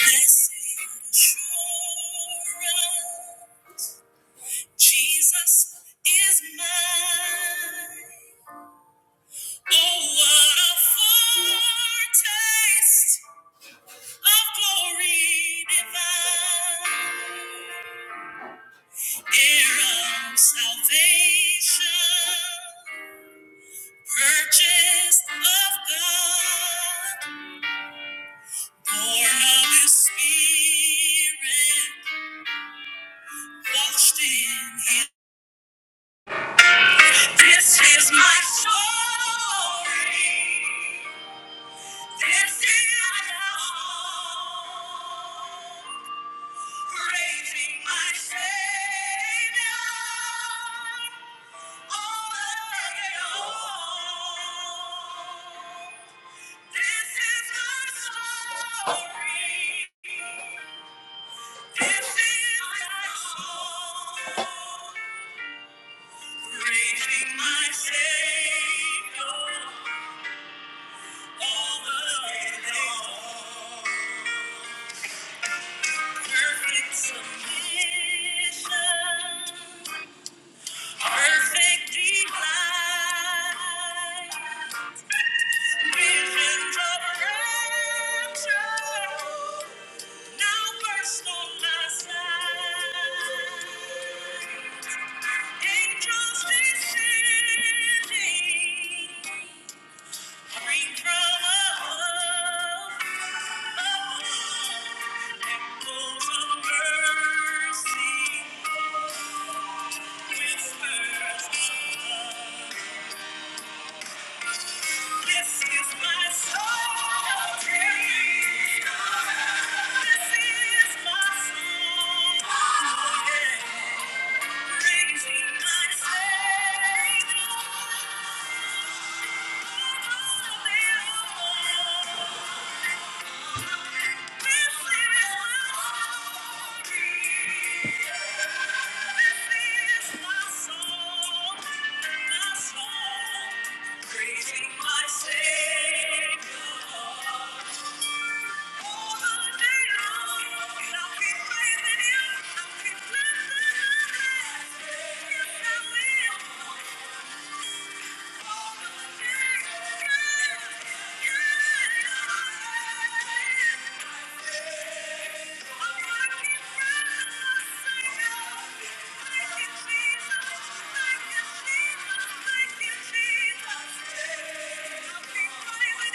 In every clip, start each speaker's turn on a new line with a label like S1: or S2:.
S1: Blessed assurance, Jesus is mine. Oh, what a foretaste of glory divine. Heir of salvation, purchased of God, born of His Spirit, washed in His blood. This is my story. This is my hope. Praising my Savior all the day long. This is my story. This is my hope. Praising my Savior. Perfect submission. Perfect delight. Visions of rapture. Now burst on my sight. Angels descending. Thank you. Praising my Savior. Thank you.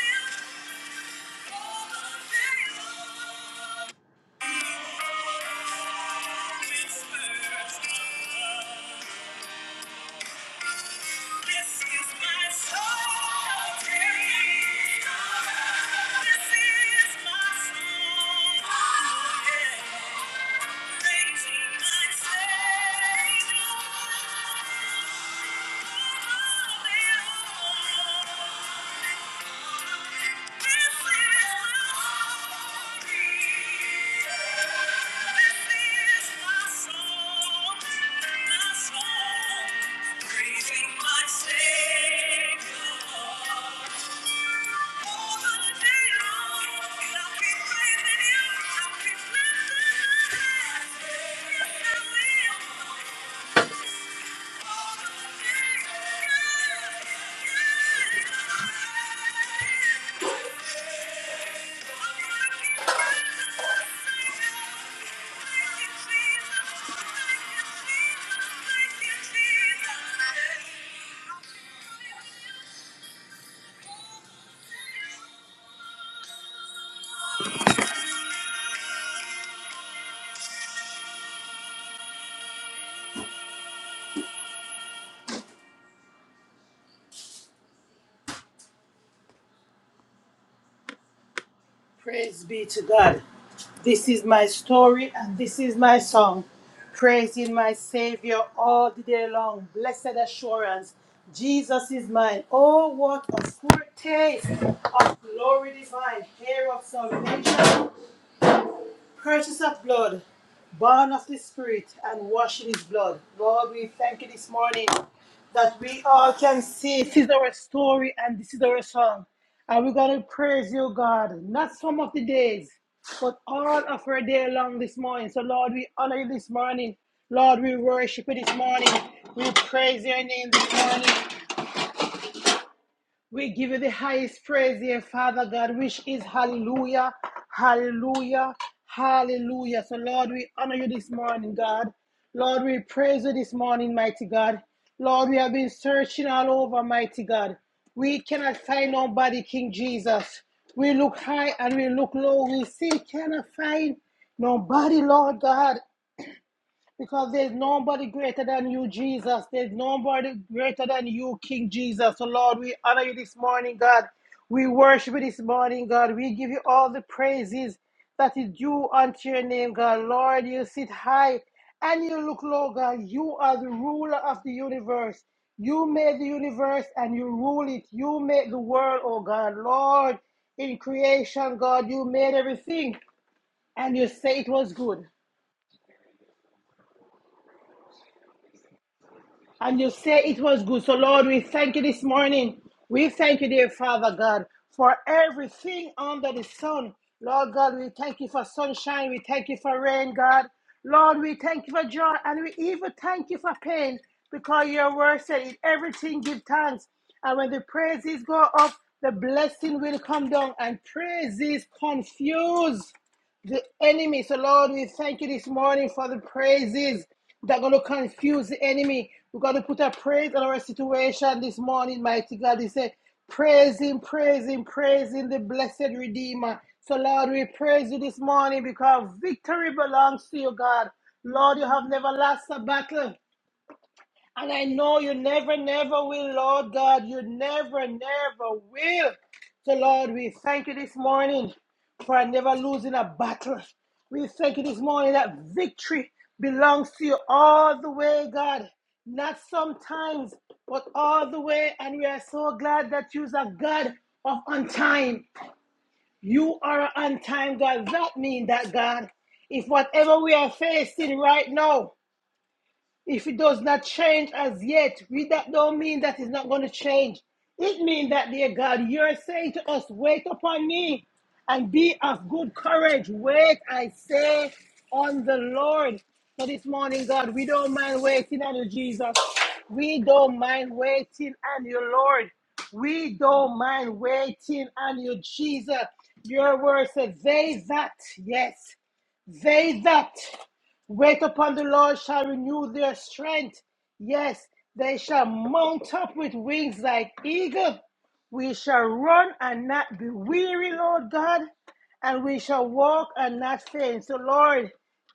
S1: Jesus. Thank you. Thank you. Thank you. Praise be to God. This is my story and this is my song. Praising my Savior all the day long. Blessed assurance. Jesus is mine. Oh, what a foretaste of glory divine. Hair of salvation Purchase of blood, born of the Spirit, and washed in His blood. Lord, we thank you this morning that we all can see this is our story and this is our song. And we're going to praise you, God, not some of the days, but all of our day long this morning. So, Lord, we honor you this morning. Lord, we worship you this morning. We praise your name this morning. We give you the highest praise here, Father God, which is hallelujah, hallelujah, hallelujah. So, Lord, we honor you this morning, God. Lord, we praise you this morning, mighty God. Lord, we have been searching all over, mighty God. We cannot find nobody, King Jesus. We look high and we look low. We still cannot find nobody, Lord God. Because there's nobody greater than you, Jesus. There's nobody greater than you, King Jesus. So, Lord, we honor you this morning, God. We worship you this morning, God. We give you all the praises that is due unto your name, God. Lord, you sit high and you look low, God. You are the ruler of the universe. You made the universe and you rule it. You made the world, oh God. Lord, in creation, God, you made everything and you say it was good. And you say it was good. So, Lord, we thank you this morning. We thank you, dear Father God, for everything under the sun. Lord God, we thank you for sunshine. We thank you for rain, God. Lord, we thank you for joy. And we even thank you for pain because your word said, In everything give thanks. And when the praises go up, the blessing will come down. And praises confuse the enemy. So, Lord, we thank you this morning for the praises that are going to confuse the enemy. We're going to put a praise on our situation this morning, mighty God. He said, praising, praising, praising the blessed Redeemer. So, Lord, we praise you this morning because victory belongs to you, God. Lord, you have never lost a battle. And I know you never, never will, Lord God. You never, never will. So, Lord, we thank you this morning for never losing a battle. We thank you this morning that victory belongs to you all the way, God. Not sometimes, but all the way. And we are so glad that you are God of on time. You are on time, God. That means that, God, if whatever we are facing right now, if it does not change as yet, we that don't mean that it's not going to change. It means that, dear God, you're saying to us, wait upon me and be of good courage. Wait, I say, on the Lord. So this morning, God, we don't mind waiting on you, Jesus. We don't mind waiting on you, Lord. We don't mind waiting on you, Jesus. Your word says, they that, yes. They that wait upon the Lord shall renew their strength. Yes, they shall mount up with wings like eagle. We shall run and not be weary, Lord God, and we shall walk and not faint. So, Lord,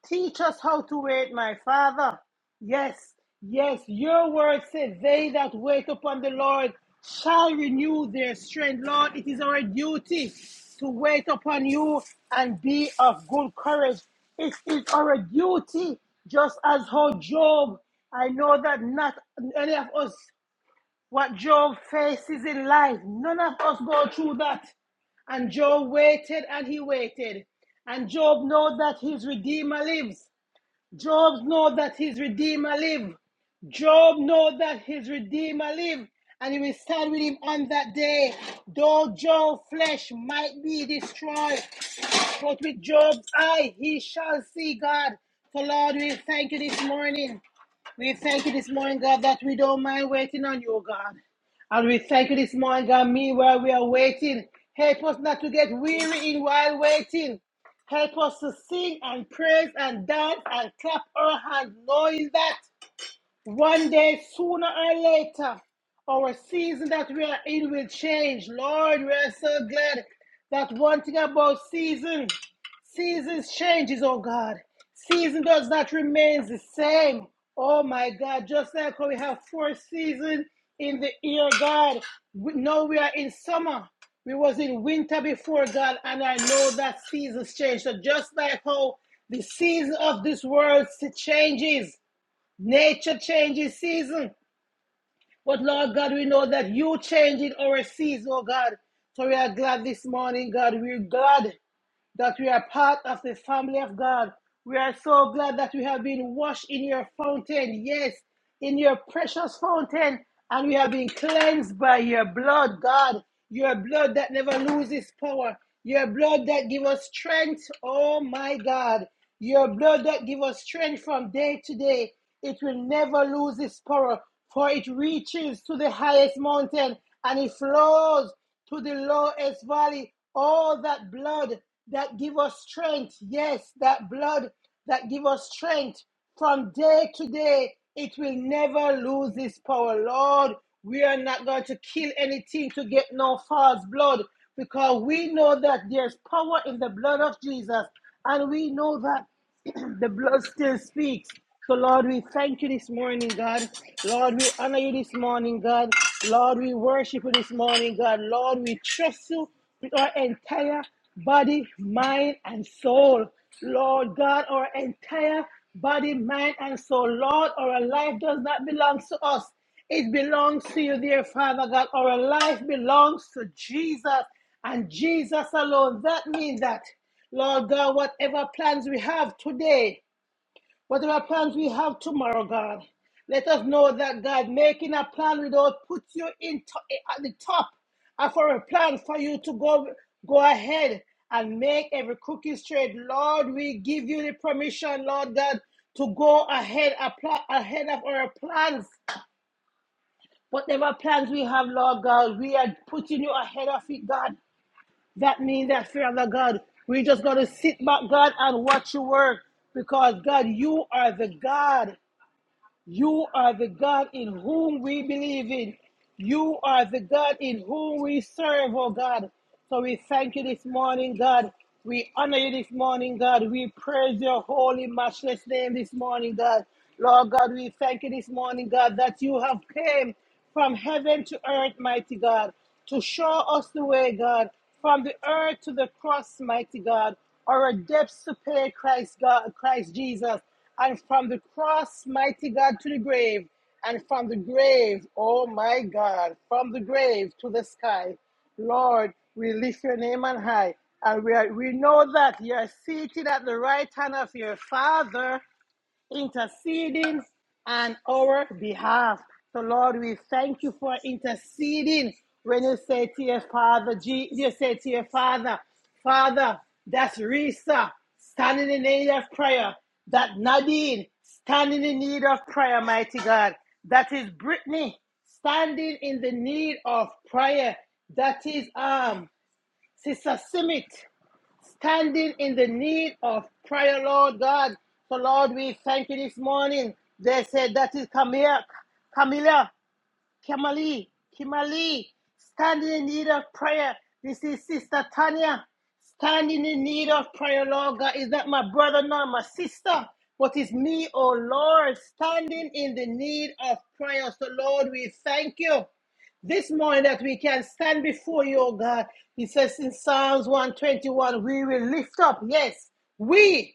S1: teach us how to wait, my Father. Yes, yes, your word said, They that wait upon the Lord shall renew their strength. Lord, it is our duty to wait upon you and be of good courage. It is our duty, just as how Job, I know that not any of us, what Job faces in life, none of us go through that. And Job waited and he waited. And Job knows that his Redeemer lives. Job know that his Redeemer live. Job know that his Redeemer live, and he will stand with him on that day. Though Job's flesh might be destroyed, but with Job's eye, he shall see God. So, Lord, we thank you this morning. We thank you this morning, God, that we don't mind waiting on you, God. And we thank you this morning, God, meanwhile we are waiting. Help us not to get weary in while waiting. Help us to sing and praise and dance and clap our hands, knowing that one day, sooner or later, our season that we are in will change. Lord, we are so glad that one thing about season, seasons changes, oh God. Season does not remain the same. Oh my God, just like how we have four seasons in the year, God. We, now we are in summer. We was in winter before God, and I know that seasons change. So just like how the season of this world changes, Nature changes season. But Lord God, we know that you changing our season, oh God. So we are glad this morning, God. We're glad that we are part of the family of God. We are so glad that we have been washed in your fountain, yes, in your precious fountain, and we have been cleansed by your blood, God, your blood that never loses power, your blood that gives us strength, oh my God, your blood that gives us strength from day to day. It will never lose its power, for it reaches to the highest mountain and it flows to the lowest valley. All that blood that give us strength. Yes, that blood that give us strength from day to day. It will never lose its power, Lord. We are not going to kill anything to get no false blood because we know that there's power in the blood of Jesus. And we know that the blood still speaks. So, Lord, we thank you this morning, God. Lord, we honor you this morning, God. Lord, we worship you this morning, God. Lord, we trust you with our entire body, mind, and soul. Lord God, our entire body, mind, and soul. Lord, our life does not belong to us. It belongs to you, dear Father God. Our life belongs to Jesus and Jesus alone. That means that. Lord God, whatever plans we have today, whatever plans we have tomorrow, God, let us know that God making a plan without put you in to- at the top of our plan for you to go go ahead and make every crooked straight. Lord, we give you the permission, Lord God, to go ahead apply, ahead of our plans. Whatever plans we have, Lord God, we are putting you ahead of it, God. That means that, Father God, we just got to sit back, God, and watch you work because, God, you are the God. You are the God in whom we believe in. You are the God in whom we serve, oh God. So we thank you this morning, God. We honor you this morning, God. We praise your holy, matchless name this morning, God. Lord God, we thank you this morning, God, that you have came from heaven to earth, mighty God, to show us the way, God, from the earth to the cross, mighty God, or a depths to pay Christ God, Christ Jesus. And from the cross, mighty God, to the grave. And from the grave, oh my God, from the grave to the sky. Lord, we lift your name on high. And we, are, we know that you are seated at the right hand of your Father interceding on our behalf. So, Lord, we thank you for interceding. When you say to your father, Je- you say to your father, Father, that's Risa standing in need of prayer. That Nadine standing in need of prayer, mighty God. That is Brittany standing in the need of prayer. That is um Sister Simit standing in the need of prayer, Lord God. So, Lord, we thank you this morning. They said, That is Camilla. Camilla. Kimberly, Kimberly, standing in need of prayer. This is Sister Tanya, standing in need of prayer, Lord God. Is that my brother, not my sister? But it's me, oh Lord, standing in the need of prayer. So, Lord, we thank you this morning that we can stand before you, oh God. He says in Psalms 121, we will lift up, yes, we.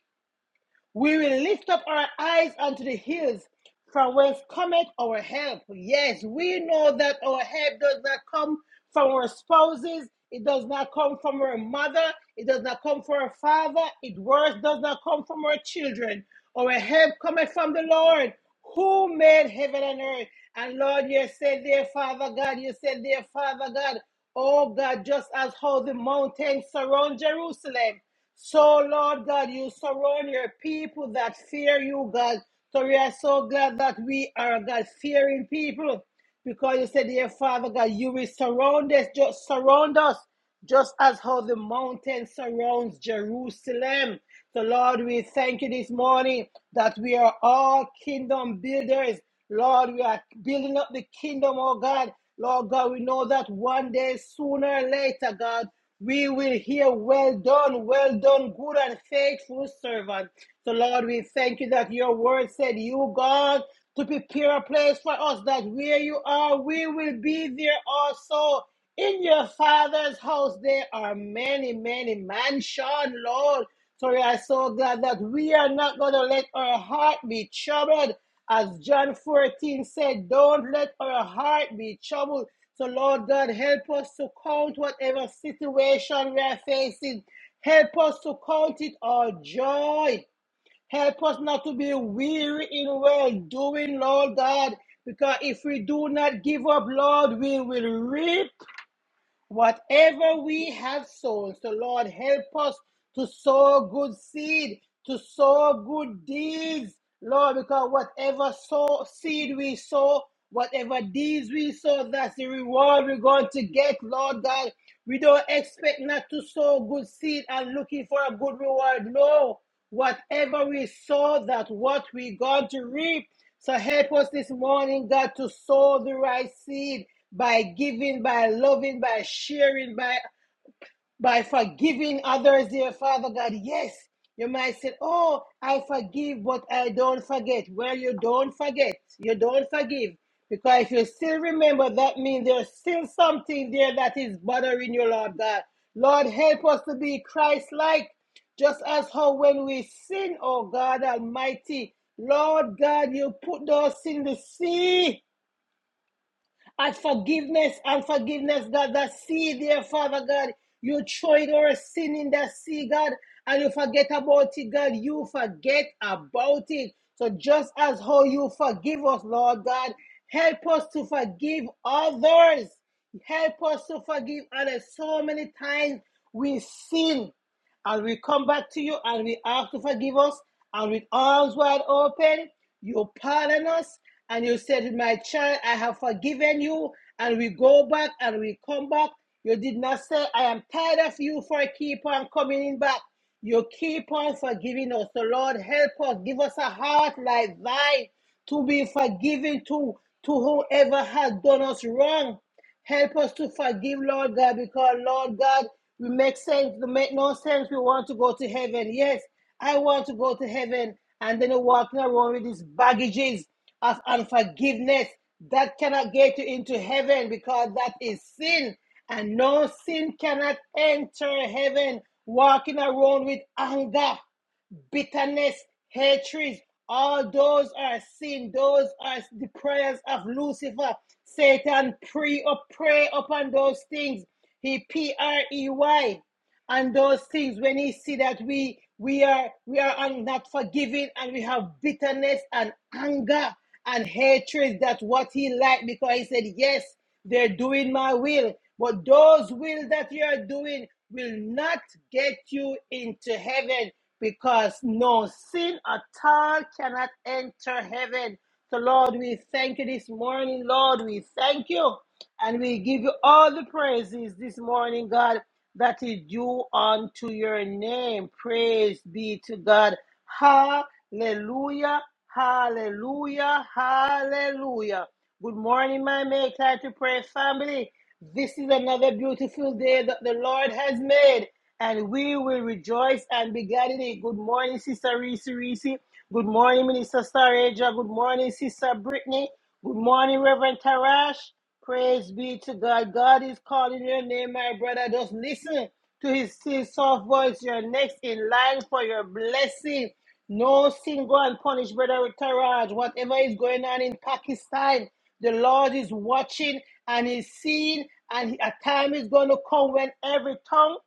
S1: We will lift up our eyes unto the hills from whence cometh our help. Yes, we know that our help does not come from our spouses, it does not come from our mother, it does not come from our father, it worse does not come from our children. Our help cometh from the Lord who made heaven and earth. And Lord, you said there, Father God, you said there, Father God, oh God, just as how the mountains surround Jerusalem. So, Lord God, you surround your people that fear you, God. So, we are so glad that we are God fearing people because you said, Dear Father God, you will surround us, just surround us, just as how the mountain surrounds Jerusalem. So, Lord, we thank you this morning that we are all kingdom builders. Lord, we are building up the kingdom, oh God. Lord God, we know that one day, sooner or later, God, we will hear, Well done, well done, good and faithful servant. So, Lord, we thank you that your word said, You, God, to prepare a place for us, that where you are, we will be there also. In your father's house, there are many, many mansions, Lord. Sorry, I'm so glad that we are not going to let our heart be troubled. As John 14 said, don't let our heart be troubled. So, Lord God, help us to count whatever situation we are facing. Help us to count it all joy. Help us not to be weary in well doing, Lord God, because if we do not give up, Lord, we will reap Whatever we have sown, so Lord, help us to sow good seed, to sow good deeds, Lord, because whatever sow, seed we sow, whatever deeds we sow, that's the reward we're going to get, Lord God. We don't expect not to sow good seed and looking for a good reward. No, whatever we sow, that's what we're going to reap. So help us this morning, God, to sow the right seed by giving, by loving, by sharing, by by forgiving others, dear Father God. Yes, you might say, Oh, I forgive, but I don't forget. Well, you don't forget. You don't forgive. Because if you still remember, that means there's still something there that is bothering you, Lord God. Lord, help us to be Christ like, just as how when we sin, oh God Almighty, Lord God, you put those in the sea and forgiveness and forgiveness, God. That sea there, Father God, you tried our sin in that sea, God, and you forget about it, God. You forget about it. So just as how you forgive us, Lord God, help us to forgive others. Help us to forgive others. So many times we sin and we come back to you and we ask to forgive us. And with arms wide open, you pardon us. And you said, My child, I have forgiven you. And we go back and we come back. You did not say, I am tired of you for I keep on coming in back. You keep on forgiving us. So, Lord, help us. Give us a heart like thine to be forgiving to, to whoever has done us wrong. Help us to forgive, Lord God, because Lord God, we make sense, we make no sense. We want to go to heaven. Yes, I want to go to heaven. And then you're walking around with these baggages of unforgiveness that cannot get you into heaven because that is sin. And no sin cannot enter heaven. Walking around with anger bitterness, hatreds, all those are sin. Those are the prayers of Lucifer. Satan pre or pray upon those things. He P R E Y and those things when he see that we we are we are not forgiving and we have bitterness and anger and hatred that's what he like because he said yes they're doing my will but those will that you are doing will not get you into heaven because no sin at all cannot enter heaven. So, Lord, we thank you this morning. Lord, we thank you. And we give you all the praises this morning, God, that is due unto your name. Praise be to God. Hallelujah. Hallelujah. Hallelujah. Good morning, my Make Time to Pray family. This is another beautiful day that the Lord has made, and we will rejoice and be glad in it. Good morning, Sister Reese Reese. Good morning, Minister Stareja. Good morning, Sister Brittany. Good morning, Reverend Tarash. Praise be to God. God is calling your name, my brother. Just listen to his still soft voice. You're next in line for your blessing. No sin go unpunished, brother Taraj. Whatever is going on in Pakistan, the Lord is watching and He's seeing, and a time is going to come when every tongue,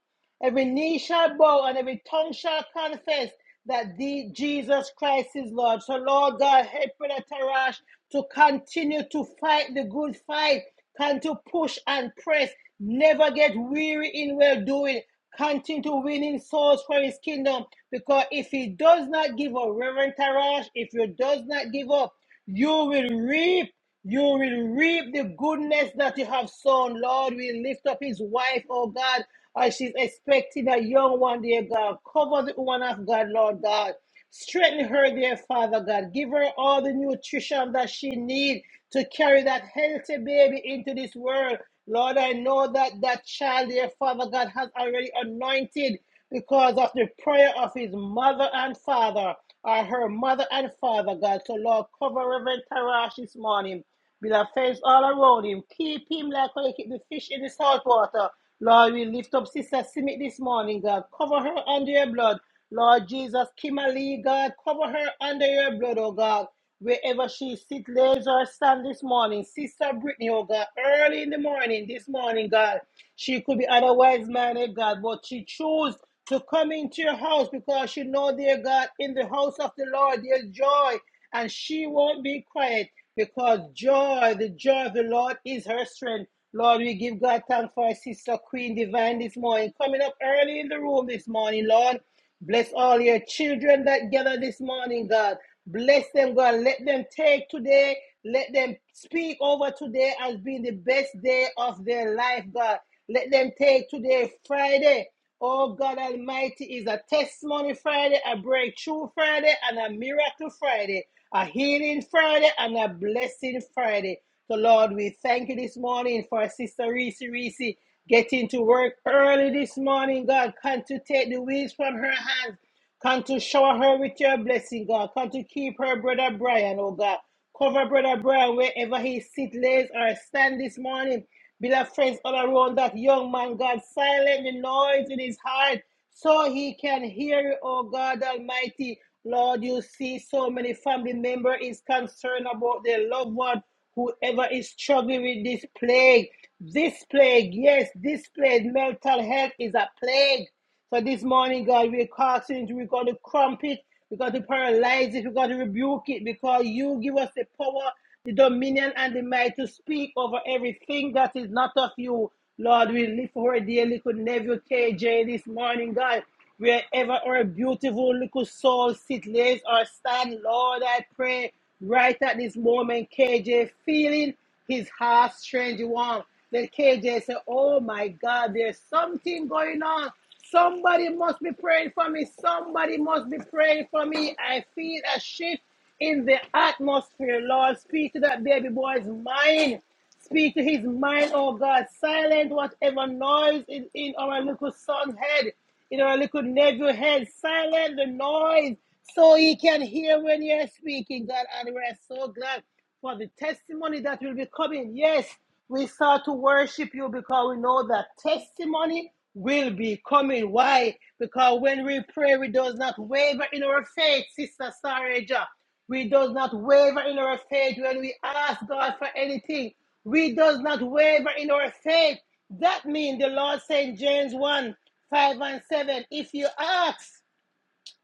S1: every knee shall bow, and every tongue shall confess that the Jesus Christ is Lord. So, Lord God, help Brother Tarash to continue to fight the good fight, can to push and press, never get weary in well doing. Continue to winning souls for his kingdom because if he does not give up, Reverend Tarash, if you does not give up, you will reap. You will reap the goodness that you have sown. Lord, we lift up his wife, oh God, as she's expecting a young one, dear God. Cover the woman of God, Lord God. Strengthen her dear Father God. Give her all the nutrition that she needs to carry that healthy baby into this world. Lord, I know that that child, dear Father God, has already anointed because of the prayer of his mother and father, or her mother and father, God. So, Lord, cover Reverend Tarash this morning with a face all around him. Keep him like how you keep the fish in the salt water. Lord, we lift up Sister Simit this morning, God. Cover her under your blood. Lord Jesus, Kimberly, God, cover her under your blood, oh God. Wherever she sit, lays or stand this morning, Sister Brittany, oh God, early in the morning, this morning, God, she could be otherwise minded, God, but she chose to come into your house because she know, dear God, in the house of the Lord there's joy, and she won't be quiet because joy, the joy of the Lord is her strength. Lord, we give God thanks for our sister Queen Divine this morning, coming up early in the room this morning, Lord. Bless all your children that gather this morning, God. Bless them, God. Let them take today. Let them speak over today as being the best day of their life, God. Let them take today, Friday. Oh, God Almighty is a testimony Friday, a breakthrough Friday, and a miracle Friday, a healing Friday, and a blessing Friday. So, Lord, we thank you this morning for Sister Reese Reese getting to work early this morning, God. Come to take the weeds from her hands. Come to shower her with your blessing, God. Come to keep her brother Brian, oh God. Cover brother Brian wherever he sit, lays, or stand this morning. Beloved friends, all around that young man, God, silent the noise in his heart so he can hear you, oh God Almighty. Lord, you see so many family member is concerned about their loved one, whoever is struggling with this plague. This plague, yes, this plague, mental health is a plague. So this morning, God, we're casting, we're going to crump it, we're going to paralyze it, we're going to rebuke it because you give us the power, the dominion, and the might to speak over everything that is not of you. Lord, we lift our dear little nephew KJ this morning, God. Wherever our beautiful little soul sit, lays or stand, Lord, I pray right at this moment, KJ feeling his heart strange warm. Then KJ said, Oh my God, there's something going on. Somebody must be praying for me. Somebody must be praying for me. I feel a shift in the atmosphere. Lord, speak to that baby boy's mind. Speak to his mind, oh God. Silent whatever noise is in our little son's head, in our little nephew's head. Silent the noise so he can hear when you're speaking, God. And we're so glad for the testimony that will be coming. Yes, we start to worship you because we know that testimony will be coming. Why? Because when we pray, we does not waver in our faith, Sister Sareja. We does not waver in our faith when we ask God for anything. We does not waver in our faith. That means the Lord said in James 1, 5 and 7, if you ask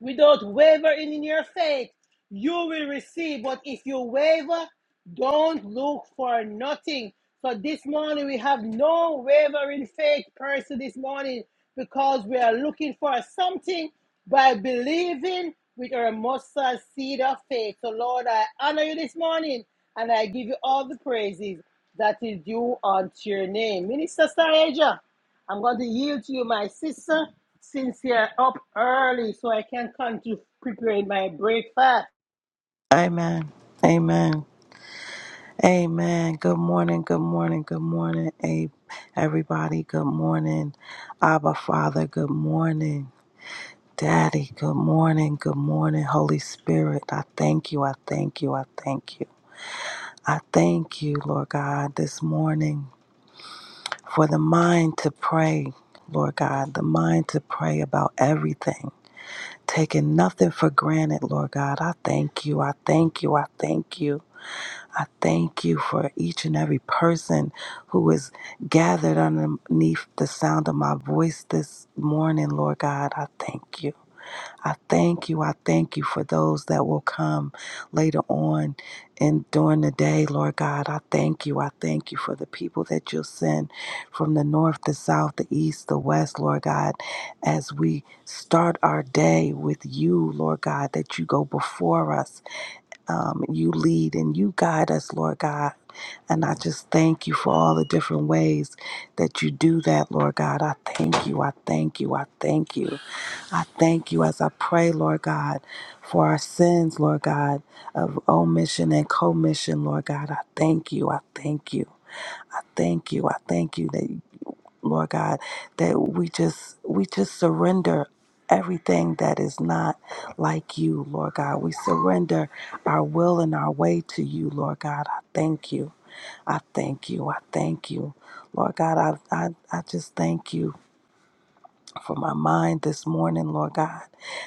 S1: without wavering in your faith, you will receive. But if you waver, don't look for nothing. So this morning we have no wavering faith person this morning because we are looking for something by believing with our mustard seed of faith. So Lord, I honor you this morning and I give you all the praises that is due unto your name. Minister Saraja. I'm going to yield to you, my sister, since you're up early so I can continue preparing my breakfast.
S2: Amen. Amen. Amen. Good morning. Good morning. Good morning, A- everybody. Good morning. Abba, Father. Good morning. Daddy, good morning. Good morning, Holy Spirit. I thank you. I thank you. I thank you. I thank you, Lord God, this morning for the mind to pray, Lord God, the mind to pray about everything, taking nothing for granted, Lord God. I thank you. I thank you. I thank you. I thank you for each and every person who is gathered underneath the sound of my voice this morning, Lord God. I thank you. I thank you. I thank you for those that will come later on and during the day, Lord God. I thank you. I thank you for the people that you'll send from the north, the south, the east, the west, Lord God, as we start our day with you, Lord God, that you go before us um, you lead and you guide us, Lord God. And I just thank you for all the different ways that you do that, Lord God. I thank you. I thank you. I thank you. I thank you as I pray, Lord God, for our sins, Lord God, of omission and commission, Lord God. I thank you. I thank you. I thank you. I thank you that. Lord God, that we just we just surrender everything that is not like you, Lord God. We surrender our will and our way to you, Lord God. I thank you. I thank you. I thank you. Lord God, I I, I just thank you for my mind this morning, Lord God.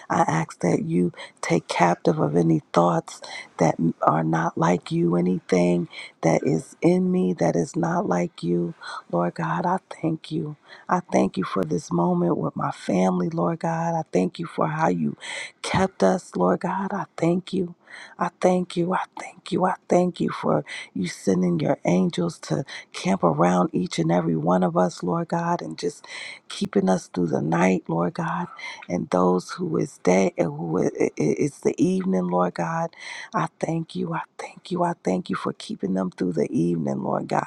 S2: I ask that you take captive of any thoughts that are not like you, anything that is in me that is not like you. Lord God, I thank you. I thank you for this moment with my family, Lord God. I thank you for how you kept us, Lord God. I thank you. I thank you. I thank you. I thank you for you sending your angels to camp around each and every one of us, Lord God, and just keeping us through the night, Lord God, and those who is day and who i- i- is the evening, Lord God. I thank you. I thank you. I thank you for keeping them through the evening, Lord God.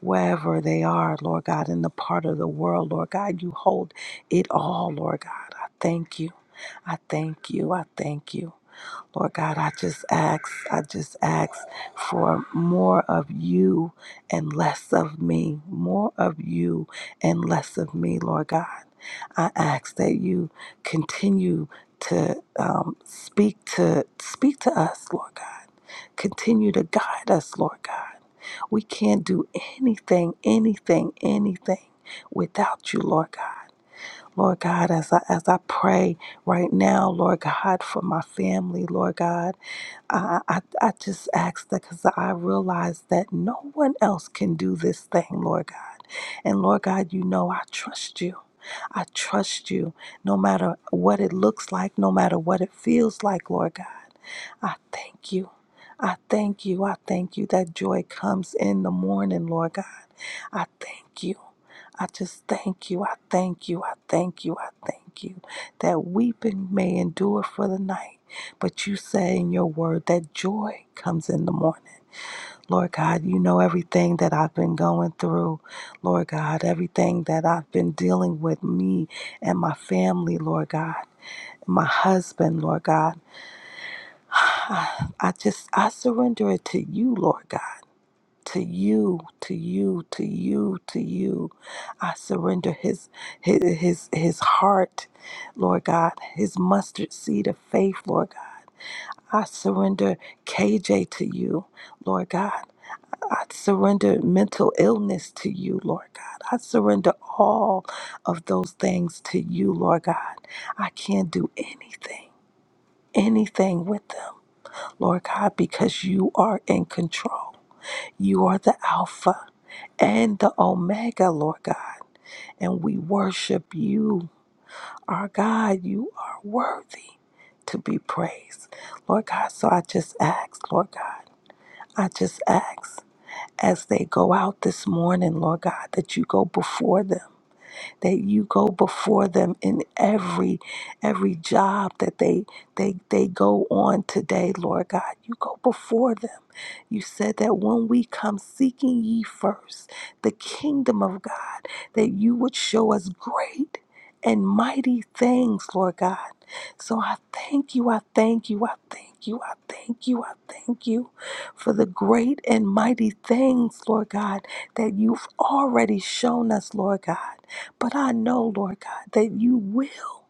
S2: Wherever they are, Lord God, in the part of the world, Lord God, you hold it all, Lord God. I thank you. I thank you. I thank you. Lord God, I just ask, I just ask for more of you and less of me, more of you and less of me, Lord God. I ask that you continue to um, speak to speak to us, Lord God. Continue to guide us, Lord God. We can't do anything, anything, anything without you, Lord God. Lord God, as I as I pray right now, Lord God, for my family, Lord God. I, I, I just ask that because I realize that no one else can do this thing, Lord God. And Lord God, you know I trust you. I trust you no matter what it looks like, no matter what it feels like, Lord God. I thank you. I thank you. I thank you that joy comes in the morning, Lord God. I thank you. I just thank you. I thank you. I thank you. I thank you that weeping may endure for the night. But you say in your word that joy comes in the morning. Lord God, you know everything that I've been going through. Lord God, everything that I've been dealing with me and my family, Lord God, my husband, Lord God. I just I surrender it to you, Lord God to you, to you, to you, to you. I surrender his his his, his heart, Lord God, his mustard seed of faith, Lord God. I surrender KJ to you, Lord God. I surrender mental illness to you, Lord God. I surrender all of those things to you, Lord God. I can't do anything, anything with them, Lord God, because you are in control. You are the Alpha and the Omega, Lord God. And we worship you, our God. You are worthy to be praised, Lord God. So I just ask, Lord God, I just ask as they go out this morning, Lord God, that you go before them that you go before them in every every job that they they they go on today, Lord God. You go before them. You said that when we come seeking ye first the kingdom of God, that you would show us great and mighty things, Lord God. So I thank you, I thank you, I thank you, I thank you, I thank you for the great and mighty things, Lord God, that you've already shown us, Lord God. But I know, Lord God, that you will,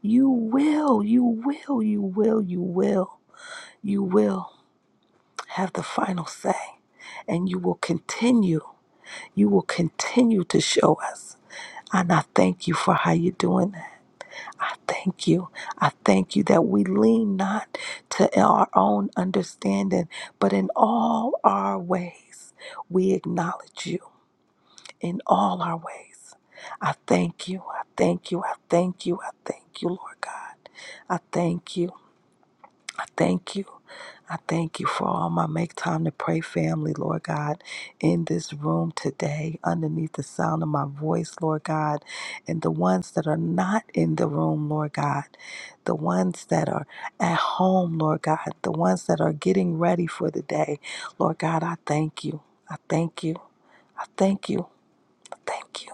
S2: you will, you will, you will, you will, you will have the final say. And you will continue, you will continue to show us. And I thank you for how you're doing that. I thank you. I thank you that we lean not to our own understanding, but in all our ways, we acknowledge you in all our ways. I thank you. I thank you. I thank you. I thank you, Lord God. I thank you. I thank you. I thank you for all my make time to pray family, Lord God, in this room today, underneath the sound of my voice, Lord God, and the ones that are not in the room, Lord God, the ones that are at home, Lord God, the ones that are getting ready for the day, Lord God, I thank you. I thank you. I thank you. I thank you.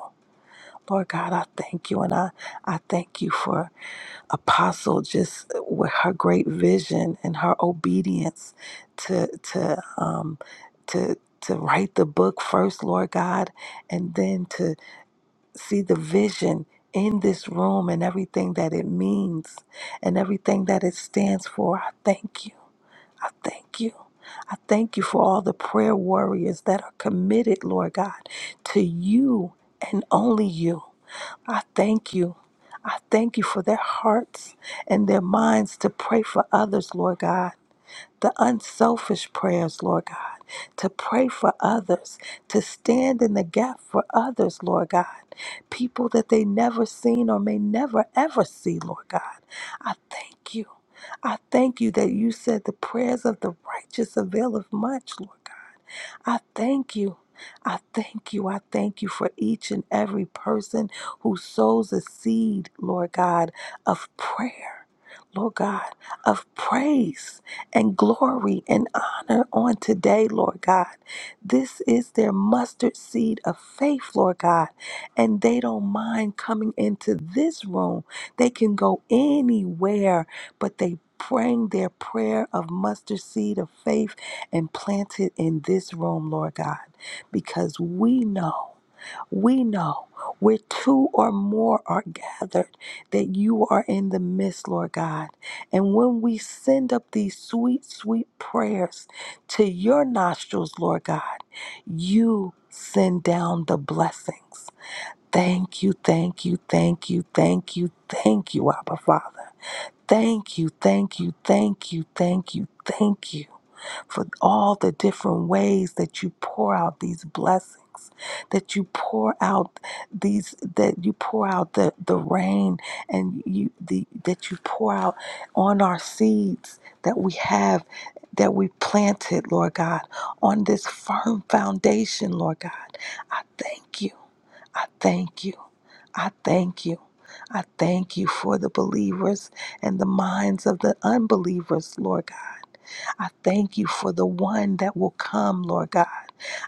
S2: Lord God, I thank you. And I, I thank you for. apostle just with her great vision and her obedience to to um to to write the book first lord god and then to see the vision in this room and everything that it means and everything that it stands for i thank you i thank you I thank you for all the prayer warriors that are committed, Lord God, to you and only you. I thank you. I thank you for their hearts and their minds to pray for others, Lord God. The unselfish prayers, Lord God, to pray for others, to stand in the gap for others, Lord God. People that they never seen or may never ever see, Lord God. I thank you. I thank you that you said the prayers of the righteous availeth much, Lord God. I thank you. I thank you. I thank you for each and every person who sows a seed, Lord God, of prayer. Lord God, of praise and glory and honor on today, Lord God. This is their mustard seed of faith, Lord God. And they don't mind coming into this room. They can go anywhere, but they bring their prayer of mustard seed of faith and planted in this room, Lord God, because we know, we know where two or more are gathered that you are in the midst, Lord God. And when we send up these sweet, sweet prayers to your nostrils, Lord God, you send down the blessings. Thank you, thank you, thank you, thank you, thank you, Abba Father. Thank you, thank you, thank you, thank you, thank you for all the different ways that you pour out these blessings that you pour out these that you pour out the, the rain and you the that you pour out on our seeds that we have that we planted lord god on this firm foundation lord god i thank you i thank you i thank you I thank you for the believers and the minds of the unbelievers, Lord God. I thank you for the one that will come, Lord God.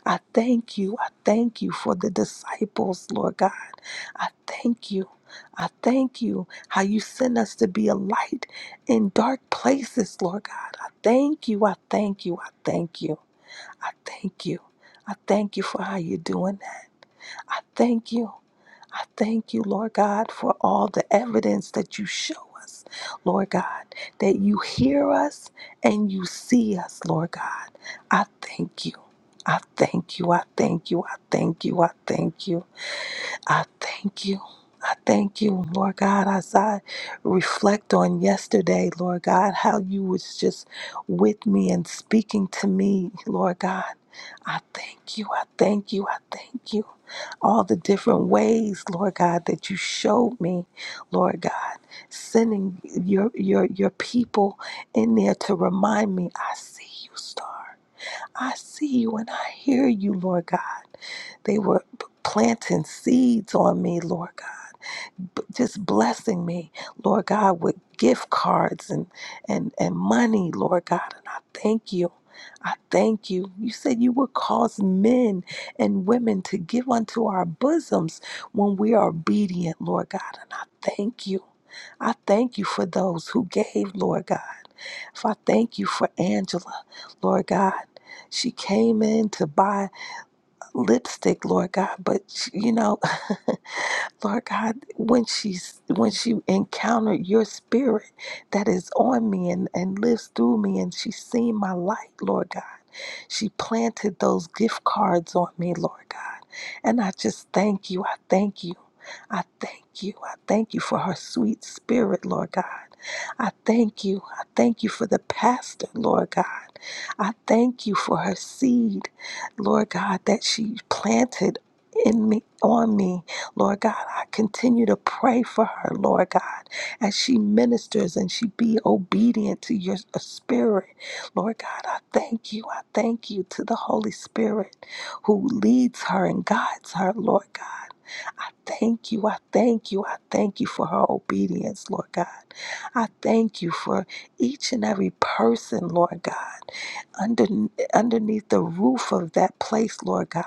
S2: I thank you. I thank you for the disciples, Lord God. I thank you. I thank you how you send us to be a light in dark places, Lord God. I thank you. I thank you. I thank you. I thank you. I thank you for how you're doing that. I thank you. I thank you, Lord God, for all the evidence that you show us, Lord God, that you hear us and you see us, Lord God. I thank you. I thank you. I thank you. I thank you. I thank you. I thank you. I thank you, Lord God, as I reflect on yesterday, Lord God, how you was just with me and speaking to me, Lord God. I thank you. I thank you. I thank you all the different ways, Lord God, that you showed me, Lord God, sending your your your people in there to remind me, I see you, star. I see you and I hear you, Lord God. They were p- planting seeds on me, Lord b- just blessing me, Lord God, with gift cards and and and money, Lord God, and I thank you. I thank you. You said you would cause men and women to give unto our bosoms when we are obedient, Lord God, and I thank you. I thank you for those who gave, Lord God. If I thank you for Angela, Lord God. She came in to buy lipstick, Lord God, but she- you know, Lord God, when she's when she encountered your spirit that is on me and, and lives through me and she's seen my light, Lord God. She planted those gift cards on me, Lord God. And I just thank you. I thank you. I thank you. I thank you for her sweet spirit, Lord God. I thank you. I thank you for the pastor, Lord God. I thank you for her seed, Lord God, that she planted in me on me lord god i continue to pray for her lord god as she ministers and she be obedient to your spirit Lord God, I thank you. I thank you to the Holy Spirit who leads her and guides her, Lord God. Thank you. I thank you. I thank you for her obedience, Lord God. I thank you for each and every person, Lord God, under, underneath the roof of that place, Lord God.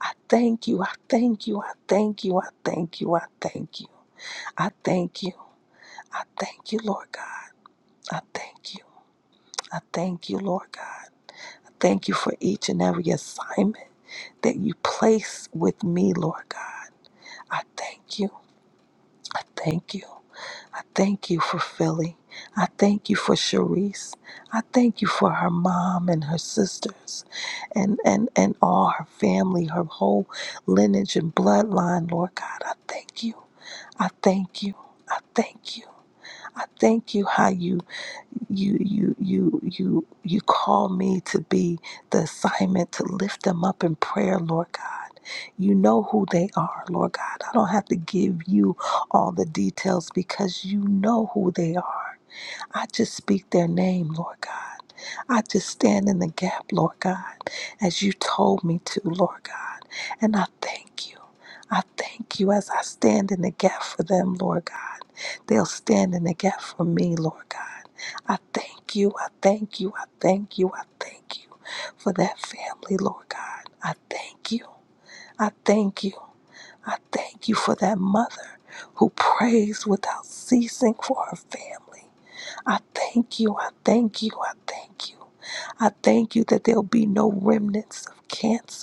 S2: I thank you. I thank you. I thank you. I thank you. I thank you. I thank you. I thank you, Lord God. I thank you. I thank you, Lord God. Thank you for each and every assignment that you place with me, Lord God. I thank you. I thank you. I thank you for Philly. I thank you for Sharice. I thank you for her mom and her sisters and, and, and all her family, her whole lineage and bloodline, Lord God. I thank you. I thank you. I thank you. I thank you how you you you you you you call me to be the assignment to lift them up in prayer, Lord God. You know who they are, Lord God. I don't have to give you all the details because you know who they are. I just speak their name, Lord God. I just stand in the gap, Lord God, as you told me to, Lord God. And I thank you. I thank you as I stand in the gap for them, Lord God. They'll stand in the gap for me, Lord God. I thank you. I thank you. I thank you. I thank you for that family, Lord God. I thank you. I thank you. I thank you for that mother who prays without ceasing for her family. I thank you. I thank you. I thank you. I thank you that there'll be no remnants of cancer.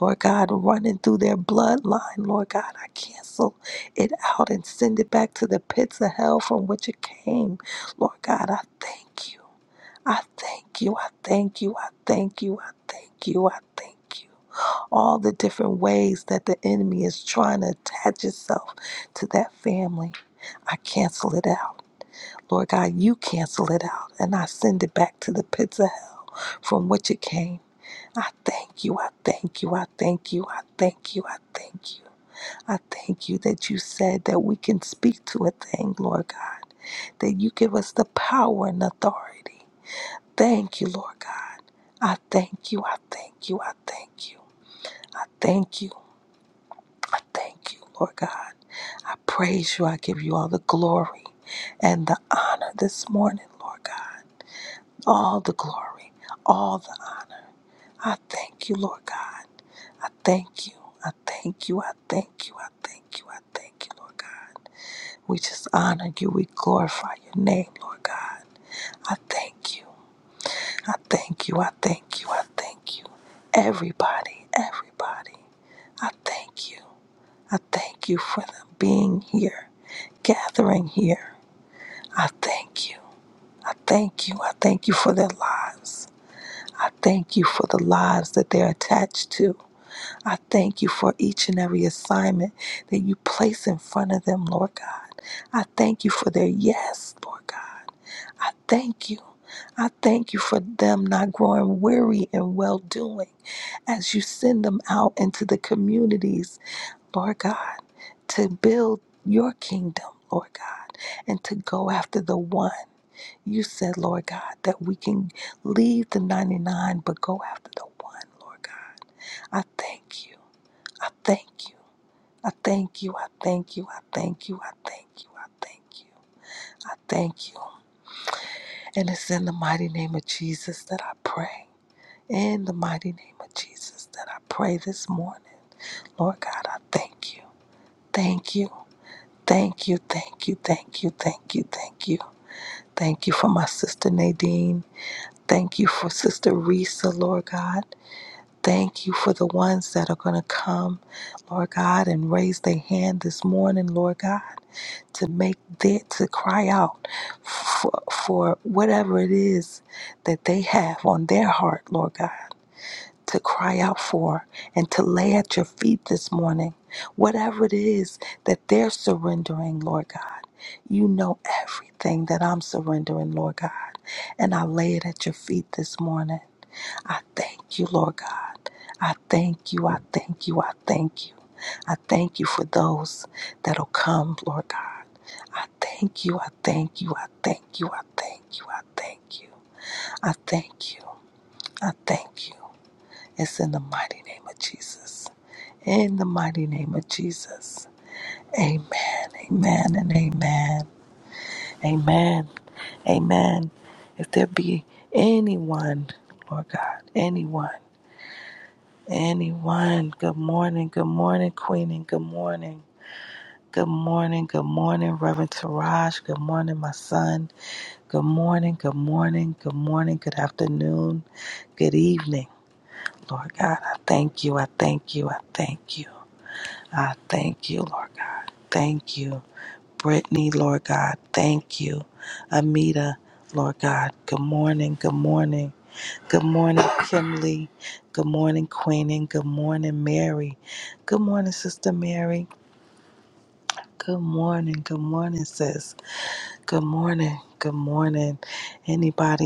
S2: Lord God, running through their bloodline, Lord God, I cancel it out and send it back to the pits of hell from which it came. Lord God, I thank you. I thank you. I thank you. I thank you. I thank you. I thank you. All the different ways that the enemy is trying to attach itself to that family, I cancel it out. Lord God, you cancel it out and I send it back to the pits of hell from which it came. I thank you. I thank you. I thank you. I thank you. I thank you. I thank you that you said that we can speak to a thing, Lord God, that you give us the power and authority. Thank you, Lord God. I thank you. I thank you. I thank you. I thank you. I thank you, Lord God. I praise you. I give you all the glory and the honor this morning, Lord God. All the glory. All the honor. I thank you, Lord God. I thank you. I thank you. I thank you. I thank you. I thank you, Lord God. We just honor you. We glorify your name, Lord God. I thank you. I thank you. I thank you. I thank you. Everybody, everybody, I thank you. I thank you for them being here, gathering here. I thank you. I thank you. I thank you for their lives. I thank you for the lives that they're attached to. I thank you for each and every assignment that you place in front of them, Lord God. I thank you for their yes, Lord God. I thank you. I thank you for them not growing weary in well doing as you send them out into the communities, Lord God, to build your kingdom, Lord God, and to go after the one. You said, Lord God, that we can leave the 99 but go after the one, Lord God. I thank you. I thank you. I thank you. I thank you. I thank you. I thank you. I thank you. I thank you. And it's in the mighty name of Jesus that I pray. In the mighty name of Jesus that I pray this morning. Lord God, I thank you. Thank you. Thank you. Thank you. Thank you. Thank you. Thank you. Thank you for my sister Nadine. Thank you for Sister Risa, Lord God. Thank you for the ones that are going to come, Lord God, and raise their hand this morning, Lord God. to make that to cry out for, for whatever it is that they have on their heart, Lord God, to cry out for and to lay at your feet this morning, whatever it is that they're surrendering, Lord God. You know everything that I'm surrendering, Lord God, and I lay it at your feet this morning. I thank you, Lord God. I thank you. I thank you. I thank you. I thank you for those that'll come, Lord God. I thank you. I thank you. I thank you. I thank you. I thank you. I thank you. I thank you. It's in the mighty name of Jesus. In the mighty name of Jesus. Amen. Amen and amen. Amen. Amen. If there be anyone, Lord God, anyone, anyone, good morning, good morning, Queen, and good morning. Good morning, good morning, Reverend Taraj. Good morning, my son. Good morning, good morning, good morning, good afternoon, good evening. Lord God, I thank you, I thank you, I thank you. I thank you, Lord God. Thank you. Brittany, Lord God, thank you. Amita, Lord God, good morning, good morning. Good morning, Kimley. Good morning, Queenie. Good morning, Mary. Good morning, Sister Mary. Good morning, good morning, sis. Good morning, good morning. Anybody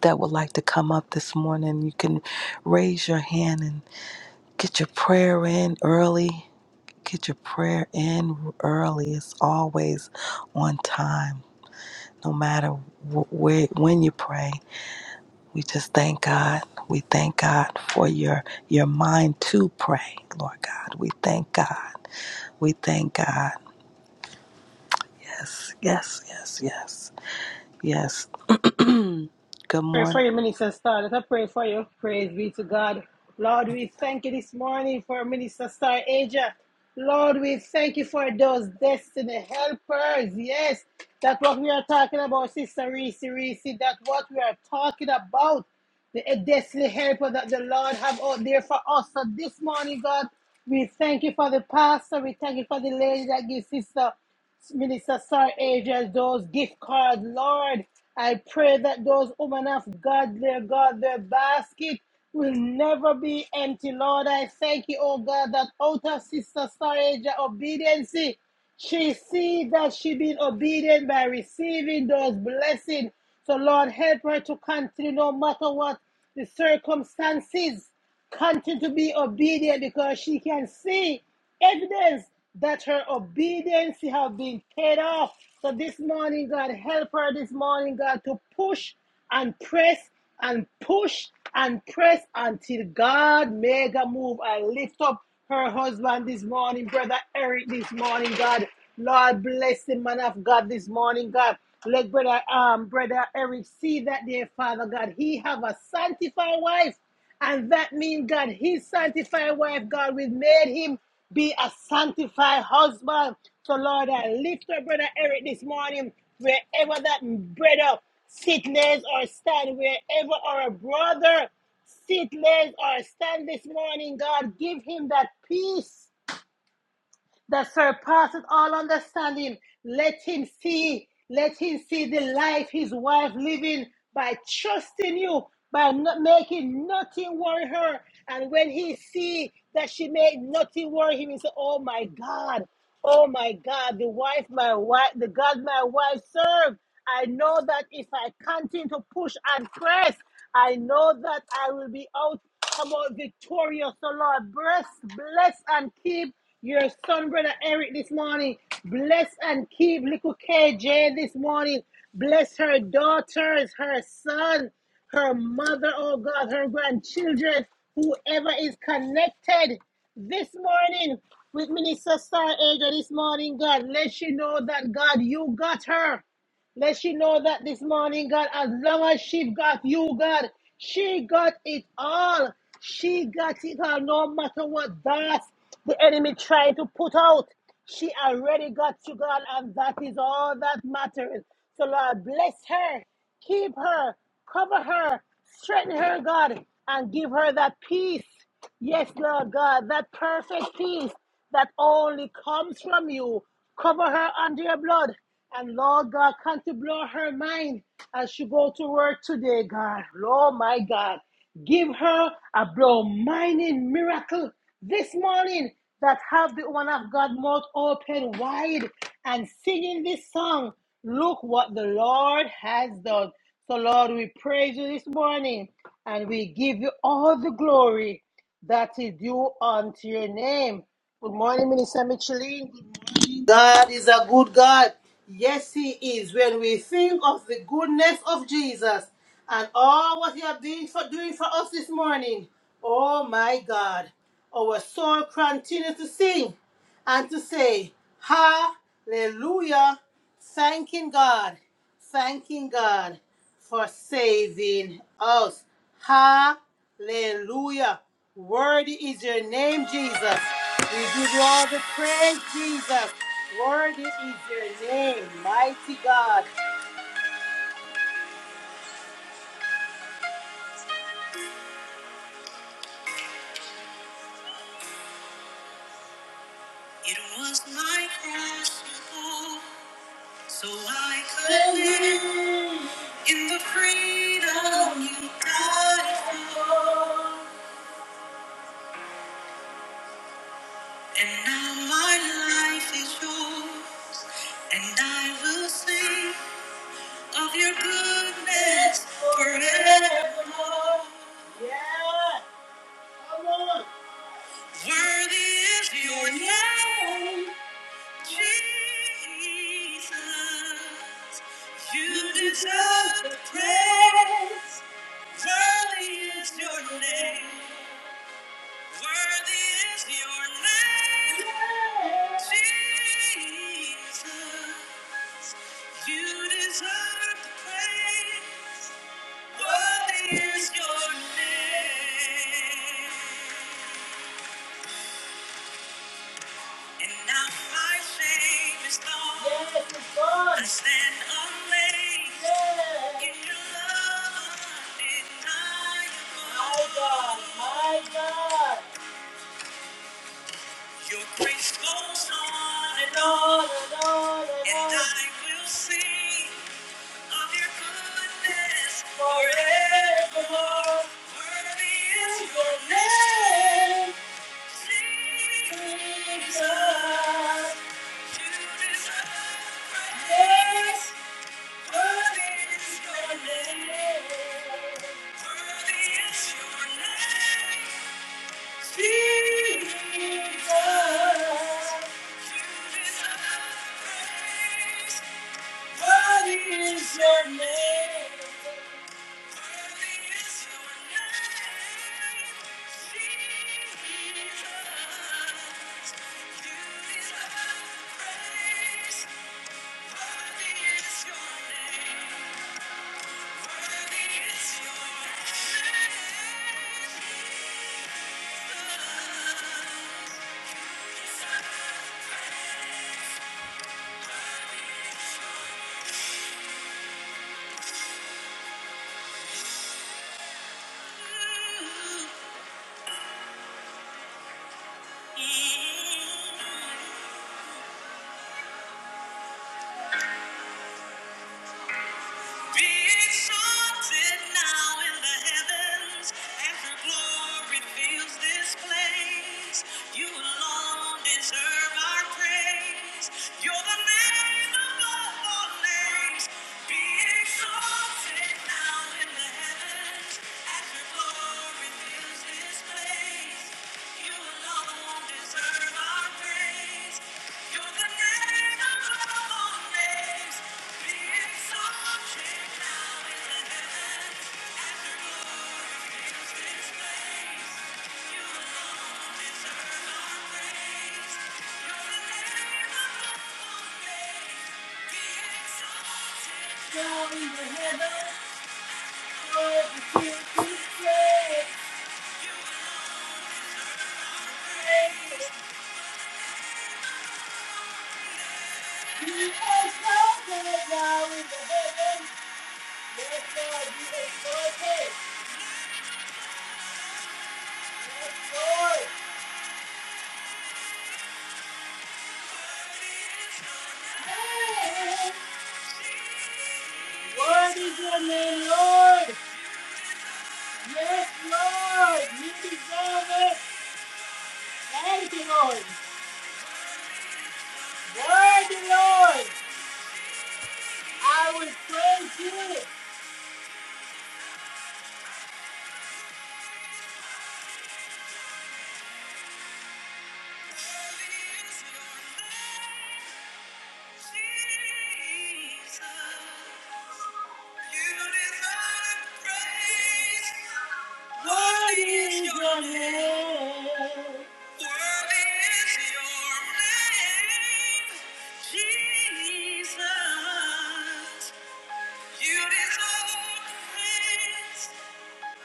S2: that would like to come up this morning, you can raise your hand and get your prayer in early. Get your prayer in early. It's always on time, no matter wh- where when you pray. We just thank God. We thank God for your your mind to pray, Lord God. We thank God. We thank God. Yes, yes, yes, yes, yes. Good
S1: Pray for
S2: morning.
S1: you, Minister Star. Let us pray for you. Praise be to God. Lord, we thank you this morning for Minister Star Asia. Lord, we thank you for those destiny helpers. Yes, that's what we are talking about, Sister Reese Reese. That's what we are talking about. the eh, destiny helper that the Lord have out there for us. So this morning, God, we thank you for the pastor. We thank you for the lady that gives sister Minister Sarah Angel those gift cards. Lord, I pray that those women of God, their God, their basket will never be empty. Lord, I thank you, oh God, that out of Sister Sarah Angel obedience. She see that she been obedient by receiving those blessings. So Lord, help her to continue no matter what the circumstances. Continue to be obedient because she can see evidence that her obedience have been paid off. So this morning, God, help her this morning, God, to push and press and push and press until God make a move. I lift up her husband this morning, brother Eric this morning, God. Lord bless the man of God this morning, God. Let brother um brother Eric see that dear Father God. He have a sanctified wife. And that means, God, his sanctified wife, God, we made him be a sanctified husband. So, Lord, I lift up Brother Eric this morning, wherever that brother sickness or stand, wherever our brother sickness or stand this morning, God, give him that peace that surpasses all understanding. Let him see, let him see the life his wife living by trusting you, by not making nothing worry her. And when he see that she made nothing worry him, he say, "Oh my God." Oh my God, the wife, my wife, the God my wife served. I know that if I continue to push and press, I know that I will be out, come out victorious. So Lord, bless, bless and keep your son, brother Eric, this morning. Bless and keep little KJ this morning. Bless her daughters, her son, her mother, oh God, her grandchildren, whoever is connected. This morning, with Minister Star Asia this morning, God, let she know that, God, you got her. Let she know that this morning, God, as long as she got you, God, she got it all. She got it all, no matter what that the enemy trying to put out. She already got you, God, and that is all that matters. So, Lord, bless her. Keep her, cover her, strengthen her, God, and give her that peace. Yes, Lord God, that perfect peace that only comes from you. Cover her under your blood. And Lord God, come to blow her mind as she go to work today, God. Lord, my God. Give her a blow mining miracle this morning that have the woman of God mouth open wide and singing this song. Look what the Lord has done. So, Lord, we praise you this morning and we give you all the glory that is due unto your name. Good morning, Minister Michelin. Good morning. God is a good God. Yes, He is. When we think of the goodness of Jesus and all what He has been for, doing for us this morning, oh my God, our soul continues to sing and to say, Hallelujah thanking God, thanking God for saving us. Hallelujah. Worthy is your name, Jesus. We give you all the praise, Jesus. Worthy is your name, mighty God. It was my cross you bore, so I could live in the freedom you died for. And now my life is yours, and I will sing of your goodness forevermore. Yeah, come on. Worthy is your name, Jesus. You deserve the praise. Worthy is your name. Worthy is your name, Jesus. You deserve the praise. Worthy is your name. And now my shame is gone. Yes, yes. My God, my God. Your grace goes on and on and on and I will sing of your goodness forevermore. Worthy is your name, Jesus. You deserve praise. Worthy is your name. Worthy is your name. Thank you. Mm-hmm. Be exalted now in the heavens as your glory fills this place. You alone deserve our praise. You're the name above all names. Be exalted now in the heavens. Hey! Lord is your name, Lord. Yes, Lord. You deserve it. Thank you, Lord. Worthy, Lord. I will praise you. Worthy is your name. Jesus. You deserve praise.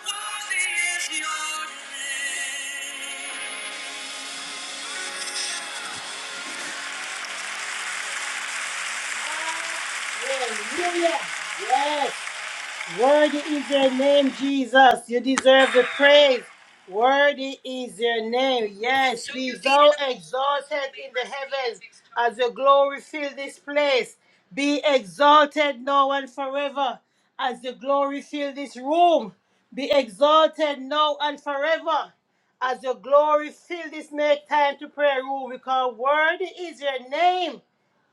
S1: Worthy is your name. Worthy is your name, Jesus. You deserve the praise. Worthy is your name. Yes, be thou exalted in the heavens as your glory fill this place. Be exalted now and forever as your glory fill this room. Be exalted now and forever as your glory fill this make time to prayer room because worthy is your name.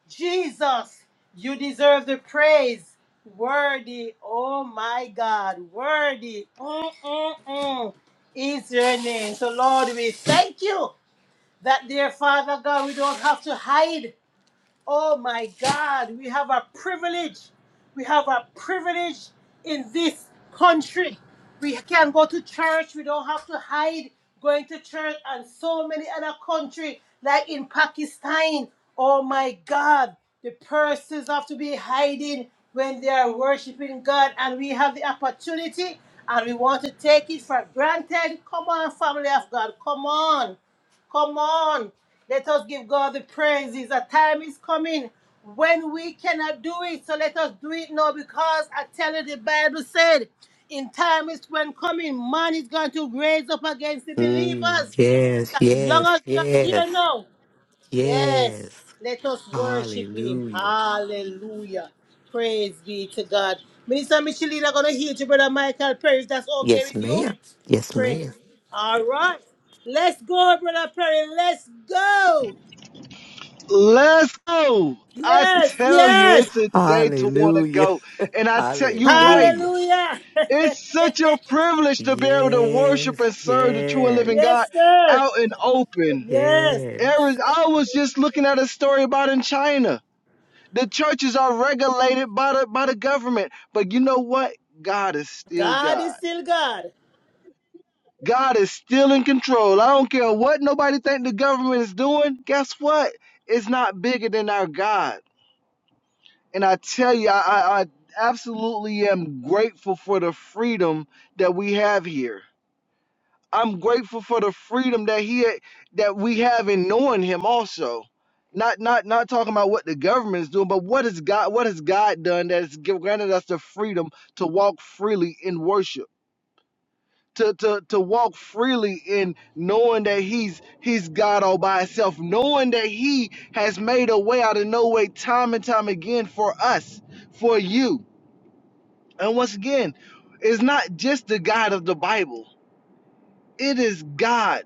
S1: Jesus, you deserve the praise. Worthy, oh my God, worthy mm, mm, mm, is your name. So, Lord, we thank you that, dear Father God, we don't have to hide. Oh my God, we have a privilege. We have a privilege in this country. We can go to church. We don't have to hide going to church and so many other countries, like in Pakistan. Oh my God, the persons have to be hiding when they are worshiping God and we have the opportunity and we want to take it for granted. Come on, family of God, come on. Come on. Let us give God the praises. A time is coming when we cannot do it. So let us do it now because I tell you the Bible said, in time is when coming, man is going to raise up against the
S3: Mm,
S1: believers.
S3: yes,
S1: As long
S3: yes,
S1: as you are
S3: yes,
S1: here now, yes,
S3: yes.
S1: let us worship him.
S3: Hallelujah.
S1: Hallelujah. Praise be to God. Minister Michelina gonna hear to Brother Michael Perry. That's okay
S3: Yes,
S1: with you?
S3: ma'am. Yes,
S1: Pray.
S3: ma'am.
S1: All right. Let's go, Brother Perry. Let's go.
S4: Let's go. I
S1: Yes,
S4: tell you,
S1: yes.
S4: it's a day to want to
S3: Hallelujah.
S4: go. And I tell you're right.
S3: Hallelujah.
S1: Hallelujah.
S4: It's such a privilege to be able to worship
S3: Yes,
S4: and serve the true and living
S3: yes,
S4: God
S1: yes, sir.
S4: out in open.
S1: Yes.
S3: yes.
S4: Aaron, I was just looking at a story about in China. The churches are regulated by the by the government. But you know what? God is still
S1: God
S4: God.
S1: is still God.
S4: God is still in control. I don't care what nobody think the government is doing. Guess what? It's not bigger than our God. And I tell you, I, I, I absolutely am grateful for the freedom that we have here. I'm grateful for the freedom that he that we have in knowing him also. Not not not talking about what the government is doing, but what has God what has God done that has gi- granted us the freedom to walk freely in worship. To, to, to walk freely in knowing that he's he's God all by himself, knowing that he has made a way out of no way time and time again for us, for you. And once again, it's not just the God of the Bible, it is God,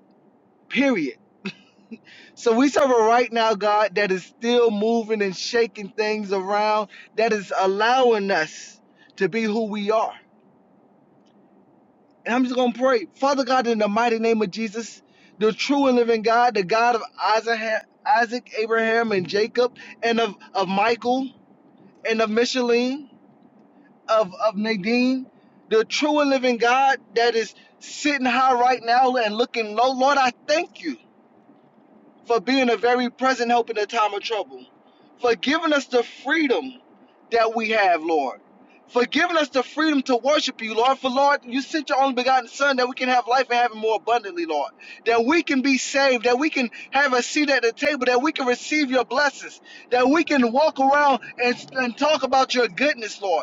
S4: period. So we serve a right now God that is still moving and shaking things around, that is allowing us to be who we are. And I'm just going to pray, Father God, in the mighty name of Jesus, the true and living God, the God of Isaac, Abraham, and Jacob, and of, of Michael, and of Micheline. of, of Nadine, the true and living God that is sitting high right now and looking low. Lord, I thank you for being a very present help in the time of trouble, for giving us the freedom that we have, Lord. For giving us the freedom to worship you, Lord. For Lord, you sent your only begotten Son that we can have life and have it more abundantly, Lord. That we can be saved, that we can have a seat at the table, that we can receive your blessings, that we can walk around and, and talk about your goodness, Lord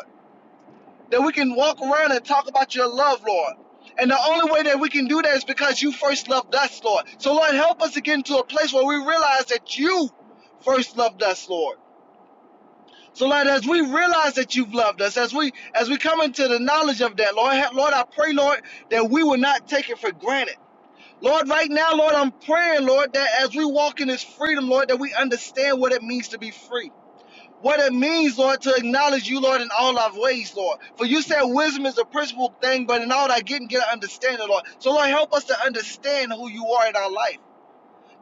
S4: that we can walk around and talk about your love, Lord. And the only way that we can do that is because you first loved us, Lord. So, Lord, help us to get into a place where we realize that you first loved us, Lord. So, Lord, as we realize that you've loved us, as we as we come into the knowledge of that, Lord, Lord, I pray, Lord, that we will not take it for granted. Lord, right now, Lord, I'm praying, Lord, that as we walk in this freedom, Lord, that we understand what it means to be free what it means, Lord, to acknowledge you, Lord, in all our ways, Lord. For you said wisdom is a principal thing, but in all I get and get an understanding, Lord. So, Lord, help us to understand who you are in our life.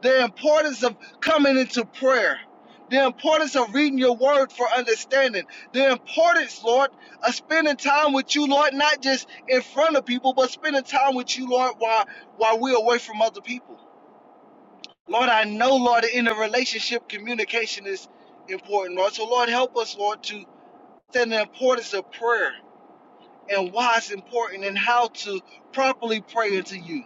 S4: The importance of coming into prayer. The importance of reading your word for understanding. The importance, Lord, of spending time with you, Lord, not just in front of people, but spending time with you, Lord, while while we're away from other people. Lord, I know, Lord, in a relationship, communication is important, Lord. So, Lord, help us, Lord, to understand the importance of prayer and why it's important and how to properly pray into you.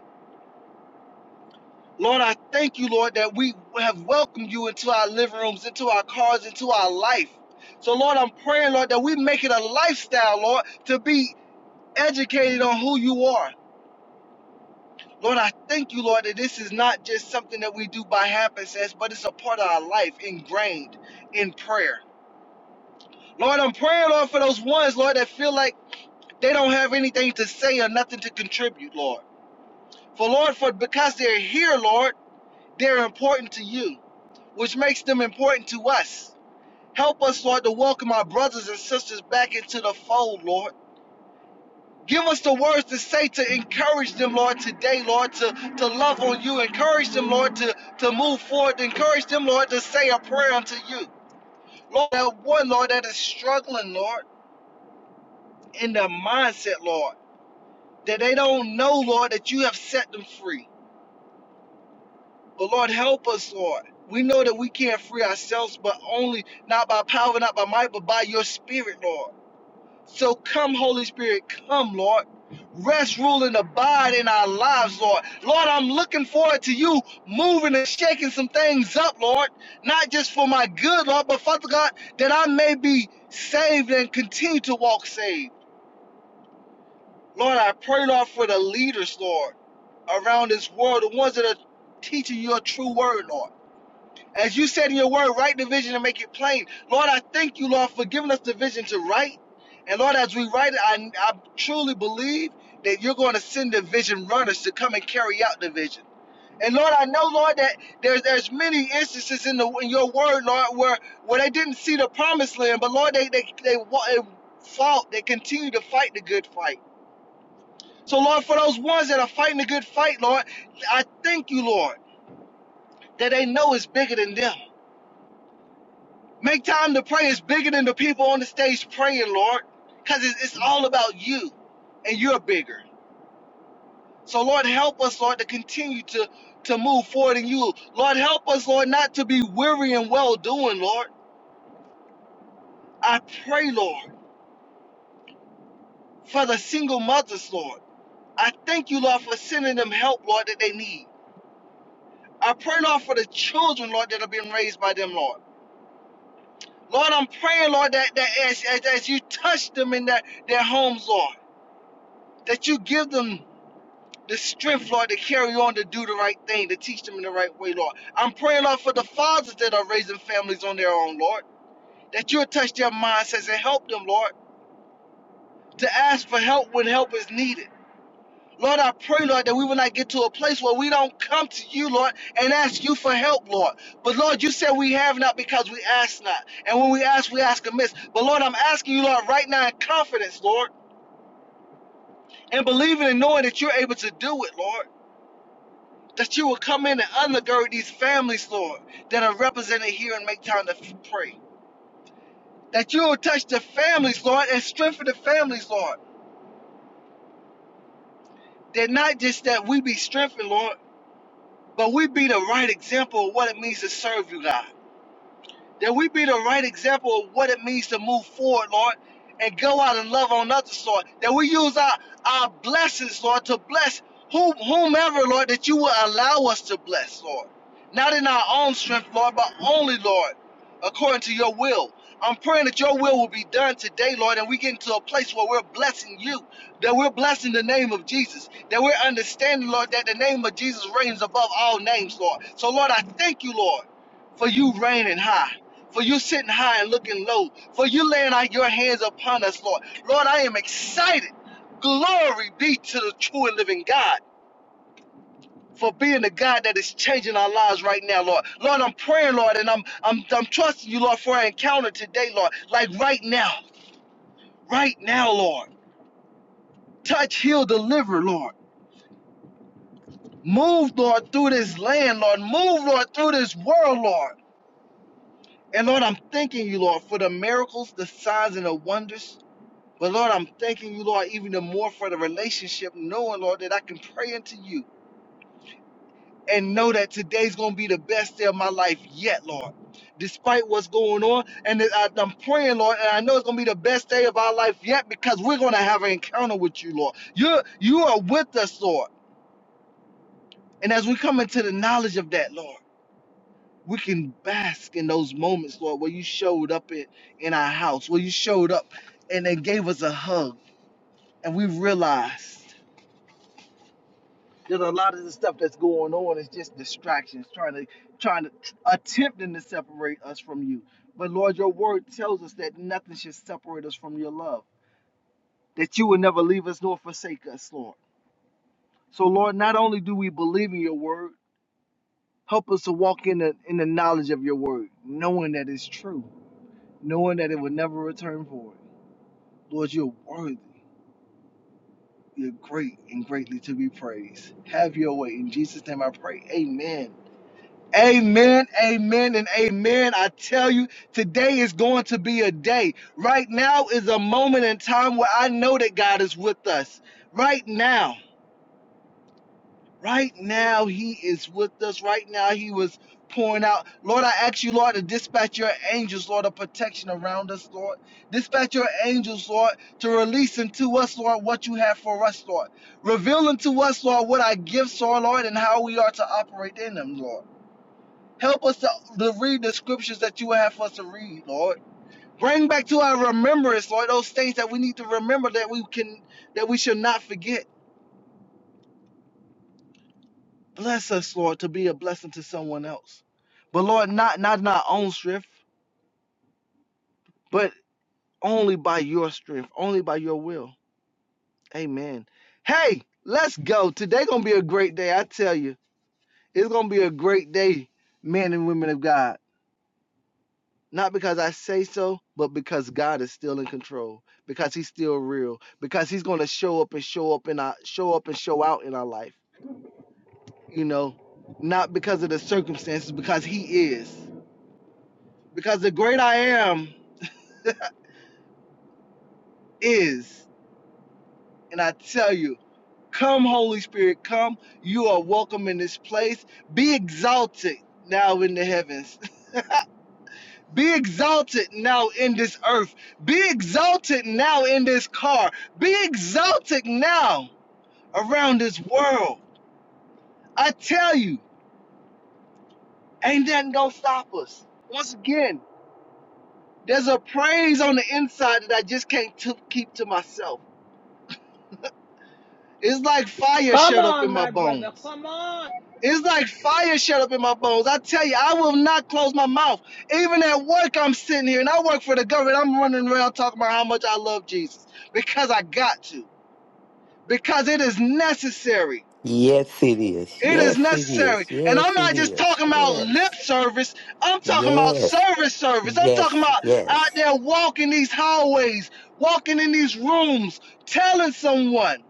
S4: Lord, I thank you, Lord, that we have welcomed you into our living rooms, into our cars, into our life. So, Lord, I'm praying, Lord, that we make it a lifestyle, Lord, to be educated on who you are. Lord, I thank you, Lord, that this is not just something that we do by happenstance, but it's a part of our life ingrained in prayer. Lord, I'm praying, Lord, for those ones, Lord, that feel like they don't have anything to say or nothing to contribute, Lord. For Lord, for because they're here, Lord, they're important to you, which makes them important to us. Help us, Lord, to welcome our brothers and sisters back into the fold, Lord. Give us the words to say to encourage them, Lord, today, Lord, to, to love on you. Encourage them, Lord, to, to move forward. Encourage them, Lord, to say a prayer unto you. Lord, that one, Lord, that is struggling, Lord, in their mindset, Lord, that they don't know, Lord, that you have set them free. But Lord, help us, Lord. We know that we can't free ourselves, but only not by power, not by might, but by your spirit, Lord. So come, Holy Spirit, come, Lord. Rest, rule, and abide in our lives, Lord. Lord, I'm looking forward to you moving and shaking some things up, Lord. Not just for my good, Lord, but Father God, that I may be saved and continue to walk saved. Lord, I pray, Lord, for the leaders, Lord, around this world, the ones that are teaching your true word, Lord. As you said in your word, write the vision and make it plain. Lord, I thank you, Lord, for giving us the vision to write. And Lord, as we write it, I, I truly believe that you're going to send the vision runners to come and carry out the vision. And Lord, I know, Lord, that there's there's many instances in the in your word, Lord, where where they didn't see the promised land, but Lord, they they they, they fought, they continue to fight the good fight. So Lord, for those ones that are fighting the good fight, Lord, I thank you, Lord, that they know it's bigger than them. Make time to pray is bigger than the people on the stage praying, Lord, because it's, all about you and you're bigger. So, Lord, help us, Lord, to continue to, to move forward in you. Lord, help us, Lord, not to be weary and well doing, Lord. I pray, Lord, for the single mothers, Lord. I thank you, Lord, for sending them help, Lord, that they need. I pray, Lord, for the children, Lord, that are being raised by them, Lord. Lord, I'm praying, Lord, that, that as, as, as you touch them in their, their homes, Lord, that you give them the strength, Lord, to carry on to do the right thing, to teach them in the right way, Lord. I'm praying, Lord, for the fathers that are raising families on their own, Lord, that you'll touch their mindsets and help them, Lord, to ask for help when help is needed. Lord, I pray, Lord, that we will not get to a place where we don't come to you, Lord, and ask you for help, Lord. But Lord, you said we have not because we ask not. And when we ask, we ask amiss. But Lord, I'm asking you, Lord, right now in confidence, Lord, and believing and knowing that you're able to do it, Lord. that you will come in and undergird these families, Lord, that are represented here and make time to pray. That you will touch the families, Lord, and strengthen the families, Lord. That not just that we be strengthened, Lord, but we be the right example of what it means to serve you, God. that we be the right example of what it means to move forward, Lord, and go out and love on others, Lord. That we use our, our blessings, Lord, to bless whom, whomever, Lord, that you will allow us to bless, Lord. Not in our own strength, Lord, but only, Lord, according to your will. I'm praying that your will will be done today, Lord, and we get into a place where we're blessing you, that we're blessing the name of Jesus, that we're understanding, Lord, that the name of Jesus reigns above all names, Lord. So, Lord, I thank you, Lord, for you reigning high for you sitting high and looking low, for you laying out your hands upon us, Lord. Lord, I am excited. Glory be to the true and living God for being the God that is changing our lives right now, Lord. Lord, I'm praying, Lord, and I'm I'm I'm trusting you, Lord, for our encounter today, Lord. Like right now, right now, Lord. Touch, heal, deliver, Lord. Move, Lord, through this land, Lord. Move, Lord, through this world, Lord. And Lord, I'm thanking you, Lord, for the miracles, the signs, and the wonders But Lord, I'm thanking you, Lord, even the more for the relationship, knowing, Lord, that I can pray unto you and know that today's going to be the best day of my life yet, Lord. Despite what's going on, and that I, I'm praying, Lord, and I know it's gonna be the best day of our life yet because we're gonna have an encounter with you, Lord. You're you are with us, Lord. And as we come into the knowledge of that, Lord, we can bask in those moments, Lord, where you showed up in, in our house, where you showed up and then gave us a hug, and we realized. There's a lot of the stuff that's going on It's just distractions, trying to trying to attempting to separate us from you. But Lord, your word tells us that nothing should separate us from your love. That you will never leave us nor forsake us, Lord. So Lord, not only do we believe in your word, help us to walk in the in the knowledge of your word, knowing that it's true, knowing that it will never return void. Lord, you're worthy. You're great and greatly to be praised. Have your way. In Jesus' name I pray. Amen. Amen, amen, and amen. I tell you, today is going to be a day. Right now is a moment in time where I know that God is with us. Right now, right now, He is with us. Right now, He was pouring out. Lord, I ask you, Lord, to dispatch your angels, Lord, of protection around us, Lord. Dispatch your angels, Lord, to release into us, Lord, what you have for us, Lord. Reveal unto us, Lord, what our gifts are, Lord, and how we are to operate in them, Lord. Help us to, to read the scriptures that you have for us to read, Lord. Bring back to our remembrance, Lord, those things that we need to remember that we can that we should not forget. Bless us, Lord, to be a blessing to someone else. But Lord, not not in our own strength, but only by your strength, only by your will. Amen. Hey, let's go. Today gonna be a great day, I tell you. It's gonna be a great day, men and women of God. Not because I say so, but because God is still in control, because he's still real, because he's going to show up and show up and show up and show out in our life. You know, not because of the circumstances, because he is. Because the great I am is. And I tell you, come, Holy Spirit, come. You are welcome in this place. Be exalted now in the heavens. Be exalted now in this earth. Be exalted now in this car. Be exalted now. around this world. I tell you, ain't nothing gonna stop us. Once again, there's a praise on the inside that I just can't t- keep to myself. It's like fire
S1: Come
S4: shut up in
S1: on,
S4: my
S1: my brother.
S4: bones.
S1: Come on.
S4: It's like fire shut up in my bones. I tell you, I will not close my mouth. Even at work, I'm sitting here and I work for the government. I'm running around talking about how much I love Jesus because I got to, because it is necessary.
S3: Yes, it is.
S4: It is
S3: Yes, it
S4: necessary.
S3: is.
S4: And I'm
S3: Yes, it
S4: not just
S3: is.
S4: talking about lip
S3: Yes,
S4: service. I'm talking about
S3: yes,
S4: service service. I'm talking
S3: yes,
S4: about out
S3: yes.
S4: there walking these hallways, walking in these rooms, telling someone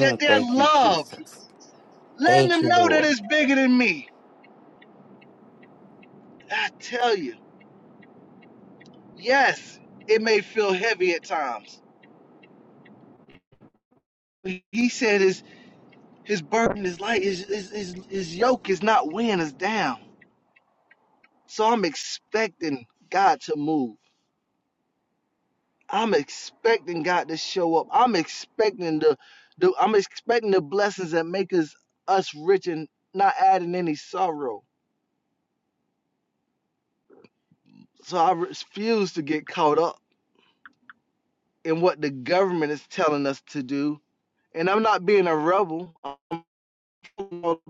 S4: that they're
S3: thank you,
S4: loved,
S3: Jesus.
S4: letting
S3: Thank
S4: them
S3: you,
S4: know that
S3: Lord.
S4: it's bigger than me. I tell you, yes, it may feel heavy at times. But He said his, his burden is light, his, his, his, his yoke is not weighing us down. So I'm expecting God to move. I'm expecting God to show up. I'm expecting the, the I'm expecting the blessings that make us us rich and not adding any sorrow. So I refuse to get caught up in what the government is telling us to do. And I'm not being a rebel. i know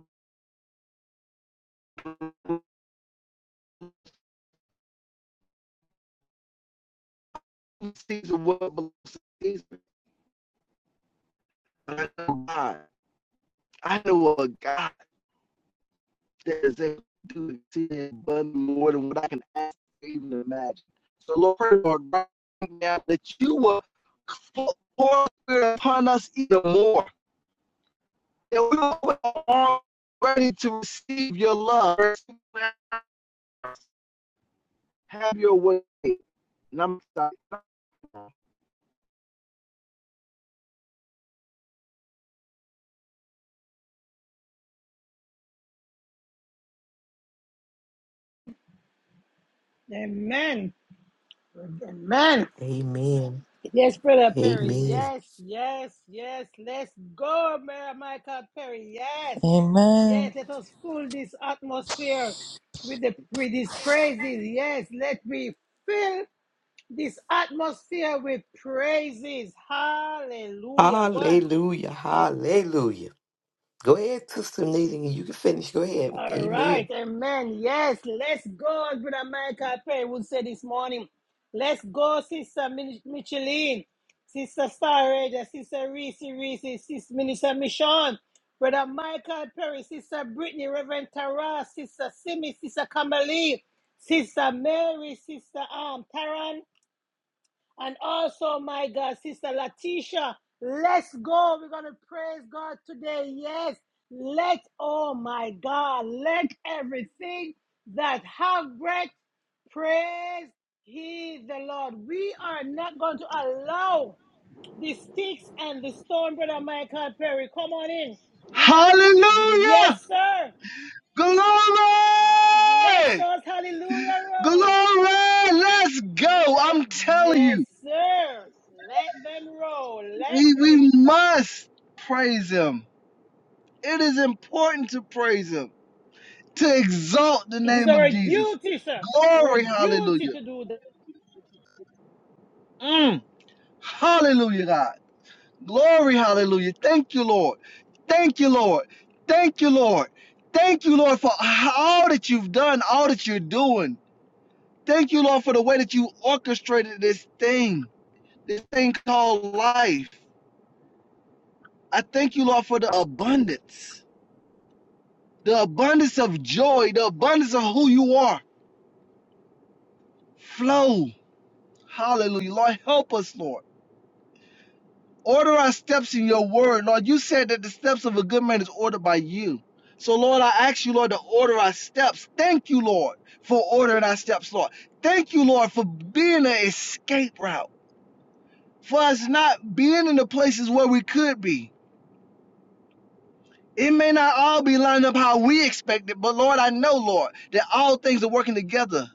S4: what God. I know a God. that is able to do exceeding abundantly more than what I can ask or even imagine. So, Lord, pray, Lord, right now that you will pour your spirit upon us even more, that we will be all ready to receive your love, have your way. And I'm excited.
S1: Amen. Amen.
S3: Amen.
S1: Yes, brother Perry.
S3: Amen.
S1: Yes, yes, yes. Let's go, brother Michael Perry. Yes,
S2: Amen.
S1: yes. Let us fill this atmosphere with the with his praises. Yes, let me fill this atmosphere with praises. Hallelujah. Go ahead.
S3: Hallelujah. Hallelujah. Go ahead, Sister Nadine. You can finish. Go ahead.
S1: All
S3: Amen.
S1: right, amen. Yes, let's go, as Brother Michael Perry would say this morning. Let's go, Sister Min- Micheline, Sister Star Sister Reese Reese, Sister Minister Michon, Brother Michael Perry, Sister Brittany, Reverend Tara, Sister Simi, Sister Kamali, Sister Mary, Sister Um Arm, and also, my God, Sister Latisha, let's go. We're going to praise God today. Yes, let, oh my God, let everything that have breath praise He the Lord. We are not going to allow the sticks and the stone, Brother Michael Perry. Come on in. We're not, yes,
S4: Hallelujah!
S1: sir. Let's
S4: Glory!
S1: us hallelujah roll.
S4: Glory! Let's go!
S1: Let
S4: I'm telling
S1: yes,
S4: you,
S1: sir. Let them roll. Let
S4: we,
S1: the
S4: we must praise him. It is important to praise him, to exalt the
S1: it is
S4: name of
S1: our
S4: Jesus.
S1: duty, sir. Our
S4: Glory,
S1: duty
S4: hallelujah.
S1: to do that.
S4: Mm. Hallelujah, God. Glory, hallelujah. Thank you, Lord. Thank you, Lord. Thank you, Lord. Thank you, Lord, for all that you've done, all that you're doing. Thank you, Lord, for the way that you orchestrated this thing, this thing called life. I thank you, Lord, for the abundance, the abundance of joy, the abundance of who you are. Flow. Hallelujah. Lord, help us, Lord. Order our steps in your word. Lord, you said that the steps of a good man is ordered by you. So, Lord, I ask you, Lord, to order our steps. Thank you, Lord, for ordering our steps, Lord. Thank you, Lord, for being an escape route, for us not being in the places where we could be. It may not all be lined up how we expect it, but Lord, I know, Lord, that all things are working together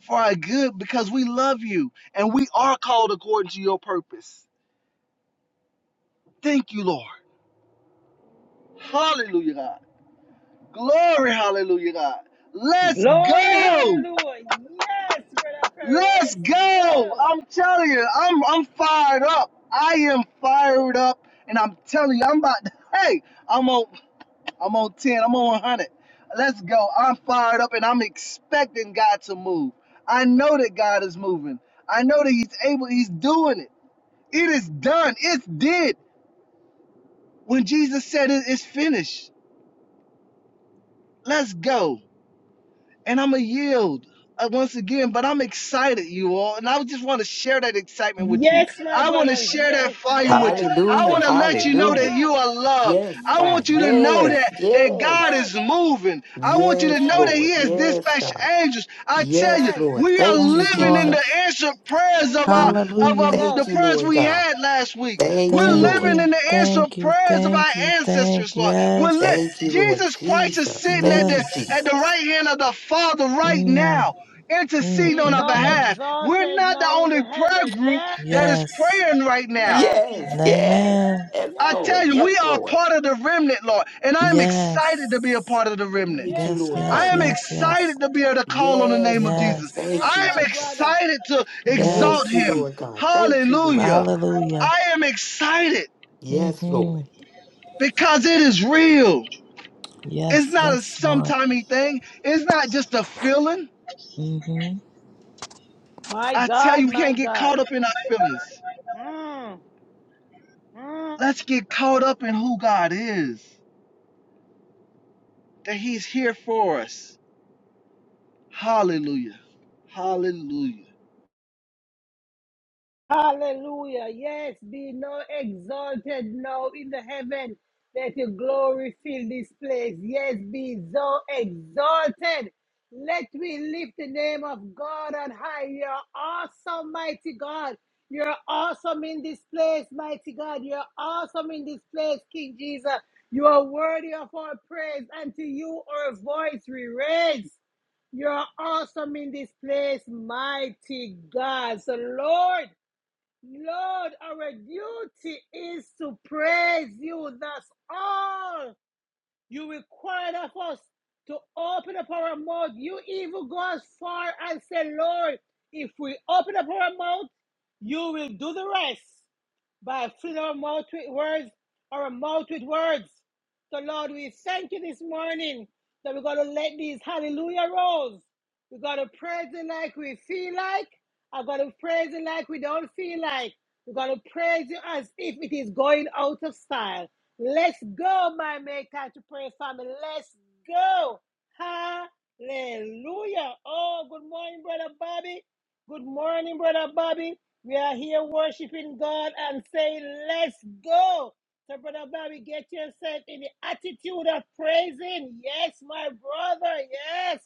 S4: for our good because we love you and we are called according to your purpose. Thank you, Lord. Hallelujah, God. Glory, hallelujah, God. Let's
S1: Glory,
S4: go.
S1: hallelujah. Yes, brother Perry,
S4: Let's
S1: let's
S4: go.
S1: go.
S4: I'm telling you, I'm I'm fired up. I am fired up, and I'm telling you, I'm about. To, hey, I'm on. I'm on ten. I'm on 100. Let's go. I'm fired up, and I'm expecting God to move. I know that God is moving. I know that He's able. He's doing it. It is done. It's did. When Jesus said it, it's finished. Let's go. and I'm going to yield uh, once again. But I'm excited, you all, and I just want to share that excitement with you.
S1: Yes, my
S4: I want to
S1: brothers.
S4: share that
S1: Yes,
S4: fire with
S1: yes.
S4: you. I
S3: Hallelujah.
S4: want to
S1: Don't
S4: let
S1: come.
S4: you know that
S3: Hallelujah.
S1: Yes,
S4: you are loved.
S3: Yes,
S4: I
S1: yes,
S3: God.
S4: want you to
S1: sir.
S4: know
S3: Yes.
S4: that that God
S3: Yes.
S1: Yes,
S4: is moving. I want you to
S3: Yes,
S4: know
S1: yes,
S4: that
S3: Lord.
S4: He has
S3: Yes,
S4: dispatched
S3: God.
S4: angels. I tell you,
S3: Yes,
S1: yes.
S3: Lord.
S4: we are
S3: Thank you,
S2: Yes,
S4: living in
S2: Lord.
S4: the
S3: Jesus.
S4: answered prayers of our
S1: Mm.
S3: Mm,
S4: of, of
S2: Hallelujah.
S1: Yes.
S4: the
S3: thank you,
S4: prayers
S3: Lord
S4: we
S3: God.
S4: had last week.
S3: Thank
S4: We're
S3: you,
S2: Thank
S1: Mm.
S3: Lord.
S4: living in
S2: you.
S4: the answered
S2: Thank you.
S4: prayers of our
S2: Thank you. Thank
S4: ancestors, Lord. We're li-
S3: Thank
S2: yes.
S3: you, Lord
S4: Jesus Christ is
S3: Jesus.
S4: sitting at
S3: Thank
S4: the
S3: you,
S4: at the
S2: Yes.
S3: Jesus.
S4: right hand of the Father right
S2: Mm.
S4: now.
S2: Mm.
S4: Interceding
S1: Be
S4: on our
S2: Mm.
S1: not
S2: mm.
S4: behalf. We're
S1: exalted
S4: not the
S1: now in
S4: only
S1: the
S4: prayer
S1: heaven.
S4: group
S1: Yeah.
S4: that is
S2: Yes.
S4: praying right now.
S1: Yes.
S3: Yes, yes,
S2: Amen.
S3: yes,
S4: I
S1: Yeah.
S4: tell
S3: Lord.
S4: you,
S3: Yes,
S4: we are
S3: Lord.
S4: part of the remnant, Lord, and I'm excited to be a
S2: Yes.
S4: part of the remnant.
S3: Thank
S1: Yes,
S3: you,
S2: Yes.
S3: Lord
S4: I
S2: Yes.
S3: God.
S1: sir.
S4: am
S2: Yes. Yes.
S4: excited to be able to call on the name
S3: Yes,
S4: of
S3: God.
S4: Jesus.
S1: Yes,
S3: Thank you,
S2: Yes.
S4: I am
S1: my
S3: Jesus.
S1: brother.
S4: excited to exalt
S3: Thank you,
S2: Yes.
S4: him.
S3: Lord God. Thank you, Lord
S4: Hallelujah.
S3: God.
S2: Hallelujah.
S4: I am excited
S3: Yes,
S2: Mm-hmm.
S3: Lord.
S4: because it is real. It's
S2: Yes.
S4: not a
S2: Yes, Lord.
S4: sometimey thing. It's not just a feeling.
S2: Mm-hmm.
S1: My
S4: I tell
S1: God,
S4: you, we
S1: my
S4: can't get
S1: God.
S4: caught up in our feelings.
S1: Mm, mm.
S4: Let's get caught up in who God is, that He's here for us. Hallelujah. Hallelujah.
S1: Hallelujah. Yes, be now exalted now in the heaven. Let your glory fill this place. Yes, be so exalted. Let we lift the name of God on high. You're awesome, mighty God. You're awesome in this place, mighty God. You're awesome in this place, King Jesus. You are worthy of our praise. And to you, our voice we raise. You're awesome in this place, mighty God. So, Lord. Lord, our duty is to praise you. That's all you required of us to open up our mouth. You even go as far and say, Lord, if we open up our mouth, you will do the rest by filling our mouth with words, our mouth with words. So, Lord, we thank you this morning that we're going to let these hallelujah rolls. We're going to praise it like we feel like. I'm going to praise it like we don't feel like. We're going to praise you as if it is going out of style. Let's go, my make time to pray family. Let's go. Hallelujah. Oh, good morning, Brother Bobby. Good morning, Brother Bobby. We are here worshiping God and saying, Let's go. So, Brother Bobby, get yourself in the attitude of praising. Yes, my brother. Yes.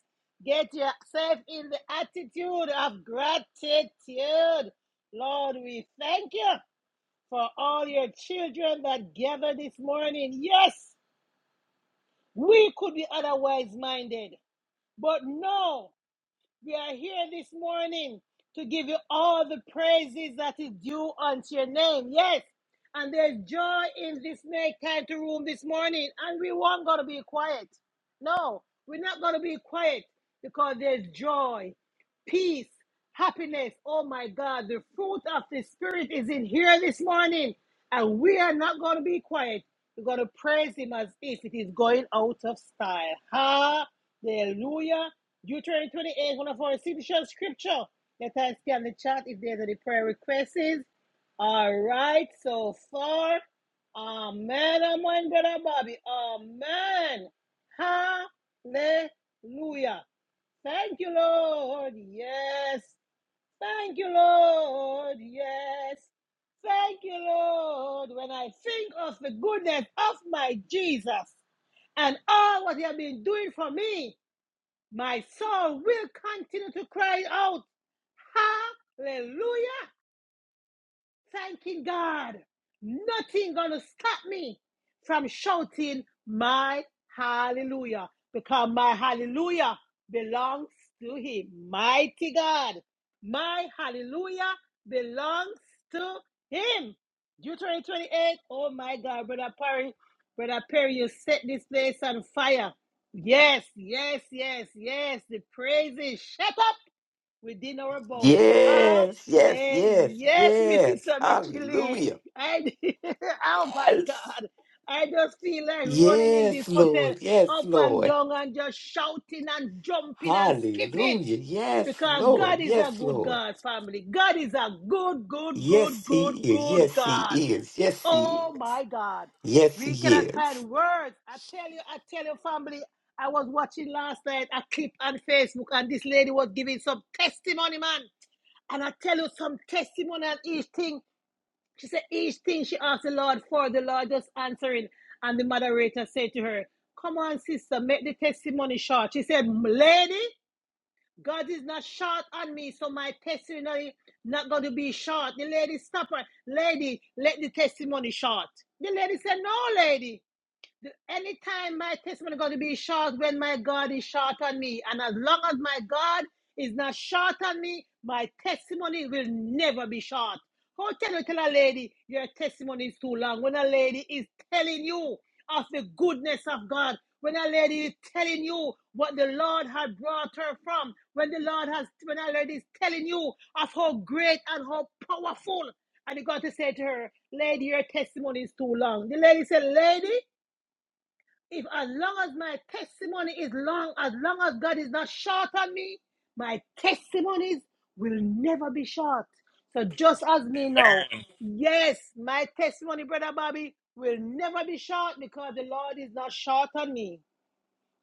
S1: Get yourself in the attitude of gratitude. Lord, we thank you for all your children that gather this morning. Yes, we could be otherwise minded, but no. We are here this morning to give you all the praises that is due unto your name. Yes. And there's joy in this make time to room this morning. And we weren't going to be quiet. No, we're not going to be quiet because there's joy, peace, happiness. Oh my God, the fruit of the Spirit is in here this morning. And we are not going to be quiet. We're going to praise Him as if it is going out of style. Hallelujah. Deuteronomy 28, one of our signature scripture. Let us scan the chat if there's any prayer requests. All right, so far. Amen, amen, brother Bobby. Amen. Hallelujah. Thank you, Lord. Yes. Thank you, Lord. Yes. Thank you, Lord. When I think of the goodness of my Jesus and all what he has been doing for me, my soul will continue to cry out, Hallelujah, thanking God. Nothing gonna stop me from shouting my hallelujah because my hallelujah belongs to Him. Mighty God, my hallelujah belongs to Him. Deuteronomy 28. Oh my God, brother Perry, brother Perry, you set this place on fire. Yes, yes, yes, yes. The praises shut up within our bones.
S3: Yes, yes,
S1: Hallelujah.
S3: yes,
S1: Yes,
S3: yes.
S1: Minister Mitchell. Lee.
S3: Hallelujah.
S1: I, oh my
S3: Yes.
S1: God. I just feel like running in
S3: Yes,
S1: this hotel
S3: Lord. Yes,
S1: up and
S3: Lord.
S1: down and just shouting and jumping and skipping
S3: Hallelujah. Yes,
S1: because
S3: Lord.
S1: God is a
S3: Yes,
S1: good
S3: Lord.
S1: God, family. God is a good, good,
S3: Yes,
S1: good,
S3: He
S1: good,
S3: is.
S1: good
S3: Yes, He
S1: God.
S3: is. Yes, He
S1: Oh
S3: is.
S1: my God.
S3: Yes,
S1: We
S3: He
S1: cannot
S3: is.
S1: find words. I tell you, I tell your family, I was watching last night a clip on Facebook and this lady was giving some testimony, man. And I tell you some testimony on each thing. She said, each thing she asked the Lord for, the Lord just answering. And the moderator said to her, Come on, sister, make the testimony short. She said, Lady, God is not short on me, so my testimony not going to be short. The lady, stop her. Lady, let the testimony short. The lady said, no, lady anytime my testimony is going to be short when my God is short on me. And as long as my God is not short on me, my testimony will never be short. How can you tell a lady your testimony is too long when a lady is telling you of the goodness of God? When a lady is telling you what the Lord has brought her from, when the Lord has, when a lady is telling you of how great and how powerful, and you got to say to her, "Lady, your testimony is too long." The lady said, "Lady, if as long as my testimony is long, as long as God is not short on me, my testimonies will never be short. So just as me now,
S5: Amen.
S1: yes, my testimony, brother Bobby, will never be short because the Lord is not short on me.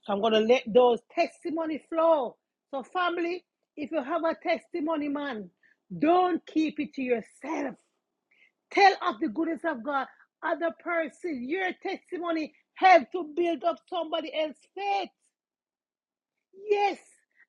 S1: So I'm gonna let those testimony flow. So family, if you have a testimony, man, don't keep it to yourself. Tell of the goodness of God. Other person, your testimony help to build up somebody else's faith. Yes.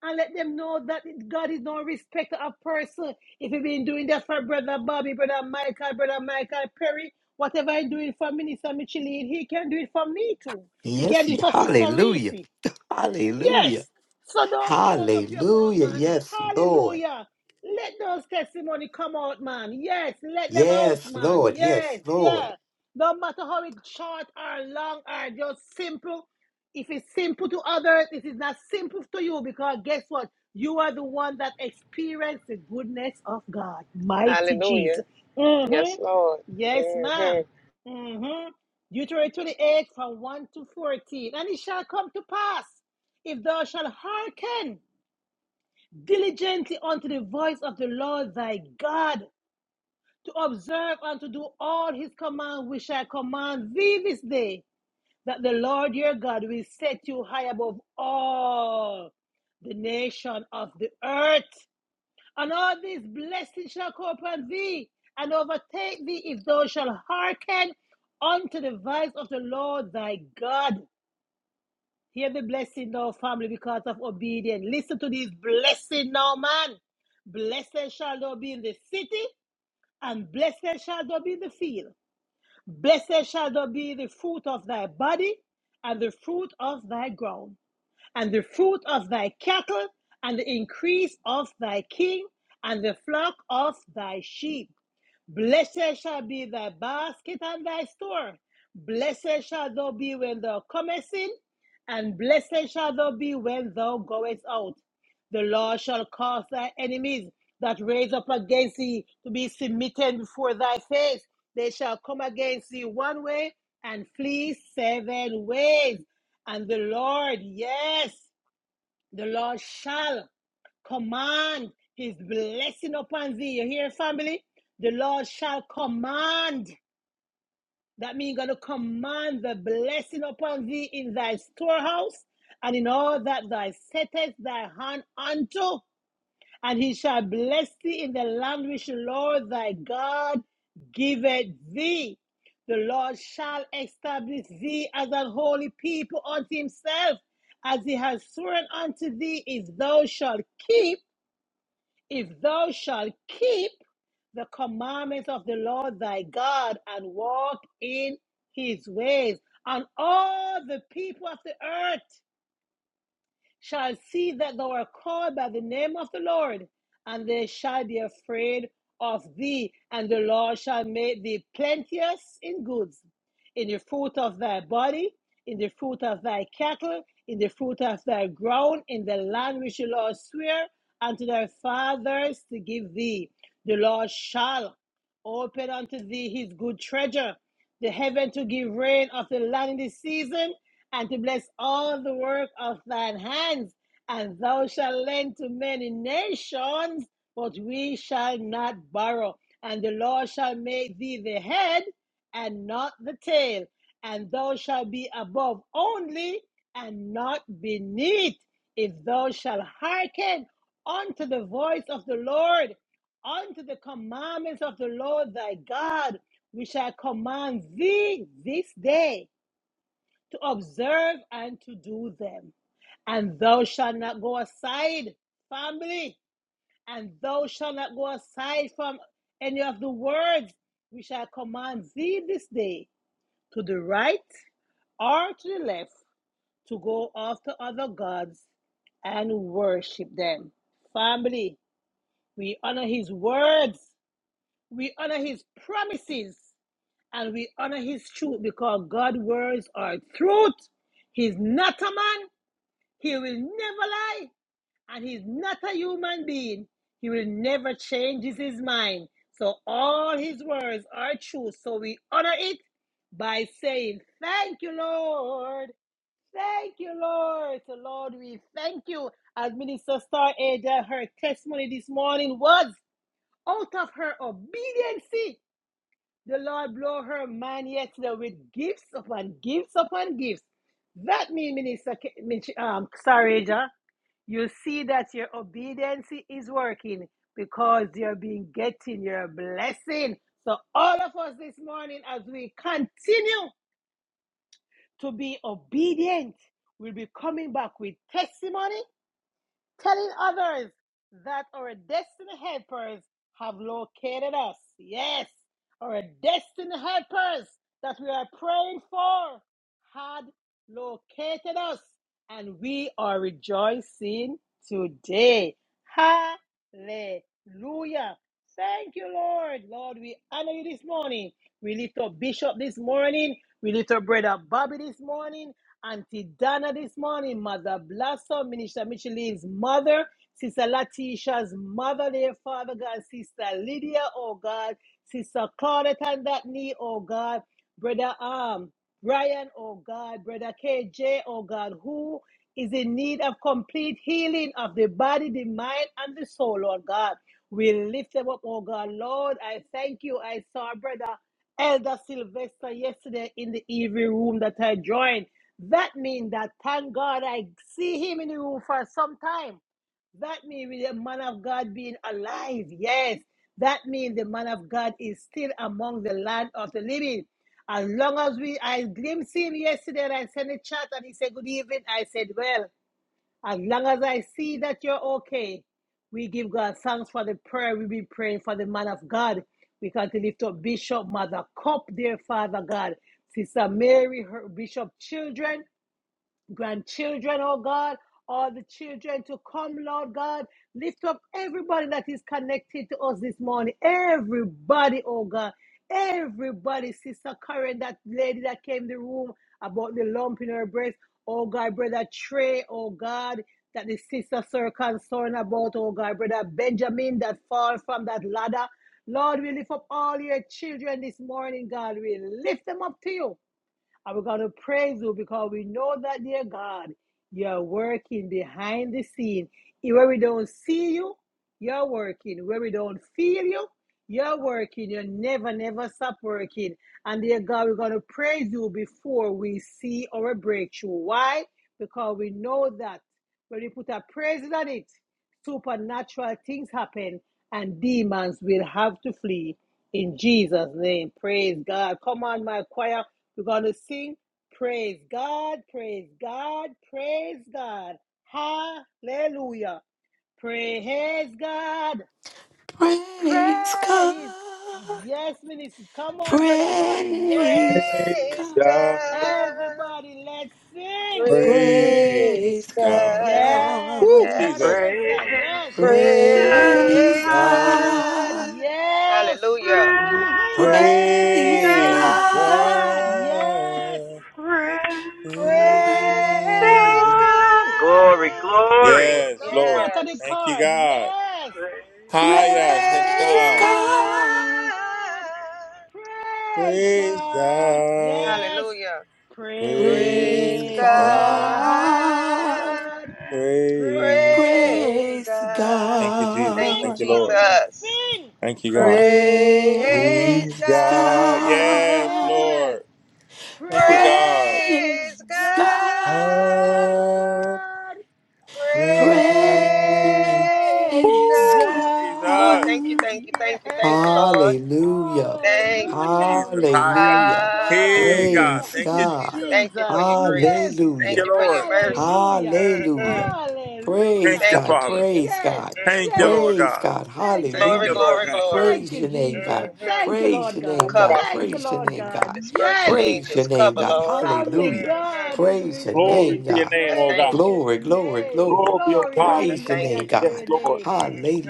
S1: And let them know that God is no respecter of person. If you've been doing that for Brother Bobby, Brother Michael, Brother Michael Perry, whatever I'm doing for Minister Micheline, he can do it for me too. He
S3: Yes,
S1: can do
S3: He.
S1: it for Sister
S3: Hallelujah.
S1: Reese.
S3: Hallelujah.
S1: Yes. So don't close up your mouth,
S3: Hallelujah.
S1: man.
S3: Yes, Lord.
S1: Hallelujah. Let those testimony come out, man. Yes, let them out,
S3: Yes,
S1: man.
S3: Lord. Yes,
S1: Yes,
S3: Lord.
S1: yeah. No matter how it's short or long or just simple. If it's simple to others, it is not simple to you because guess what? You are the one that experienced the goodness of God. Mighty
S6: Hallelujah.
S1: Jesus. Mhm.
S6: Yes, Lord.
S1: Yes,
S6: hmm
S1: ma'am. Mm-hmm. Deuteronomy 28 from 1 to 14. And it shall come to pass, if thou shalt hearken diligently unto the voice of the Lord thy God, to observe and to do all his command which I command thee this day, that the Lord your God will set you high above all the nation of the earth and all these blessings shall come upon thee and overtake thee if thou shalt hearken unto the voice of the Lord thy God. Hear the blessing now, family, because of obedience. Listen to this blessing now, man. Blessed shall thou be in the city, and blessed shall thou be in the field. Blessed shall thou be the fruit of thy body, and the fruit of thy ground and the fruit of thy cattle, and the increase of thy king, and the flock of thy sheep. Blessed shall be thy basket and thy store. Blessed shall thou be when thou comest in, and blessed shall thou be when thou goest out. The Lord shall cause thy enemies that raise up against thee to be submitted before thy face. They shall come against thee one way and flee seven ways. And the Lord, yes. The Lord shall command his blessing upon thee. You hear, family? The Lord shall command. That means going to command the blessing upon thee in thy storehouse and in all that thou settest thy hand unto and he shall bless thee in the land which the Lord thy God giveth thee. The Lord shall establish thee as an holy people unto himself, as he has sworn unto thee, if thou shalt keep, if thou shalt keep the commandments of the Lord thy God and walk in his ways, and all the people of the earth shall see that thou art called by the name of the Lord, and they shall be afraid of thee, and the Lord shall make thee plenteous in goods, in the fruit of thy body, in the fruit of thy cattle, in the fruit of thy ground, in the land which the Lord sware unto thy fathers to give thee. The Lord shall open unto thee his good treasure, the heaven to give rain of the land in the season, and to bless all the work of thine hands. And thou shalt lend to many nations, but we shall not borrow. And the Lord shall make thee the head and not the tail. And thou shalt be above only and not beneath. If thou shalt hearken unto the voice of the Lord, unto the commandments of the Lord thy God, which I command thee this day to observe and to do them. And thou shalt not go aside, family, and thou shalt not go aside from any of the words which I command thee this day, to the right or to the left, to go after other gods and worship them. Family, we honor his words, we honor his promises, and we honor his truth because God's words are truth. He's not a man He will never lie, and he's not a human being. He will never change his mind. So all his words are true. So we honor it by saying, Thank you, Lord. Thank you, Lord. So, Lord, we thank you. As Minister Star Ada, her testimony this morning was out of her obedience. The Lord blow her mind yesterday with gifts upon gifts upon gifts. That means, Minister, um, Star Ada you see that your obedience is working because you're being getting your blessing. So all of us this morning, as we continue to be obedient, we'll be coming back with testimony telling others that our destiny helpers have located us. Yes, our destiny helpers that we are praying for had located us, and we are rejoicing today. Hallelujah. Thank you, Lord. Lord, we honor you this morning. We lift up Bishop this morning. We lift up Brother Bobby this morning. Auntie Donna this morning, Mother Blossom, Minister Micheline's mother, Sister Latisha's mother, dear Father God, Sister Lydia, oh God, Sister Claudette and that knee, oh God, Brother um, Brian, oh God, Brother KJ, oh God, who is in need of complete healing of the body, the mind, and the soul, Lord God. We lift them up, oh God. Lord, I thank you. I saw Brother Elder Sylvester yesterday in the evening room that I joined. That means that thank God I see him in the room for some time. That means the man of God being alive. Yes. That means the man of God is still among the land of the living. As long as we I glimpsed him yesterday and I sent a chat and he said good evening. I said, Well, as long as I see that you're okay, we give God thanks for the prayer we've been praying for the man of God. We can to lift up Bishop Mother Cup, dear Father God. Sister Mary, her Bishop children grandchildren, oh God, all the children to come, Lord God. Lift up everybody that is connected to us this morning. Everybody, oh God. Everybody, Sister Karen, that lady that came in the room about the lump in her breast. Oh God, brother Trey, oh God, that the sisters are concerned about, oh God, brother Benjamin that fall from that ladder. Lord, we lift up all your children this morning, God. We lift them up to you. And we're going to praise you because we know that, dear God, you're working behind the scene. E- Where we don't see you, you're working. Where we don't feel you, you're working. You never, never stop working. And dear God, we're going to praise you before we see our breakthrough. Why? Because we know that when we put our praises on it, supernatural things happen and demons will have to flee. In Jesus' name, praise God. Come on, my choir. We're going to sing praise God, praise God, praise God. Hallelujah. Praise God.
S3: Praise God.
S1: Praise. Yes, minister. Come on, brother Bobby. Yes.
S3: Praise
S5: Praise
S6: Praise
S5: God.
S3: God.
S6: God.
S1: Everybody, let's sing. Eh,
S5: Praise
S6: Praise
S3: Praise
S5: God.
S6: God.
S1: Yes, the
S5: Woo,
S3: God.
S1: Lord
S6: Yes.
S1: and
S5: Jesus.
S1: the
S7: Praise
S1: Son. Yes.
S5: Praise
S3: Praise
S1: Praise
S6: Praise
S5: God.
S7: God.
S1: God.
S3: God.
S6: God.
S1: Yes.
S6: Hallelujah.
S7: Praise
S1: Mhm.
S3: Praise
S5: Praise
S1: Praise
S6: Praise
S3: God.
S7: God.
S1: God.
S6: God.
S1: Yes.
S5: God.
S7: Praise
S1: Praise
S5: Praise.
S6: Praise
S7: God. Glory,
S6: God.
S1: God.
S7: glory.
S1: Yes,
S5: Yes,
S1: no
S5: Lord.
S1: matter the
S6: Yes.
S5: Thank you,
S1: card.
S5: God.
S1: Yes. Praise
S5: Hiya.
S7: Praise
S5: Yes,
S3: Praise
S5: God.
S6: Praise God.
S3: God.
S7: God.
S1: God. Praise
S5: Praise
S1: God.
S5: God.
S1: Yes.
S6: Hallelujah.
S3: Praise
S6: Praise
S5: Praise
S1: Praise
S5: God.
S6: God.
S3: God.
S1: God.
S5: Praise God.
S6: Praise
S1: Praise
S3: Praise
S6: God.
S5: Thank you,
S1: God.
S5: Jesus.
S6: Thank
S3: God.
S6: you,
S1: Sing,
S5: Thank you, Lord.
S1: family,
S6: Jesus.
S1: sing.
S5: Thank you, God.
S1: Praise
S6: Praise
S5: Praise
S3: Praise
S5: God.
S1: God.
S6: God.
S5: Yes,
S3: God.
S1: Yes.
S5: Lord. Thank you, God.
S1: Praise
S3: Praise
S6: Praise God.
S3: God.
S5: God,
S1: God!
S6: Praise
S3: Praise
S5: praise.
S1: Praise
S5: Woo!
S6: God.
S5: Jesus.
S6: Lord,
S5: Hallelujah,
S1: God!
S6: thank you,
S3: God.
S6: thank you, thank you, thank you,
S1: Yes!
S6: Lord.
S3: Hallelujah.
S6: Thank you,
S1: Hallelujah!
S5: Jesus.
S6: Jesus.
S5: Hi,
S1: My
S5: God.
S3: Hallelujah.
S1: God!
S5: Hey,
S6: Hallelujah.
S5: God.
S1: My
S3: Praise
S5: Thank you,
S1: good
S3: God.
S5: Jesus.
S6: Thank you for
S1: Jesus!
S6: your
S1: Yes!
S6: grace.
S5: Thank
S6: Thank
S3: Hallelujah.
S5: you,
S6: you for your
S5: Lord.
S6: mercy.
S1: Hallelujah!
S6: Mhm.
S3: Hallelujah.
S5: Thank
S3: Praise
S1: Hallelujah!
S5: you,
S6: Thank you,
S3: God.
S5: Father.
S3: Praise
S6: Jesus.
S1: Yes!
S3: God.
S5: Thank you,
S6: hmm
S1: Yes!
S5: Lord
S3: Praise
S5: God.
S3: God.
S1: Thank you,
S5: Thank
S6: Glory,
S1: Lord
S5: you,
S3: Hallelujah.
S5: Lord
S6: glory,
S1: God.
S5: God.
S6: glory.
S1: Thank
S3: Praise
S1: you,
S3: your name,
S1: Jesus.
S3: God.
S6: hmm
S1: Thank you,
S3: Praise
S1: Lord
S3: your
S5: Oh,
S3: name,
S1: God.
S3: God.
S6: Cover.
S5: God.
S1: Thank you,
S3: Praise your
S1: Lord
S3: name,
S1: God.
S3: God.
S6: Disperse
S1: Yes!
S6: your
S3: Praise
S5: Thank
S6: angels.
S3: your
S5: you,
S3: name,
S5: Jesus.
S6: Cover,
S3: God.
S6: Lord.
S5: Thank you, Lord.
S1: Family,
S3: Hallelujah.
S6: hmm
S1: God is to
S3: Praise
S1: be
S3: your
S5: Glory
S3: name,
S1: praised.
S5: to your
S3: God.
S6: I
S5: name, oh
S6: thank
S5: God.
S1: Praise
S6: you.
S3: Glory,
S1: your
S3: glory,
S1: name.
S3: glory.
S5: Glory, oh
S1: Glory,
S5: God,
S6: I
S5: to
S3: Praise
S5: your
S3: your
S1: hallelujah
S6: thank
S3: name,
S5: name.
S6: you.
S1: to
S5: Yes,
S1: your
S3: God.
S5: Lord.
S1: name.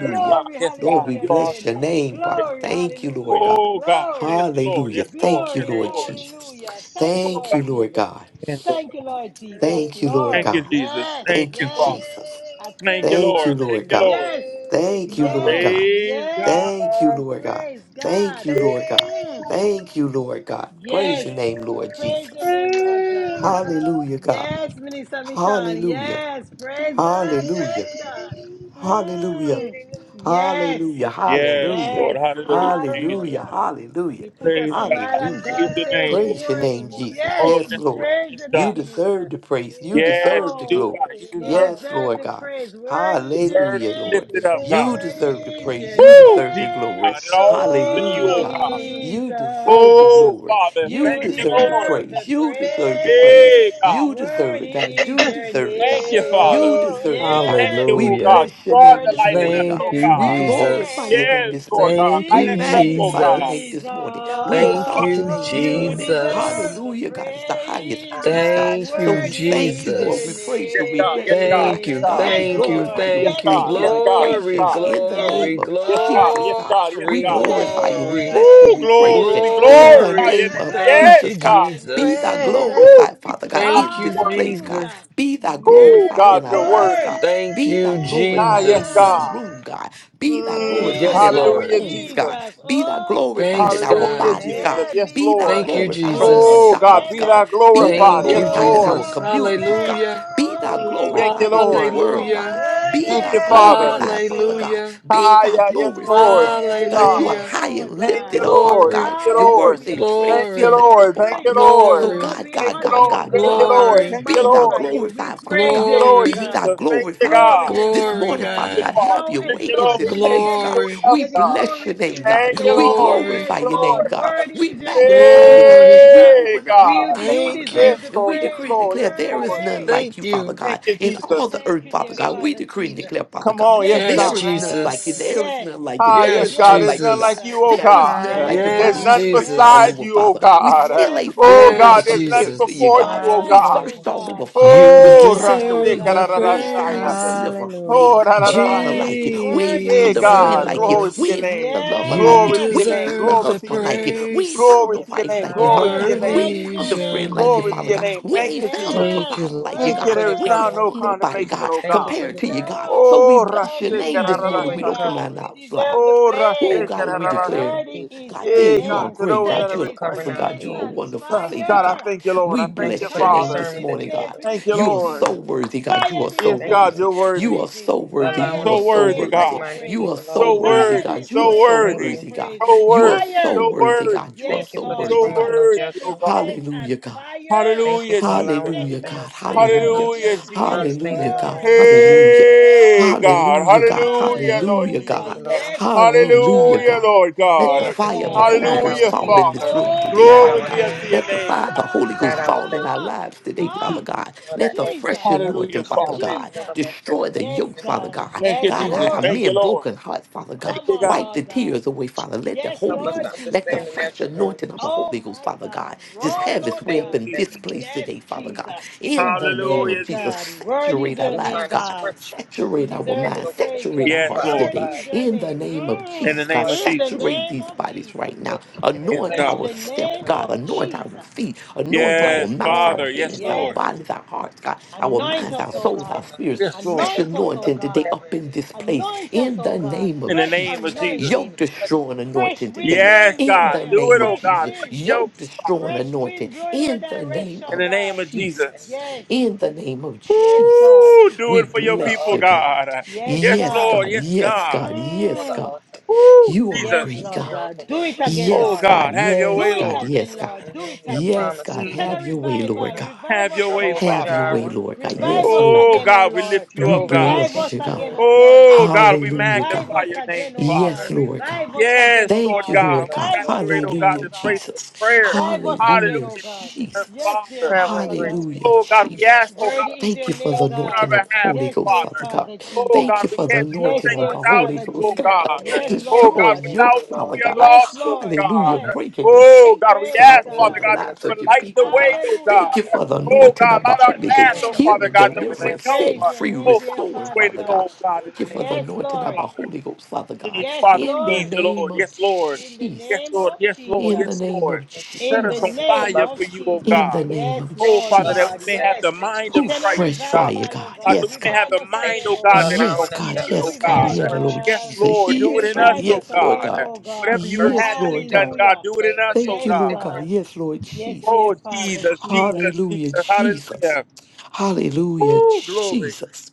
S5: Yes, God. Yes,
S3: Lord,
S5: God.
S3: we
S1: hallelujah
S5: You
S1: to
S5: are
S1: your
S3: bless
S5: the
S3: your
S5: Alpha
S1: name.
S5: and
S3: name, God.
S5: Omega.
S1: Glory,
S3: Thank you, Lord
S1: hallelujah.
S3: God.
S5: Oh God, yes,
S1: Glory,
S5: Lord,
S3: Hallelujah.
S5: yes, Lord,
S3: Thank you,
S5: yes,
S1: glory,
S3: Lord
S6: Thank you,
S5: Lord.
S3: Jesus.
S1: hallelujah.
S6: Jesus.
S1: Thank you,
S5: Oh
S3: Thank
S1: Lord
S5: God,
S3: you,
S5: the
S3: Lord
S1: Jesus.
S5: beginning
S3: God.
S5: and the end, oh
S1: Thank you,
S5: God.
S1: Lord Jesus.
S6: Praise
S3: Thank you, Lord
S5: Thank
S1: Lord,
S5: you,
S3: God.
S6: God.
S5: Jesus.
S1: yes,
S5: Thank
S3: Thank
S5: you,
S3: you,
S6: Thank
S5: Father.
S1: yes.
S3: Jesus.
S1: I tell
S5: Thank you,
S1: your
S3: Thank you,
S5: Lord. Thank
S3: Lord
S1: family,
S5: you,
S3: God.
S5: Lord.
S1: yes,
S6: you,
S3: Thank you, Lord
S1: yes,
S6: Lord.
S3: God.
S5: Praise
S1: yes.
S5: God.
S3: Thank you, Lord God.
S1: Praise
S3: Thank
S1: God.
S3: you,
S5: Praise
S3: Lord God.
S6: Thank
S1: Mm,
S5: God.
S3: Thank you, Lord God. Praise
S1: yes.
S3: your name, Lord
S6: you,
S1: Praise your
S3: Jesus.
S1: name, Lord God.
S5: Praise.
S6: God.
S3: Hallelujah, God.
S1: Yes, Minister Mission.
S3: Hallelujah.
S1: Yes, praise
S6: Thank
S1: God,
S3: Hallelujah.
S1: praise God.
S3: Hallelujah.
S1: Mm,
S6: you,
S1: yes,
S3: Hallelujah.
S6: God.
S5: Yes,
S3: Hallelujah.
S5: Lord.
S1: yes,
S5: Hallelujah, Jesus.
S3: Hallelujah.
S1: hallelujah.
S3: Hallelujah.
S1: We put a
S5: Praise God.
S1: smile on
S3: Hallelujah.
S5: Praise
S1: God's
S5: your
S6: I
S1: face
S5: name,
S1: this
S5: Lord.
S3: Praise your
S6: just
S3: name,
S6: want
S1: morning.
S6: to
S3: Jesus.
S1: Yes,
S5: Oh,
S3: Yes,
S6: thank
S5: yes,
S3: Lord.
S5: Lord.
S1: praise
S5: Yes,
S1: the
S3: You
S5: God.
S1: name Jesus.
S3: deserve the praise. You
S5: Yes,
S3: deserve
S5: you
S3: the
S5: do,
S1: Oh,
S3: glory.
S5: God. You
S6: you,
S1: you
S5: deserve it,
S3: Yes,
S6: Lord.
S5: oh
S1: deserve
S3: Lord
S1: the
S3: God.
S5: God.
S1: praise.
S5: You
S1: Worthy is your
S5: deserve to
S3: Hallelujah,
S5: be
S3: Lord.
S1: name.
S5: lifted
S6: You've
S5: up, God.
S3: You
S1: Worthy
S3: deserve the
S1: is
S3: praise.
S1: your
S3: You
S6: been
S5: Woo!
S3: deserve the
S5: Jesus,
S1: name,
S3: glory.
S5: God, it all goes to you,
S3: Hallelujah,
S5: oh
S6: so
S3: God.
S5: God.
S6: good.
S1: Jesus.
S3: You deserve the
S5: Oh,
S3: glory.
S5: Father,
S3: You
S5: thank
S1: You
S5: you,
S3: deserve the
S5: Lord.
S1: deserve the
S3: praise. You
S6: You've
S3: deserve the praise.
S1: praise.
S5: Hey, God.
S6: been
S3: You deserve it, God.
S1: Worthy is
S3: You
S1: your
S3: deserve it,
S5: Thank
S3: God.
S5: you, Father.
S3: You
S1: name.
S6: so
S3: deserve it, God.
S5: Thank
S6: good.
S5: you,
S1: Yes.
S3: We
S5: oh God.
S7: Hallelujah.
S3: bless
S5: You
S3: your
S5: are
S3: name
S5: the
S1: Worthy
S3: this
S5: light in
S3: morning,
S5: us,
S1: is
S3: God.
S7: Thank
S5: oh
S1: your
S7: you,
S3: We
S5: God.
S6: Thank
S3: glorify
S7: Jesus.
S3: your name
S5: Yes,
S1: name,
S3: this
S5: Lord
S3: morning.
S5: God.
S7: Thank
S5: Light
S3: We
S6: you,
S7: you,
S5: us up, oh
S3: magnify your
S5: God.
S3: name
S7: Jesus.
S1: Jesus.
S3: this morning.
S6: Lord.
S3: We
S5: Oh,
S7: Thank
S5: Father.
S3: exalt your
S7: you,
S3: name this
S1: You
S3: morning.
S7: Jesus.
S1: deserve the
S3: Hallelujah, God. It's the highest
S1: praise.
S3: praise, God.
S6: I
S7: Thank
S3: So
S7: you,
S3: we
S1: Worthy
S6: just want to
S3: thank you,
S1: is
S3: Lord.
S1: your
S3: We
S6: say
S7: Jesus.
S3: praise you.
S5: Yes,
S3: We
S5: God. Yes,
S3: bless you,
S5: God.
S3: God.
S7: Thank
S5: Yes,
S7: you,
S1: name.
S5: God.
S3: God, we
S1: Yes,
S7: thank you,
S1: Lord.
S3: glorify you.
S6: thank
S5: Yes,
S3: We
S7: thank
S1: Yes,
S7: you.
S5: God.
S3: thank
S6: you,
S3: you.
S5: Yes,
S3: We
S1: Lord.
S5: God.
S1: Yes,
S6: Lord.
S5: Yes,
S3: praise you.
S7: Glory,
S1: Lord.
S3: In the
S1: Yes,
S7: glory,
S3: name of
S5: God.
S1: Lord.
S3: Jesus,
S5: Yes,
S3: God.
S5: God. Yes,
S3: We
S6: You've
S7: glory,
S5: God.
S1: Yes,
S3: glorify you. We
S1: Lord
S7: glory,
S3: bless
S1: God.
S3: you.
S5: Woo,
S3: We
S6: been
S1: Yes,
S3: praise
S5: glory.
S3: you.
S5: We
S1: Lord
S6: My
S3: In the
S5: glorify
S1: God.
S5: your
S3: name
S7: glory.
S5: name.
S3: of
S7: Thank
S1: Glory
S5: Yes,
S7: you,
S3: Jesus,
S1: to
S3: God.
S5: God.
S1: your
S3: Be
S1: name,
S3: thou
S7: Jesus.
S1: Jesus.
S6: friend,
S5: Woo,
S3: glorified, Father
S5: Jesus,
S3: God,
S5: God,
S7: Thank
S3: in
S5: you're
S7: you,
S3: this
S5: worthy.
S3: place, God.
S7: Jesus.
S1: Hallelujah.
S3: Be thou
S5: Woo,
S1: Yes,
S3: glorified
S5: God,
S3: in
S6: you've
S3: our
S5: you're
S6: been
S3: lives,
S5: worthy.
S3: God.
S1: Lord.
S7: Thank
S3: Be
S7: you,
S3: thou
S5: Ah,
S3: glorified
S5: yes,
S3: in
S6: my
S3: this
S7: Jesus.
S5: God.
S1: Oh.
S3: room, God be thou
S5: Mm,
S3: glorified
S7: Yes,
S3: in
S6: friend.
S1: Jesus,
S3: our
S7: Lord.
S5: hallelujah,
S3: homes,
S5: Jesus.
S3: God.
S1: Jesus,
S3: Be thou
S1: oh my
S3: glorified in
S7: Thanks,
S3: our
S1: God,
S5: Hallelujah,
S7: God.
S3: bodies, God.
S5: Jesus.
S1: yeah,
S6: Thank
S5: Yes,
S1: be
S3: Be thou
S1: now
S5: Lord.
S7: Thank you,
S3: glorified on
S6: you.
S3: our
S1: exalted
S5: Oh,
S1: in
S7: Jesus.
S1: the
S5: God,
S3: jobs,
S5: be thou
S3: God.
S1: heaven.
S3: Be
S1: Let
S6: No,
S3: thou
S1: your
S5: glorified.
S7: Thank
S5: Yes,
S7: you,
S3: glorified in
S1: glory
S5: Lord.
S3: our
S1: fill
S7: Jesus.
S1: this
S3: communities,
S1: place.
S3: God.
S7: Hallelujah.
S3: Be thou
S5: Mm,
S1: Oh
S5: thank you,
S3: glorified
S1: my
S3: in this
S5: Lord.
S3: world,
S1: God,
S3: God.
S7: Hallelujah.
S6: I
S3: Be
S5: Thank
S3: thou
S5: you,
S1: worthy.
S6: just
S5: Father.
S6: want to
S3: glorified, Father
S1: Oh,
S6: say
S3: God.
S7: Hallelujah.
S3: Be
S5: Ah,
S3: thou
S5: yeah, yes,
S3: glorified,
S5: Lord.
S3: God.
S5: Thank
S1: hallelujah.
S5: you,
S3: God,
S5: God.
S3: you are
S1: Yes,
S7: Hallelujah.
S3: high
S6: thank
S3: and
S1: Lord
S5: Thank
S6: you,
S1: God.
S5: you,
S3: lifted up,
S6: Lord.
S3: Father
S5: Lord. Thank
S3: God.
S7: Glory,
S5: you,
S3: Your words
S5: Lord.
S3: say,
S1: Hallelujah.
S3: train,
S5: Thank
S3: fill
S5: you,
S7: glory.
S3: the
S1: We
S5: Lord.
S3: temple,
S5: Thank
S3: Father
S5: you,
S1: praise your
S3: God.
S1: name,
S5: Lord.
S3: So,
S7: Glory,
S1: Lord.
S3: God,
S1: We
S5: Thank
S3: God,
S5: you,
S1: honor
S3: God,
S5: Lord.
S1: you,
S3: God,
S5: Thank
S1: God.
S5: you,
S3: bah, God,
S1: Lord,
S5: Lord.
S1: we
S6: Glory,
S5: Thank
S7: glory,
S5: you,
S3: be
S6: glory,
S3: thou
S1: magnify
S6: glory.
S5: Lord.
S1: you. We
S3: glorified, Father
S5: Thank
S1: praise
S3: God.
S5: you,
S1: your name,
S5: Lord
S7: glory,
S3: Be
S1: God.
S3: thou
S5: Jesus. Thank you,
S3: glorified,
S1: Glory,
S3: God.
S5: God.
S1: dear
S3: This
S1: Father
S7: glory,
S3: morning,
S5: Thank
S1: God.
S3: Father
S5: you,
S1: Be
S3: God,
S7: God.
S3: have
S5: Father.
S1: thou
S3: your
S5: Thank
S3: way
S5: you,
S3: in
S5: Lord. We
S6: Jesus,
S1: exalted
S3: this
S1: in the
S5: can't
S3: place,
S6: Jesus,
S5: thank
S3: God.
S1: heaven.
S5: you
S7: Glory,
S5: enough,
S3: We
S1: Let the
S6: Jesus.
S5: God.
S3: bless your
S1: glory
S3: name,
S1: fill this
S3: God.
S5: Thank you,
S1: place.
S3: We
S5: Lord.
S7: glory,
S5: Thank
S1: Yes,
S3: glorify
S5: you,
S3: your name,
S1: Lord.
S5: Lord.
S3: God.
S1: Worthy
S6: Jesus,
S3: We
S1: is your
S3: magnify you,
S1: name,
S3: God.
S6: Jesus,
S1: Jesus.
S7: glory.
S3: We
S5: Hey,
S3: open up our
S1: We,
S5: God.
S3: mouths,
S1: you
S3: Father
S7: Thank
S3: God,
S7: you,
S1: deserve
S5: Yes,
S1: the
S3: and
S5: Lord.
S3: we
S5: Yes,
S3: decree
S1: praise.
S3: and
S5: Lord.
S3: declare
S5: Yes,
S3: there is
S5: Lord.
S3: none
S1: Worthy.
S7: thank
S3: like you, Father
S7: you.
S3: God,
S5: Thank you,
S3: in
S6: Jesus.
S3: all the
S5: Jesus.
S1: Thank
S3: earth,
S1: you,
S3: Father
S1: dear
S6: Jesus,
S3: God. We
S1: Father
S3: decree
S6: Jesus,
S3: and
S1: Jesus.
S3: declare, Father
S5: Come
S3: God,
S6: Jesus.
S5: on.
S1: Yes,
S5: Yes,
S7: Yes,
S3: there
S1: Lord
S5: God.
S3: is
S1: God.
S3: none like you.
S6: Hallelujah.
S7: Jesus.
S3: There is
S1: Yes.
S3: none like you.
S5: Ah,
S3: There
S5: yes,
S3: is
S7: Yes,
S3: is
S5: God.
S3: none
S1: Yes,
S5: There's
S3: like you,
S5: none
S3: God.
S5: like
S7: Jesus.
S1: Jesus.
S5: you, oh
S3: There is
S5: God.
S3: none like
S1: Yes,
S3: you,
S6: Hallelujah.
S5: There's
S3: Father.
S7: Yes,
S3: We
S1: God.
S5: none
S3: searched all
S1: Yes.
S7: Jesus.
S5: beside
S3: over,
S5: you, oh
S3: Father. We
S5: God.
S3: still
S1: Yes,
S3: ain't find
S5: Oh
S1: Lord.
S3: nobody
S5: God,
S7: Yes,
S5: there's none
S3: compared to
S7: Jesus.
S3: you,
S5: before you,
S3: God.
S1: None
S5: oh
S3: We
S1: like
S5: God.
S1: you,
S6: Hallelujah.
S3: searched all over,
S1: God.
S3: Father.
S7: You
S3: We ain't
S5: Oh,
S1: Yes,
S3: find no
S1: Lord
S7: deserve
S3: healer.
S7: the
S1: God.
S3: We ain't
S1: Yes.
S3: find
S5: Rasikara
S3: no
S7: praise,
S3: deliverer. We ain't
S5: Oh,
S6: Hallelujah.
S5: da,
S3: found
S5: da,
S3: a
S5: da, da,
S3: father
S1: Yes,
S3: like you.
S5: shit.
S3: We ain't
S1: worthy
S5: Hey,
S3: found
S1: is
S3: a
S1: your
S3: friend
S1: name.
S5: God,
S3: like you.
S5: glory to your
S7: Jesus.
S3: We ain't found
S5: name.
S3: a lover like
S7: You
S3: you.
S5: Glory to
S1: Yes.
S3: We
S5: your
S3: ain't
S5: name.
S3: found a
S7: deserve
S5: Glory
S7: the
S5: to your
S3: husband like
S5: name.
S3: you. We ain't
S7: praise.
S3: found
S5: Glory
S3: a
S1: Yes,
S5: to your
S3: wife
S5: name.
S3: like you,
S5: Glory
S3: Father
S5: to
S1: yes,
S3: God.
S5: your
S3: We
S6: Hallelujah.
S5: name.
S3: ain't
S1: worthy is
S7: Worthy
S3: found
S7: is
S1: your
S3: a
S7: your
S3: friend
S1: name.
S3: like you,
S5: Glory to
S3: Father
S5: your
S3: God.
S7: name.
S5: name.
S3: We
S5: Thank
S3: ain't
S5: you,
S3: found a
S5: Jesus.
S7: Thank
S1: Yes,
S7: you.
S3: provider
S7: Lord.
S3: like you,
S6: Thank
S5: Thank
S6: you
S5: you.
S3: God.
S6: for
S5: There
S6: your
S5: is
S3: We ain't
S5: now
S1: worthy.
S6: covering.
S5: no
S3: found nobody,
S5: condemnation,
S3: God,
S5: oh
S6: Thank you
S5: God.
S1: Yes,
S6: for
S3: compared
S6: your
S3: to you, God.
S1: Lord,
S6: guidance.
S3: So we
S5: Oh,
S3: bless
S1: worthy
S3: your
S1: is
S5: Rasika,
S3: name
S1: your
S5: da,
S3: this
S5: da,
S6: Thank you
S5: da,
S3: morning.
S6: for
S3: We
S1: name,
S6: your
S3: don't
S5: shato.
S1: God.
S3: pronounce
S6: covering.
S1: You
S3: out
S1: deserve the
S3: loud.
S5: Oh,
S3: Oh,
S1: praise.
S6: Thank you
S5: Rasika,
S3: God, and
S5: da,
S6: for
S3: we
S5: da, da,
S6: guiding our
S3: declare,
S1: Worthy
S5: shi.
S6: feet.
S1: is
S3: God,
S1: your
S3: there
S5: Hey,
S3: you are
S5: God,
S1: name.
S5: to
S3: great,
S5: those
S1: Set
S5: that
S6: Thank
S3: God.
S6: you
S3: You're
S5: are
S6: for
S3: an
S5: in
S1: this
S6: covering
S5: Christ
S3: awesome
S6: our
S3: God.
S1: place
S3: You are a
S1: on
S6: ears.
S3: wonderful
S5: Jesus.
S3: Savior,
S5: God, I
S1: fire.
S3: God.
S5: thank you, Lord.
S3: We
S5: I thank
S6: Thank you
S5: you,
S3: bless
S6: for
S3: your
S6: the
S1: Fire
S3: name
S1: up
S5: Father.
S3: this
S6: discernment
S1: this
S6: that
S3: morning,
S6: you give
S1: place
S3: God.
S1: with
S6: us.
S1: your
S5: Thank you,
S3: You are
S5: Lord.
S1: praises.
S3: so worthy, God. You
S1: Fire
S3: are
S1: this
S3: so
S5: Yes,
S6: Thank
S1: place
S5: God,
S6: you
S3: worthy.
S5: you're
S1: with your
S5: worthy.
S3: You are
S1: praises.
S3: so
S6: for
S3: worthy.
S1: Fire
S3: You
S6: allowing
S3: are
S5: So
S6: us
S1: this
S6: to
S3: so
S6: be
S5: worthy,
S6: with
S1: place with
S6: like
S5: God.
S3: worthy.
S1: your
S6: minded
S3: You
S1: praises.
S3: are
S6: people,
S3: so
S6: Lord.
S5: So
S3: worthy,
S1: Fire
S5: worthy,
S1: this
S3: God. You are
S5: so
S1: place
S3: so
S1: with
S6: Thank
S5: worthy,
S1: your
S6: you.
S3: worthy, God.
S1: praises.
S5: so
S3: You are
S5: worthy,
S3: so
S1: Fire.
S5: so
S3: worthy,
S5: worthy,
S3: God. You are
S1: Yes,
S6: Thank you
S3: so
S6: for this
S1: Lord
S5: so
S3: worthy,
S6: room of
S1: God.
S3: God.
S6: no
S1: Set
S5: worthy,
S1: this
S5: oh
S6: judgment.
S5: God.
S1: place
S3: Hallelujah,
S1: on
S3: God.
S1: fire.
S6: Thank you
S5: Hallelujah,
S6: for allowing
S5: Jesus.
S1: Set
S6: us
S3: Hallelujah,
S1: it
S6: to
S1: on
S3: God.
S6: have space to
S1: fire
S3: Hallelujah.
S6: come
S1: with your.
S5: Hallelujah,
S6: to
S1: Yes,
S5: Jesus.
S6: first thing
S3: Hallelujah,
S6: in the
S3: God.
S1: Lord.
S6: morning
S1: Yes,
S6: just to
S3: Hallelujah.
S6: say
S5: Hey,
S1: Lord.
S6: thank
S5: God.
S6: you.
S3: Hallelujah, God.
S5: Hallelujah, Lord
S3: Hallelujah,
S1: Hallelujah.
S6: Thank
S5: Jesus.
S3: God.
S6: you, Lord.
S1: Yes, Lord
S3: Hallelujah,
S1: God.
S5: Hallelujah,
S3: God.
S5: Lord
S3: Let
S5: God.
S3: the
S1: Yes,
S6: Lord,
S3: fire of the
S6: continue
S1: God.
S6: to
S3: Holy
S6: guide
S3: Ghost
S6: our
S5: Hallelujah,
S3: fall
S6: feet,
S1: Hallelujah.
S3: in this
S5: Father.
S3: room
S1: Oh,
S3: today,
S6: guide
S1: my
S5: Glory
S3: Father
S6: our
S3: God.
S5: be
S1: God.
S5: unto
S6: hands,
S5: your
S3: Let the
S5: name,
S3: fire of the
S5: God.
S3: Holy
S6: guide
S3: Ghost
S6: our
S3: fall in our
S6: thinking.
S1: Ah,
S3: lives
S5: Thank
S3: today,
S5: you,
S3: Father
S1: ah,
S5: Jesus.
S3: God.
S6: Lord,
S3: Let the
S6: I ask that
S3: fresh
S1: Jesus,
S6: you cover
S5: Hallelujah,
S3: anointing,
S6: each and
S3: Father
S6: every
S5: Father.
S3: God,
S6: last one
S1: Jesus.
S6: of us that are
S3: destroy the
S6: dealing
S1: Yes,
S6: with
S3: yoke,
S6: mental
S3: Father
S1: God.
S3: God.
S5: Thank
S1: Yes,
S5: you,
S6: issues,
S3: God, I
S5: Jesus.
S6: mental
S3: got
S1: Lord.
S6: health
S5: Thank you,
S3: men
S6: issues.
S5: Lord.
S3: broken hearts, Father
S5: Thank
S3: God.
S1: Come
S5: you,
S1: on,
S5: God.
S3: Wipe
S1: Lord
S3: the
S1: God.
S3: tears away, Father. Let the
S1: Yes,
S6: Help
S3: Holy
S6: us to
S1: Lord
S3: Ghost, let the
S6: understand
S1: Jesus.
S6: the
S3: fresh
S6: natural
S5: Hallelujah,
S3: anointing of
S6: herbs,
S3: the
S5: Jesus.
S1: Oh,
S3: Holy Ghost,
S1: my
S3: Father
S1: God.
S3: God,
S6: the
S3: just
S1: Roll,
S3: have
S6: natural
S3: its
S1: Lord
S3: way
S5: Hallelujah,
S3: up
S6: things
S1: God.
S3: in
S6: that
S5: Jesus.
S3: this
S6: we can
S3: place
S1: Yes,
S6: take
S3: today, Father
S1: Jesus.
S3: God
S6: to heal
S3: in the
S6: ourselves.
S3: name
S1: Yes,
S3: of
S5: Hallelujah,
S3: Jesus.
S5: Jesus.
S1: God. Word is
S3: Saturate our
S6: Let
S1: your
S6: us
S3: lives,
S1: name,
S6: find the
S3: God.
S1: God.
S6: scriptures
S1: You
S3: Saturate our
S6: that
S1: deserve the
S6: go
S3: minds.
S6: with the
S3: Saturate
S6: healing
S1: praises.
S3: our
S5: Yes,
S6: for
S3: hearts
S6: our
S5: Lord.
S3: today.
S1: Worthy
S6: bodies.
S1: is your
S3: In the
S1: name.
S3: name of
S5: In
S1: Mm.
S5: the
S3: Jesus, God.
S5: name
S6: Lord,
S5: of
S6: heal.
S1: In
S5: Jesus.
S1: the
S3: Saturate
S1: name
S3: these
S1: of
S3: bodies
S1: Jesus.
S3: right
S6: Heal
S3: now.
S6: each and every
S5: Yes,
S3: Anoint
S6: last
S1: In
S5: God.
S6: one
S3: our
S1: the
S6: of us that
S3: steps,
S1: name
S6: are
S3: God.
S1: of
S6: going through
S3: Anoint
S6: something.
S3: our
S1: Jesus.
S3: feet. Anoint our
S1: Yes,
S5: Yes,
S3: mouths, our
S1: Lord.
S5: Father.
S6: Heal,
S5: Yes,
S3: hands, our
S6: Lord.
S1: Yes.
S5: Lord.
S3: bodies, our hearts, God. Our
S1: Anoint
S3: minds,
S1: us,
S3: our
S6: Heal
S1: O
S6: us
S3: souls,
S6: from
S3: our
S1: God.
S6: the,
S3: spirits.
S5: Yes, Lord.
S3: Fresh
S6: the
S1: Anoint
S6: root
S1: us, O
S6: of
S3: anointing today
S1: God.
S6: whatever
S3: up
S6: it
S3: in
S6: is,
S3: this place.
S6: Lord.
S1: Anoint us,
S3: In
S1: O
S3: the
S1: God.
S3: name
S5: In
S3: of
S5: the
S1: Fresh
S5: name of
S3: Jesus.
S6: Let us be
S5: Jesus.
S3: Yoke
S6: able
S1: anointing.
S6: to touch the
S3: destroying
S1: Fresh
S3: anointing
S6: root with
S3: today
S1: wind
S6: your
S1: blowing
S5: Yes,
S1: this
S6: natural
S3: in
S5: God.
S3: the
S1: way. A
S5: Do it,
S6: herbs.
S3: name of
S5: oh
S1: fresh
S5: God.
S3: Jesus.
S5: Break
S1: wind.
S3: Yoke
S5: yokes, Father.
S3: destroying
S1: Fresh
S3: anointing
S1: wind blowing our
S3: in the
S6: Yes,
S3: name
S5: In
S6: Lord.
S1: direction,
S3: of
S5: the
S1: God.
S5: name of Jesus.
S6: Thank
S3: Jesus.
S1: Yes,
S6: you.
S3: In the
S1: Christ.
S3: name of
S1: Yes, God.
S3: Jesus.
S5: Woo!
S6: Thank
S5: Do
S3: We
S5: it for
S6: you.
S5: your
S6: You are
S1: Yes.
S3: bless
S5: people,
S3: you, God.
S6: awesomeness.
S5: God.
S1: Yes,
S5: Yes,
S3: Yes,
S1: God.
S5: Lord.
S3: God.
S5: Yes,
S3: Yes,
S5: God.
S3: God.
S6: You're full of
S3: Yes,
S1: Mm.
S3: God.
S6: awesomeness.
S5: Woo!
S3: You are a
S5: Jesus.
S1: Yes,
S6: You're
S3: great
S6: a
S1: Lord
S3: God.
S1: God.
S6: miracle
S1: Do it
S6: worker.
S1: again,
S5: Oh,
S3: Yes,
S1: Lord.
S3: God.
S5: God. Have your
S1: Do
S3: Yes,
S5: way,
S1: it
S3: God.
S5: Lord.
S3: Yes,
S1: again,
S3: God.
S1: Lord. Do it
S6: Mm-hmm. You're a
S1: again.
S3: Yes,
S6: promise
S3: God.
S5: Mm,
S1: Send
S6: keeper.
S1: a
S3: Have your way,
S6: mm
S3: Lord
S1: revival.
S6: hmm
S3: God.
S1: Revive
S5: Have
S1: us
S5: your way,
S1: again,
S6: Jehovah
S1: oh
S3: Have
S5: Father.
S3: your
S1: God.
S3: way,
S6: Jireh.
S3: Lord God.
S6: mm
S1: Revive
S3: Yes,
S1: us
S6: hmm
S3: Lord
S5: Oh,
S3: God.
S1: again, oh
S5: God. We
S1: Lord.
S5: lift you
S3: We
S5: up,
S6: Jehovah
S5: God.
S1: Revive
S6: Nisi.
S3: bless
S1: us
S3: you, God.
S1: again,
S6: hmm
S1: oh Lord
S5: Oh,
S1: God.
S5: God. We
S3: Hallelujah,
S1: Revive
S3: God.
S5: magnify
S1: us
S6: Jesus,
S5: your
S6: thank
S5: name,
S1: again, oh
S6: you.
S5: Father.
S3: Yes,
S1: God.
S3: Lord God.
S1: Revive us again,
S5: Yes,
S1: oh
S5: Lord
S3: Thank you,
S1: God.
S6: Love you,
S5: God.
S3: Lord
S5: We
S6: love
S3: God.
S1: Revive
S6: you, love
S1: us
S6: you,
S5: saturate,
S6: Lord.
S5: oh
S1: again,
S5: God,
S3: Hallelujah,
S1: oh
S5: this place
S1: God.
S5: for
S3: Jesus.
S5: prayer.
S1: Revive us again,
S3: Hallelujah,
S1: oh
S5: Hallelujah.
S1: God.
S5: Jesus,
S3: Jesus.
S1: Yes, dear
S5: Father.
S6: Traveling
S1: Father
S6: grace
S1: God.
S6: for
S3: Hallelujah,
S5: Oh
S6: each and
S5: God, we
S3: Jesus.
S6: every
S5: ask,
S6: last one
S5: oh
S6: of
S5: God,
S6: us.
S1: Worthy is
S5: that you
S3: Thank you
S1: your
S5: would
S3: for the
S1: name,
S5: move on
S1: God.
S5: our
S3: anointing of the
S5: behalf,
S3: Holy
S5: oh
S1: Yes,
S3: Ghost,
S1: dear
S5: Father.
S3: Father God.
S1: Father
S5: Oh
S1: Jesus.
S3: Thank
S5: God,
S3: you
S5: we
S3: for the
S6: Touch
S5: can't do this
S6: those
S1: Yes,
S3: anointing
S6: of
S5: thing
S3: of
S1: dear
S3: the
S6: us
S5: without
S3: Holy
S1: Father
S5: you,
S3: Ghost,
S5: oh
S6: that
S1: Jesus.
S3: God.
S5: God.
S6: normally
S1: Yes,
S6: being here
S1: Lord
S5: Oh
S3: Destroy
S6: every
S5: God,
S1: God.
S6: single
S3: yokes,
S6: day,
S5: without you
S3: Father
S6: Lord,
S5: we are
S3: God.
S1: Yes,
S5: lost, Lord
S1: Lord.
S5: God.
S3: Hallelujah,
S1: Yes.
S3: breaking the
S5: Oh
S3: chains.
S5: God, we
S1: Praise
S3: God,
S6: that
S5: ask,
S6: may
S3: for
S6: be
S5: Father
S1: God.
S3: the
S5: God,
S6: taking
S5: that
S6: a
S3: lives
S5: you
S6: break
S5: would
S3: of your
S6: today.
S5: light the
S3: people, God.
S5: way, oh
S3: Thank
S1: Hallelujah.
S5: God.
S3: you for the
S5: Oh
S3: anointing
S5: God,
S3: of the
S5: light our
S3: Holy
S6: touch
S3: Ghost,
S5: path,
S6: and
S5: oh
S1: Mm.
S6: cover
S5: Father
S3: healing,
S6: each
S5: God,
S6: and
S5: that we
S6: every
S5: may
S3: delivering,
S6: last one
S1: Praise
S3: setting
S5: know,
S6: of us.
S5: uh,
S1: your
S3: free,
S1: name,
S5: oh God,
S1: dear
S5: which
S3: restoring,
S5: way
S1: Father
S5: to
S3: Father
S1: God.
S5: go,
S3: God.
S5: oh God, in
S3: Thank
S5: the
S3: you for
S5: name
S3: the
S5: of
S1: Yes,
S5: Jesus,
S3: anointing of
S1: Lord.
S3: the
S5: Father.
S3: Holy Ghost, Father God.
S5: Mm,
S1: Yes,
S5: Father, we
S3: In the
S5: need
S1: Lord.
S5: you,
S3: name
S5: Lord.
S3: of
S5: Yes, Lord.
S1: In the
S3: Jesus.
S5: Yes,
S1: name
S5: Lord.
S1: of
S5: Yes, Lord.
S3: In
S1: Jesus.
S3: the
S5: Yes,
S3: name
S5: Lord.
S3: of
S6: Thank you for
S5: Set
S1: In the
S5: us on
S6: allowing us to
S3: Jesus.
S1: name
S5: fire
S6: love
S1: of
S5: for
S6: you.
S5: you, oh
S1: Jesus.
S3: In
S5: God.
S3: the name
S1: Yes,
S3: of
S6: Thank
S5: Oh,
S6: you
S1: Lord
S6: for
S5: Father, that
S6: allowing
S5: we
S1: God.
S6: us
S5: may
S3: Jesus.
S6: to have
S5: have
S1: Yes.
S5: the
S6: a
S5: mind of
S3: Who
S6: relationship
S1: Send
S6: with
S1: a
S5: Christ,
S6: you.
S5: oh
S3: fresh
S5: God.
S3: fire,
S1: revival, oh
S3: God.
S5: Father,
S1: God.
S5: we
S3: Yes,
S5: may have
S1: Revive
S5: the
S3: God.
S1: us
S5: mind,
S6: Thank
S1: again,
S5: oh
S6: you
S1: oh
S6: for
S5: God, that is
S1: God.
S3: Yes,
S6: allowing us
S3: God.
S6: to
S1: Send
S5: obedient,
S1: a
S5: oh
S3: Yes, God.
S6: understand
S5: God.
S3: Yes, Lord
S5: Yes,
S6: scriptures
S1: revival.
S3: Jesus.
S5: Lord.
S6: in
S5: Do it
S3: Yes,
S5: in
S6: different
S3: Lord.
S5: us,
S1: Revive us
S5: oh
S3: Yes, Lord
S5: God.
S1: again, oh
S3: God.
S1: God.
S6: uh,
S5: Whatever you would
S3: Yes,
S5: have to
S6: verses in
S5: be
S3: Lord
S5: done,
S3: God.
S6: different
S5: God,
S1: Hallelujah.
S5: do it in us, oh
S6: languages
S3: Thank you,
S1: Yes,
S6: in
S3: Lord
S5: God.
S3: God.
S6: different
S1: God.
S3: Yes, Lord
S1: Yes,
S3: Jesus.
S1: dear
S5: Oh,
S1: Father
S5: Jesus,
S1: Jesus.
S5: Jesus,
S3: Hallelujah,
S5: Jesus.
S3: Jesus.
S5: Hallelujah.
S3: Hallelujah,
S5: Woo, glory.
S3: Jesus.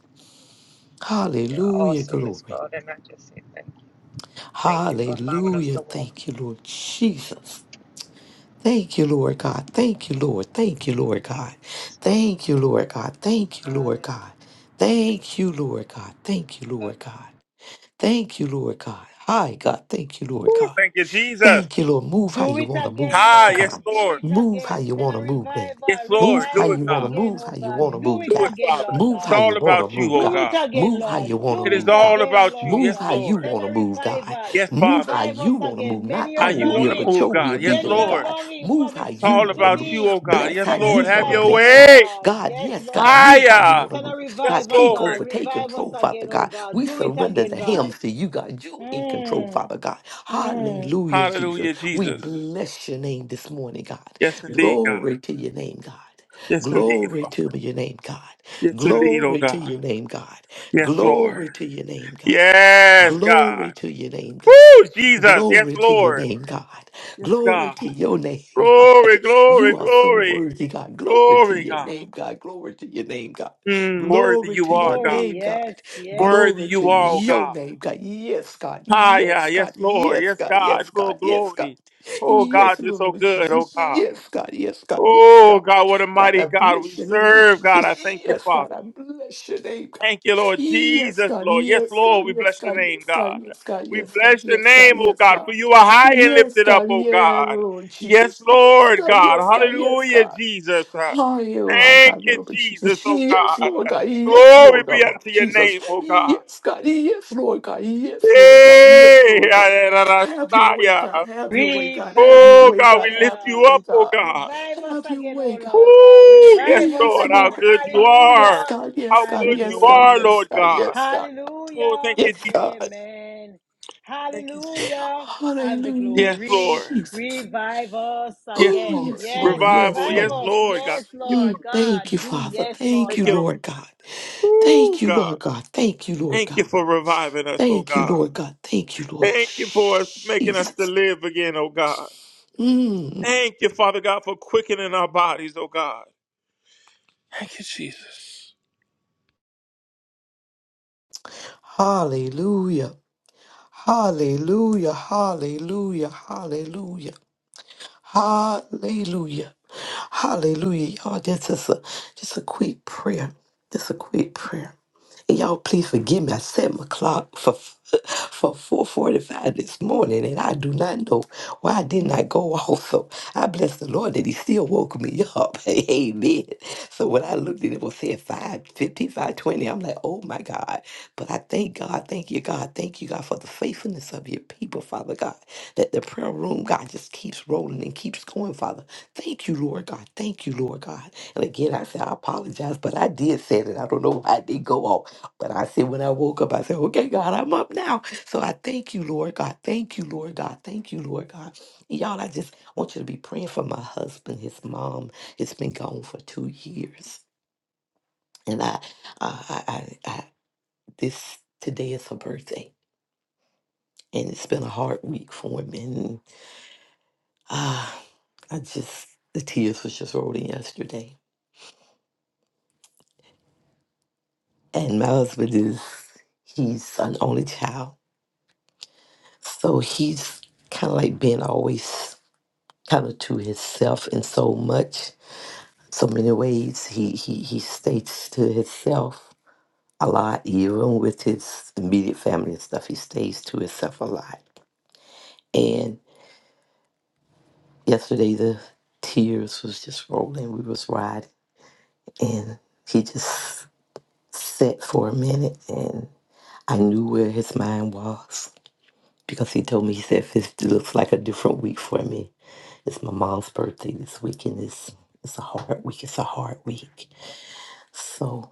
S6: you know,
S3: Hallelujah,
S6: awesomeness,
S3: glory.
S6: God. And I just say thank you. Thank you for allowing us
S3: Hallelujah.
S6: to walk.
S3: Thank you, Lord Jesus. Thank you, Lord God. Thank you, Lord. Thank you, Lord
S6: Thank
S3: God.
S6: you, Jesus.
S3: Thank you, Lord God. Thank you, Lord
S6: Hallelujah.
S3: God.
S6: Thank you,
S3: Thank you, Lord
S6: Lord.
S3: God. Thank you,
S6: I love
S3: Lord
S6: you.
S3: God. Thank you, Lord God. Hi, God. Thank you, Lord
S5: Woo,
S3: God.
S5: thank you, Jesus.
S3: Thank you, Lord. Move how
S1: Do
S3: you
S1: it
S3: want to move,
S1: again,
S5: Hi,
S1: Lord.
S5: yes,
S3: God.
S1: Do
S5: Lord.
S1: it
S3: Move how
S1: again.
S3: you
S1: Send
S3: want to
S1: a
S3: move, Daddy.
S1: revival.
S5: Yes,
S3: Move
S5: Lord.
S3: how
S1: Revive
S5: Do it,
S1: us
S3: you
S5: God.
S3: want to
S1: again,
S3: move,
S1: oh
S3: how you
S1: God.
S3: want to
S1: Do
S3: move,
S1: it
S5: Do it,
S3: God.
S1: again,
S5: Father.
S1: Lord
S3: Move
S5: It's
S3: how
S1: God.
S3: you
S5: all
S3: want to
S5: about you,
S3: move,
S5: oh
S1: Do
S3: God.
S1: it
S5: God.
S1: again,
S3: Move how
S1: Lord.
S3: you want to
S1: Do
S5: It
S1: it
S5: is
S3: move, God.
S5: all
S1: again,
S5: about you.
S1: Lord
S3: Move
S5: Yes,
S3: how
S1: God.
S3: you
S5: Lord.
S1: Send
S3: want to
S1: a
S3: move, God.
S1: revival.
S5: Yes,
S3: Move how
S5: Father.
S1: Revive
S3: you
S1: us
S3: want to move.
S1: again.
S3: Not
S1: Many
S5: How
S3: our
S1: are
S5: you want
S3: will,
S5: to
S1: longing.
S3: but
S5: move,
S3: your will
S5: God.
S3: be
S5: Yes,
S1: Many
S3: done,
S1: are
S5: Lord.
S3: God.
S1: longing for
S3: Move
S1: the
S3: how
S5: It's
S3: you
S5: all
S1: Spirit to
S3: want to
S5: about you,
S1: be.
S3: move.
S5: oh God.
S3: Bless
S5: Yes,
S3: how
S1: Send a
S3: you
S5: Lord.
S3: want
S5: Have
S3: to
S5: your
S1: revival,
S3: bless,
S1: oh
S3: God.
S5: way.
S1: God.
S3: God,
S1: Yes,
S3: yes, God.
S1: Lord.
S3: Move how you
S5: higher.
S3: want to
S1: Send
S3: move.
S1: a
S5: Yes,
S3: God,
S1: revival,
S3: take
S5: Lord.
S1: God.
S3: over, take
S1: Revive us
S3: control,
S1: again,
S3: Father
S1: oh
S3: God.
S1: God.
S3: We
S1: Do it
S5: Oh,
S3: surrender
S1: again,
S3: the
S5: Jesus.
S1: God.
S3: hymns to you, God. You in control,
S1: Mm,
S3: Father God.
S1: mm.
S3: Hallelujah, Jesus.
S5: Hallelujah,
S3: We
S5: Jesus.
S3: bless your name this morning, God.
S5: Yes, indeed, God.
S3: Glory to your name, God.
S5: Yes, indeed,
S3: Glory
S5: Father.
S3: to your name, God.
S5: Yes, indeed, oh
S3: Glory to
S5: God.
S3: your name, God.
S5: Yes, Lord.
S3: Glory to your name, God.
S5: Yes,
S3: Glory
S5: God.
S3: to your name, God.
S5: Woo, Jesus. Yes,
S3: Glory to your
S5: Lord.
S3: name, God.
S5: Yes,
S3: Glory
S5: God.
S3: to your name, God.
S5: Glory, glory,
S3: You are so
S5: glory,
S3: worthy, God. Glory to
S5: glory,
S3: your
S5: God.
S3: name, God. Glory to your name, God.
S5: Mm, worthy
S3: Glory
S5: you
S3: to your
S5: are, God.
S1: Glory,
S3: name, God.
S1: yes, yes.
S5: Worthy
S3: Glory to
S5: you are, oh
S3: your
S5: God.
S3: name, God. Yes, God.
S5: Hi, yeah,
S3: Yes,
S5: yes,
S3: God.
S5: Lord.
S3: Yes,
S5: Yes,
S3: God. Yes,
S5: God. Oh,
S3: God. Yes, God.
S5: glory. Oh, God,
S3: Yes,
S5: you're so
S3: Lord
S5: good, oh
S3: Jesus.
S5: God.
S3: Yes, God. Yes, God. Yes,
S5: Oh,
S3: God.
S5: God, what a
S3: God,
S5: mighty
S3: I
S5: God we
S3: bless you, Lord
S5: serve, God. I
S3: Jesus.
S5: thank you,
S3: Yes, God.
S5: Father.
S3: I bless your name, God.
S5: Thank you, Lord
S3: Yes,
S5: Jesus,
S3: God.
S5: Lord. Yes,
S3: Yes, God.
S5: Lord, we
S3: Yes,
S5: bless your
S3: God.
S5: name,
S3: Yes,
S5: God.
S3: God.
S5: We
S3: Yes, God. Yes, God.
S5: bless your
S3: Yes, God.
S5: name, oh
S3: Yes,
S5: God, for
S3: God.
S5: you are high and
S3: Yes,
S5: lifted up,
S3: God.
S5: oh
S3: Yeah,
S5: God.
S3: Lord
S5: Yes,
S3: Jesus. Yes,
S5: Lord,
S3: God.
S5: God.
S3: Yes, God. Yes,
S5: Hallelujah,
S3: God.
S5: Jesus.
S3: Oh, you, I
S5: Thank
S3: got
S5: you,
S3: no, but
S5: Jesus,
S3: Jesus.
S5: oh
S3: Yes,
S5: God.
S3: Lord God. Yes,
S5: Glory
S3: Lord
S5: be
S3: God, my
S5: unto your
S3: Jesus.
S5: name, oh God.
S3: Yes, God. Yes, Lord God. Yes, Lord God. Yes,
S5: Hey,
S3: Lord God. Have your way,
S5: Adarashaya.
S3: God. Have your way, God. Have
S1: Revive
S3: your
S5: Oh
S1: us
S3: way,
S5: God,
S3: God.
S5: we
S1: again,
S5: lift
S3: Have your
S5: you
S1: Lord.
S3: way,
S5: up, oh
S3: God.
S5: God.
S1: Revive us
S3: Have your
S1: again, oh
S3: way, God.
S1: Lord God.
S5: oh yes,
S1: Revive us
S3: Yes,
S5: Lord, how
S1: again.
S3: Lord
S5: good you
S3: God. Yes,
S5: are.
S1: Hallelujah.
S3: God. Yes,
S5: How
S1: And the
S3: God.
S5: good you
S3: Yes, God.
S5: are,
S1: glory.
S3: Yes,
S5: Lord
S3: God.
S5: God.
S3: Yes, God.
S5: Oh,
S1: Hallelujah.
S5: thank you,
S3: Yes, God.
S5: Jesus.
S1: Amen.
S5: Thank you.
S1: Hallelujah. And the
S3: Hallelujah,
S5: Yes,
S1: glory.
S5: Lord.
S3: Jesus.
S1: Revive us
S5: Yes,
S3: Oh,
S1: again.
S5: Lord.
S3: yes, Lord.
S1: Yes,
S3: Yes,
S5: Revival.
S1: revive
S5: Yes,
S3: Lord.
S1: us.
S5: Lord, God.
S1: Yes,
S5: Thank you for
S3: Mm,
S1: Lord
S5: it.
S1: God.
S3: thank you,
S1: Do
S3: Father.
S1: yes,
S3: Thank
S1: Lord
S5: Thank
S3: you,
S5: you,
S1: God.
S5: Lord.
S3: Lord God. Thank
S5: Oh
S3: you,
S5: God.
S3: Lord God. Thank you, Lord
S5: Thank you
S3: God.
S5: for reviving us, oh
S3: Thank you,
S5: God.
S3: Lord God. Thank you, Lord
S5: Thank you for us making us to
S3: Jesus.
S5: live again, oh God.
S3: Mm.
S5: Thank you, Father God, for quickening our bodies, oh God. Thank you, Jesus.
S3: Hallelujah. Hallelujah. Hallelujah. Hallelujah. Hallelujah. Hallelujah. Y'all, that's just a just a quick prayer. Just a quick prayer. And y'all please forgive me. I set my clock for for 445 this morning and I do not know why I did not go off. So I bless the Lord that he still woke me up. Amen. So when I looked at it, it was said five fifty, five twenty. I'm like, oh my God. But I thank God, thank you, God, thank you, God, for the faithfulness of your people, Father God. That the prayer room, God, just keeps rolling and keeps going, Father. Thank you, Lord God. Thank you, Lord God. And again, I said, I apologize, but I did say that. I don't know why I did go off. But I said, when I woke up, I said, okay, God, I'm up now. So I thank you, Lord God. Thank you, Lord God. Thank you, Lord God. And y'all, I just want you to be praying for my husband. His mom has been gone for two years. And I, I, I, I I- this, today is her birthday. And it's been a hard week for him. And ah, I just, the tears was just rolling yesterday. And my husband is, he's an only child. So he's kind of like being always kind of to himself in so much, so many ways. He he he stays to himself a lot, even with his immediate family and stuff. He stays to himself a lot. And yesterday the tears was just rolling. We was riding, and he just sat for a minute, and I knew where his mind was because he told me he said if it looks like a different week for me. It's my mom's birthday this week, and it's it's a hard week. It's a hard week. So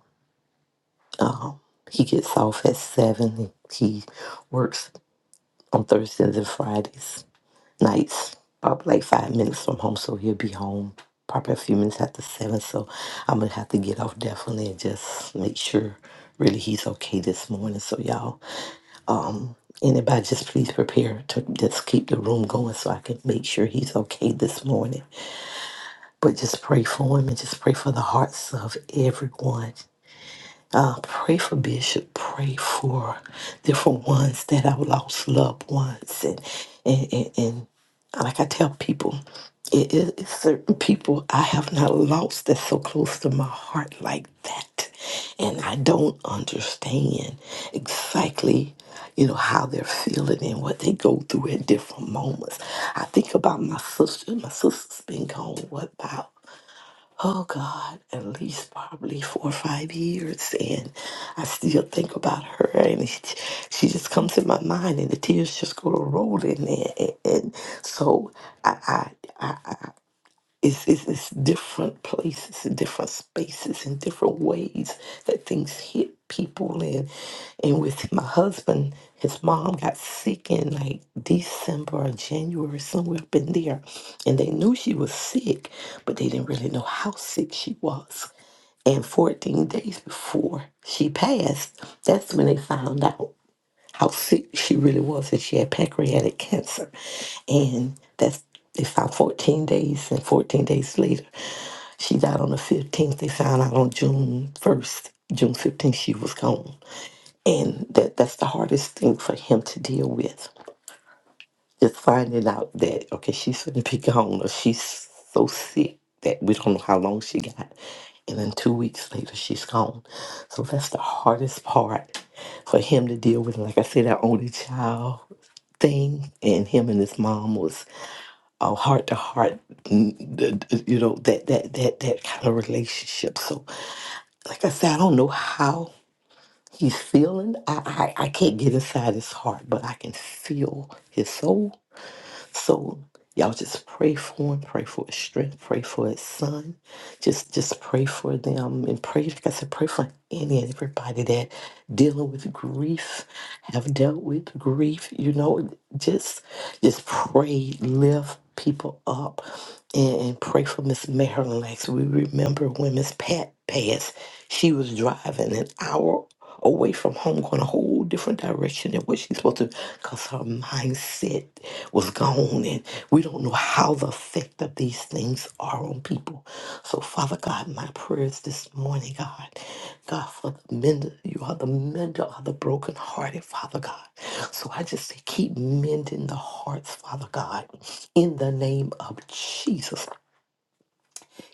S3: Um, he gets off at seven. and He works on Thursdays and Fridays nights, probably like five minutes from home, so he'll be home probably a few minutes after seven. So I'm gonna have to get off definitely and just make sure really he's okay this morning. So y'all, um, anybody just please prepare to just keep the room going so I can make sure he's okay this morning. But just pray for him and just pray for the hearts of everyone Uh, pray for Bishop. Pray for different ones that have lost loved ones. And, and, and, and like I tell people, it, it, it's certain people I have not lost that's so close to my heart like that. And I don't understand exactly, you know, how they're feeling and what they go through at different moments. I think about my sister. My sister's been gone, what, about oh God, at least probably four or five years. And I still think about her, and it, she just comes in my mind, and the tears just go rolling. And, and, and so I, it's, it's, it's different places and different spaces and different ways that things hit people. And, and with my husband, his mom got sick in like December or January, somewhere up in there. And they knew she was sick, but they didn't really know how sick she was. And 14 days before she passed, that's when they found out how sick she really was, and she had pancreatic cancer. And that's they found 14 days, and 14 days later, she died on the 15th. They found out on June 1st, June 15th, she was gone. And that that's the hardest thing for him to deal with. Just finding out that, okay, she's going to be gone, or she's so sick that we don't know how long she got. And then two weeks later, she's gone. So that's the hardest part for him to deal with. Like I said, our only child thing and him and his mom was a heart to heart mm, d- d- you know that that that that kind of relationship so like i said i don't know how he's feeling i i, I can't get inside his heart but i can feel his soul so y'all just pray for him, pray for his strength, pray for his son. Just just pray for them and pray, like I said, pray for any and everybody that dealing with grief, have dealt with grief, you know, just just pray, lift people up and, and pray for Miss Marilyn. Like we remember when Miss Pat passed, she was driving an hour away from home, going a whole different direction than what she's supposed to, because her mindset was gone. And we don't know how the effect of these things are on people. So, Father God, my prayers this morning, God, God, for the mender, you are the mender of the brokenhearted, Father God. So I just say, keep mending the hearts, Father God, in the name of Jesus.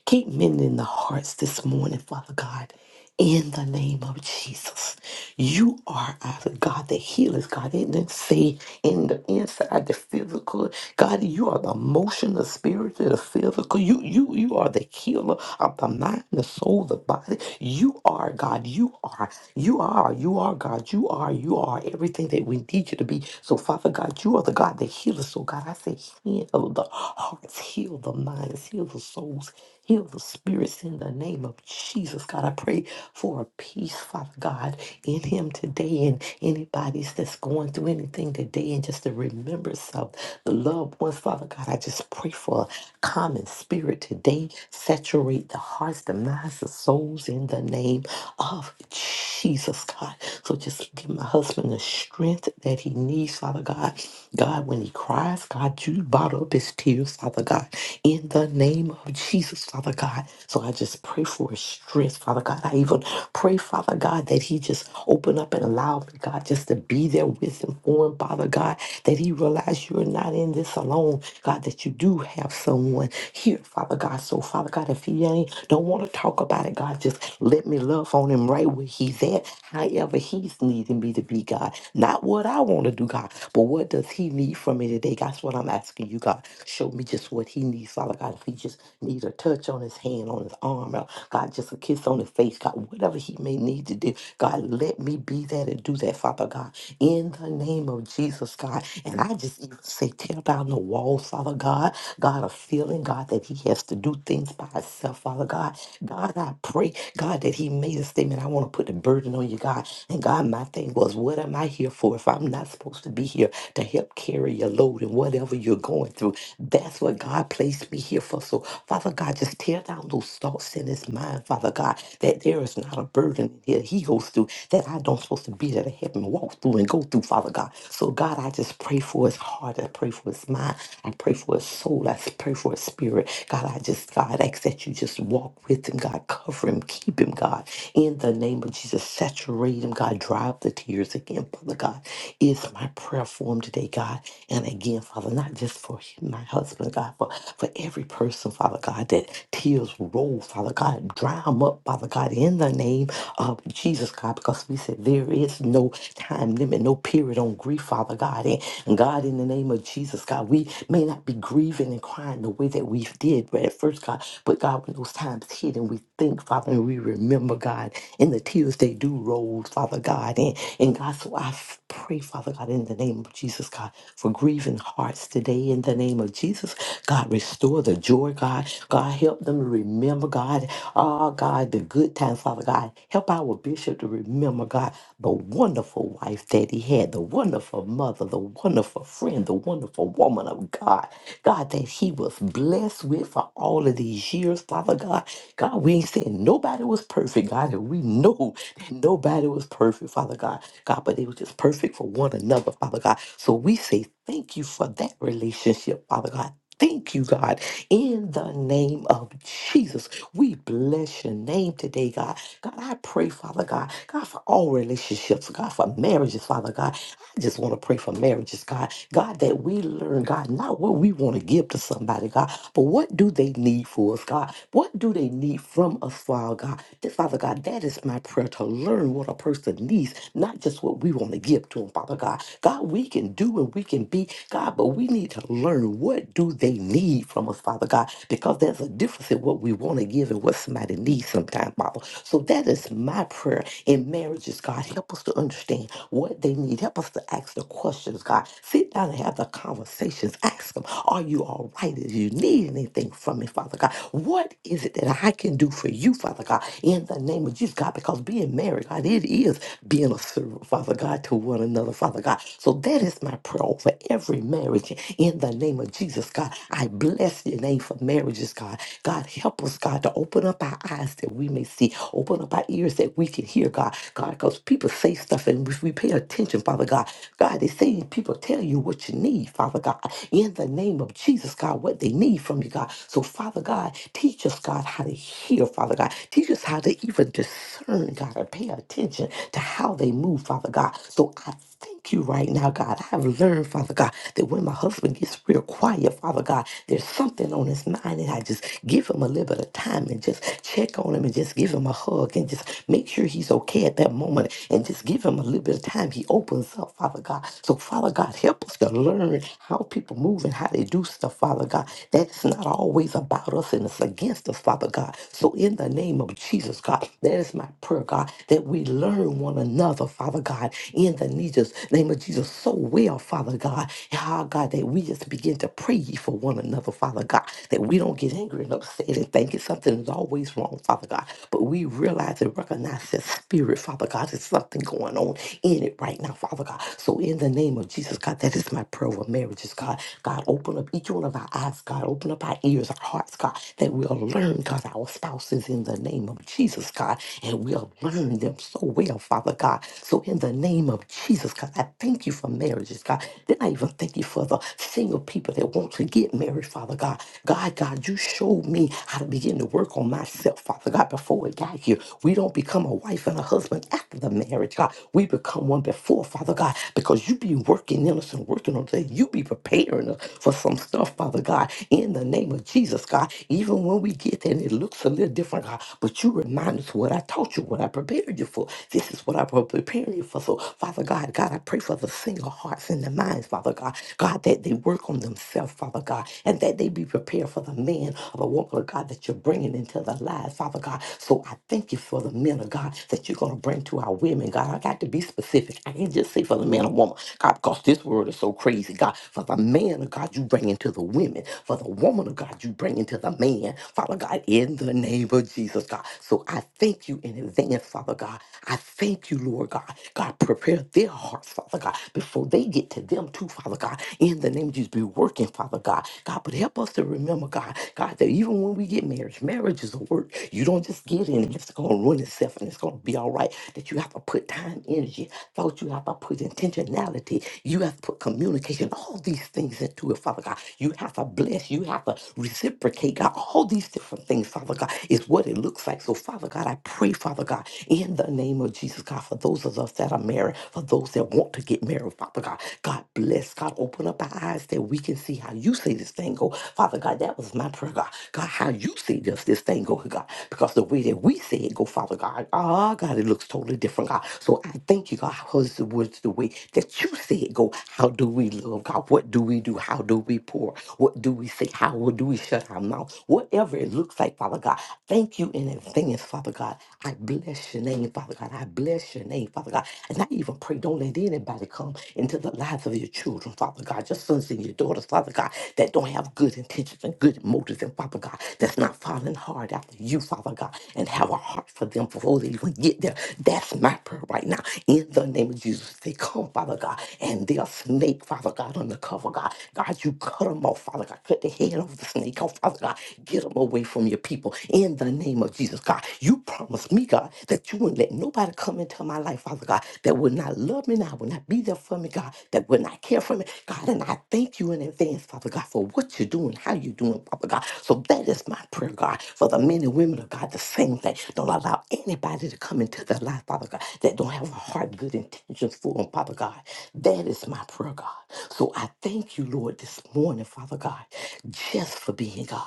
S3: Keep mending the hearts this morning, Father God, in the name of Jesus. You are our God that heals, God. It didn't say in the inside, the physical. God, you are the emotion, the spiritual, the physical. You, you, you are the healer of the mind, the soul, the body. You are God. You are, you are, you are God. You are, you are everything that we need you to be. So, Father God, you are the God that heals. So, God, I say, heal the hearts, heal the minds, heal the souls Heal the spirits in the name of Jesus. God, I pray for a peace, Father God, in him today and anybody's that's going through anything today and just to remember some the loved ones, Father God. I just pray for a common spirit today. Saturate the hearts, the minds, the souls in the name of Jesus, God. So just give my husband the strength that he needs, Father God. God, when he cries, God, you bottle up his tears, Father God, in the name of Jesus. Jesus, Father God. So I just pray for his strength, Father God. I even pray, Father God, that he just open up and allow God just to be there with him for him, Father God, that he realize you're not in this alone, God, that you do have someone here, Father God. So, Father God, if he ain't don't want to talk about it, God, just let me love on him right where he's at, however he's needing me to be, God. Not what I want to do, God, but what does he need from me today? That's what I'm asking you, God. Show me just what he needs, Father God. If he just just need a touch on his hand, on his arm, or God, just a kiss on his face, God, whatever he may need to do. God, let me be that and do that, Father God, in the name of Jesus, God. And I just even say, tear down the walls, Father God. God, a feeling, God, that he has to do things by himself, Father God. God, I pray, God, that he made a statement. I want to put the burden on you, God. And God, my thing was, what am I here for if I'm not supposed to be here to help carry your load and whatever you're going through? That's what God placed me here for fearful. So, Father God, just tear down those thoughts in his mind, Father God, that there is not a burden that he goes through that I don't supposed to be there to help him walk through and go through, Father God. So, God, I just pray for his heart. I pray for his mind. I pray for his soul. I pray for his spirit. God, I just, God, ask that you just walk with him, God. Cover him. Keep him, God. In the name of Jesus, saturate him, God. Dry up the tears again, Father God. Is my prayer for him today, God. And again, Father, not just for him, my husband, God, for for for every person, Father God, that tears roll, Father God. Dry them up, Father God, in the name of Jesus, God, because we said there is no time limit, no period on grief, Father God. And, and God, in the name of Jesus, God, we may not be grieving and crying the way that we did right at first, God, but God, when those times hit and we think, Father, and we remember, God, and the tears they do roll, Father God. And, and God, so I f- pray, Father God, in the name of Jesus, God, for grieving hearts today, in the name of Jesus. God, restore the joy, God. God, help them to remember, God. Oh, God, the good times, Father God. Help our bishop to remember, God, the wonderful wife that he had, the wonderful mother, the wonderful friend, the wonderful woman of God. God, that he was blessed with for all of these years, Father God. God, we ain't saying nobody was perfect, God, and we know that nobody was perfect, Father God. God, but they were just perfect for one another, Father God. So we say thank you for that relationship, Father God. Thank you, God. In the name of Jesus, we bless your name today, God. God, I pray, Father God, God, for all relationships, God, for marriages, Father God. I just want to pray for marriages, God. God, that we learn, God, not what we want to give to somebody, God, but what do they need for us, God? What do they need from us, Father God? That, Father God, that is my prayer to learn what a person needs, not just what we want to give to them, Father God. God, we can do and we can be, God, but we need to learn what what do they need from us, Father God? Because there's a difference in what we want to give and what somebody needs sometimes, Father. So that is my prayer in marriages, God. Help us to understand what they need. Help us to ask the questions, God. Sit down and have the conversations. Ask them, are you all right? Do you need anything from me, Father God? What is it that I can do for you, Father God, in the name of Jesus, God? Because being married, God, it is being a servant, Father God, to one another, Father God. So that is my prayer over every marriage in the name of Jesus, God. I bless your name for marriages, God. God, help us, God, to open up our eyes that we may see, open up our ears that we can hear, God. God, because people say stuff and if we pay attention, Father God, God, they say people tell you what you need, Father God, in the name of Jesus, God, what they need from you, God. So, Father God, teach us, God, how to hear, Father God. Teach us how to even discern, God, and pay attention to how they move, Father God. So, I Thank you right now, God. I have learned, Father God, that when my husband gets real quiet, Father God, there's something on his mind, and I just give him a little bit of time and just check on him and just give him a hug and just make sure he's okay at that moment and just give him a little bit of time. He opens up, Father God. So, Father God, help us to learn how people move and how they do stuff, Father God. That's not always about us and it's against us, Father God. So, in the name of Jesus, God, that is my prayer, God, that we learn one another, Father God, in the need Jesus, name of Jesus, so well, Father God. Ah, God, that we just begin to pray ye for one another, Father God, that we don't get angry and upset and thinking something is always wrong, Father God. But we realize and recognize that spirit, Father God, there's something going on in it right now, Father God. So in the name of Jesus, God, that is my prayer with marriages, God. God, open up each one of our eyes, God. Open up our ears, our hearts, God, that we'll learn, God, our spouses in the name of Jesus, God. And we'll learn them so well, Father God. So in the name of Jesus, marriages, God. I thank you for marriages, God. Then I even thank you for the single people that want to get married, Father God. God, God, you showed me how to begin to work on myself, Father God, before we got here. We don't become a wife and a husband after the marriage, God. We become one before, Father God, because you be working in us and working on things. You be preparing us for some stuff, Father God, in the name of Jesus, God. Even when we get there and it looks a little different, God, but you remind us what I taught you, what I prepared you for. This is what I prepared you for. So, Father God, God. God, I pray for the single hearts and the minds, Father God. God, that they work on themselves, Father God, and that they be prepared for the man or the woman of God that you're bringing into their lives, Father God. So I thank you for the men of God that you're going to bring to our women, God. I got to be specific. I can't just say for the man or woman, God, because this world is so crazy, God. For the man of God, you bring into the women. For the woman of God, you bring into the man, Father God, in the name of Jesus, God. So I thank you in advance, Father God. I thank you, Lord God. God, prepare their heart hearts, Father God, before they get to them too, Father God. In the name of Jesus, be working, Father God. God, but help us to remember, God, God, that even when we get marriage, marriage is a work. You don't just get in and it's going to ruin itself and it's going to be all right. That you have to put time, energy, thought you have to put intentionality. You have to put communication, all these things into it, Father God. You have to bless. You have to reciprocate, God. All these different things, Father God, is what it looks like. So, Father God, I pray, Father God, in the name of Jesus, God, for those of us that are married, for those that that want to get married, Father God. God bless. God, open up our eyes that we can see how you see this thing go. Father God, that was my prayer, God. God, how you see this, this thing go, God. Because the way that we see it go, Father God, oh God, it looks totally different, God. So I thank you, God, because it was the way that you see it go. How do we love, God? What do we do? How do we pour? What do we say? How do we shut our mouth? Whatever it looks like, Father God, thank you in advance, Father God. I bless your name, Father God. I bless your name, Father God. And I even pray, don't let did anybody come into the lives of your children, Father God, your sons and your daughters, Father God, that don't have good intentions and good motives, and Father God, that's not following hard after you, Father God, and have a heart for them before they even get there. That's my prayer right now. In the name of Jesus, they come, Father God, and they're a snake, Father God, on the cover, God. God, you cut them off, Father God. Cut the head off the snake off, Father God. Get them away from your people. In the name of Jesus, God, you promised me, God, that you wouldn't let nobody come into my life, Father God, that would not love me now when I will not be there for me, God, that will not care for me, God. And I thank you in advance, Father God, for what you're doing, how you're doing, Father God. So that is my prayer, God, for the men and women of God, the same thing. Don't allow anybody to come into their life, Father God, that don't have a heart, good intentions for them, Father God. That is my prayer, God. So I thank you, Lord, this morning, Father God, just for being God.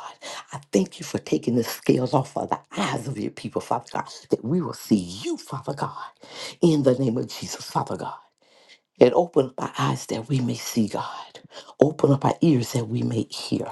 S3: I thank you for taking the scales off of the eyes of your people, Father God, that we will see you, Father God, in the name of Jesus, Father God. And open up our eyes that we may see, God. Open up our ears that we may hear.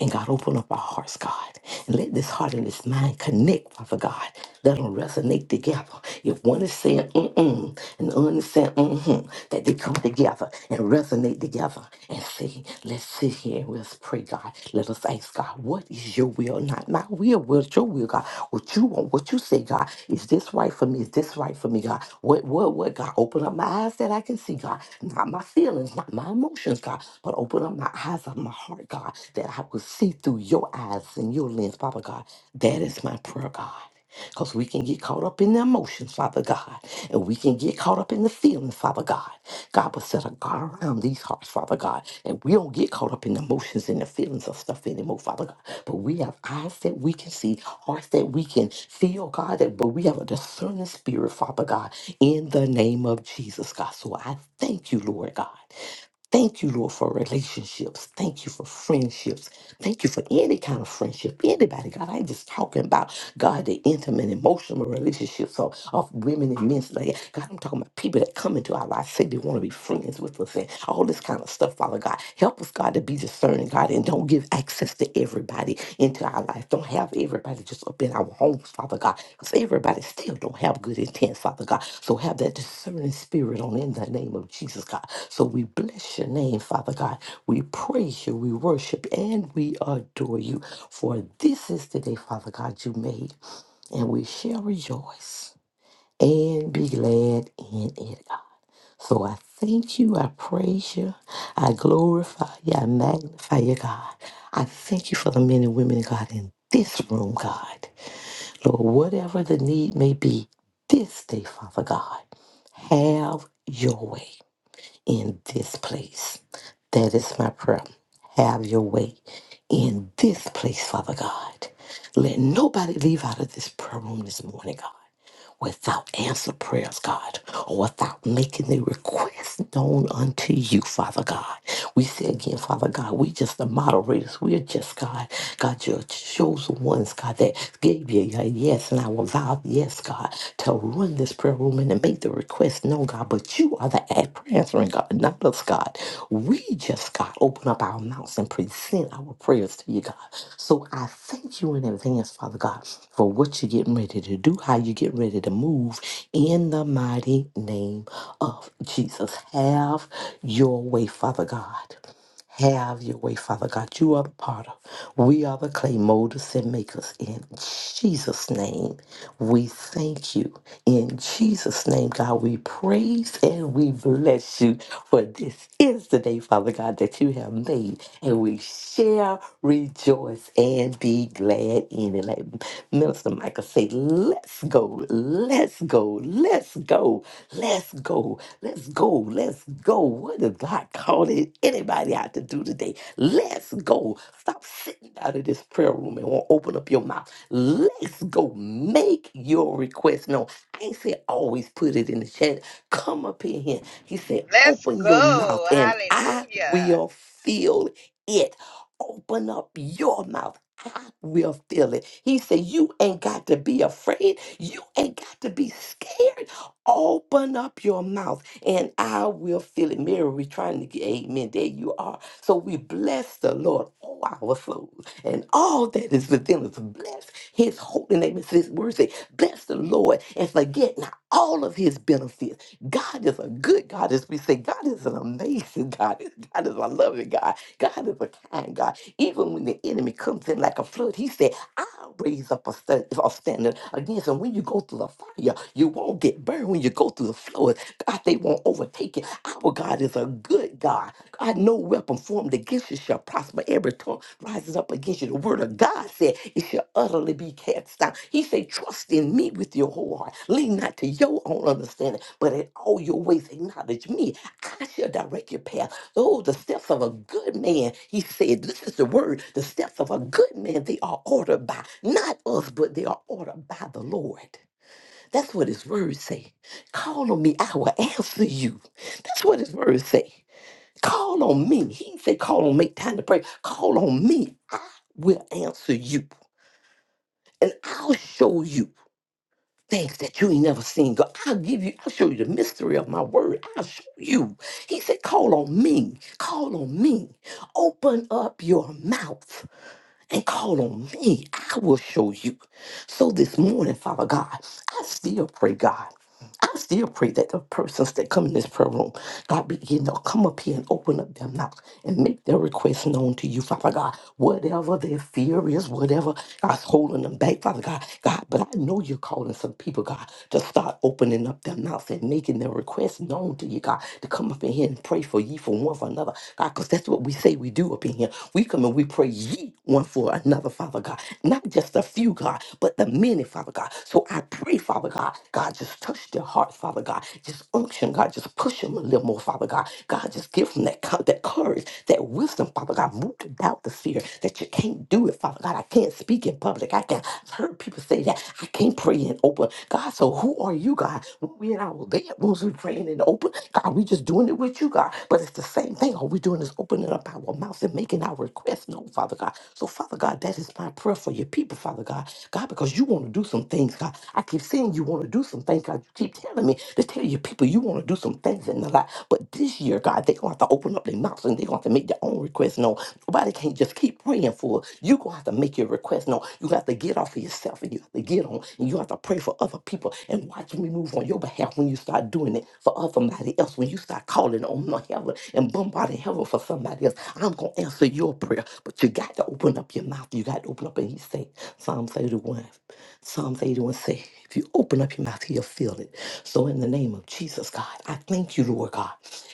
S3: And God, open up our hearts, God. And let this heart and this mind connect, Father God. Let them resonate together. If one is saying mm-mm and the other is saying mm-hmm, that they come together and resonate together and say, let's sit here and let's pray, God. Let us thanks, God. What is your will? Not my will, but your will, God. What you want, what you say, God. Is this right for me? Is this right for me, God? What, what, what, God? Open up my eyes that I can see, God. Not my feelings, not my emotions, God, but open up my eyes of my heart, God, that I will see through your eyes and your lens, Father God. That is my prayer, God. Because we can get caught up in the emotions, Father God, and we can get caught up in the feelings, Father God. God will set a guard around these hearts, Father God, and we don't get caught up in the emotions and the feelings of stuff anymore, Father God. But we have eyes that we can see, hearts that we can feel, God, that, but we have a discerning spirit, Father God, in the name of Jesus, God. So I thank you, Lord God. Thank you, Lord, for relationships. Thank you for friendships. Thank you for any kind of friendship. Anybody, God, I ain't just talking about God, the intimate, emotional relationships of, of women and men. Like, God, I'm talking about people that come into our lives, say they want to be friends with us and all this kind of stuff, Father God. Help us, God, to be discerning, God, and don't give access to everybody into our lives. I don't have everybody just up in our homes, Father God, because everybody still don't have good intent, Father God. So have that discerning spirit on in the name of Jesus, God. So we bless your name, Father God. We praise you, we worship, and we adore you. For this is the day, Father God, you made, and we shall rejoice and be glad in it, God. So I thank you, I praise you, I glorify you, I magnify you, God. I thank you for the men and women, God, in this room, God. Lord, whatever the need may be this day, Father God, have your way in this place. That is my prayer. Have your way in this place, Father God. Let nobody leave out of this prayer room this morning, God without answer prayers, God, or without making the request known unto you, Father God. We say again, Father God, we just the moderators. We are just, God, God, your chosen ones, God, that gave you a yes and our vow, yes, God, to run this prayer room and to make the request known, God. But you are the answering God, not us, God. We just, God, open up our mouths and present our prayers to you, God. So I thank you in advance, Father God, for what you're getting ready to do, how you're getting ready to move in the mighty name of Jesus. Have your way, Father God. Have your way, Father God. You are the potter. We are the clay molders and makers. In Jesus' name, we thank you. In Jesus' name, God, we praise and we bless you. For this is the day, Father God, that you have made, and we shall rejoice rejoice and be glad in it. Like Minister Michael say, let's go, let's go, let's go, let's go, let's go, let's go. What is God calling anybody out to do today? Let's go. Stop sitting out of this prayer room and won't open up your mouth. Let's go. Make your request known. I ain't say always put it in the chat. Come up in here. He said,
S6: Lord. Let's
S3: open your
S6: go.
S3: mouth and I
S6: Hallelujah.
S3: will fill it open up your mouth. I will fill it. He said, You ain't got to be afraid. You ain't got to be scared. Open up your mouth and I will fill it. Mary, we trying to get amen. There you are. So we bless the Lord, all our souls, and all that is within us. Bless his holy name. It's his word say, bless the Lord and forget not all of his benefits. God is a good God, as we say. God is an amazing God. God is a loving God. God is a kind God. Even when the enemy comes in like a flood, he said, I'll raise up a, stand, a standard against him. When you go through the fire, you won't get burned. When you go through the flood, God, they won't overtake you. Our God is a good God. God, no weapon formed against you shall prosper. Every tongue rises up against you. The word of God said it shall utterly be cast down. He said, Trust in me with your whole heart. Lean not to your own understanding, but in all your ways acknowledge me. I shall direct your path. Oh, the steps of a good man. He said, This is the word. The steps of a good man, they are ordered by not us, but they are ordered by the Lord. That's what his words say. Call on me, I will answer you. That's what his words say. Call on me. He said, Call on me, time to pray. Call on me, I will answer you. And I'll show you things that you ain't never seen. God, I'll give you, I'll show you the mystery of my word. I'll show you. He said, call on me. Call on me. Open up your mouth and call on me. I will show you. So this morning, Father God, I still pray, God. I still pray that the persons that come in this prayer room, God, begin to come up here and open up their mouth and make their requests known to you, Father God. Whatever their fear is, whatever God's holding them back, Father God, God, but I know you're calling some people, God, to start opening up their mouths and making their requests known to you, God, to come up in here and pray for you for one for another, God, because that's what we say we do up in here. We come and we pray ye one for another, Father God. Not just a few, God, but the many, Father God. So I pray, Father God, God, just touch their hearts, Father God. Just unction, God. Just push them a little more, Father God. God, just give them that, co- that courage, that wisdom, Father God. Move to doubt the fear that you can't do it, Father God. I can't speak in public. I can't. I've heard people say that. I can't pray in open. God, so who are you, God? When we in our bed rooms, we praying in the open. God, we just doing it with you, God. God. But it's the same thing. All we're doing is opening up our mouths and making our requests known, Father God. So, Father God, that is my prayer for your people, Father God. God, because you want to do some things, God. I keep saying you want to do some things, God. You keep telling me to tell your people you want to do some things in their life. But this year, God, they're going to have to open up their mouths and they're going to have to make their own requests known. Nobody can't just keep praying for it. You're going to have to make your request known. You have to get off of yourself and you have to get on and you have to pray for other people and watch me move on your behalf when you start doing doing it for other- somebody else, when you start calling on the heaven and bombarding heaven for somebody else, I'm going to answer your prayer. But you got to open up your mouth. You got to open up and he say, Psalm 31, Psalm 31 say, if you open up your mouth, he'll fill it. So in the name of Jesus, God, I thank you, Lord God.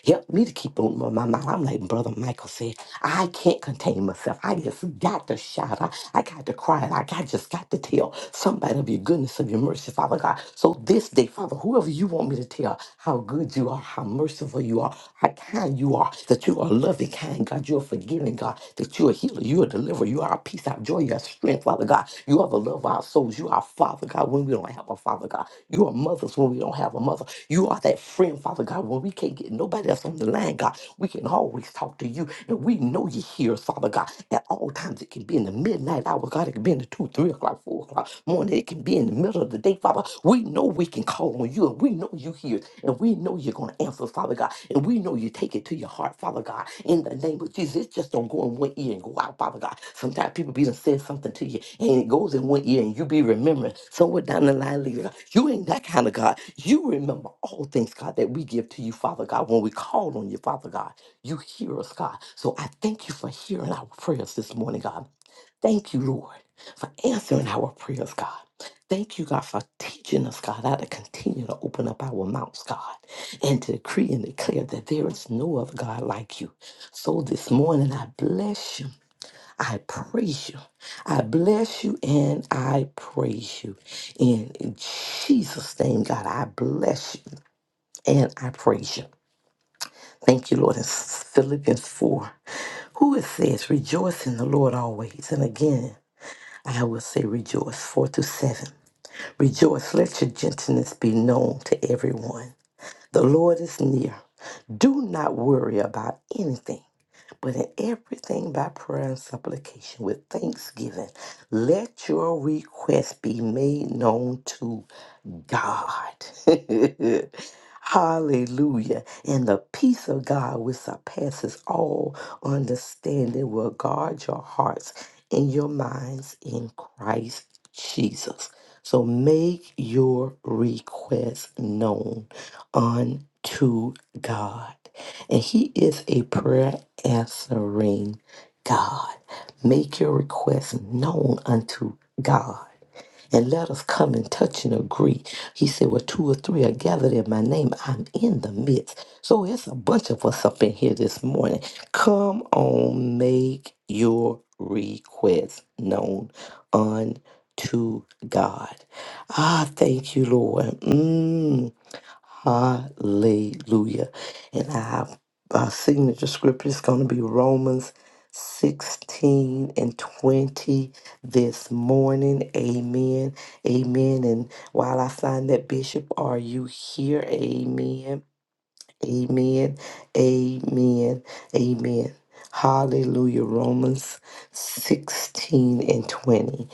S3: Help me to keep on my my mouth. I'm like Brother Michael said, I can't contain myself. I just got to shout. I, I got to cry. I, I just got to tell somebody of your goodness, of your mercy, Father God. God. So this day, Father, whoever you want me to tell how good you are, how merciful you are, how kind you are, that you are loving, kind God, you are forgiving God, that you are healer, you are deliverer, you are our peace, our joy, your strength, Father God. You are the love of our souls. You are our Father God when we don't have a Father God. You are mothers when we don't have a mother. You are that friend, Father God, when we can't get nobody else on the line, God. We can always talk to you, and we know you hear us, Father God. At all times, it can be in the midnight hour, God. It can be in the two, three o'clock, full o'clock morning. It can be in the middle of the day, Father. We know we can call on you, and we know you hear, and we know you're going to answer, Father God, and we know you take it to your heart, Father God. In the name of Jesus, it just don't go in one ear and go out, Father God. Sometimes people be done said something to you, and it goes in one ear, and you be remembering somewhere down the line later. You ain't that kind of God. You remember all things, God, that we give to you, Father God, when we call on you, Father God. You hear us, God. So I thank you for hearing our prayers this morning, God. Thank you, Lord for answering our prayers, God. Thank you, God, for teaching us, God, how to continue to open up our mouths, God, and to decree and declare that there is no other God like you. So this morning, I bless you. I praise you. I bless you and I praise you. And in Jesus' name, God, I bless you and I praise you. Thank you, Lord. In Philippians 4, who it says, Rejoice in the Lord always. And again, I will say rejoice. 4 to 7. Rejoice, let your gentleness be known to everyone. The Lord is near. Do not worry about anything. But in everything by prayer and supplication with thanksgiving, let your request be made known to God. Hallelujah. And the peace of God, which surpasses all understanding, will guard your hearts and your minds in Christ Jesus. So make your request known unto God. And He is a prayer answering God. Make your request known unto God. And let us come and touch and agree. He said, Well, two or three are gathered in my name. I'm in the midst. So it's a bunch of us up in here this morning. Come on, make your request known unto God. Ah, thank you, Lord. Mm. Hallelujah. And our, our signature scripture is going to be Romans 16 and 20 this morning. Amen. Amen. And while I sign that, Bishop, are you here? Amen. Amen. Amen. Amen. Hallelujah. Romans 16 and 20.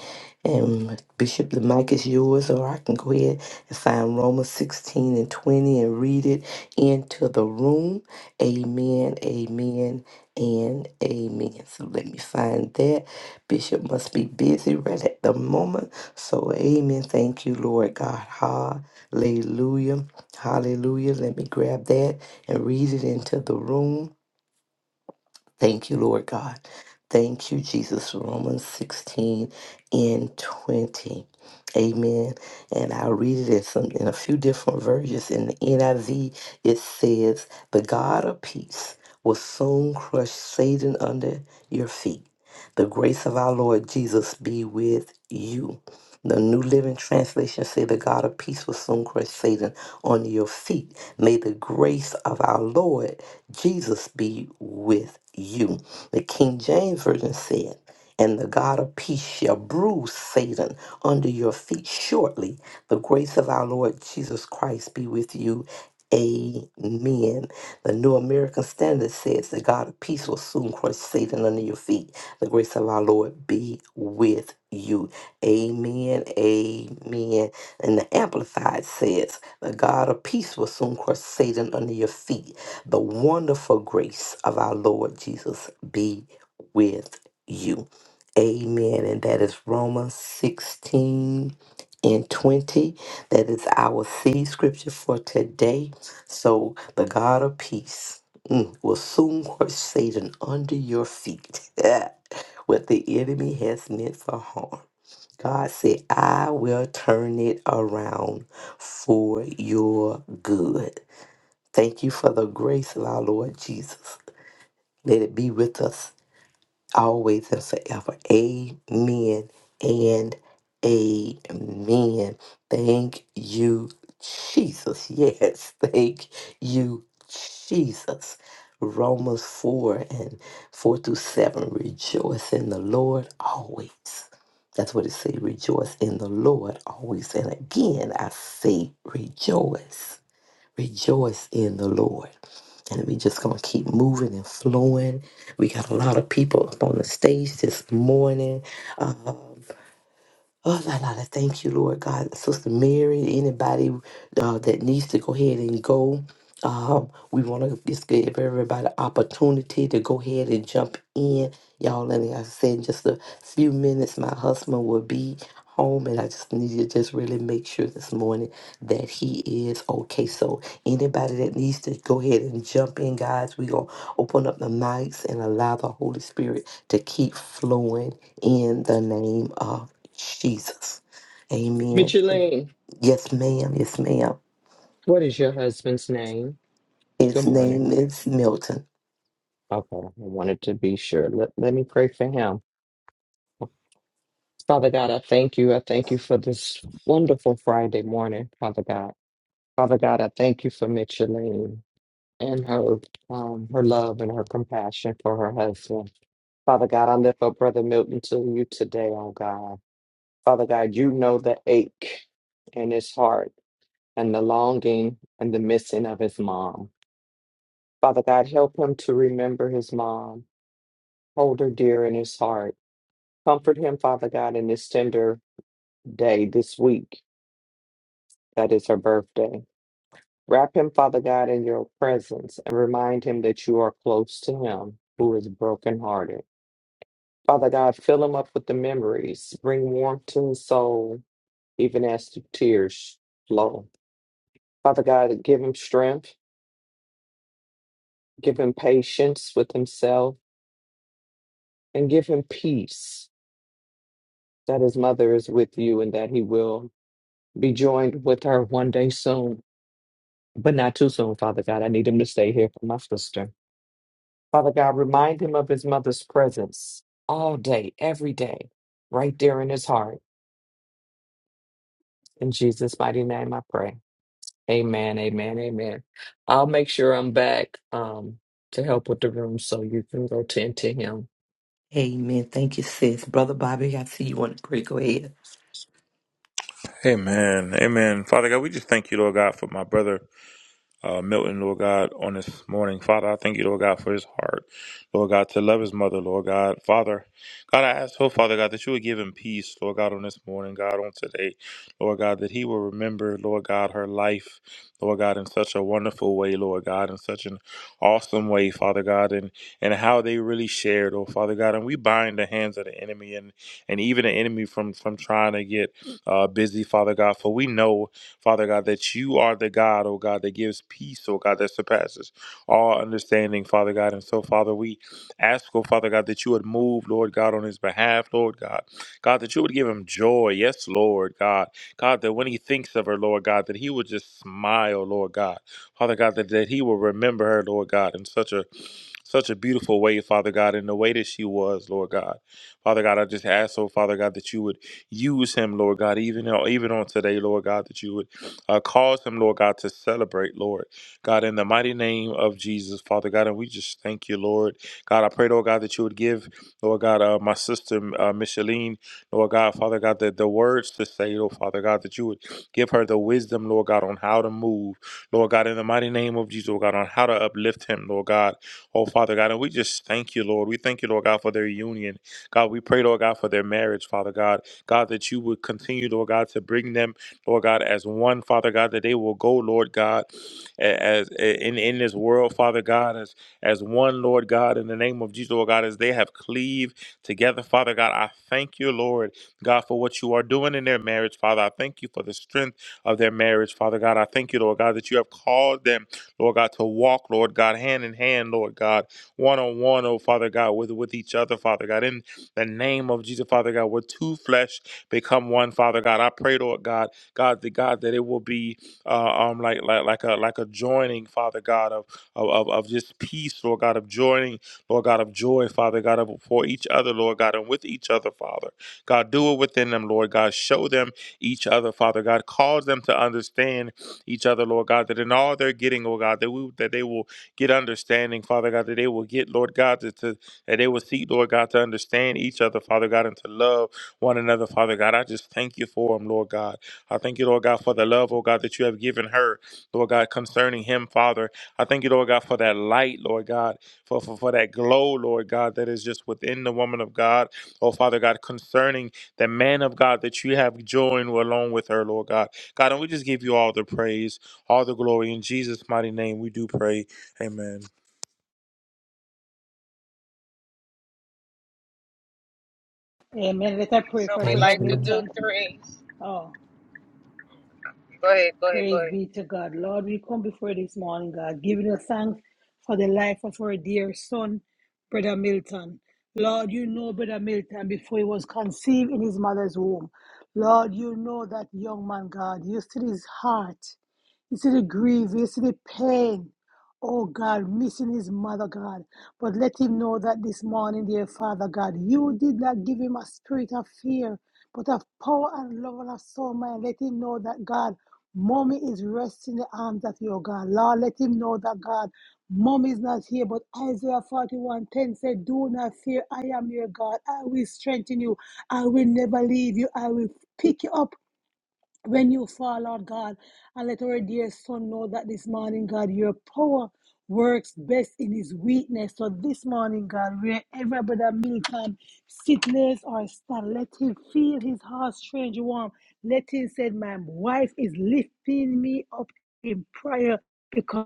S3: And Bishop, the mic is yours, or I can go ahead and find Romans 16 and 20 and read it into the room. Amen. Amen. And amen. So let me find that. Bishop must be busy right at the moment. So, amen. Thank you, Lord God. Hallelujah. Hallelujah. Let me grab that and read it into the room. Thank you, Lord God. Thank you, Jesus. Romans 16 and 20. Amen. And I'll read it in, some, in a few different versions. In the NIV, it says, The God of peace will soon crush Satan under your feet. The grace of our Lord Jesus be with you. The New Living Translation say the God of peace will soon crush Satan under your feet. May the grace of our Lord Jesus be with you. The King James Version said, And the God of peace shall bruise Satan under your feet shortly. The grace of our Lord Jesus Christ be with you. Amen. The New American Standard says, The God of peace will soon crush Satan under your feet. The grace of our Lord be with you. Amen. Amen. And the Amplified says, The God of peace will soon crush Satan under your feet the wonderful grace of our Lord Jesus be with you. Amen. And that is Romans 16 and 20. That is our seed scripture for today. So the God of peace mm, will soon crush Satan under your feet. what the enemy has meant for harm. God said, I will turn it around for your good. Thank you for the grace of our Lord Jesus. Let it be with us always and forever. Amen and amen. Thank you, Jesus. Yes, thank you, Jesus. Romans 4 and 4 through 7. Rejoice in the Lord always. That's what it says. Rejoice in the Lord always. And again, I say rejoice. Rejoice in the Lord and we just gonna keep moving and flowing. We got a lot of people up on the stage this morning. Uh, Oh, Lord, Lord, I thank you, Lord God. Sister Mary, anybody uh, that needs to go ahead and go. Um, we want to just give everybody opportunity to go ahead and jump in. Y'all, and like I said, in just a few minutes, my husband will be home, and I just need to just really make sure this morning that he is okay. So, anybody that needs to go ahead and jump in, guys, we're going to open up the mics and allow the Holy Spirit to keep flowing in the name of Jesus. Amen.
S7: Micheline,
S3: Yes, ma'am. Yes, ma'am.
S7: what is your husband's name? Good
S3: His
S7: morning.
S3: name is Milton.
S7: Okay, I wanted to be sure. Let, let me pray for him. Father God, I thank you. I thank you for this wonderful Friday morning, Father God. Father God, I thank you for Micheline and her um, her love and her compassion for her husband. Father God, I lift up Brother Milton to you today, oh God. Father God, you know the ache in his heart. and the longing and the missing of his mom. Father God, help him to remember his mom, hold her dear in his heart. Comfort him, Father God, in this tender day, this week that is her birthday. Wrap him, Father God, in your presence and remind him that you are close to him who is brokenhearted. Father God, fill him up with the memories. Bring warmth to his soul, even as the tears flow. Father God, give him strength, give him patience with himself and give him peace that his mother is with you and that he will be joined with her one day soon, but not too soon, Father God. I need him to stay here for my sister. Father God, remind him of his mother's presence all day, every day, right there in his heart. In Jesus' mighty name, I pray. Amen, amen, amen. I'll make sure I'm back um, to help with the room so you can go tend to him.
S3: Amen. Thank you, sis. Brother Bobby, I see you want to pray. Go ahead.
S5: Amen. Amen. Father God, we just thank you, Lord God, for my brother uh, Milton, Lord God, on this morning. Father, I thank you, Lord God, for his heart. Lord God, to love his mother, Lord God. Father, God, I ask, oh, Father God, that you would give him peace, Lord God, on this morning, God, on today. Lord God, that he will remember, Lord God, her life, Lord God, in such a wonderful way, Lord God, in such an awesome way, Father God, and, and how they really shared, oh, Father God. And we bind the hands of the enemy and, and even the enemy from, from trying to get uh, busy, Father God, for we know. Father God, that you are the God, oh God, that gives peace, oh God, that surpasses all understanding, Father God. And so, Father, we ask, oh Father God, that you would move, Lord God, on his behalf, Lord God. God, that you would give him joy, yes, Lord God. God, that when he thinks of her, Lord God, that he would just smile, Lord God. Father God, that, that he will remember her, Lord God, in such a such a beautiful way, Father God, in the way that she was, Lord God. Father God, I just ask, oh Father God, that you would use him, Lord God, even even on today, Lord God, that you would uh, cause him, Lord God, to celebrate, Lord. God, in the mighty name of Jesus, Father God, and we just thank you, Lord. God, I pray, Lord God, that you would give, Lord God, uh, my sister, uh, Micheline, Lord God, Father God, the, the words to say, Lord Father God, that you would give her the wisdom, Lord God, on how to move, Lord God, in the mighty name of Jesus, Lord God, on how to uplift him, Lord God. Oh, Father God, and we just thank you, Lord. We thank you, Lord God, for their union. God, we pray, Lord God, for their marriage, Father God. God, that you would continue, Lord God, to bring them. Lord God, as one, Father God, that they will go, Lord God, as in, in this world, Father God, as as one, Lord God, in the name of Jesus, Lord God, as they have cleaved together, Father God. I thank you, Lord God, for what you are doing in their marriage, Father. I thank you for the strength of their marriage, Father God. I thank you, Lord God, that you have called them, Lord God, to walk, Lord God, hand in hand, Lord God, one on one, oh Father God, with, with each other, Father God. In the name of Jesus, Father God, where two flesh become one, Father God. I pray, Lord God. God, the God that it will be uh, um like like like a like a joining, Father God, of of of of just peace, Lord God, of joining, Lord God, of joy, Father God, of for each other, Lord God, and with each other, Father. God, do it within them, Lord God. Show them each other, Father God. Cause them to understand each other, Lord God, that in all they're getting, oh God, that we that they will get understanding, Father God, that they will get, Lord God, to, to that they will seek, Lord God, to understand each other, Father God, and to love one another, Father God. I just thank you for them, Lord God. I thank you, Lord God, for the love, oh God, that you have given her, Lord God, concerning him, Father. I thank you, Lord God, for that light, Lord God, for, for, for that glow, Lord God, that is just within the woman of God, oh Father God, concerning the man of God that you have joined along with her, Lord God. God, and we just give you all the praise, all the glory. In Jesus' mighty name, we do pray. Amen.
S1: Amen. Let us pray
S6: So
S1: for
S6: we
S3: Thank
S1: Brother
S6: like to
S3: you.
S6: do
S1: Milton.
S6: threes.
S1: Oh.
S6: Go ahead, go ahead, go
S1: Praise
S6: ahead.
S1: be to God. Lord, we come before you this morning, God, giving you thanks for the life of our dear son, Brother Milton. Lord, you know Brother Milton before he was conceived in his mother's womb. Lord, you know that young man, God, you see his heart. You see the grief, you see the pain. Oh God, missing his mother, God. But let him know that this morning, dear Father God, you did not give him a spirit of fear, but of power and love and of soul, man. Let him know that God, mommy is resting in the arms of your God. Lord, let him know that God, mommy is not here. But Isaiah 41 10 said, Do not fear, I am your God. I will strengthen you. I will never leave you. I will pick you up when you fall, Lord God, and let our dear son know that this morning, God, your power works best in his weakness. So this morning, God, wherever Brother Milton sit, lays or stand, let him feel his heart strange warm. Let him say, My wife is lifting me up in prayer because."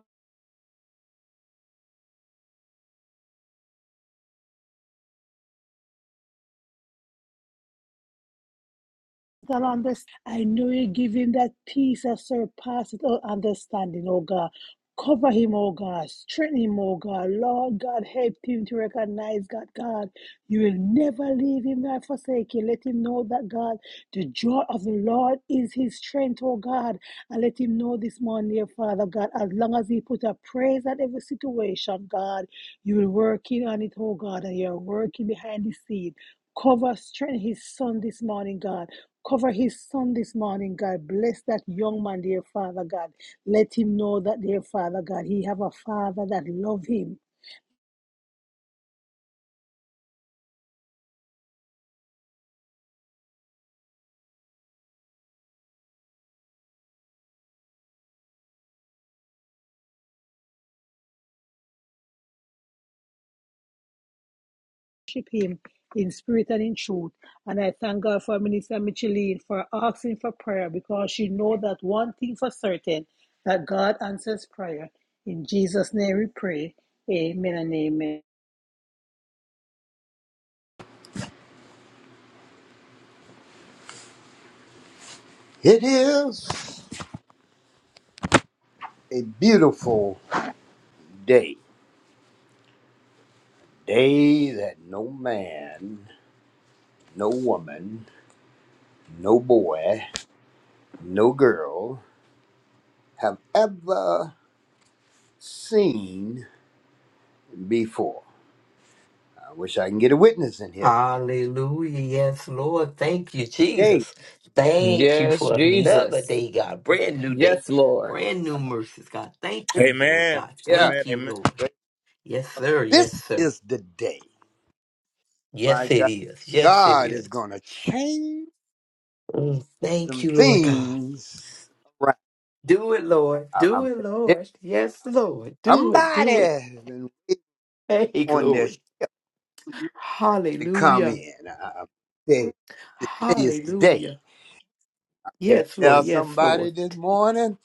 S1: that understand. I know you give him that peace that surpasses all understanding, oh God. Cover him, oh God. Strengthen him, oh God. Lord God, help him to recognize, God, God, you will never leave him nor forsake him. Let him know that, God, the joy of the Lord is his strength, oh God. And let him know this morning, dear Father God, as long as he put a praise at every situation, God, you will work in on it, oh God, and you're working behind the scene. Cover, strengthen his son this morning, God. Cover his son this morning, God. Bless that young man, dear Father God. Let him know that, dear Father God, he have a father that love him, worship him in spirit and in truth. And I thank God for Minister Micheline for asking for prayer because she know that one thing for certain, that God answers prayer. In Jesus' name we pray. Amen and amen.
S8: It is a beautiful day. Day that no man, no woman, no boy, no girl have ever seen before. I wish I can get a witness in here.
S3: Hallelujah. Yes, Lord. Thank you,
S8: Day.
S3: Jesus. Thank you
S7: Yes,
S3: for another
S7: Jesus.
S3: day, God. Brand new day.
S7: Yes, Lord.
S3: Brand new mercies, God. Thank you, Lord.
S5: Amen.
S3: God.
S8: Yeah.
S5: Amen.
S3: Thank you,
S5: Amen.
S3: Lord.
S8: But
S3: Yes, sir. Yes,
S8: this
S3: sir.
S8: is the day. My
S3: Yes, it
S8: God.
S3: is. Yes, it
S8: God
S3: is.
S8: is going to change
S3: Mm, Thank
S8: some
S3: you, Lord God.
S8: things around.
S3: Do it, Lord. Do
S8: I'm,
S3: it,
S8: I'm,
S3: Lord. Yes, Lord. Do it.
S8: somebody
S3: Do it.
S8: has been waiting
S3: Hey,
S8: on this
S3: glory.
S8: to come
S3: Hallelujah.
S8: in. I, I- today, today is the day.
S3: Hallelujah.
S8: It'll
S3: Yes, Lord.
S8: tell
S3: Yes, Lord.
S8: somebody this morning,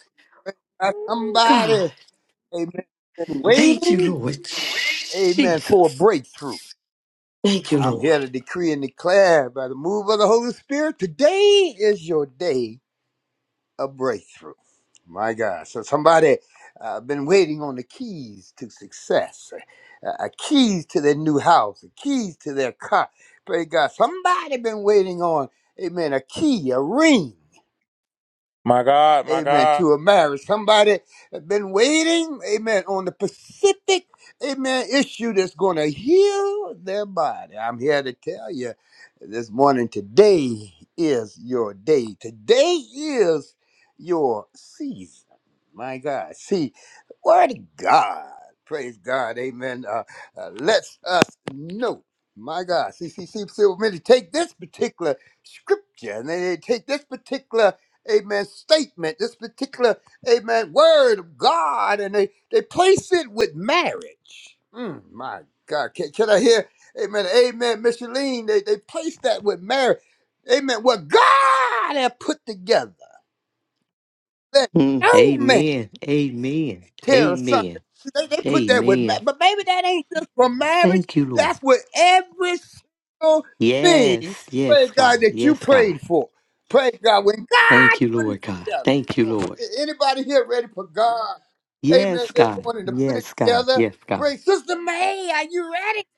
S8: uh,
S3: Oh, God.
S8: somebody, amen, been
S3: Thank you,
S8: waiting,
S3: Lord.
S8: amen, for a
S3: Jesus.
S8: breakthrough.
S3: Thank you,
S8: I'm here to
S3: Lord.
S8: decree and declare by the move of the Holy Spirit, today is your day. a breakthrough. My God. So somebody uh, been waiting on the keys to success, uh, uh, keys to their new house, the keys to their car. Praise God. Somebody been waiting on, amen, a key, a ring
S5: My God, my
S8: amen,
S5: God.
S8: to a marriage. Somebody has been waiting, amen, on the Pacific, amen, issue that's going to heal their body. I'm here to tell you this morning, today is your day. Today is your season. My God. See, word of God. Praise God. Amen. Uh, uh, lets us know. My God. See, see, see, see, when they take this particular scripture and they take this particular amen, statement, this particular, amen, word of God, and they, they place it with marriage. Mm, my God, can, can I hear, amen, amen, Micheline, they, they place that with marriage. Amen, what God had put together, let
S3: Mm,
S8: no man
S3: amen. Amen.
S8: Tell son.
S3: Amen.
S8: They, they put that with ma-
S3: Amen.
S8: but maybe that ain't just for marriage.
S3: Thank you, Lord.
S8: That's with every single thing.
S3: Yes.
S8: Praise
S3: Yes,
S8: God
S3: God.
S8: that you
S3: Yes, God.
S8: prayed for. Praise God when God
S3: Thank you,
S8: put it
S3: Lord God.
S8: together.
S3: Thank you,
S8: Oh,
S3: Lord.
S8: a- anybody here ready for God? Amen.
S3: Yes,
S8: This
S3: God.
S8: morning to put it
S3: Yes, God.
S8: together.
S3: Yes, God.
S8: Praise Sister May. Are you ready?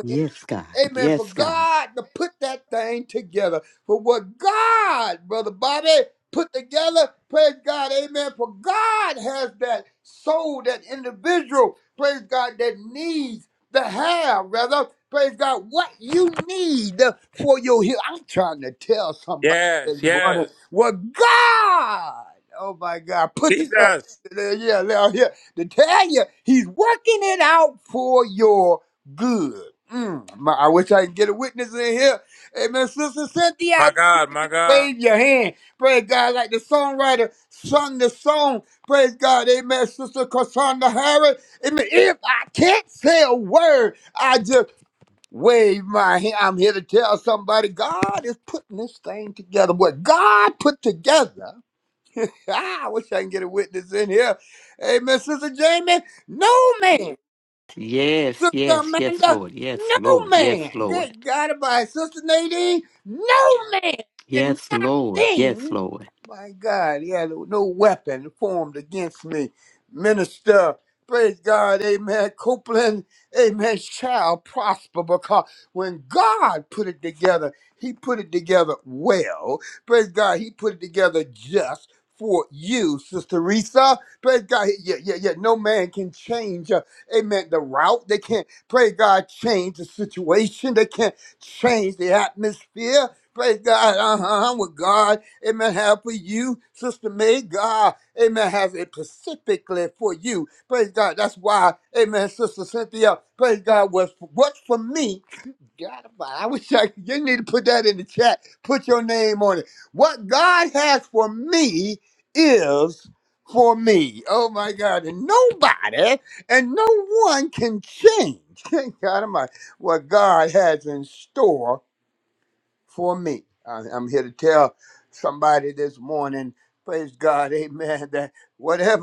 S3: Yes, God.
S8: Amen. For
S3: Yes, God.
S8: God to put that thing together. For what God, Brother Bobby, put together. Praise God. Amen. For God has that soul, that individual, praise God, that needs to have, rather. Praise God, what you need for your healing. I'm trying to tell somebody
S5: Yes,
S8: this morning
S5: yes.
S8: what God, oh my God, put together.
S5: Jesus.
S8: Yeah, yeah, yeah. yeah. To tell you, He's working it out for your good. Mm, my- I wish I could get a witness in here. Amen. Sister Cynthia,
S5: My God, my God.
S8: wave your hand. Praise God. Like the songwriter sung the song. Praise God. Amen. Sister Cassandra Harris. Amen. If I can't say a word, I just wave my hand. I'm here to tell somebody God is putting this thing together. What God put together. I wish I can get a witness in here. Amen. Sister Jamie, no man.
S3: Yes,
S8: Sister
S3: yes, yes,
S8: Amanda,
S3: Lord. Yes,
S8: no
S3: Lord. Yes,
S8: man.
S3: Lord.
S8: Good God, by Sister Nadine, no man. And
S3: Yes, Lord. Yes,
S8: nothing.
S3: Lord.
S8: My God, yeah, no weapon formed against me. Minister, praise God, amen. Copeland, amen, shall prosper because when God put it together, he put it together well. Praise God, he put it together just for you, Sister Risa. Praise God, yeah, yeah, yeah. No man can change. uh, Amen. The route. They can't, pray God, change the situation. They can't change the atmosphere. Praise God. Uh-huh. I'm with God. Amen. Have for you, Sister May. God, amen, has it specifically for you. Praise God. That's why, amen, Sister Cynthia, praise God, was what's for me God, I wish I could. You need to put that in the chat. Put your name on it. What God has for me is for me. Oh my God. And nobody, and no one can change, thank God Almighty, what God has in store for me. I- I'm here to tell somebody this morning, praise God, amen, that whatever.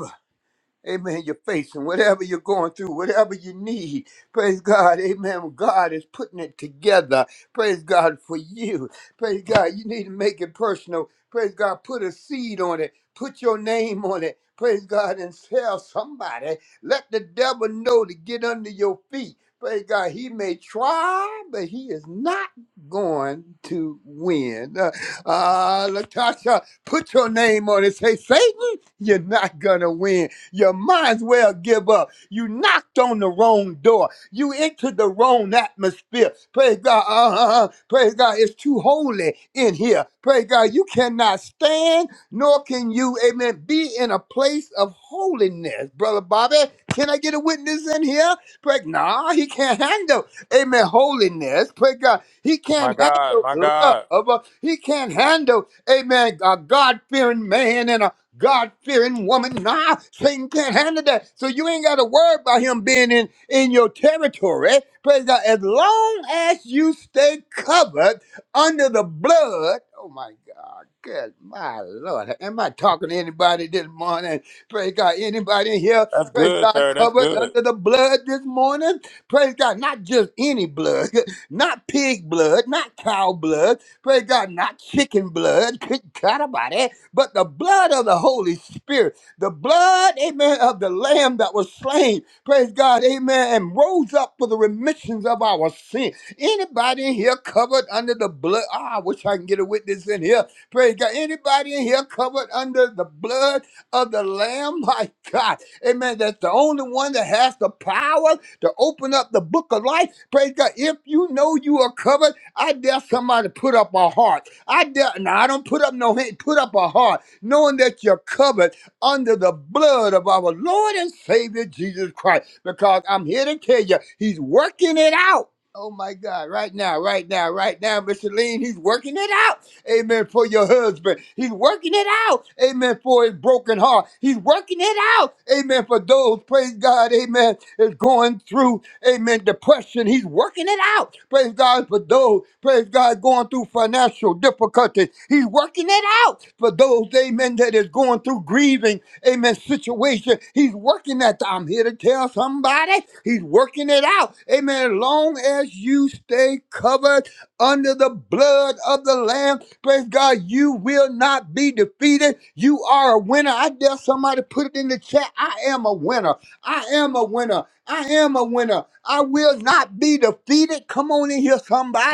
S8: Amen. You're facing whatever you're going through, whatever you need. Praise God. Amen. God is putting it together. Praise God for you. Praise God. You need to make it personal. Praise God. Put a seed on it. Put your name on it. Praise God and tell somebody. Let the devil know to get under your feet. Praise God. He may try, but he is not going to win. Uh, uh, Latasha, put your name on it. Say, Satan, you're not going to win. You might as well give up. You knocked on the wrong door. You into the wrong atmosphere. Praise God. Uh-huh. uh-huh. Praise God. It's too holy in here. Praise God. You cannot stand, nor can you, amen, be in a place of holiness. Brother Bobby, can I get a witness in here? Pray, nah, he can't handle, amen, holiness. Pray God. He
S5: My
S8: can't
S5: God,
S8: handle
S5: my God.
S8: love. He can't handle, amen, a God fearing man and a God fearing woman. Nah, Satan can't handle that. So you ain't got to worry about him being in, in your territory. Praise God. As long as you stay covered under the blood. Oh my God. Good my Lord. Am I talking to anybody this morning? Praise God. Anybody in here?
S5: That's
S8: Praise
S5: good,
S8: God.
S5: sir. That's
S8: Covered
S5: good.
S8: under the blood this morning. Praise God. Not just any blood, not pig blood, not cow blood. Praise God. Not chicken blood. Good God about but the blood of the Holy Spirit, the blood, amen, of the Lamb that was slain, praise God, amen, and rose up for the remissions of our sin. Anybody in here covered under the blood? Ah, I wish I can get a witness in here. Praise God. Anybody in here covered under the blood of the Lamb? My God. Amen. That's the only one that has the power to open up the book of life. Praise God. If you know you are covered, I dare somebody put up a heart. I de- now I don't put up no hand, put up a heart, knowing that you're covered under the blood of our Lord and Savior Jesus Christ. Because I'm here to tell you, He's working it out. Oh my God, right now, right now, right now, Mr. Lean, he's working it out. Amen. For your husband. He's working it out. Amen. For his broken heart. He's working it out. Amen. For those, praise God. Amen is going through, amen, depression, he's working it out. Praise God for those, praise God, going through financial difficulties. He's working it out for those, amen, that is going through grieving, amen, situation. He's working that. I'm here to tell somebody, he's working it out. Amen. As long as you stay covered under the blood of the Lamb, praise God, you will not be defeated. You are a winner. I dare somebody put it in the chat. I am a winner. I am a winner. I am a winner. I will not be defeated. Come on in here,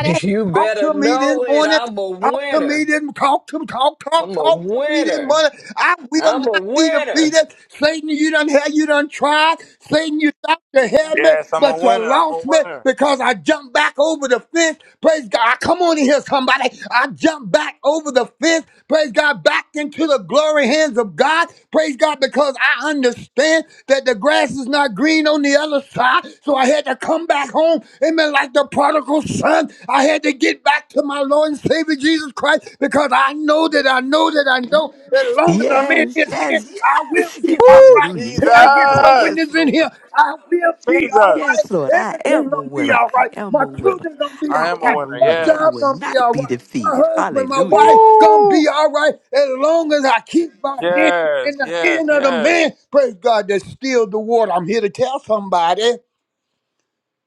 S7: You
S8: Talk
S7: better
S8: to me this
S7: know it.
S8: morning.
S7: I'm a
S8: Talk to me
S7: winner.
S8: then. Talk to talk, talk,
S7: I'm a
S8: talk to me then,
S7: winner.
S8: mother. I will
S7: I'm a
S8: not be
S7: winner.
S8: defeated. Satan, you done had, you done tried. Satan, you thought you had me,
S5: Yes, I'm a
S8: but
S5: winner.
S8: you
S5: I'm a
S8: lost me
S5: winner.
S8: because I jumped back over the fence. Praise God. Come on in here, somebody. I jumped back over the fence. Praise God. Back into the glory hands of God. Praise God because I understand that the grass is not green on the other side. So I had to come back home. Amen. Like the prodigal prodigal son. I had to get back to my Lord and Savior Jesus Christ because I know that I know that I know that as long as I'm in
S3: Yes,
S8: His hand,
S3: yes,
S8: I will
S3: yes.
S8: be
S3: Yes,
S8: all
S5: Woo!
S8: right.
S3: hallelujah.
S8: Can I
S3: Yes,
S8: get
S3: Lord.
S8: some
S5: Jesus!
S3: Yes,
S8: witness in
S3: Lord.
S8: here? I will be all
S5: Jesus!
S3: Yes, Lord.
S8: right.
S3: I
S8: Everything
S3: am a
S8: gonna be
S3: winner.
S8: all
S3: I
S8: right.
S3: am
S8: My
S3: a winner.
S8: children gonna be
S5: I
S3: I
S8: all
S5: am a
S8: right.
S3: am a
S5: winner.
S8: My
S3: winner. I
S8: job
S3: will
S8: gonna
S5: Yes.
S8: be
S3: not
S8: all
S3: be
S8: right. My
S3: defeated.
S8: husband, my
S3: Hallelujah.
S8: wife gonna
S5: Woo!
S8: be all right as long as I keep my hand in
S5: Yes,
S8: the
S5: yes,
S8: hand of the
S5: yes.
S8: man. Praise God that still the water. I'm here to tell somebody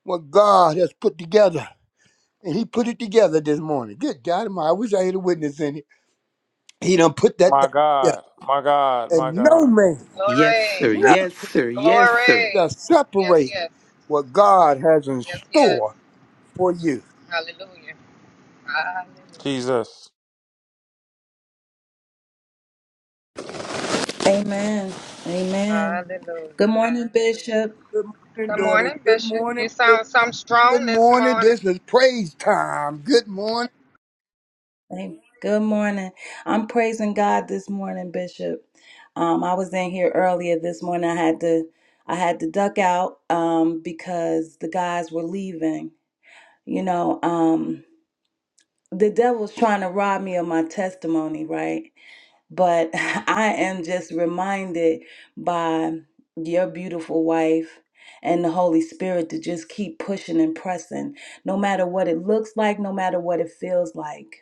S8: what God has put together. And he put it together this morning. Good God, Almighty, I wish I had a witness in it. He done put that
S5: My
S8: thing together.
S5: God. My God. My
S8: And no
S5: God.
S8: man,
S3: Yes,
S6: Glory.
S3: sir.
S8: nothing
S3: Yes, sir. Yes, sir.
S8: shall
S6: Glory. Yes,
S8: separate
S6: yes.
S8: what God has in
S6: Yes, yes.
S8: store for you.
S6: Hallelujah. Hallelujah.
S5: Jesus.
S2: Amen. Amen.
S6: Hallelujah.
S2: Good morning, Bishop.
S8: Good morning,
S6: Good
S8: daughter.
S6: morning,
S8: Good
S6: Bishop.
S8: morning.
S6: You
S8: Good,
S6: sound some
S8: good
S6: strong this
S8: morning.
S6: morning.
S8: This is praise time. Good morning.
S2: Hey, Good morning. I'm praising God this morning, Bishop. Um, I was in here earlier this morning. I had to I had to duck out um, because the guys were leaving. You know, um, the devil's trying to rob me of my testimony, right? But I am just reminded by your beautiful wife and the Holy Spirit to just keep pushing and pressing, no matter what it looks like, no matter what it feels like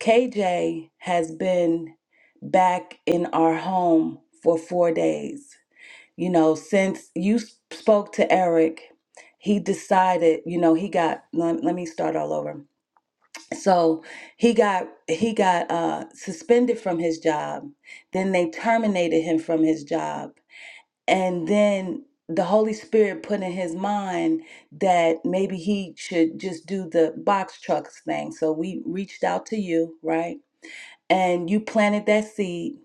S2: KJ has been back in our home for four days. You know, since you spoke to Eric, he decided, you know, he got, let, let me start all over. So he got he got uh, suspended from his job. Then they terminated him from his job, and then the Holy Spirit put in his mind that maybe he should just do the box trucks thing. So we reached out to you, right? and you planted that seed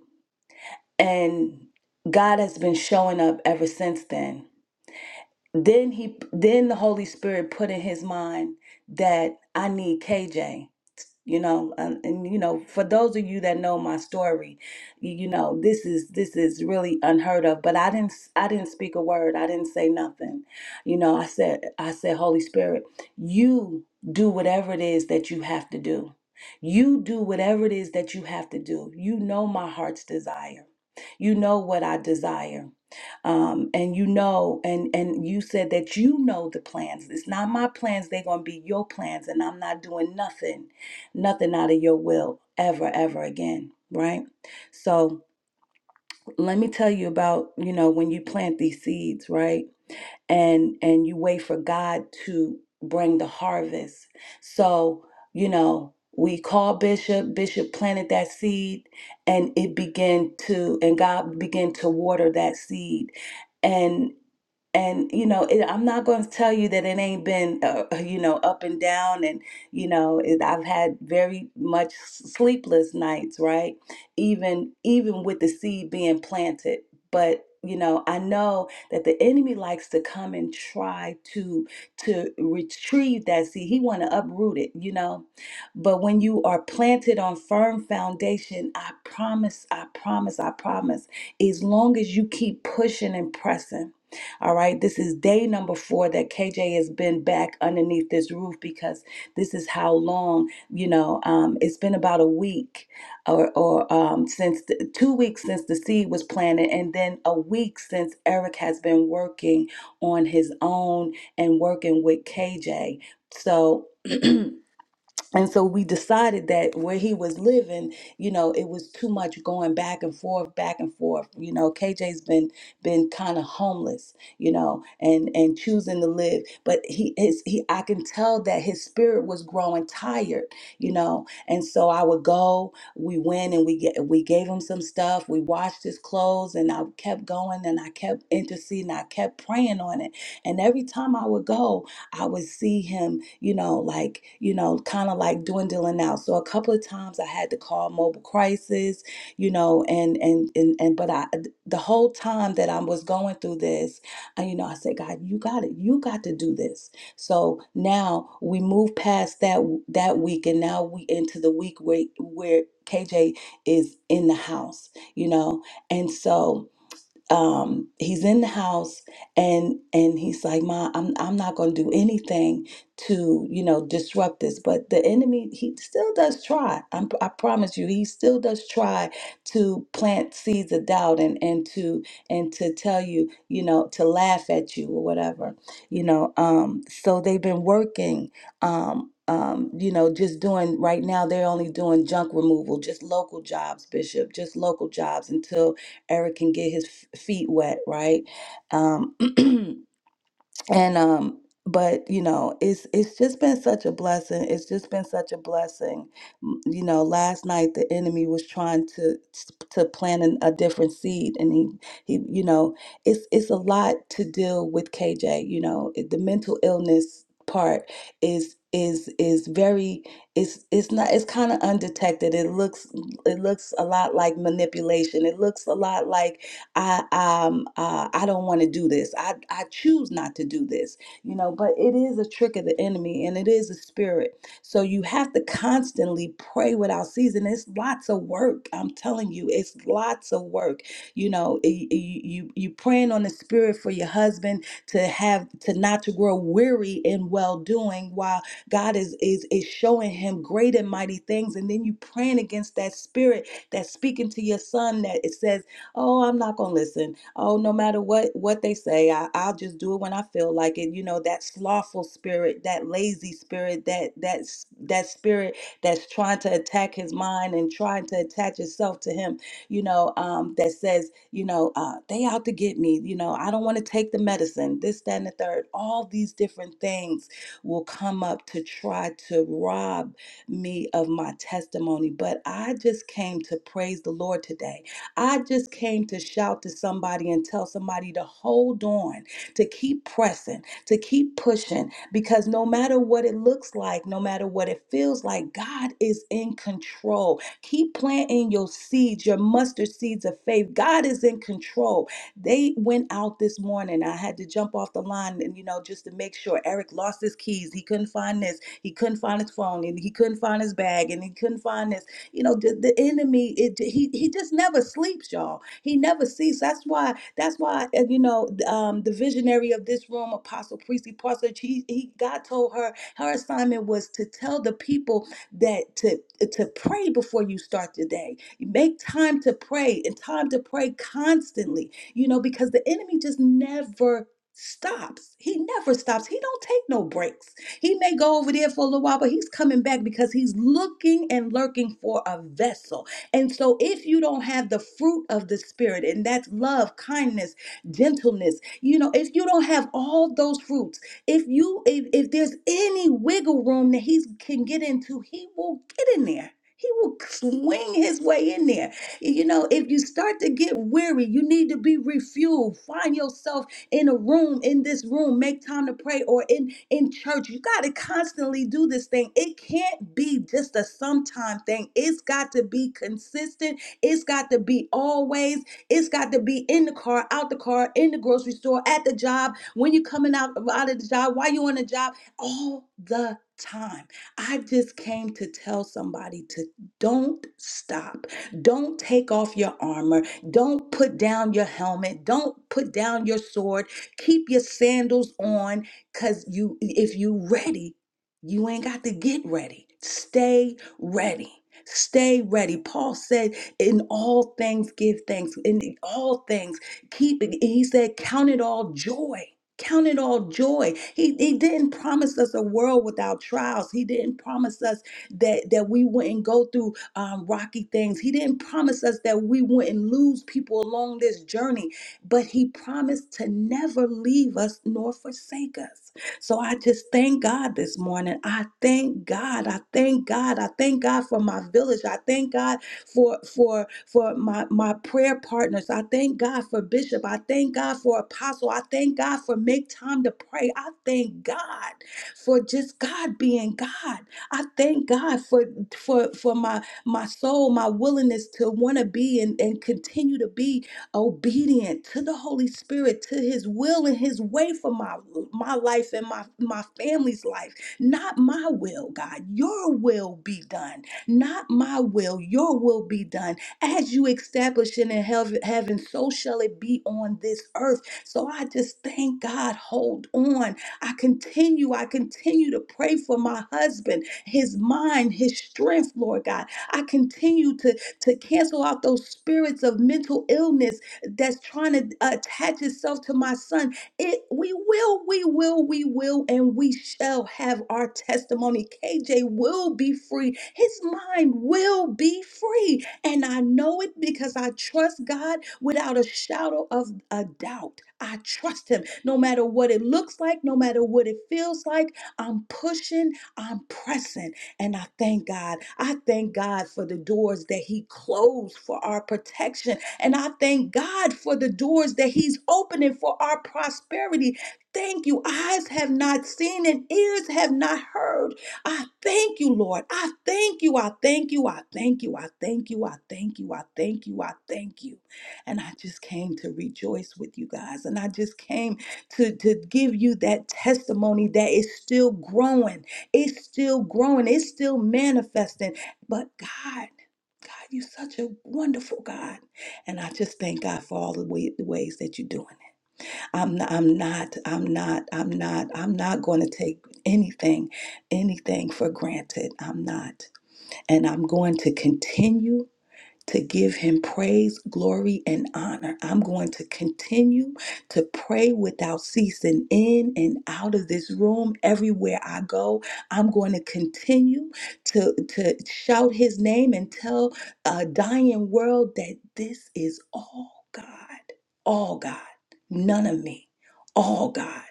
S2: and God has been showing up ever since then. Then he then the Holy Spirit put in his mind that I need KJ you know um, and you know for those of you that know my story you, you know this is this is really unheard of but i didn't i didn't speak a word i didn't say nothing you know i said i said holy spirit you do whatever it is that you have to do you do whatever it is that you have to do you know my heart's desire you know what i desire um, and you know and and you said that you know the plans it's not my plans they're going to be your plans and i'm not doing nothing nothing out of your will ever, ever again, right? So let me tell you about, you know, when you plant these seeds, right? And and you wait for God to bring the harvest. So, you know, we call Bishop, Bishop planted that seed and it began to and God began to water that seed. and and you know it, i'm not going to tell you that it ain't been uh, uh, you know up and down and you know it, i've had very much sleepless nights right even even with the seed being planted but you know i know that the enemy likes to come and try to to retrieve that seed he want to uproot it you know but when you are planted on firm foundation i promise i promise i promise as long as you keep pushing and pressing all right. This is day number four that KJ has been back underneath this roof because this is how long, you know, um, it's been about a week or, or um, since the, two weeks since the seed was planted, and then a week since Eric has been working on his own and working with KJ. So, and so we decided that where he was living, you know, it was too much going back and forth, back and forth. You know, KJ's been been kind of homeless, you know, and and choosing to live, but he is he I can tell that his spirit was growing tired, you know. And so I would go, we went and we get we gave him some stuff, we washed his clothes and I kept going and I kept interceding, I kept praying on it. And every time I would go, I would see him, you know, like, you know, kind of like dwindling out. So a couple of times I had to call mobile crisis, you know, and and and and but I the whole time that I was going through this, I, you know, I said, God, you got it. You got to do this. So now we move past that that week and now we into the week where where KJ is in the house, you know. And so um he's in the house and and he's like ma i'm i'm not going to do anything to you know disrupt this but the enemy he still does try I'm, i promise you he still does try to plant seeds of doubt and and to and to tell you you know to laugh at you or whatever you know um so they've been working um um, you know, just doing right now, they're only doing junk removal, just local jobs, Bishop, just local jobs until Eric can get his f- feet wet, right? Um, and um, but you know, it's it's just been such a blessing. It's just been such a blessing. M- You know, last night the enemy was trying to to plant an, a different seed, and he he, you know, it's it's a lot to deal with KJ. You know, It- the mental illness part is is is very it's it's not it's kind of undetected it looks it looks a lot like manipulation it looks a lot like I um uh, I don't want to do this. I I choose not to do this. You know, but it is a trick of the enemy and it is a spirit. So you have to constantly pray without season. It's lots of work. I'm telling you, it's lots of work. You know, y- y- you you praying on the spirit for your husband to have to not to grow weary in well doing while God is is is showing him great and mighty things, and then you praying against that spirit that's speaking to your son that it says oh i'm not going to listen oh no matter what what they say I, i'll just do it when i feel like it you know that slothful spirit that lazy spirit that that s- that spirit that's trying to attack his mind and trying to attach itself to him you know um, that says you know uh, they out to get me you know i don't want to take the medicine this that and the third all these different things will come up to try to rob me of my testimony but i just came to praise the lord today I just came to shout to somebody and tell somebody to hold on, to keep pressing, to keep pushing, because no matter what it looks like, no matter what it feels like, God is in control. Keep planting your seeds, your mustard seeds of faith. God is in control. They went out this morning. I had to jump off the line and, you know, just to make sure Eric lost his keys. He couldn't find this. He couldn't find his phone and he couldn't find his bag and he couldn't find this you know, the, the enemy, it, he he just never sleeps, y'all. He never sleeps. That's why. That's why. uh, You know, um, the visionary of this room, Apostle Priestley Parsons, he, he God told her her assignment was to tell the people that to to pray before you start the day. Make time to pray and time to pray constantly. You know, because the enemy just never stops. He never stops. He don't take no breaks. He may go over there for a little while, but he's coming back because he's looking and lurking for a vessel. And so, if you don't have the fruit of the Spirit, and that's love, kindness, gentleness, you know, if you don't have all those fruits, if you if, if there's any wiggle room that he can get into, he will get in there. He will swing his way in there. You know, if you start to get weary, you need to be refueled. Find yourself in a room, in this room, make time to pray or in in church. You got to constantly do this thing. It can't be just a sometime thing. It's got to be consistent. It's got to be always. It's got to be in the car, out the car, in the grocery store, at the job, when you're coming out out of the job, while you're on the job, all the time. I just came to tell somebody to don't stop. Don't take off your armor. Don't put down your helmet. Don't put down your sword. Keep your sandals on cuz you if you ready, you ain't got to get ready. Stay ready. Stay ready. Paul said, in all things give thanks. In all things keep it. He said, count it all joy. Count it all joy. He, he didn't promise us a world without trials. He didn't promise us that, that we wouldn't go through um, rocky things. He didn't promise us that we wouldn't lose people along this journey, but He promised to never leave us nor forsake us. So I just thank God this morning. I thank God. I thank God. I thank God for my village. I thank God for for for my my prayer partners. I thank God for Bishop. I thank God for Apostle. I thank God for make time to pray. I thank God for just God being God. I thank God for for for my my soul, my willingness to want to be and, and continue to be obedient to the Holy Spirit, to his will and his way for my my life and my, my family's life. Not my will, God. Your will be done. Not my will, your will be done. As you establish it in heav- heaven, so shall it be on this earth. So I just thank God. Hold on. I continue, I continue to pray for my husband, his mind, his strength, Lord God. I continue to, to cancel out those spirits of mental illness that's trying to attach itself to my son. It we will, we will, we will, and we shall have our testimony. KJ will be free. His mind will be free. And I know it because I trust God without a shadow of a doubt. I trust him no matter what it looks like, no matter what it feels like. I'm pushing, I'm pressing. And I thank God. I thank God for the doors that He closed for our protection. And I thank God for the doors that He's opening for our prosperity. Thank you. Eyes have not seen and ears have not heard. I thank you, Lord. I thank you. I thank you. I thank you. I thank you. I thank you. I thank you. I thank you. And I just came to rejoice with you guys. And I just came to, to give you that testimony that is still growing it's still growing, it's still manifesting. But God, God, you're such a wonderful God. And I just thank God for all the, way, the ways that you're doing. it. I'm not, I'm not, I'm not, I'm not, I'm not going to take anything, anything for granted. I'm not. And I'm going to continue to give him praise, glory, and honor. I'm going to continue to pray without ceasing in and out of this room, everywhere I go. I'm going to continue to, to shout his name and tell a dying world that this is all God, all God, none of me, all God.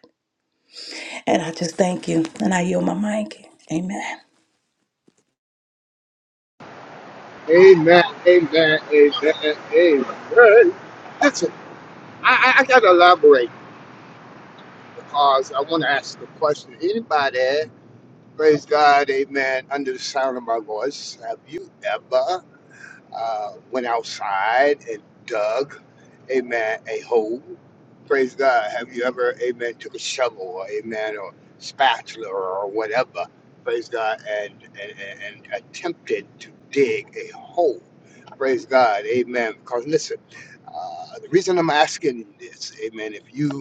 S2: And I just thank you, and I yield my mic. Amen.
S8: Amen. Amen. Amen. Amen. Listen, I, I, I got to elaborate because I want to ask the question. Anybody? Praise God, amen. Under the sound of my voice, have you ever uh, went outside and dug, amen, a hole? Praise God. Have you ever, amen, took a shovel, or, amen, or spatula or whatever, praise God, and, and, and and attempted, a hole? praise God, amen. Listen, uh, the reason I'm asking this, amen, if you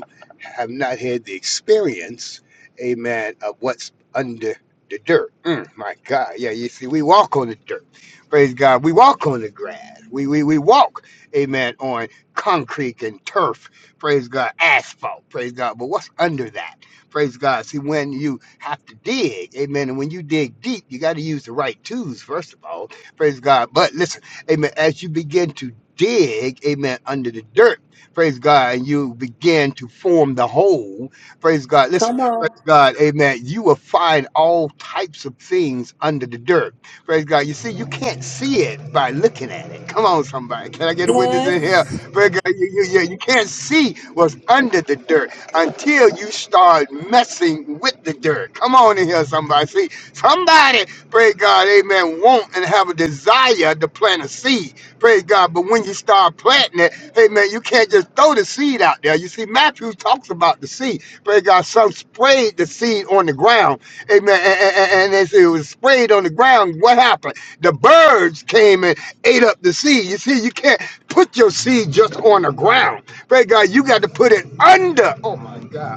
S8: have not had the experience, amen, of what's under the dirt. Mm, my God. Yeah, you see, we walk on the dirt. Praise God. We walk on the grass. We, we, we walk, amen, on concrete and turf. Praise God. Asphalt. Praise God. But what's under that? Praise God. See, when you have to dig, amen, and when you dig deep, you got to use the right tools, first of all. Praise God. But listen, amen, as you begin to dig, amen, under the dirt, praise God, and you begin to form the whole, praise God. Listen,
S2: Come on.
S8: praise God, amen. You will find all types of things under the dirt, praise God. You see, you can't see it by looking at it. Come on, somebody. Can I get a witness
S2: Yes.
S8: in here? Praise God, you, you, you, you can't see what's under the dirt until you start messing with the dirt. Come on in here, somebody. See, somebody, praise God, amen, want and have a desire to plant a seed, praise God. But when you start planting it, Hey man, you can't just throw the seed out there. You see, Matthew talks about the seed. Praise God, some sprayed the seed on the ground. Amen. And, and, and as it was sprayed on the ground, what happened? The birds came and ate up the seed. You see, you can't put your seed just on the ground. Praise God, you got to put it under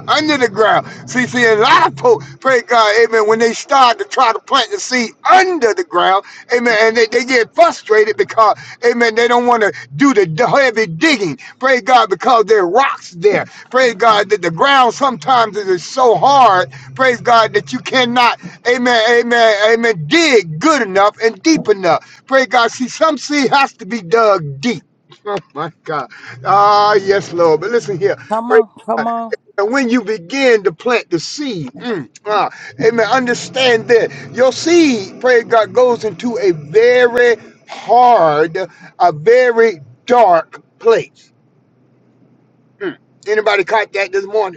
S8: under the ground. See, see, a lot of folks, pray God, amen, when they start to try to plant the seed under the ground, amen, and they, they get frustrated because, amen, they don't want to do the heavy digging, pray God, because there are rocks there. Praise God that the ground sometimes is so hard, praise God, that you cannot, amen, amen, amen, dig good enough and deep enough. Pray God, see, some seed has to be dug deep. Oh my God. Ah, yes, Lord. But listen here.
S2: Come
S8: Pray.
S2: on. Come
S8: And when you begin to plant the seed, mm, ah, amen, understand that your seed, praise God, goes into a very hard, a very dark place. Mm. Anybody caught that this morning?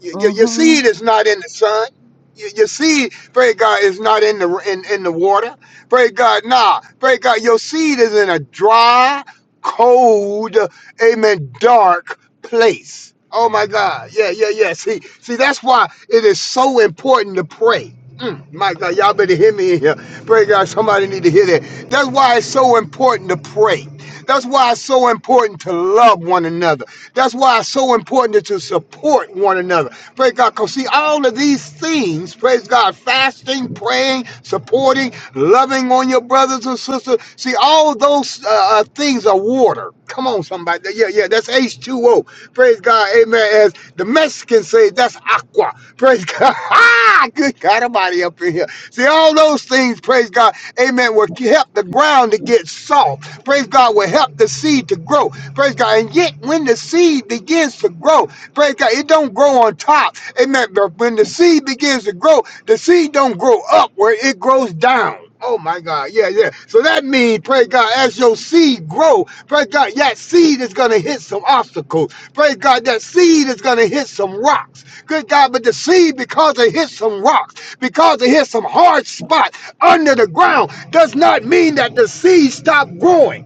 S8: Your, your, your
S2: on.
S8: seed is not in the sun. Your, your seed, pray God, is not in the in, in the water. Pray God, nah. Pray God, your seed is in a dry, cold, amen, dark place. Oh my God. Yeah, yeah, yeah. See, see, that's why it is so important to pray. Mm, my God, y'all better hear me in here. Pray God, somebody need to hear that. That's why it's so important to pray. That's why it's so important to love one another. That's why it's so important to support one another. Praise God, because see, all of these things, praise God, fasting, praying, supporting, loving on your brothers and sisters, see, all those uh, uh, things are water. Come on, somebody. Yeah, yeah, that's H2O. Praise God. Amen. As the Mexicans say, that's aqua. Praise God. Ah, good God, everybody up in here. See, all those things, praise God, amen, will help the ground to get soft. Praise God, will help the seed to grow. Praise God. And yet, when the seed begins to grow, praise God, it don't grow on top. Amen. But when the seed begins to grow, the seed don't grow up where it grows down. Oh my God. Yeah, yeah. So that means, pray God, as your seed grow, pray God, that seed is gonna hit some obstacles. Pray God, that seed is gonna hit some rocks. Good God, but the seed, because it hit some rocks, because it hit some hard spot under the ground, does not mean that the seed stopped growing.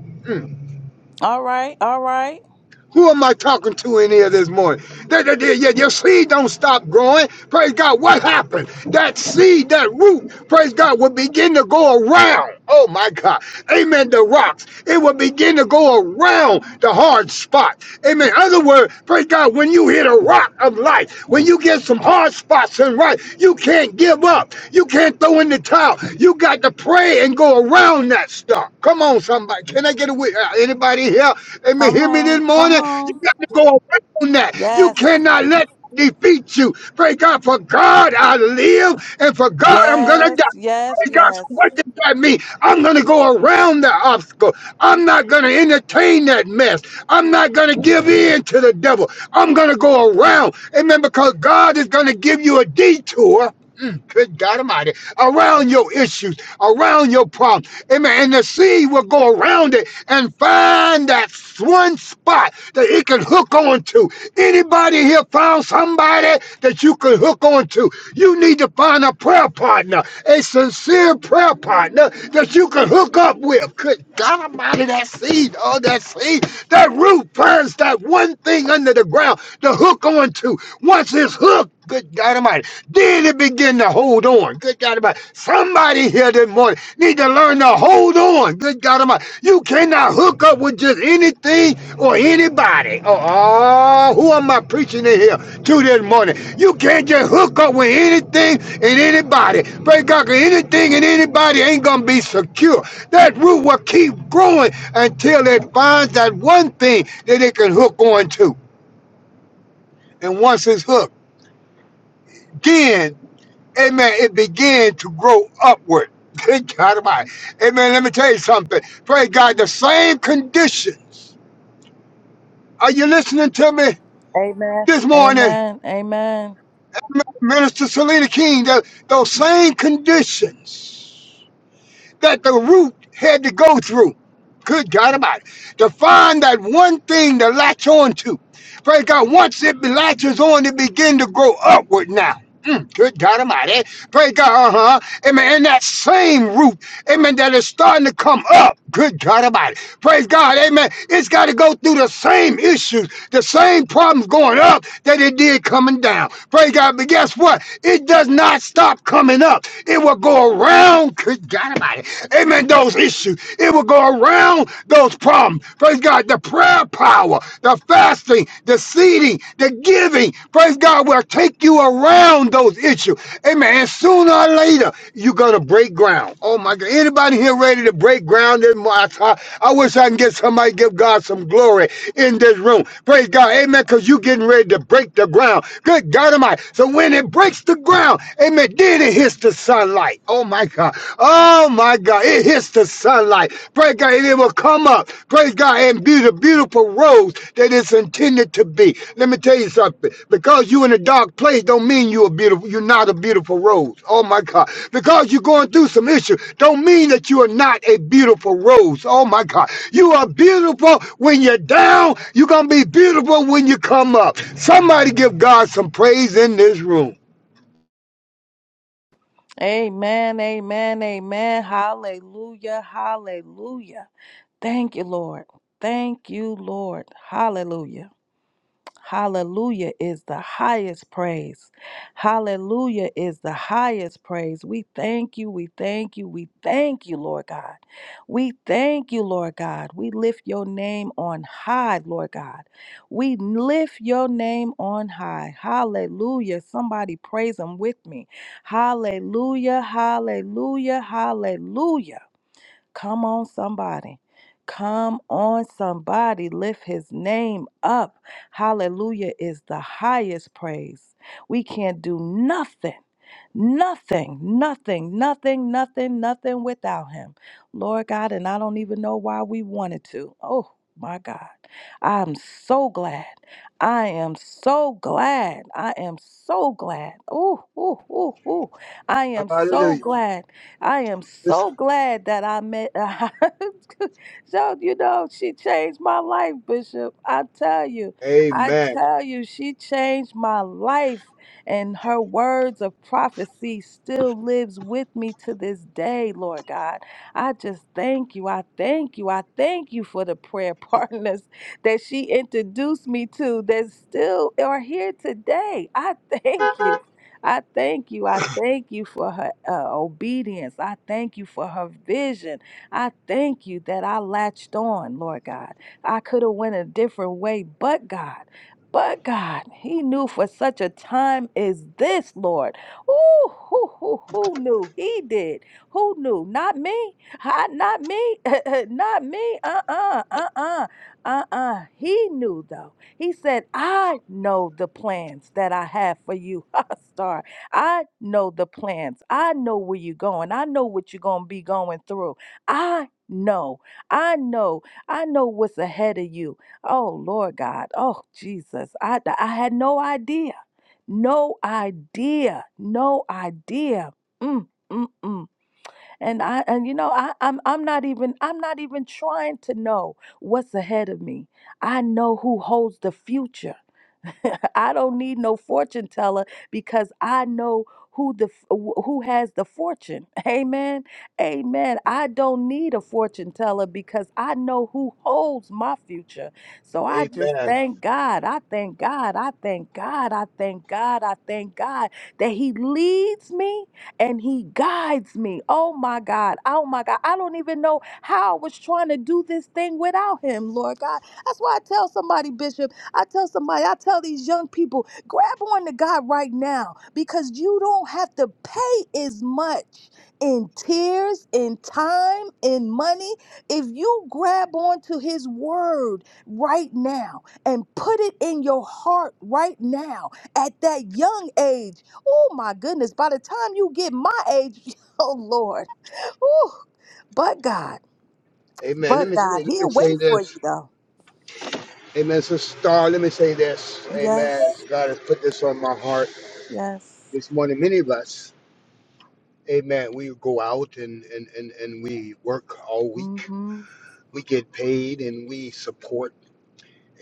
S2: All right, all right.
S8: Who am I talking to in here this morning? That, that, that- yeah, your seed don't stop growing. Praise God. What happened? That seed, that root, praise God, will begin to go around. Oh my God. Amen. The rocks. It will begin to go around the hard spot. Amen. In Other words, praise God, when you hit a rock of life, when you get in some hard spots and right. You can't give up. You can't throw in the towel. You got to pray and go around that stuff. Come on, somebody. Can I get a wit- uh, anybody here? Amen.
S2: Come
S8: Hear me this
S2: on, come
S8: morning. You
S2: on.
S8: got to go around that. You
S2: Yes,
S8: cannot let defeat you. Pray God for God I live and for God I'm gonna
S2: yes,
S8: die.
S2: yes,
S8: Praise God,
S2: yes.
S8: what does that mean? I'm going to go around the obstacle. I'm not going to entertain that mess. I'm not going to give in to the devil. I'm going to go around. Amen. Because God is going to give you a detour. Mm, Good God Almighty, around your issues, around your problem. Amen. And the seed will go around it and find that one spot that it can hook hook on to. Anybody here found somebody that you could hook on to? You need to find a prayer partner, a sincere prayer partner that you can hook up with. Good God Almighty, that seed, oh, that seed, that root finds that one thing under the ground to hook on to. Once it's hooked, Good God Almighty. Then it begin to hold on. Good God Almighty. Somebody here this morning need to learn to hold on. Good God Almighty. You cannot hook up with just anything or anybody. Oh, oh, who am I preaching in here to this morning? You can't just hook up with anything and anybody. Praise God, 'cause anything and anybody ain't going to be secure. That root will keep growing until it finds that one thing that it can hook on to. And once it's hooked, then. amen, it began to grow upward. Good God Almighty. Amen. Let me tell you something. Praise God, the same conditions. Are you listening to me
S2: Amen.
S8: this morning?
S2: Amen. Amen.
S8: Minister Selena King, tho- those same conditions that the root had to go through. Good God Almighty. to find that one thing to latch on to. Praise God. Once it latches on, it begin to grow upward now. Mm, good God Almighty. Praise God. Uh huh. Amen. And that same root, amen, that is starting to come up. Good God Almighty. Praise God. Amen. It's got to go through the same issues, the same problems going up that it did coming down. Praise God. But guess what? It does not stop coming up. It will go around. Good God Almighty. Amen. The those issues. It will go around those problems. Praise God. The prayer power, the fasting, the seeding, the giving. Praise God will take you around those issues. Amen. And sooner or later, you're gonna break ground. Oh my God. Anybody here ready to break ground this month? I, I wish I can get somebody to give God some glory in this room. Praise God. Amen. Because you getting ready to break the ground. Good God Almighty. So when it breaks the ground, amen, then it hits the sunlight light. Oh my God. Oh my God. It hits the sunlight. Praise God. And it will come up. Praise God. And be the beautiful rose that it's intended to be. Let me tell you something. Because you in a dark place don't mean you're beautiful. You're not a beautiful rose. Oh my God. Because you're going through some issue don't mean that you are not a beautiful rose. Oh my God. You are beautiful when you're down. You're going to be beautiful when you come up. Somebody give God some praise in this room.
S2: Amen. Amen. Amen. Hallelujah. Hallelujah. Thank you, Lord. Thank you, Lord. Hallelujah. Hallelujah is the highest praise. Hallelujah is the highest praise. We thank you. We thank you. We thank you, Lord God. We thank you, Lord God. We lift your name on high, Lord God. We lift your name on high. Hallelujah. Somebody praise him with me. Hallelujah. Hallelujah. Hallelujah. Come on, somebody. Come on, somebody. Lift his name up. Hallelujah is the highest praise. We can't do nothing Nothing, nothing, nothing, nothing, nothing without him. Lord God, and I don't even know why we wanted to. Oh my God. I'm so glad. I am so glad. I am so glad. Ooh, ooh, ooh, ooh. I am so
S8: Hallelujah.
S2: glad. I am so
S8: Listen.
S2: glad that I met. so, you know, she changed my life, Bishop. I tell you, I
S8: Amen.
S2: tell you, she changed my life and her words of prophecy still lives with me to this day, Lord God. I just thank you. I thank you. I thank you for the prayer partners that she introduced me to that still are here today. I thank you. I thank you. I thank you for her uh, obedience. I thank you for her vision. I thank you that I latched on, Lord God. I could have went a different way, but God, but God, He knew for such a time is this, Lord? Ooh, who, who, who knew? He did. Who knew? Not me. Ha, not me. not me. Uh-uh. Uh-uh. Uh-uh. He knew though. He said, I know the plans that I have for you, Star. I know the plans. I know where you're going. I know what you're going to be going through. I know. I know. I know what's ahead of you. Oh, Lord God. Oh, Jesus. I, I had no idea. No idea. No idea. Mm, mm, mm. And I and you know I I'm I'm not even I'm not even trying to know what's ahead of me. I know who holds the future. I don't need no fortune teller because I know who the who has the fortune. Amen. Amen. I don't need a fortune teller because I know who holds my future. So I just
S8: Amen.
S2: thank God. I thank God. I thank God. I thank God. I thank God that he leads me and he guides me. Oh my God. Oh my God. I don't even know how I was trying to do this thing without him, Lord God. That's why I tell somebody, Bishop. I tell somebody, I tell these young people, grab on to God right now because you don't have to pay as much in tears, in time, in money. If you grab on to his word right now and put it in your heart right now at that young age, oh my goodness, by the time you get my age, oh Lord, Ooh, but God,
S8: Amen. Let
S2: but Amen.
S8: me
S2: God,
S8: say, let me
S2: he'll
S8: say
S2: wait for you
S8: this.
S2: though.
S8: Amen. So star, let me say this. Amen.
S2: Yes,
S8: God has put this on my heart
S2: yes.
S8: this morning. Many of us, amen, we go out and, and, and, and we work all week.
S2: Mm-hmm.
S8: We get paid and we support,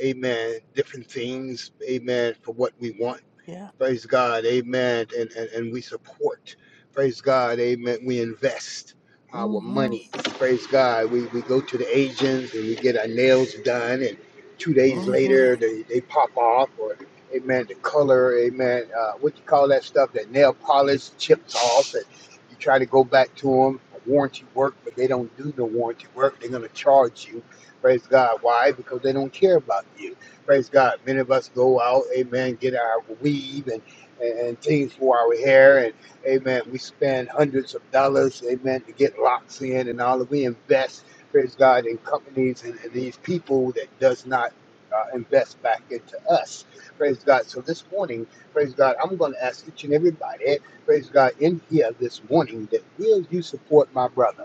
S8: amen, different things, amen, for what we want.
S2: Yeah.
S8: Praise God, amen. And, and, and we support. Praise God, amen. We invest our
S2: Mm-hmm.
S8: money. Praise God. We, we go to the agents and we get our nails done, and two days
S2: Mm-hmm.
S8: later they, they pop off, or amen, the color, amen. Uh, what you call that stuff? That nail polish chips off, and you try to go back to them. Warranty work, but they don't do the warranty work. They're going to charge you. Praise God. Why? Because they don't care about you. Praise God. Many of us go out, amen, get our weave and, and, and things for our hair. And, amen, we spend hundreds of dollars, amen, to get locks in and all of we invest, praise God, in companies and, and these people that does not uh, invest back into us. Praise God. So this morning, praise God, I'm going to ask each and everybody, praise God, in here this morning that will you support my brother?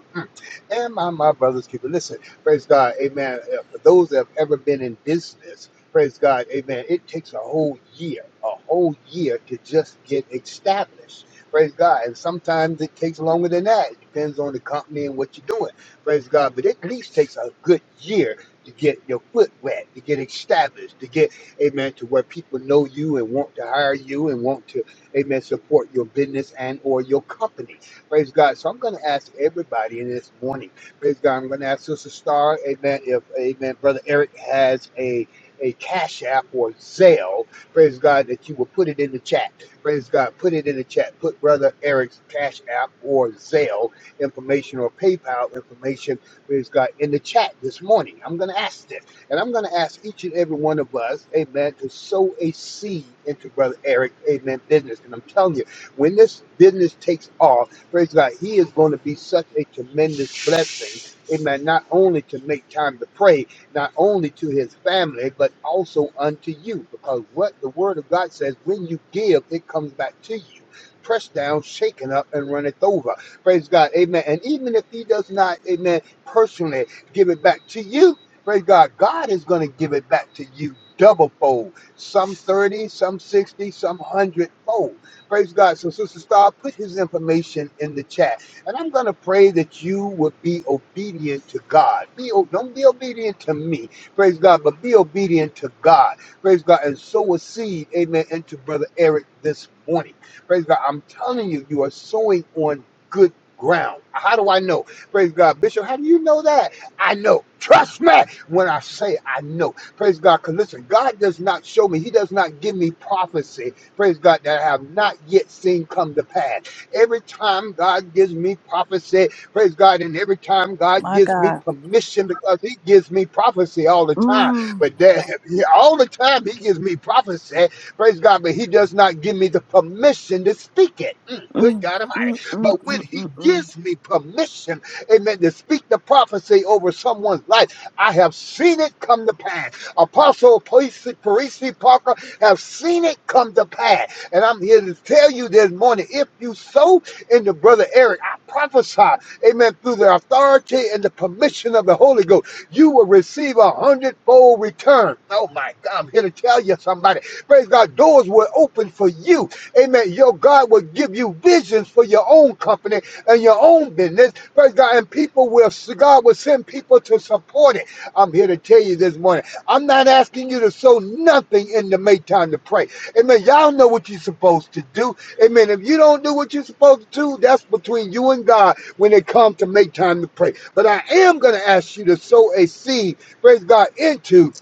S8: and my, my brother's keeper. Listen, praise God, amen. Uh, For those that have ever been in business, praise God, amen. It takes a whole year, a whole year to just get established. Praise God. And sometimes it takes longer than that. It depends on the company and what you're doing. Praise God. But it at least takes a good year to get your foot wet, to get established, to get, amen, to where people know you and want to hire you and want to, amen, support your business and or your company. Praise God. So I'm going to ask everybody in this morning. Praise God. I'm going to ask Sister Star, amen, if, amen, Brother Eric has a, a Cash App or Zelle. Praise God that you will put it in the chat. Praise God. Put it in the chat. Put Brother Eric's Cash App or Zelle information or PayPal information, praise God, in the chat this morning. I'm going to ask this. And I'm going to ask each and every one of us, amen, to sow a seed into Brother Eric, amen, business. And I'm telling you, when this business takes off, Praise God. He is going to be such a tremendous blessing. Amen. Not only to make time to pray, not only to his family, but also unto you. Because what the word of God says, when you give, it comes back to you. Pressed down, shaken up, and runneth over. Praise God. Amen. And even if he does not, amen, personally give it back to you, praise God, God is going to give it back to you double fold, some 30, some 60, some 100 fold. Praise God. So, Sister Star put his information in the chat. And I'm going to pray that you would be obedient to God. Be, o- don't be obedient to me. Praise God. But be obedient to God. Praise God. And sow a seed, amen, into Brother Eric this morning. Praise God. I'm telling you, you are sowing on good ground. How do I know? Praise God. Bishop, how do you know that? I know. Trust me when I say I know. Praise God. Because listen, God does not show me, He does not give me prophecy praise God, that I have not yet seen come to pass. Every time God gives me prophecy, praise God, and every time God
S2: My
S8: gives me
S2: God.
S8: permission because He gives me prophecy all the time.
S2: Mm.
S8: But there, all the time He gives me prophecy, praise God, but He does not give me the permission to speak it. Mm, good
S2: Mm.
S8: God
S2: Mm.
S8: Almighty.
S2: Mm.
S8: But when
S2: Mm.
S8: He
S2: Mm. Mm.
S8: gives me permission, amen, to speak the prophecy over someone's life, I have seen it come to pass. Apostle Parisi Parisi Parker have seen it come to pass. And I'm here to tell you this morning if you sow into Brother Eric, I prophesy, amen, through the authority and the permission of the Holy Ghost, you will receive a hundredfold return. Oh my God, I'm here to tell you somebody. Praise God, doors will open for you. Amen. Your God will give you visions for your own company and your own business. Praise God, and people will, God will send people to support it. I'm here to tell you this morning. I'm not asking you to sow nothing in the make time to pray. Amen. Y'all know what you're supposed to do. Amen. If you don't do what you're supposed to do, that's between you and God when it comes to make time to pray. But I am going to ask you to sow a seed, praise God, into,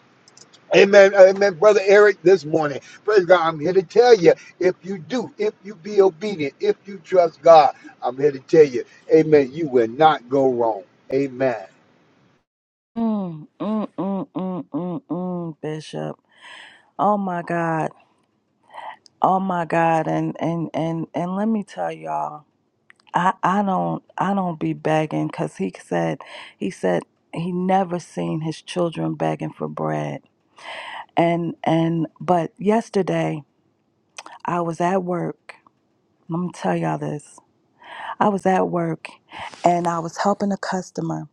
S8: amen, amen, Brother Eric, this morning. Praise God. I'm here to tell you if you do, if you be obedient, if you trust God, I'm here to tell you, amen, you will not go wrong. Amen.
S2: Mm. Mm. Mm. Mm. Mm. mm, Bishop. Oh my God. Oh my God. And and and and let me tell y'all. I I don't I don't be begging because he said he said he never seen his children begging for bread. And and but yesterday I was at work. Let me tell y'all this. I was at work and I was helping a customer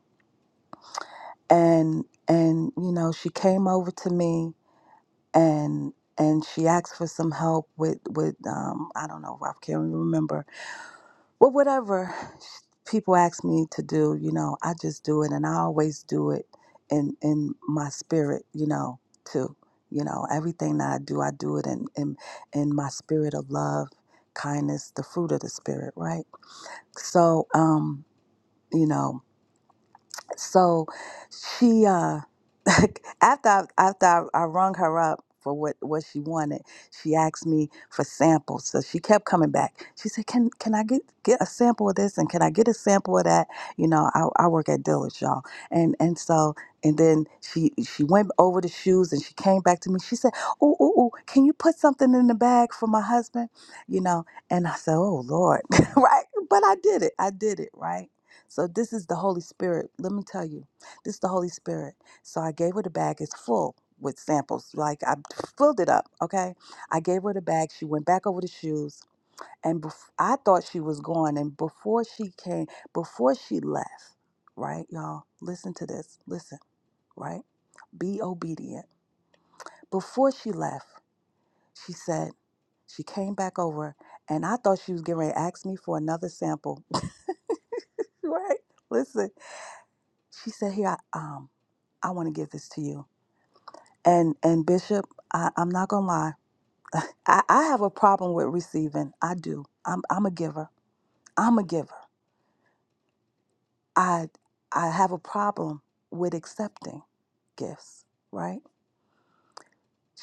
S2: and and you know she came over to me and and she asked for some help with with um I don't know I can't even remember well whatever people ask me to do you know I just do it and I always do it in in my spirit you know too you know everything that I do I do it in in in my spirit of love kindness the fruit of the spirit right so um you know So she uh after I, after I, I rung her up for what what she wanted, she asked me for samples. So she kept coming back. She said, "Can can I get get a sample of this and can I get a sample of that?" You know, I, I work at Dillard's, y'all, and and so and then she she went over the shoes and she came back to me. She said, "Oh oh oh, can you put something in the bag for my husband?" You know, and I said, "Oh Lord, right?" But I did it. I did it right. So this is the Holy Spirit. Let me tell you, this is the Holy Spirit. So I gave her the bag. It's full with samples. Like I filled it up. Okay. I gave her the bag. She went back over the shoes, and bef- I thought she was gone. And before she came, before she left, right, y'all, listen to this. Listen, right. Be obedient. Before she left, she said she came back over, and I thought she was getting ready to ask me for another sample. right. Listen. She said, "Here, I, um." I want to give this to you. And and Bishop, I, I'm not gonna lie. I, I have a problem with receiving. I do. I'm I'm a giver. I'm a giver. I I have a problem with accepting gifts, right?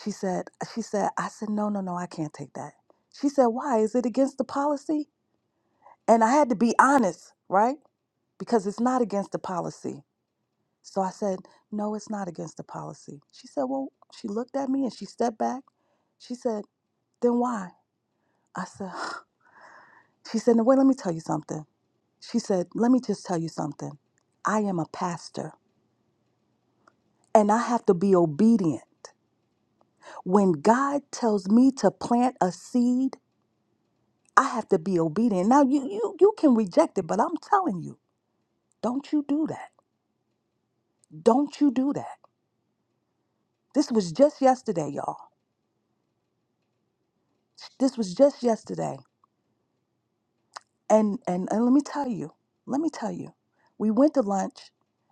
S2: She said, she said, I said, no, no, no, I can't take that. She said, why? Is it against the policy? And I had to be honest, right? Because it's not against the policy. So I said, no, it's not against the policy. She said, well, she looked at me and she stepped back. She said, then why? I said, she said, "Now wait, let me tell you something. She said, let me just tell you something. I am a pastor and I have to be obedient. When God tells me to plant a seed, I have to be obedient. Now you you you can reject it, but I'm telling you, don't you do that. Don't you do that. This was just yesterday, y'all. This was just yesterday. And and and let me tell you, let me tell you, we went to lunch,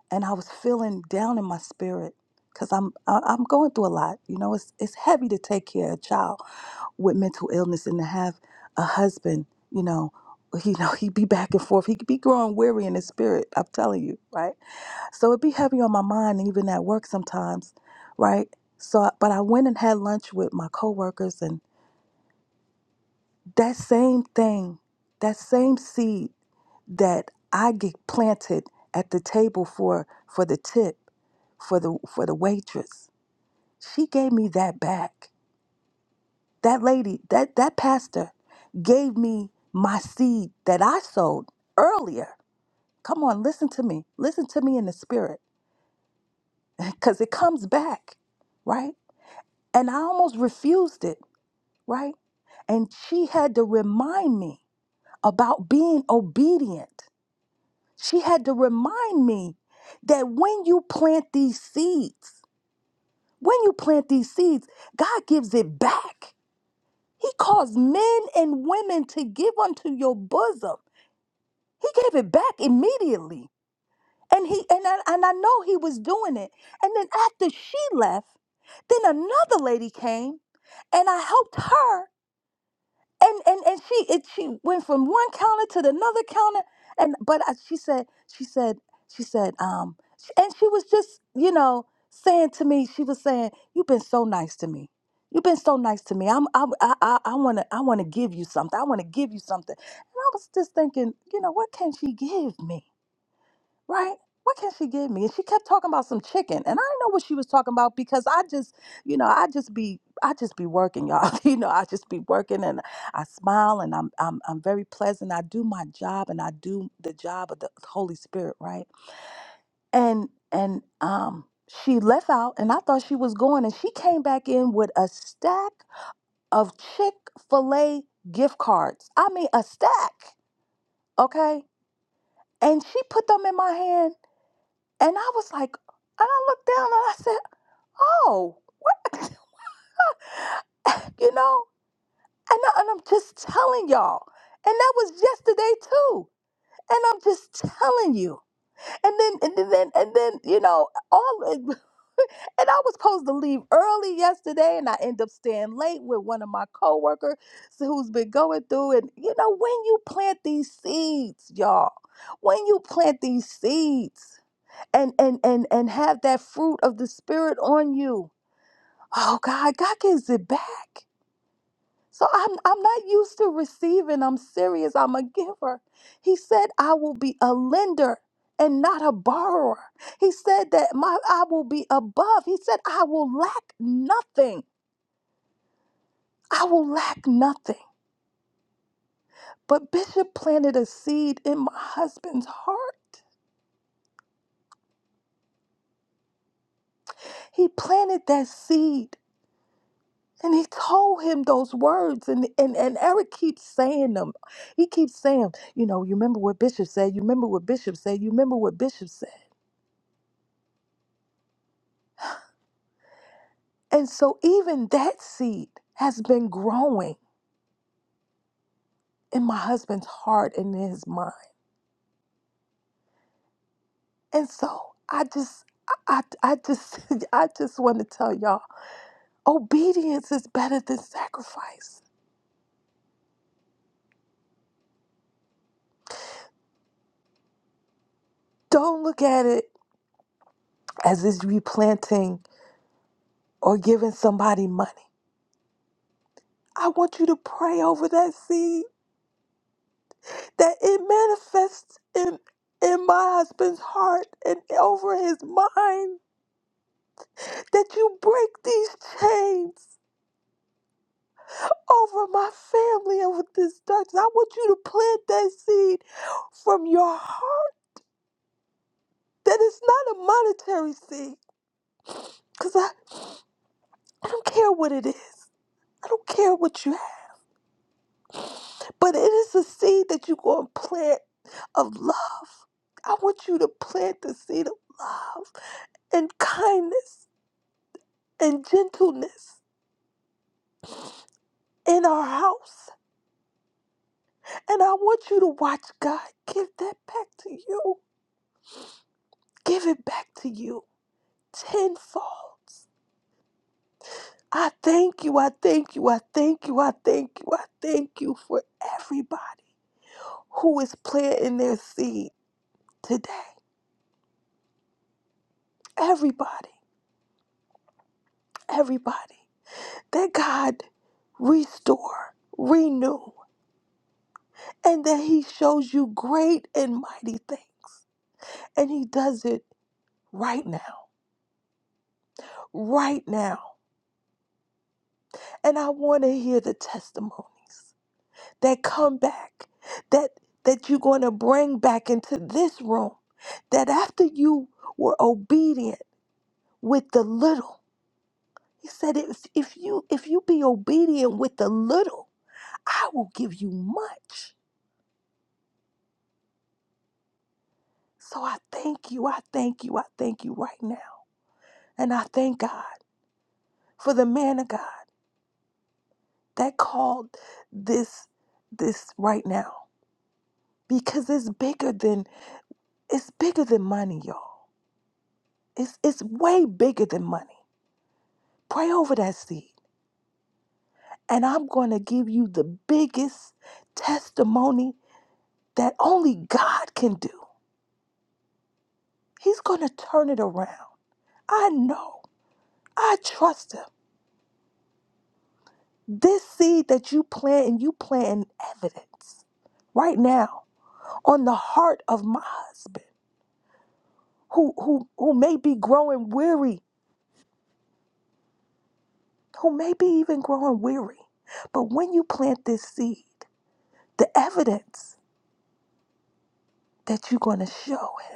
S2: and I was feeling down in my spirit because I'm I, I'm going through a lot. You know, it's it's heavy to take care of a child with mental illness and to have a husband. You know, you know he'd be back and forth. He could be growing weary in his spirit. I'm telling you, right? So it'd be heavy on my mind, even at work sometimes, right? So, I- but I went and had lunch with my coworkers, and that same thing, that same seed that I get planted at the table for for the tip for the for the waitress. She gave me that back. That lady, that that pastor gave me my seed that I sowed earlier. Come on, listen to me. Listen to me in the spirit cuz it comes back, right? And I almost refused it, right? And she had to remind me about being obedient. She had to remind me that when you plant these seeds, When you plant these seeds, God gives it back. He caused men and women to give unto your bosom. He gave it back immediately. And he and I, and I know he was doing it. And then after she left, then another lady came and I helped her. And and and she it, she went from one counter to the another counter. And but I, she said she said she said um and she was just you know saying to me she was saying you've been so nice to me you. to me. I'm I I I want to I want to give you something. I want to give you something. And I was just thinking, you know, what can she give me, right? What can she give me? And she kept talking about some chicken, and I didn't know what she was talking about because I just, you know, I just be I just be working, y'all. you know, I just be working, and I smile, and I'm I'm I'm very pleasant. I do my job, and I do the job of the Holy Spirit, right? And and um. She left out, and I thought she was going, and she came back in with a stack of Chick fil A gift cards. I mean, a stack, okay? And she put them in my hand, and I was like, and I looked down and I said, oh, what? you know? And, I, and I'm just telling y'all. And that was yesterday too. And I'm just telling you. And then, and then, and then, you know, all. And I was supposed to leave early yesterday, and I end up staying late with one of my coworkers who's been going through. And you know, when you plant these seeds, y'all, when you plant these seeds and and and and have that fruit of the spirit on you, oh God, God gives it back. So I'm I'm not used to receiving. I'm serious. I'm a giver. He said I will be a lender and not a borrower. He said that my I will be above. He said I will lack nothing. I will lack nothing. But Bishop planted a seed in my husband's heart. He planted that seed. And he told him those words, and, and, and Eric keeps saying them. He keeps saying, you know, and seed, wing, and, and s- I, I, y'all. Don't look at it as if you planting or giving somebody money. I want you to pray over that seed that it manifests in in my husband's heart and over his mind. That you break these chains over my family and with this darkness. I want you to plant that seed from your heart. That it's not a monetary seed. Cause I, I don't care what it is. I don't care what you have. But it is a seed that you're gonna plant of love I want you to plant the seed of love and kindness and gentleness in our house. And I want you to watch God give that back to you. Give it back to you tenfold. I thank you, I thank you, I thank you, I thank you, I thank you for everybody who is planting their seed today. Everybody, everybody. That God restore, renew, and that He shows you great and mighty things And he does it right now, right now. And I want to hear the testimony that come back, that that you're going to bring back into this room. That after you were obedient with the little, he said, if, if you if you be obedient with the little, I will give you much. So I thank you, I thank you, I thank you right now. And I thank God for the man of God that called this this right now. because it's bigger than it's bigger than money, y'all. It's it's way bigger than money. Pray over that seed. And I'm going to give you the biggest testimony that only God can do. He's going to turn it around. I know. I trust him. This seed that you plant and you plant in evidence right now on the heart of my husband who who who may be growing weary, who may be even growing weary. But when you plant this seed, the evidence that you're going to show him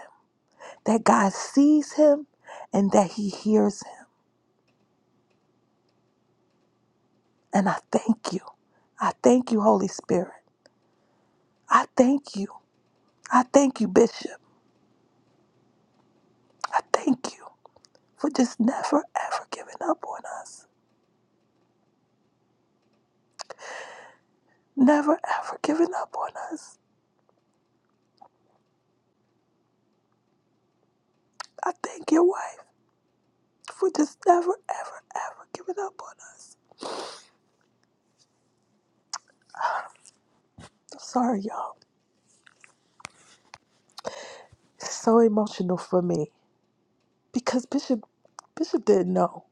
S2: that God sees him and that he hears him. And I thank you. I thank you, Holy Spirit. I thank you. I thank you, Bishop. I thank you for just never, ever giving up on us. Never, ever giving up on us. I thank your wife for just never, ever, ever giving up on us. I'm sorry, y'all. It's so emotional for me because Bishop Bishop didn't know.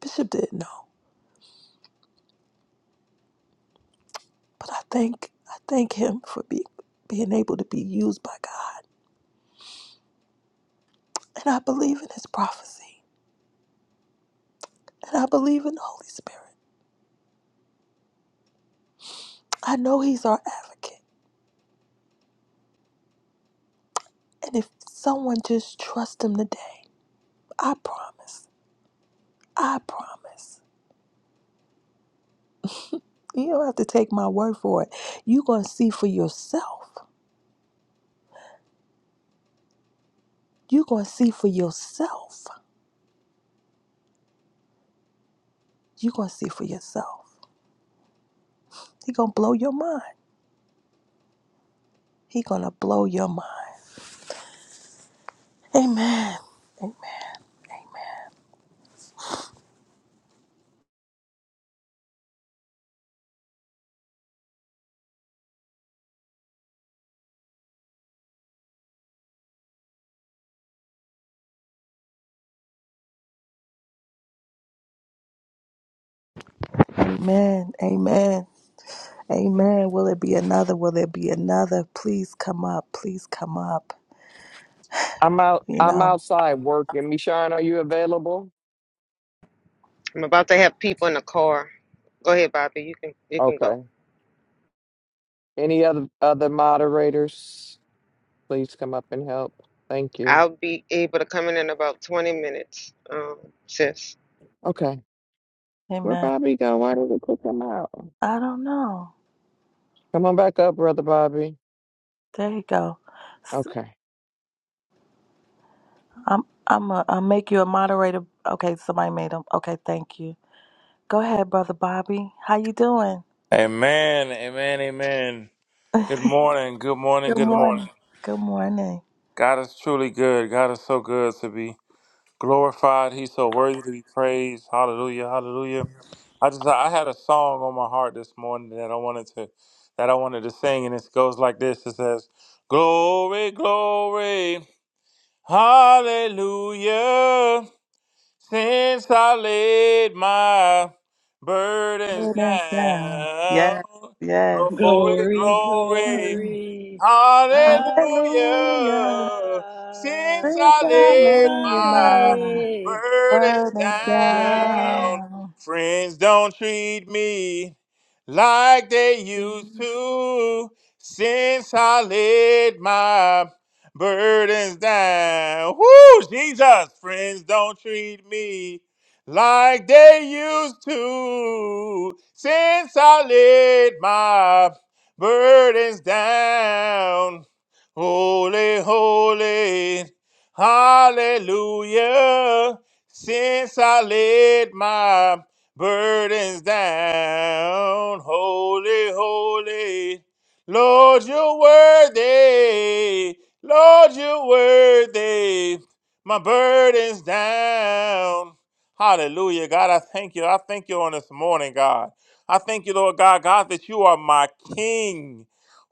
S2: Bishop didn't know. But I thank I thank him for being being able to be used by God. And I believe in his prophecy. And I believe in the Holy Spirit. I know he's our advocate. And if someone just trusts him today, I promise. I promise. You don't have to take my word for it. You're gonna see for yourself. You're gonna see for yourself. You're gonna see for yourself. He gonna blow your mind. He gonna blow your mind. Amen. Amen. Amen. Amen. Will it be another? Will it be another? Please come up. Please come up.
S7: I'm out.
S2: You
S7: I'm
S2: know.
S7: outside working. Mishan, are you available?
S6: I'm about to have people in the car. Go ahead, Bobby. You can you can go.
S7: Okay. Any other other moderators? Please come up and help. Thank you.
S6: I'll be able to come in in about 20 minutes, um, sis.
S7: Okay. Where
S2: Amen.
S7: Bobby go? Why did we kick him out?
S2: I don't know.
S7: Come on back up, brother Bobby.
S2: There you go. S-
S7: Okay.
S2: I'm I'm a, I'll make you a moderator. Okay, somebody made him. Okay, thank you. Go ahead, brother Bobby. How you doing?
S5: Amen. Amen. Amen. Good morning. Good morning.
S2: Good
S5: Good
S2: morning.
S5: morning.
S2: Good morning.
S5: God is truly good. God is so good to be. glorified. He's so worthy to be praised. Hallelujah, hallelujah. I just I had a song on my heart this morning that I wanted to that I wanted to sing, and it goes like this. It says, "Glory, glory, hallelujah." Since I laid my burdens
S2: Good and sound.
S5: down,
S2: Yes. Yes.
S5: glory,
S1: Glory,
S5: glory,
S1: glory, hallelujah.
S2: Hallelujah.
S5: Hallelujah. Since I
S2: Since I
S1: Since
S5: laid
S1: I
S2: laid
S5: my
S2: my
S1: lay,
S5: burdens
S2: burdens
S1: yeah,
S5: down,
S2: down.
S5: friends don't treat me like they used to. Since I laid my burdens down, whoo, Jesus, friends don't treat me like they used to. Since I laid my burdens down. Holy, holy, hallelujah. Since I laid my burdens down, holy, holy, Lord, you're worthy. Lord, you're worthy. My burden's down. Hallelujah. God, I thank you. I thank you on this morning, God. I thank you, Lord God, God, that you are my King.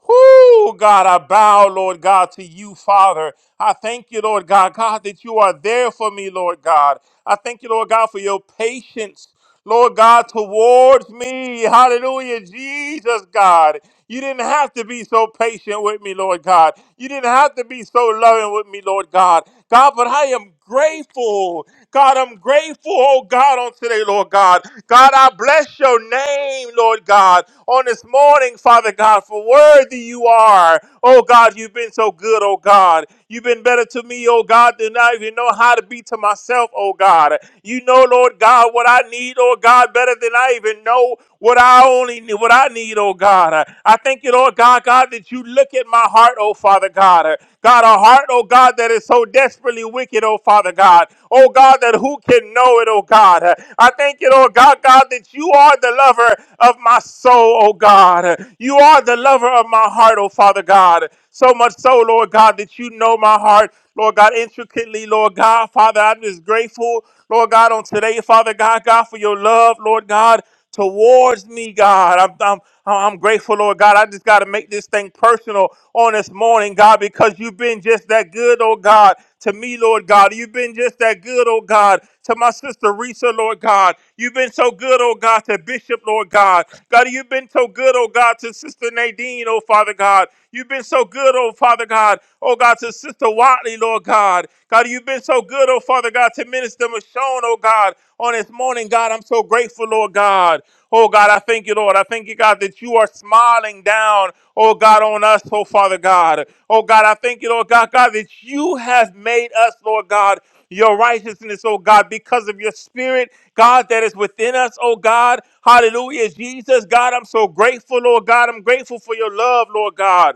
S5: Whoo, God, I bow, Lord God, to you, Father. I thank you, Lord God, God, that you are there for me, Lord God. I thank you, Lord God, for your patience, Lord God, towards me. Hallelujah, Jesus, God. You didn't have to be so patient with me, Lord God. You didn't have to be so loving with me, Lord God. God, but I am grateful. God, I'm grateful, oh God, on today, Lord God. God, I bless your name, Lord God, on this morning, Father God, for worthy you are. Oh God, you've been so good, oh God. You've been better to me, oh God, than I even know how to be to myself, oh God. You know, Lord God, what I need, oh God, better than I even know what I only need, what I need, oh God. I thank you, Lord God, God, that you look at my heart, oh Father God. God, a heart, oh God. God, that is so desperately wicked, oh Father God. Oh God, that who can know it, oh God. I thank you, Lord God, God, that you are the lover of my soul, oh God. You are the lover of my heart, oh Father God. So much so, Lord God, that you know my heart, Lord God, intricately, Lord God. Father, I'm just grateful, Lord God, on today, Father God, God, for your love, Lord God towards me, God. I'm, I'm, I'm grateful, Lord God. I just got to make this thing personal on this morning, God, because you've been just that good, oh God, to me, Lord God. You've been just that good, oh God, to my sister Risa, Lord God. You've been so good, oh God, to Bishop, Lord God. God, you've been so good, oh God, to Sister Nadine, oh Father God. You've been so good, oh Father God, oh God, to Sister Watley, Lord God. God, you've been so good good, oh Father God, to Minister Michonne, oh God, on this morning, God. I'm so grateful, Lord God. Oh God, I thank you, Lord. I thank you, God, that you are smiling down, oh God, on us, oh Father God. Oh God, I thank you, Lord God, God, that you have made us, Lord God, your righteousness, oh God, because of your spirit, God, that is within us, oh God. Hallelujah, Jesus, God, I'm so grateful, Lord God. I'm grateful for your love, Lord God.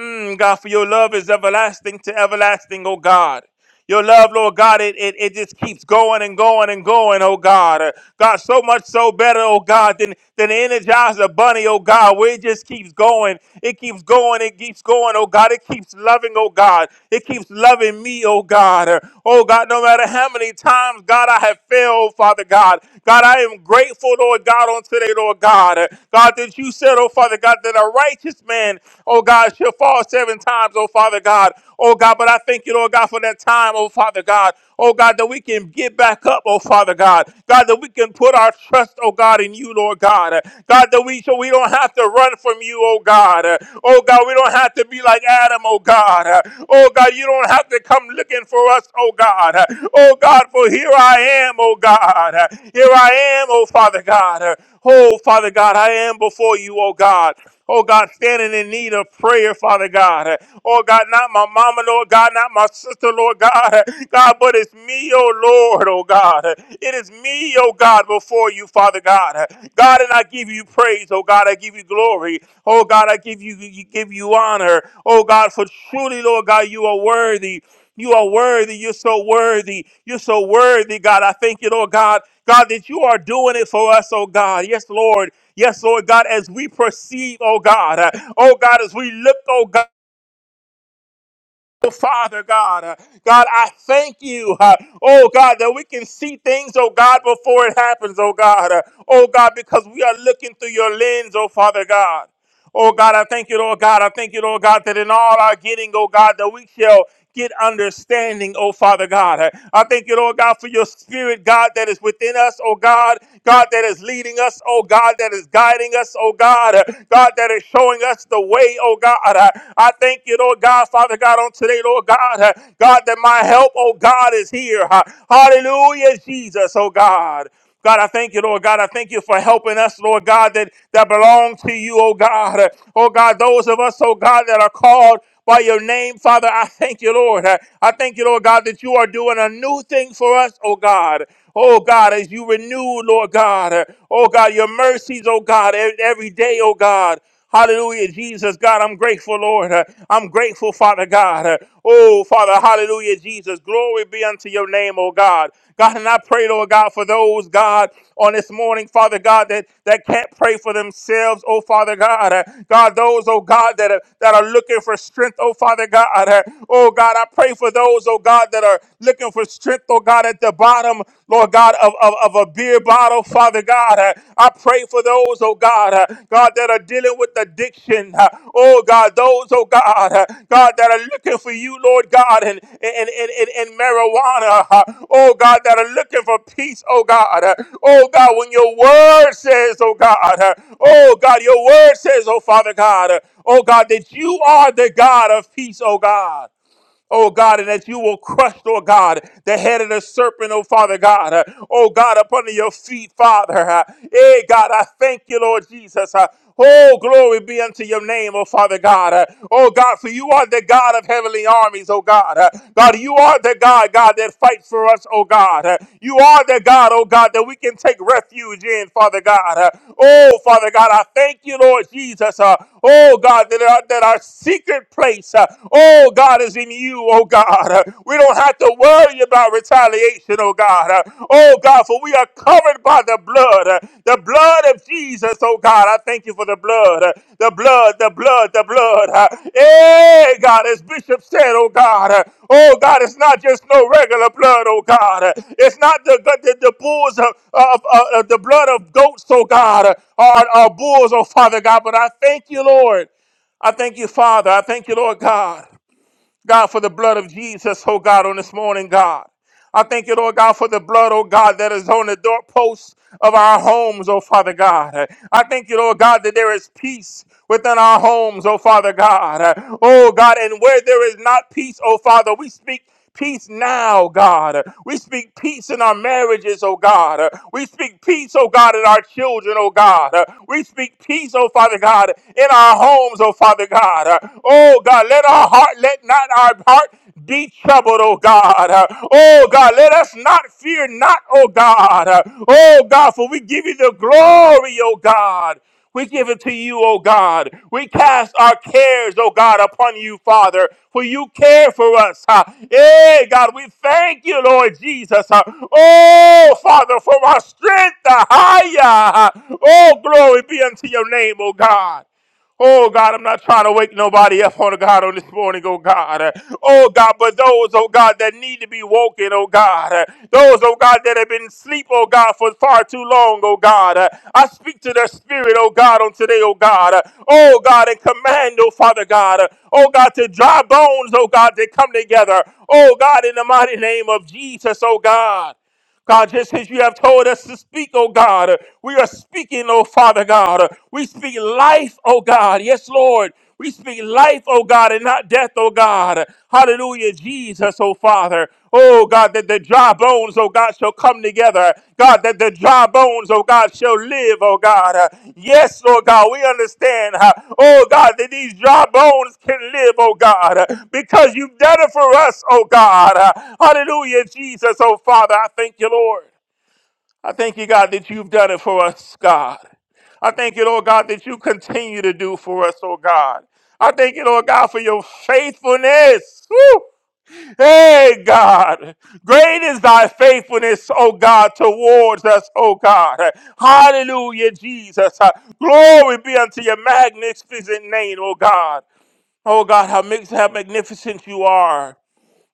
S5: Mm, God, for your love is everlasting to everlasting, oh God. Your love, Lord God, it, it, it just keeps going and going and going, oh God. Uh, God, so much so better, oh God, than, than the Energizer Bunny, oh God, where it just keeps going. It keeps going, it keeps going, oh God. It keeps loving, oh God. It keeps loving me, oh God. Uh, Oh God, no matter how many times, God, I have failed, Father God. God, I am grateful, Lord God, on today, Lord God. Uh, God, that you said, oh Father God, that a righteous man sin. Oh God, she'll fall seven times, oh Father God. Oh God, but I thank you, Lord God, for that time, oh Father God. Oh God, that we can get back up, oh Father God. God, that we can put our trust, oh God, in you, Lord God. God, that we so we don't have to run from you, oh God. Oh God, we don't have to be like Adam, oh God. Oh God, you don't have to come looking for us, oh God. Oh God, for here I am, oh God. Here I am, oh Father God. Oh Father God, I am before you, oh God. Oh God, standing in need of prayer, Father God. Oh God, not my mama, Lord God, not my sister, Lord God. God, but it's me, oh Lord, oh God. It is me, oh God, before you, Father God. God, and I give you praise, oh God, I give you glory. Oh God, I give you, you give you honor. Oh God, for truly, Lord God, you are worthy. You are worthy. You're so worthy. You're so worthy, God. I thank you, Lord God. God, that you are doing it for us, oh God. Yes, Lord. Yes, Lord God, as we perceive, oh God, uh, oh God, as we look, oh God. oh Father God, uh, God, I thank you, uh, oh God, that we can see things, oh God, before it happens, oh God, uh, oh God, because we are looking through your lens, oh Father God. Oh God, I thank you, Lord God. I thank you, Lord God, that in all our getting, oh God, that we shall get understanding, oh Father God. I thank you, Lord God, for your spirit, God, that is within us, oh God. God, that is leading us, oh God, that is guiding us, oh God. God, that is showing us the way, oh God. I thank you, Lord God, Father God, on today, Lord God. God, that my help, oh God, is here. Hallelujah, Jesus, oh God. God, I thank you, Lord God. I thank you for helping us, Lord God, that, that belong to you, oh God. Oh God, those of us, oh God, that are called by your name, Father, I thank you, Lord. I thank you, Lord God, that you are doing a new thing for us, oh God. Oh God, as you renew, Lord God. Oh God, your mercies, oh God, e- every day, oh God. Hallelujah, Jesus, God, I'm grateful, Lord. Uh, I'm grateful, Father God. Uh, Oh, Father, hallelujah, Jesus. Glory be unto your name, oh God. God, and I pray, Lord God, for those, God, on this morning, Father God, that, that can't pray for themselves, oh Father God. Uh, God, those, oh God, that are, that are looking for strength, oh Father God. Uh, Oh God, I pray for those, oh God, that are looking for strength, oh God, at the bottom, Lord God. of of, of of a beer bottle, Father God. Uh, I pray for those, oh God, uh, God, that are dealing with addiction. uh, Oh God, those, oh God, uh, God, that are looking for you, Lord God, and in, in, in, in marijuana. uh, Oh God, that are looking for peace, oh God. uh, Oh God, when your word says, oh God, uh, oh God, your word says, oh Father God, uh, oh God, that you are the God of peace, oh God oh God, and that you will crush, Lord God, the head of the serpent, oh Father God, uh, oh God, up under your feet, Father. Uh, hey, God, I thank you, Lord Jesus. Uh, Oh, glory be unto your name, oh Father God. Uh, oh God, for you are the God of heavenly armies, oh God. Uh, God, you are the God, God, that fights for us, oh God. Uh, you are the God, oh God, that we can take refuge in, Father God. Uh, oh, Father God, I thank you, Lord Jesus. Uh, oh God, that our, that our secret place place, uh, oh God, is in you, oh God. Uh, We don't have to worry about retaliation, oh God. Uh, Oh God, for we are covered by the blood, uh, the blood of Jesus, oh God. I thank you for the blood, uh, the blood, the blood, the blood. Uh, Hey, God, as Bishop said, oh God, uh, oh God, it's not just no regular blood, oh God. Uh, It's not the the, the bulls of, of, of- of the blood of goats, oh God, uh, or, or bulls, oh Father God. But I thank you, Lord. I thank you, Father. I thank you, Lord God. God, for the blood of Jesus, oh God, on this morning, God. I thank you, Lord God, for the blood, oh God, that is on the doorposts of our homes, oh Father God. I thank you, Lord God, that there is peace within our homes, oh Father God. Oh God, and where there is not peace, oh Father, we speak peace now, God. We speak peace in our marriages, oh God. We speak peace, oh God, in our children, oh God. We speak peace, oh Father God, in our homes, oh Father God. Oh God, let our heart let not our heart be troubled, oh God. Uh, Oh God, let us not fear not, oh God. Uh, Oh God, for we give you the glory, oh God. We give it to you, O God. We cast our cares, O God, upon you, Father, for you care for us. huh? Hey, God, we thank you, Lord Jesus. huh? Oh, Father, for our strength. huh? huh? Oh, glory be unto your name, O God. Oh God, I'm not trying to wake nobody up on God on this morning, oh God. Uh, Oh God, but those, oh God, that need to be woken, oh God. Uh, Those, oh God, that have been asleep, oh God, for far too long, oh God. Uh, I speak to their spirit, oh God, on today, oh God. Uh, Oh God, and command, oh Father God. uh, Oh God, to dry bones, oh God, to come together. Oh God, in the mighty name of Jesus, oh God. God, just as you have told us to speak, oh God, uh, we are speaking, oh Father God. Uh, We speak life, oh God. Yes, Lord. We speak life, oh God, and not death, oh God. Hallelujah, Jesus, oh Father. Oh God, that the dry bones, oh God, shall come together, God, that the dry bones, oh God, shall live, oh God. Uh, yes, Lord God, we understand, uh, oh God, that these dry bones can live, oh God, uh, because you've done it for us, oh God. Uh, hallelujah, Jesus, oh Father, I thank you, Lord. I thank you, God, that you've done it for us, God. I thank you, Lord God, that you continue to do for us, oh God. I thank you, Lord God, for your faithfulness. Woo! Hey, God, great is thy faithfulness, O God, towards us, O God. Hallelujah, Jesus. Uh, Glory be unto your magnificent name, O God. Oh, God, how, how magnificent you are.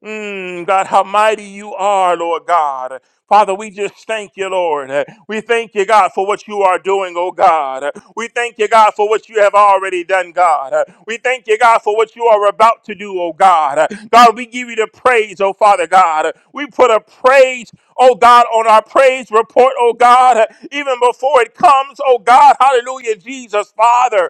S5: Mm, God, how mighty you are, Lord God. Father, we just thank you, Lord. We thank you, God, for what you are doing, oh God. We thank you, God, for what you have already done, God. We thank you, God, for what you are about to do, oh God. God, we give you the praise, oh Father God. We put a praise, oh God, on our praise report, oh God, even before it comes, oh God. Hallelujah, Jesus, Father.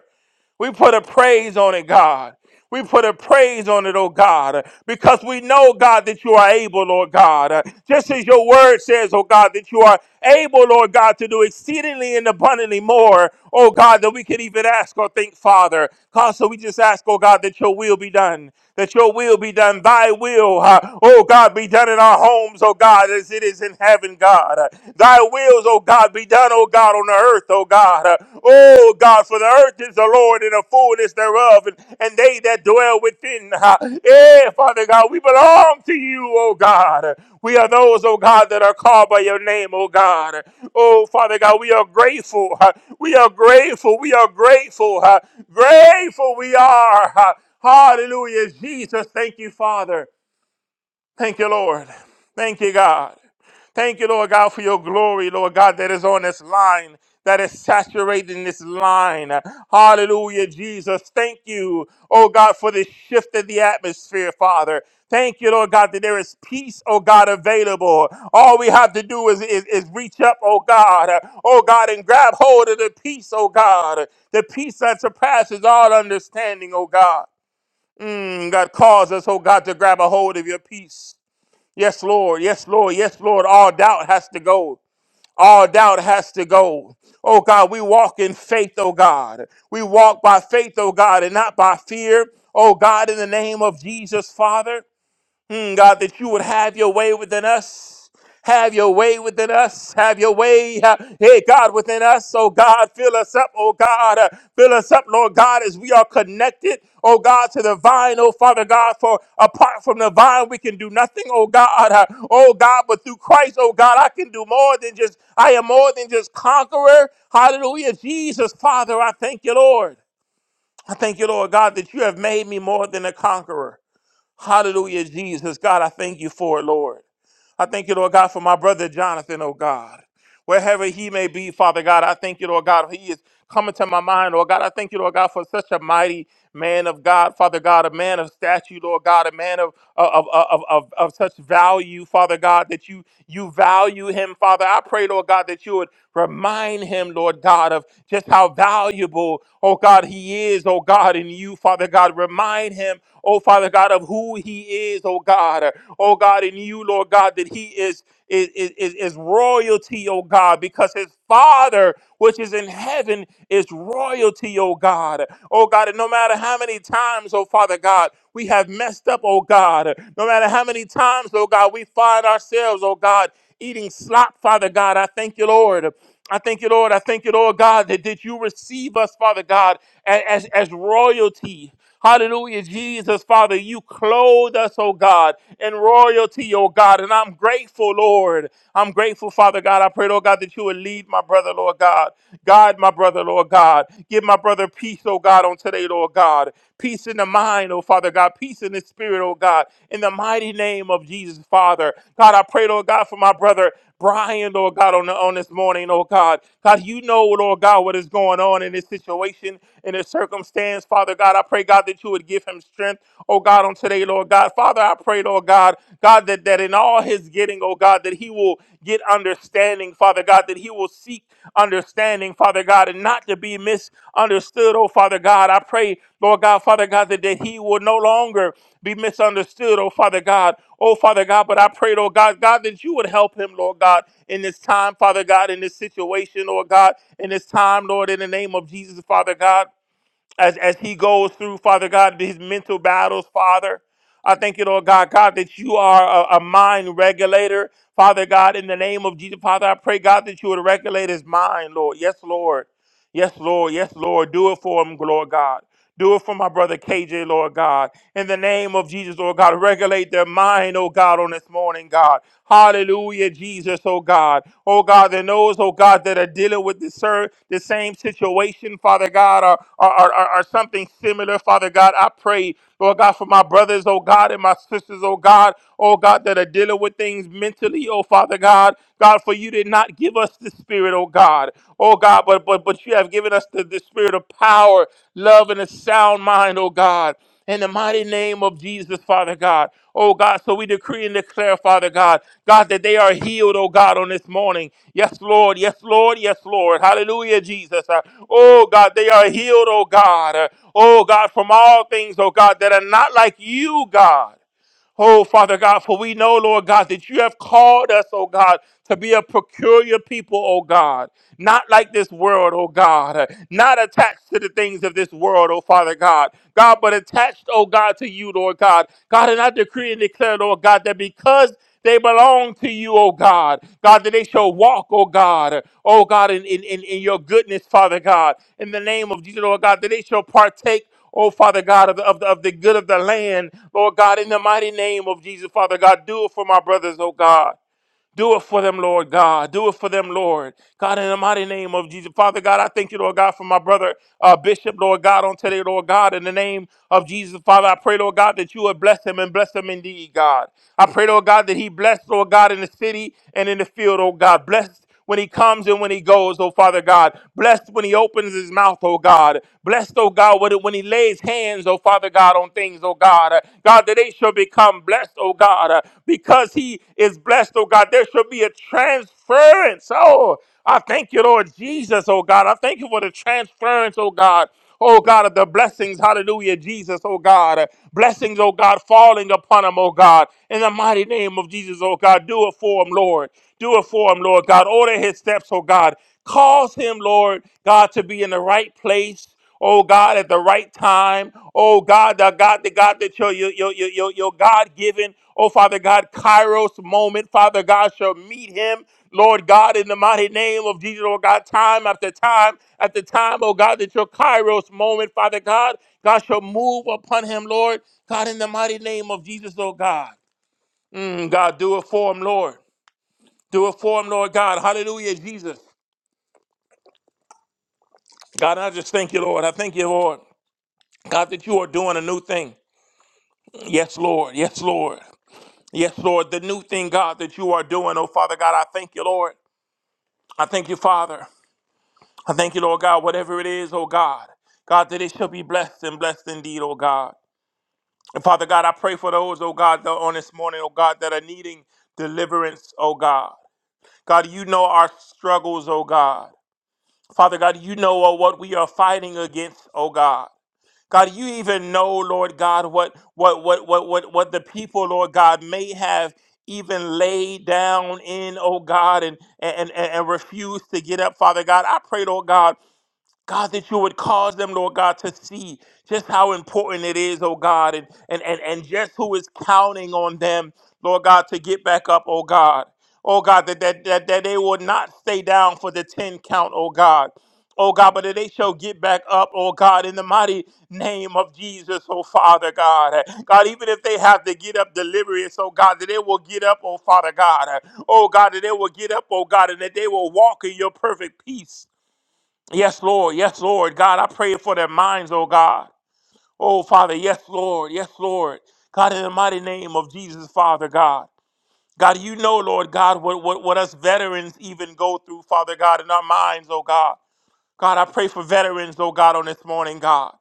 S5: We put a praise on it, God. We put a praise on it, oh God, because we know, God, that you are able, Lord God. Just as your word says, oh God, that you are able, Lord God, to do exceedingly and abundantly more, oh God, than we could even ask or think, Father. God, so we just ask, oh God, that your will be done that your will be done, thy will, uh, oh God, be done in our homes, oh God, as it is in heaven, God. Uh, thy wills, oh God, be done, oh God, on the earth, oh God. Uh, oh God, for the earth is the Lord and the fullness thereof, and, and they that dwell within. Uh, yeah, Father God, we belong to you, oh God. We are those, oh God, that are called by your name, oh God. Oh, Father God, we are grateful. huh? We are grateful. We are grateful. huh? Grateful we are. huh? Hallelujah, Jesus. Thank you, Father. Thank you, Lord. Thank you, God. Thank you, Lord God, for your glory, Lord God, that is on this line, that is saturating this line. Hallelujah, Jesus. Thank you, oh God, for this shift in the atmosphere, Father. Thank you, Lord God, that there is peace, oh God, available. All we have to do is, is, is reach up, oh God, oh God, and grab hold of the peace, oh God, the peace that surpasses all understanding, oh God. Mm, God, cause us, oh God, to grab a hold of your peace. Yes, Lord. Yes, Lord. Yes, Lord. All doubt has to go. All doubt has to go. Oh God, we walk in faith, oh God. We walk by faith, oh God, and not by fear. Oh God, in the name of Jesus, Father. Mm, God, that you would have your way within us. Have your way within us. Have your way, uh, hey God, within us. Oh God, fill us up. Oh God, uh, fill us up, Lord God, as we are connected. Oh God, to the vine. Oh Father God, for apart from the vine, we can do nothing. Oh God, uh, oh God, but through Christ, oh God, I can do more than just. I am more than just conqueror. Hallelujah, Jesus, Father, I thank you, Lord. I thank you, Lord God, that you have made me more than a conqueror. Hallelujah, Jesus. God, I thank you for it, Lord. I thank you, Lord God, for my brother Jonathan, oh God wherever he may be, Father God. I thank you, Lord God. He is coming to my mind, Lord God. I thank you, Lord God, for such a mighty man of God, Father God, a man of stature, Lord God, a man of uh, of, uh, of, of, of such value, Father God, that you you value him, Father. I pray, Lord God, that you would remind him, Lord God, of just how valuable, oh God, he is, oh God, in you, Father God. Remind him, oh Father God, of who he is, oh God. Oh God, in you, Lord God, that he is, is, is, is royalty, O God, because his Father, which is in heaven, is royalty, O God. Oh God, and no matter how many times, oh Father God, we have messed up, oh God, no matter how many times, oh God, we find ourselves, oh God, eating slop, Father God, I thank you, Lord. I thank you, Lord. I thank you, Lord God, that, that you receive us, Father God, a- as, as royalty. Hallelujah, Jesus, Father, you clothe us, oh God, in royalty, oh God. And I'm grateful, Lord. I'm grateful, Father God. I pray, Lord God, that you would lead my brother, Lord God. God, my brother, Lord God. Give my brother peace, oh God, on today, Lord God. Peace in the mind, oh Father God. Peace in the spirit, oh God. In the mighty name of Jesus, Father. God, I pray, Lord God, for my brother. Brian, Lord God, on, the, on this morning, Lord God. God, you know, Lord God, what is going on in this situation, in this circumstance. Father God, I pray, God, that you would give him strength, oh God, on today, Lord God. Father, I pray, Lord God, God, that, that in all his getting, oh God, that he will get understanding, Father God, that he will seek understanding, Father God, and not to be misunderstood, oh Father God. I pray, Lord God, Father God, that, that he will no longer be misunderstood, oh Father God. Oh Father God, but I prayed, oh God, God, that you would help him, Lord God, in this time, Father God, in this situation, Lord God, in this time, Lord, in the name of Jesus, Father God, as, as he goes through, Father God, his mental battles, Father. I thank you, Lord God, God, that you are a, a mind regulator. Father God, in the name of Jesus, Father, I pray, God, that you would regulate his mind, Lord. Yes, Lord. Yes, Lord. Yes, Lord. Do it for him, Lord God. Do it for my brother KJ, Lord God. In the name of Jesus, Lord God, regulate their mind, oh God, on this morning, God. Hallelujah, Jesus, oh God. Oh God, that knows, oh God, that are dealing with the, sir, the same situation, Father God, or, or, or, or something similar, Father God. I pray. Lord God, for my brothers, oh God, and my sisters, oh God, oh God, that are dealing with things mentally, oh Father God. God, for you did not give us the spirit, oh God. Oh God, but but but you have given us the, the spirit of power, love, and a sound mind, oh God. In the mighty name of of Jesus, Father God. Oh God, so we decree and declare, Father God, God, that they are healed, oh God, on this morning. Yes, Lord. Yes, Lord. Yes, Lord. Hallelujah, Jesus. Uh, Oh God, they are healed, oh God. Uh, Oh God, from all things, oh God, that are not like you, God. Oh, Father God, for we know, Lord God, that you have called us, oh God, to be a peculiar people, oh God. Not like this world, oh God. Not attached to the things of this world, oh Father God. God, but attached, oh God, to you, Lord God. God, and I decree and declare, Lord God, that because they belong to you, oh God. God, that they shall walk, oh God. Oh God, in, in, in in your goodness, Father God. In the name of Jesus, Lord God, that they shall partake. Oh, Father God, of the, of, the, of the good of the land, Lord God, in the mighty name of Jesus, Father God, do it for my brothers, oh God. Do it for them, Lord God. Do it for them, Lord. God, in the mighty name of Jesus. Father God, I thank you, Lord God, for my brother, uh, Bishop, Lord God, on today, Lord God, in the name of Jesus. Father, I pray, Lord God, that you would bless him and bless him indeed, God. I pray, Lord God, that he bless, Lord God, in the city and in the field, oh God. Bless when he comes and when he goes, oh Father God. Blessed when he opens his mouth, oh God. Blessed, oh God, when when he lays hands, oh Father God, on things, oh God. God, that they shall become blessed, oh God. Because he is blessed, oh God, there shall be a transference. Oh, I thank you, Lord Jesus, oh God. I thank you for the transference, oh God. Oh God, of the blessings, hallelujah, Jesus, oh God. Blessings, oh God, falling upon him, oh God. In the mighty name of Jesus, oh God, do it for him, Lord. Do it for him, Lord God. Order his steps, oh God. Cause him, Lord God, to be in the right place. Oh God, at the right time. Oh God, God, the God that your your your your, your, God given, oh Father God, Kairos moment, Father God, shall meet him. Lord God, in the mighty name of Jesus, oh God, time after time after time, oh God, that your Kairos moment, Father God, God shall move upon him, Lord. God, in the mighty name of Jesus, oh God. Mm, God, do it for him, Lord. Do it for him, Lord God. Hallelujah, Jesus. God, I just thank you, Lord. I thank you, Lord. God, that you are doing a new thing. Yes, Lord. Yes, Lord. Yes, Lord, the new thing, God, that you are doing, oh Father God, I thank you, Lord. I thank you, Father. I thank you, Lord God, whatever it is, oh God, God, that it shall be blessed and blessed indeed, oh God. And Father God, I pray for those, oh God, that on this morning, oh God, that are needing deliverance, oh God. God, you know our struggles, oh God. Father God, you know oh, what we are fighting against, oh God. God, you even know, Lord God, what what what what what what the people, Lord God, may have even laid down in, oh God, and and and, and refused to get up, Father God. I prayed, oh God. God, that you would cause them, Lord God, to see just how important it is, oh God, and, and, and, and just who is counting on them, Lord God, to get back up, oh God. Oh God, that, that, that, that they will not stay down for the 10 count, oh God. Oh God, but that they shall get back up, oh God, in the mighty name of Jesus, oh Father God. God, even if they have to get up delirious, oh God, that they will get up, oh Father God. Oh God, that they will get up, oh God, and that they will walk in your perfect peace. Yes, Lord. Yes, Lord. God, I pray for their minds, oh God. Oh, Father, yes, Lord. Yes, Lord. God, in the mighty name of Jesus, Father God. God, you know, Lord God, what, what, what us veterans even go through, Father God, in our minds, oh God. God, I pray for veterans, oh God, on this morning, God.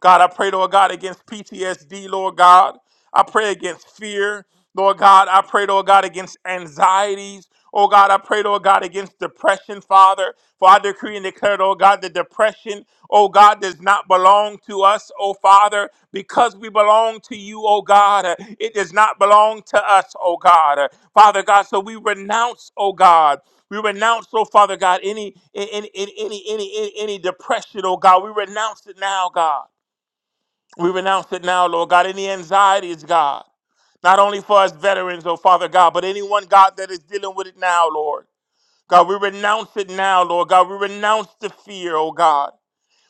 S5: God, I pray, Lord God, against PTSD, Lord God. I pray against fear, Lord God. I pray, Lord God, against anxieties. Oh God, I pray, Lord God, against depression, Father. For I decree and declare, oh God, the depression, oh God, does not belong to us, oh Father, because we belong to you, oh God. It does not belong to us, oh God. Father God, so we renounce, oh God. We renounce, oh Father God, any any any any any, any depression, oh God. We renounce it now, God. We renounce it now, Lord God. Any anxieties, God, not only for us veterans, oh Father God, but anyone, God, that is dealing with it now, Lord. God, we renounce it now, Lord God. We renounce the fear, oh God.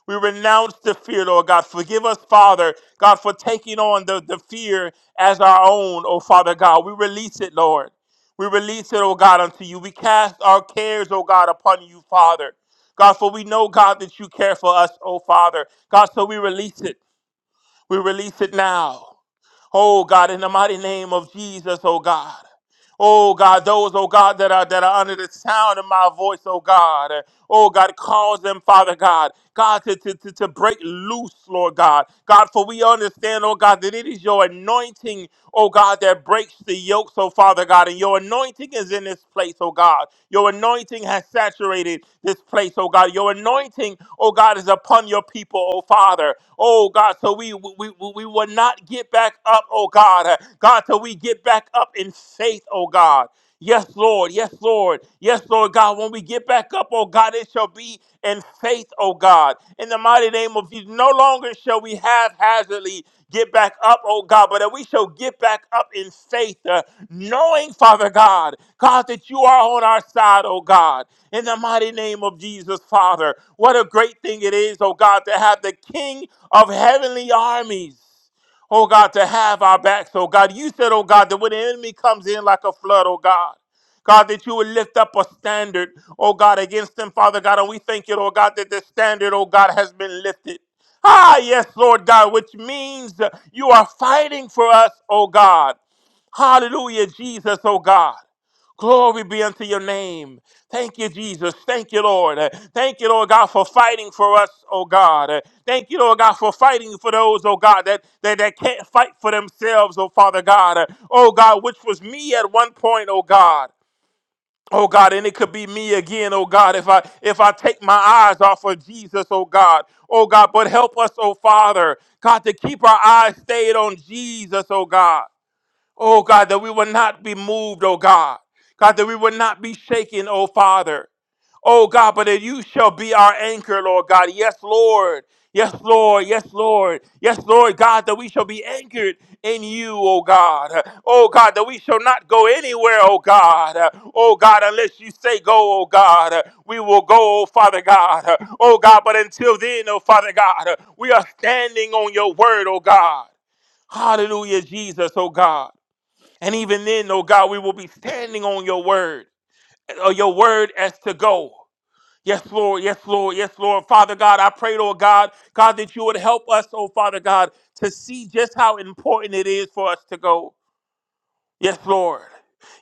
S5: We renounce the fear, Lord God. Forgive us, Father, God, for taking on the, the fear as our own, oh Father God. We release it, Lord. We release it, oh God, unto you. We cast our cares, oh God, upon you, Father. God, for we know, God, that you care for us, oh Father. God, so we release it. We release it now. Oh God, in the mighty name of Jesus, oh God. Oh God, those, oh God, that are that are under the sound of my voice, oh God. Oh God, cause them, Father God, God, to, to, to, to break loose, Lord God. God, for we understand, oh God, that it is your anointing, oh God, that breaks the yokes, oh Father God. And your anointing is in this place, oh God. Your anointing has saturated this place, oh God. Your anointing, oh God, is upon your people, oh Father. Oh God, so we we, we we will not get back up, oh God. God, till we get back up in faith, oh God. Yes, Lord. Yes, Lord. Yes, Lord God. When we get back up, oh God, it shall be in faith, oh God. In the mighty name of Jesus, no longer shall we haphazardly get back up, oh God, but that we shall get back up in faith, uh, knowing, Father God, God, that you are on our side, oh God. In the mighty name of Jesus, Father, what a great thing it is, oh God, to have the King of heavenly armies oh God, to have our backs, oh God. You said, oh God, that when the enemy comes in like a flood, oh God. God, that you would lift up a standard, oh God, against them, Father God. And we thank you, oh God, that the standard, oh God, has been lifted. Ah, yes, Lord God, which means uh, you are fighting for us, oh God. Hallelujah, Jesus, oh God. Glory be unto your name. Thank you, Jesus. Thank you, Lord. Uh, Thank you, Lord God, for fighting for us, oh God. Uh, Thank you, Lord God, for fighting for those, oh God, that, that, that can't fight for themselves, oh Father God. Uh, Oh God, which was me at one point, oh God. Oh God, and it could be me again, oh God, if I if I take my eyes off of Jesus, oh God. Oh God, but help us, oh Father, God, to keep our eyes stayed on Jesus, oh God. Oh God, that we will not be moved, oh God. God, that we will not be shaken, oh Father. Oh God, but that you shall be our anchor, Lord God. Yes, Lord. Yes, Lord. Yes, Lord. Yes, Lord God, that we shall be anchored in you, oh God. Oh God, that we shall not go anywhere, oh God. Oh God, unless you say go, oh God, we will go, oh Father God. Oh God, but until then, oh Father God, we are standing on your word, oh God. Hallelujah, Jesus, oh God. And even then, oh God, we will be standing on your word, or your word as to go. Yes, Lord. Yes, Lord. Yes, Lord. Father God, I pray, Lord God, God, that you would help us, oh Father God, to see just how important it is for us to go. Yes, Lord.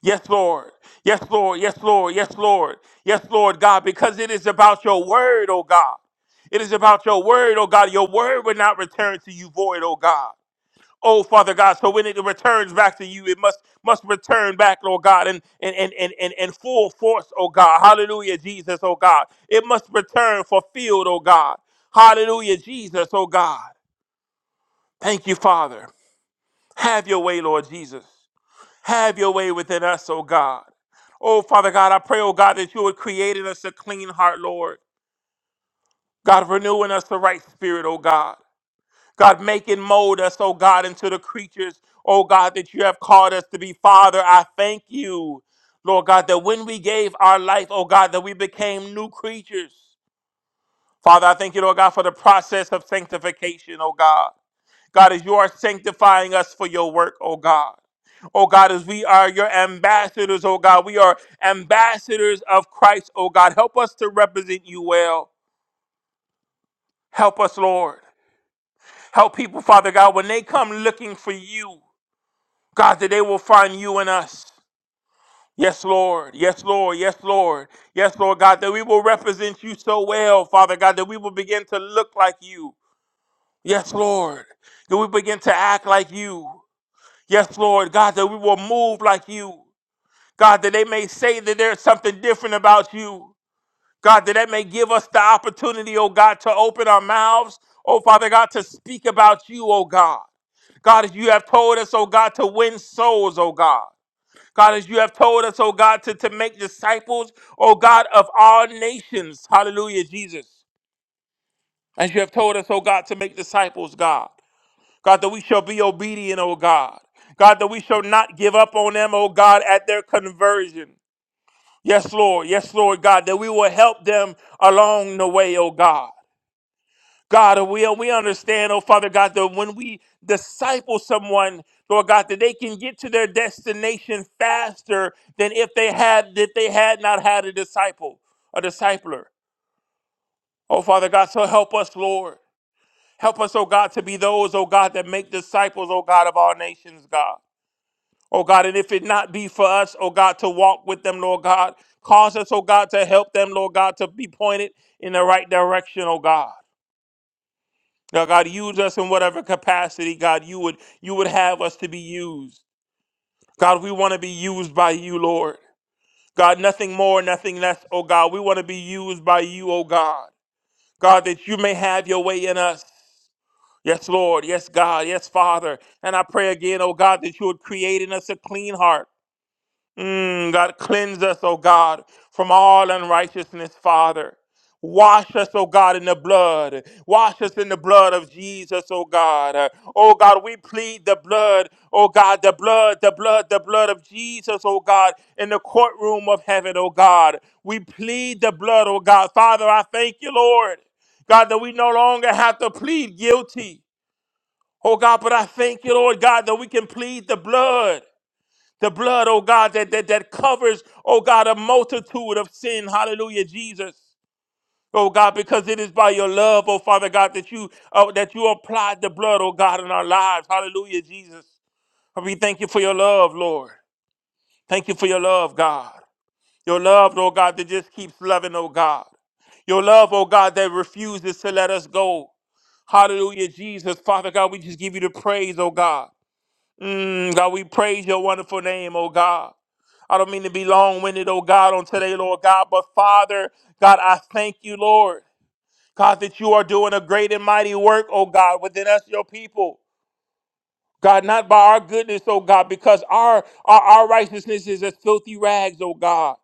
S5: Yes, Lord. Yes, Lord. Yes, Lord. Yes, Lord. Yes, Lord God, because it is about your word, oh God. It is about your word, oh God. Your word would not return to you void, oh God. Oh, Father God, so when it returns back to you, it must must return back, Lord God, and and and and and, and full force, oh God. Hallelujah, Jesus, oh God. It must return fulfilled, oh God. Hallelujah, Jesus, oh God. Thank you, Father. Have your way, Lord Jesus. Have your way within us, oh God. Oh, Father God, I pray, oh God, that you would create in us a clean heart, Lord. God, renew in us the right spirit, oh God. God, make and mold us, oh God, into the creatures, oh God, that you have called us to be. Father, I thank you, Lord God, that when we gave our life, oh God, that we became new creatures. Father, I thank you, Lord God, for the process of sanctification, oh God. God, as you are sanctifying us for your work, oh God. Oh God, as we are your ambassadors, oh God, we are ambassadors of Christ, oh God. Help us to represent you well. Help us, Lord. Help people, Father God, when they come looking for you. God, that they will find you in us. Yes, Lord. Yes, Lord. Yes, Lord. Yes, Lord God, that we will represent you so well, Father God, that we will begin to look like you. Yes, Lord. That we begin to act like you. Yes, Lord God, that we will move like you. God, that they may say that there's something different about you. God, that that may give us the opportunity, oh God, to open our mouths, oh Father God, to speak about you, oh God. God, as you have told us, oh God, to win souls, oh God. God, as you have told us, oh God, to, to make disciples, oh God, of all nations. Hallelujah, Jesus. As you have told us, oh God, to make disciples, God. God, that we shall be obedient, oh God. God, that we shall not give up on them, oh God, at their conversion. Yes, Lord. Yes, Lord, God, that we will help them along the way, oh God. God, and we, we understand, oh Father God, that when we disciple someone, Lord God, that they can get to their destination faster than if they had that they had not had a disciple, a discipler. Oh Father God, so help us, Lord. Help us, oh God, to be those, oh God, that make disciples, oh God, of all nations, God. Oh God, and if it not be for us, oh God, to walk with them, Lord God, cause us, oh God, to help them, Lord God, to be pointed in the right direction, oh God. Now, God, use us in whatever capacity, God, you would you would have us to be used. God, we want to be used by you, Lord. God, nothing more, nothing less, oh God. We want to be used by you, oh God. God, that you may have your way in us. Yes, Lord. Yes, God. Yes, Father. And I pray again, oh God, that you would create in us a clean heart. Mm, God, cleanse us, O God, from all unrighteousness, Father. Wash us, O God, in the blood. Wash us in the blood of Jesus, O God. Uh, Oh God, we plead the blood, O God, the blood, the blood, the blood of Jesus, O God, in the courtroom of heaven, O God. We plead the blood, O God. Father, I thank you, Lord. God, that we no longer have to plead guilty. Oh God, but I thank you, Lord God, that we can plead the blood. The blood, oh God, that, that, that covers, oh God, a multitude of sin. Hallelujah, Jesus. Oh God, because it is by your love, oh Father God, that you uh, that you applied the blood, oh God, in our lives. Hallelujah, Jesus. We thank you for your love, Lord. Thank you for your love, God. Your love, oh God, that just keeps loving, oh God. Your love, oh God, that refuses to let us go. Hallelujah, Jesus. Father God, we just give you the praise, oh God. Mm, God, we praise your wonderful name, oh God. I don't mean to be long winded, oh God, on today, Lord God, but Father, God, I thank you, Lord. God, that you are doing a great and mighty work, oh God, within us, your people. God, not by our goodness, oh God, because our, our, our righteousness is as filthy rags, oh God.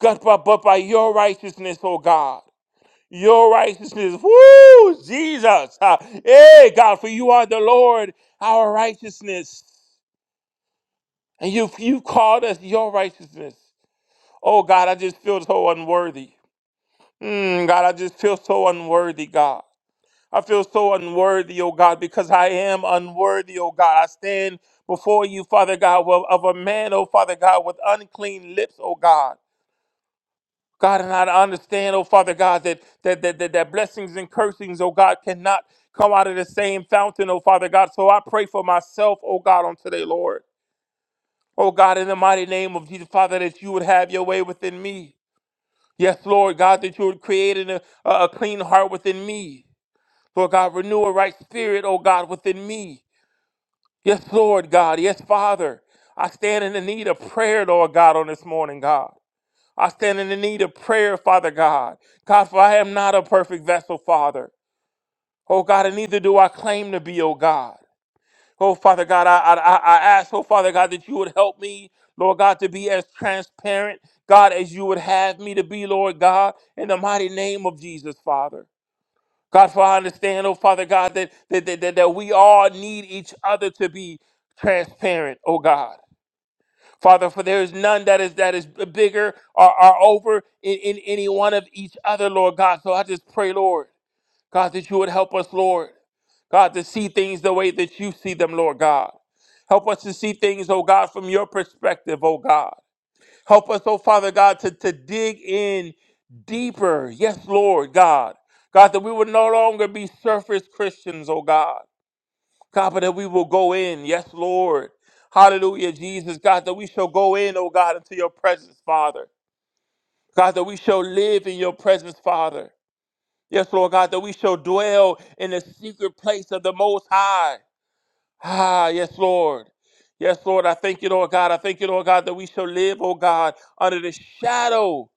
S5: God, but, but by your righteousness, oh God. Your righteousness, woo, Jesus. Ah, Hey, God, for you are the Lord, our righteousness. And you you called us your righteousness. Oh God, I just feel so unworthy. Mm, God, I just feel so unworthy, God. I feel so unworthy, oh God, because I am unworthy, oh God. I stand before you, Father God, of of a man, oh Father God, with unclean lips, oh God. God, and I understand, oh Father God, that that that that, that blessings and cursings, oh God, cannot come out of the same fountain, oh Father God. So I pray for myself, oh God, on today, Lord. Oh God, in the mighty name of Jesus, Father, that you would have your way within me. Yes, Lord God, that you would create an- a, a clean heart within me. Lord God, renew a right spirit, oh God, within me. Yes, Lord God. Yes, Father. I stand in the need of prayer, Lord God, on this morning, God. I stand in the need of prayer, Father God. God, for I am not a perfect vessel, Father. Oh God, and neither do I claim to be, oh God. Oh, Father God, I, I, I I ask, oh, Father God, that you would help me, Lord God, to be as transparent, God, as you would have me to be, Lord God, in the mighty name of Jesus, Father. God, for I understand, oh, Father God, that, that, that, that, that we all need each other to be transparent, oh, God. Father, for there is none that is that is bigger or, or over in, in any one of each other, Lord God. So I just pray, Lord. God, that you would help us, Lord. God, to see things the way that you see them, Lord God. Help us to see things, oh God, from your perspective, oh God. Help us, oh Father God, to, to dig in deeper. Yes, Lord God. God, that we would no longer be surface Christians, oh God. God, but that we will go in. Yes, Lord. Hallelujah, Jesus. God, that we shall go in, oh God, into your presence, Father. God, that we shall live in your presence, Father. Yes, Lord God, that we shall dwell in the secret place of the Most High. Ah, yes, Lord. Yes, Lord, I thank you, Lord God. I thank you, Lord God, that we shall live, oh God, under the shadow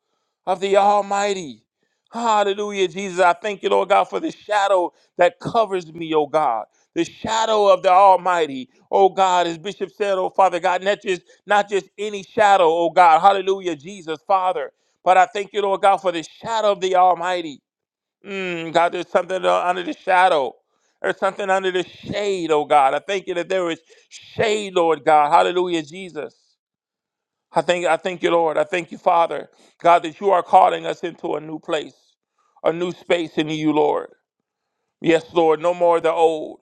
S5: of the Almighty. Hallelujah, Jesus. I thank you, Lord God, for the shadow that covers me, oh God. The shadow of the Almighty, oh God, as Bishop said, oh Father God, not just not just any shadow, oh God. Hallelujah, Jesus, Father. But I thank you, Lord God, for the shadow of the Almighty. Mm, God, there's something uh, under the shadow. There's something under the shade, oh God. I thank you that there is shade, Lord God. Hallelujah, Jesus. I thank, I thank you, Lord. I thank you, Father, God, that you are calling us into a new place, a new space in you, Lord. Yes, Lord, no more the old.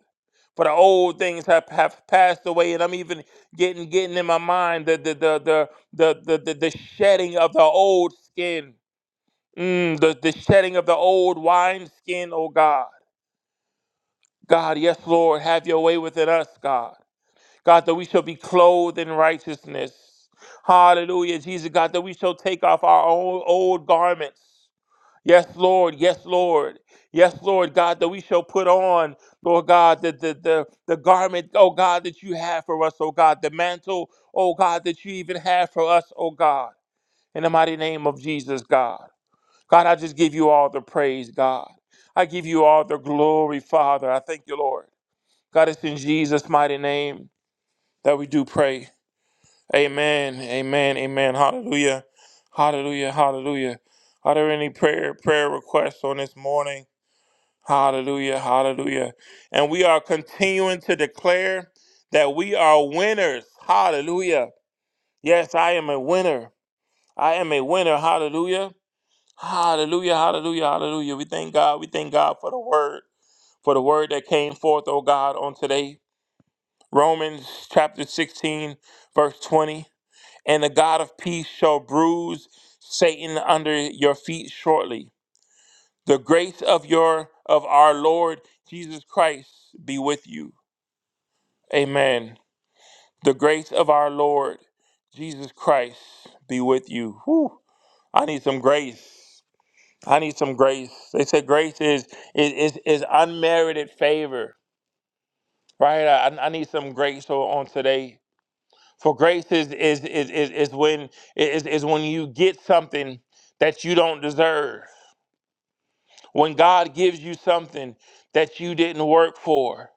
S5: For the old things have, have passed away, and I'm even getting getting in my mind the the the the the the, the, the shedding of the old skin, mm, the, the shedding of the old wine skin, oh God. God, yes, Lord, have your way within us, God. God, that we shall be clothed in righteousness. Hallelujah, Jesus, God, that we shall take off our own old garments. Yes, Lord, yes, Lord. Yes, Lord, God, that we shall put on, Lord God, the, the, the, the garment, oh God, that you have for us, oh God, the mantle, oh God, that you even have for us, oh God. In the mighty name of Jesus, God. God, I just give you all the praise, God. I give you all the glory, Father. I thank you, Lord. God, it's in Jesus' mighty name that we do pray. Amen. Amen. Amen. Hallelujah. Hallelujah. Hallelujah. Are there any prayer prayer requests on this morning? Hallelujah. Hallelujah. And we are continuing to declare that we are winners. Hallelujah. Yes, I am a winner. I am a winner. Hallelujah. Hallelujah. Hallelujah. Hallelujah. We thank God. We thank God for the word, for the word that came forth, oh God, on today. Romans chapter 16, verse 20. And the God of peace shall bruise Satan under your feet shortly. The grace of your of our Lord Jesus Christ be with you. Amen. The grace of our Lord Jesus Christ be with you. Whew. I need some grace. I need some grace. They said grace is is is, is unmerited favor, right? I, I need some grace on on today For grace is is is is, is when is, is when you get something that you don't deserve. When God gives you something that you didn't work for.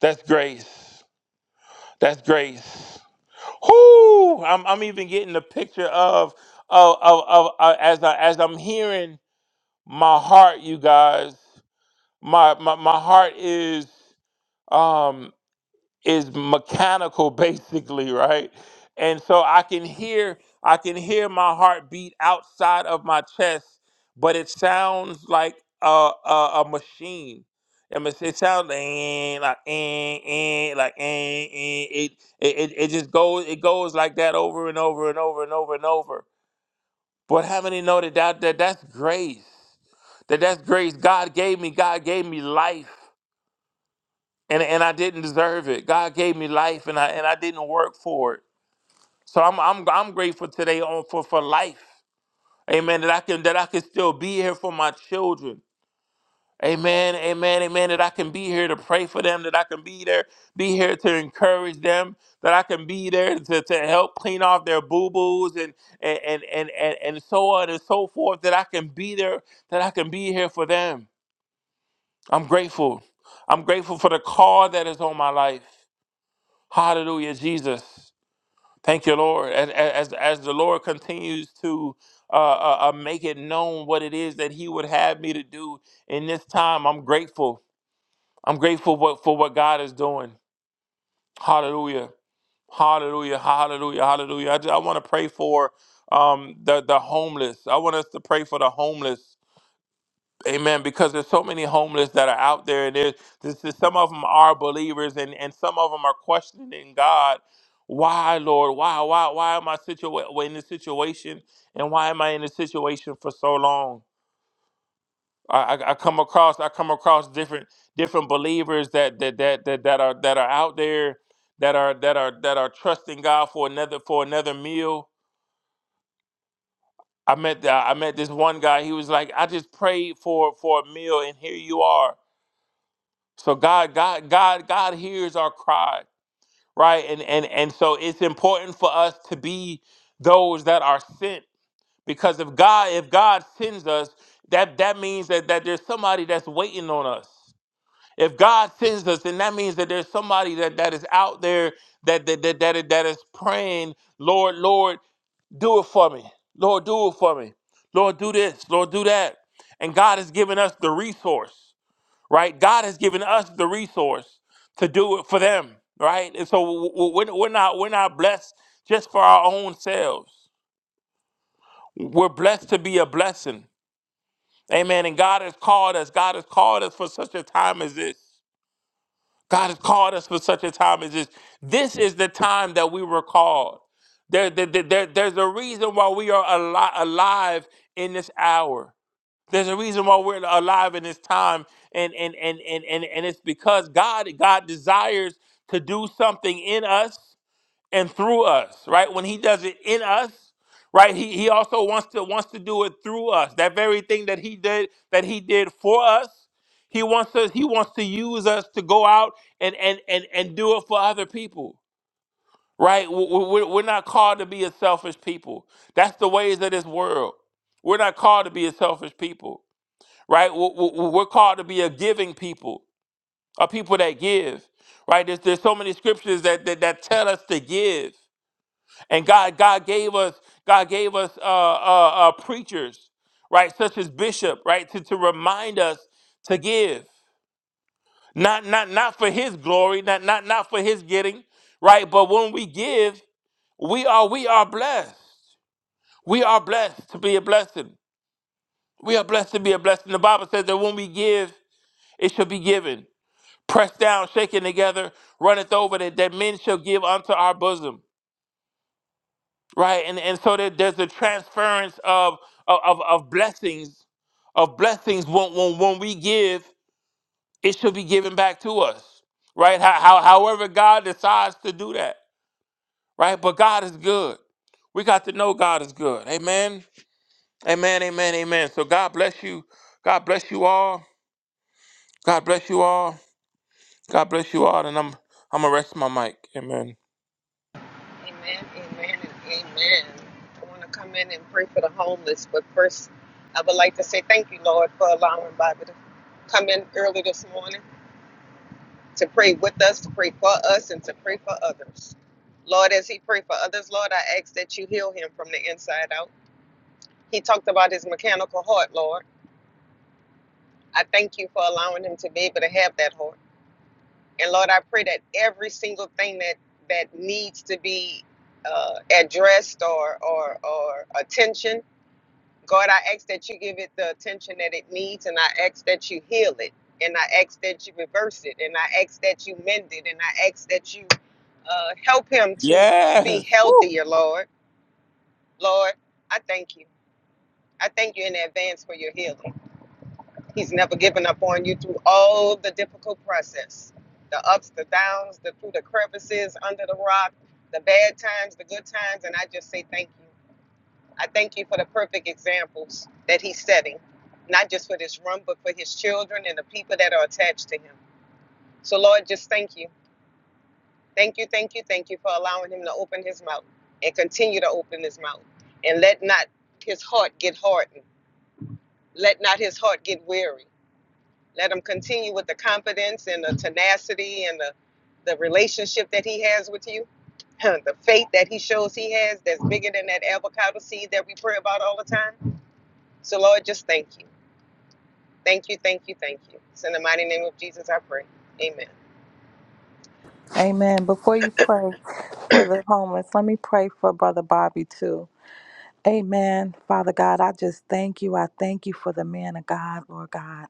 S5: That's grace. That's grace. Whoo! I'm I'm even getting a picture of of of, of uh, as I as I'm hearing my heart, you guys. My my my heart is um is mechanical basically right and so i can hear i can hear my heartbeat outside of my chest but it sounds like a a, a machine and it must- it sounds like eh, like eh, eh, like eh, eh. It, it it it just goes it goes like that over and over and over and over and over but how many know that, that, that that's grace that that's grace god gave me god gave me life and and I didn't deserve it. God gave me life, and I and I didn't work for it. So I'm I'm I'm grateful today on for for life. Amen. That I can that I can still be here for my children. Amen. Amen. Amen. That I can be here to pray for them. That I can be there, be here to encourage them. That I can be there to, to help clean off their boo boos and and, and and and and so on and so forth. That I can be there. That I can be here for them. I'm grateful. I'm grateful for the call that is on my life. Hallelujah, Jesus. Thank you, Lord. As, as, as the Lord continues to uh, uh, uh, make it known what it is that He would have me to do in this time, I'm grateful. I'm grateful what, for what God is doing. Hallelujah. Hallelujah. Hallelujah. Hallelujah. I, just, I want to pray for um, the, the homeless. I want us to pray for the homeless. Amen. Because there's so many homeless that are out there, and there's, there's there's- some of them are believers, and and some of them are questioning God. Why, Lord? Why, why, why am I situa- well, in this situation, and why am I in this situation for so long? I, I, I come across I come across different different believers that that that that, that are that are out there that are that are that are trusting God for another for another meal. I met the, I met this one guy. He was like, I just prayed for for a meal, and here you are. So God, God, God, God hears our cry, right? And and and so it's important for us to be those that are sent. Because if God, if God sends us, that that means that, that there's somebody that's waiting on us. If God sends us, then that means that there's somebody that, that is out there that that, that that that is praying, Lord, Lord, do it for me. Lord, do it for me. Lord, do this. Lord, do that. And God has given us the resource right? God has given us the resource to do it for them, right? And so w- w- we're we're not we're not blessed just for our own selves. We're blessed to be a blessing, amen. And God has called us. God has called us for such a time as this. God has called us for such a time as this. This is the time that we were called. There, there, there, there- there's a reason why we are ali- alive in this hour. There's a reason why we're alive in this time, and and and and and, and it's because God God desires to do something in us and through us, right? When He does it in us, right? He He also wants to wants to do it through us. That very thing that He did that He did for us, He wants us He wants to use us to go out and and and and do it for other people, right? We- we- We're we're not called to be a selfish people. That's the ways of this world. We're not called to be a selfish people right? W- w- We're called to be a giving people, a people that give, right? There's, there's so many scriptures that, that that tell us to give, and God God gave us God gave us uh, uh, uh, preachers, right, such as Bishop, right, to, to remind us to give, not not not for His glory, not not not for His getting, right, but when we give, we are we are blessed. We are blessed to be a blessing. We are blessed to be a blessing. The Bible says that when we give, it shall be given pressed down, shaken together, runneth over, that, that men shall give unto our bosom. Right? And and so that there's a transference of of, of of blessings, of blessings when, when when we give, it should be given back to us. Right? How, how however God decides to do that. Right? But God is good. We got to know God is good. Amen. Amen. Amen. Amen. So God bless you. God bless you all. God bless you all. God bless you all. And I'm I'm gonna rest my mic. Amen.
S6: Amen, amen, and amen. I want to come in and pray for the homeless, but first, I would like to say thank you, Lord, for allowing Bobby to come in early this morning. to pray with us, to pray for us, and to pray for others. Lord, as he prayed for others, Lord, I ask that you heal him from the inside out. He talked about his mechanical heart, Lord. I thank you for allowing him to be able to have that heart. And Lord, I pray that every single thing that that needs to be uh, addressed or or or attention God, I ask that you give it the attention that it needs, and I ask that you heal it, and I ask that you reverse it, and I ask that you mend it, and I ask that you uh, help him to be
S5: Yes. Woo.
S6: healthier, Lord. Lord, I thank you. I thank you in advance for your healing. He's never given up on you through all the difficult process the ups, the downs, the through the crevices, under the rock, the bad times, the good times, and I just say thank you. I thank you for the perfect examples that he's setting, not just for this room, but for his children and the people that are attached to him. So, Lord, just thank you. Thank you, thank you, thank you for allowing him to open his mouth and continue to open his mouth. And let not his heart get hardened. Let not his heart get weary. Let him continue with the confidence and the tenacity and the, the relationship that he has with you. the faith that he shows he has that's bigger than that avocado seed that we pray about all the time. So, Lord, just thank you. Thank you, thank you, thank you. It's in the mighty name of Jesus I pray. Amen.
S2: Amen. Before you pray for the homeless, let me pray for Brother Bobby too. Amen. Father God, I just thank you. I thank you for the man of God, Lord God.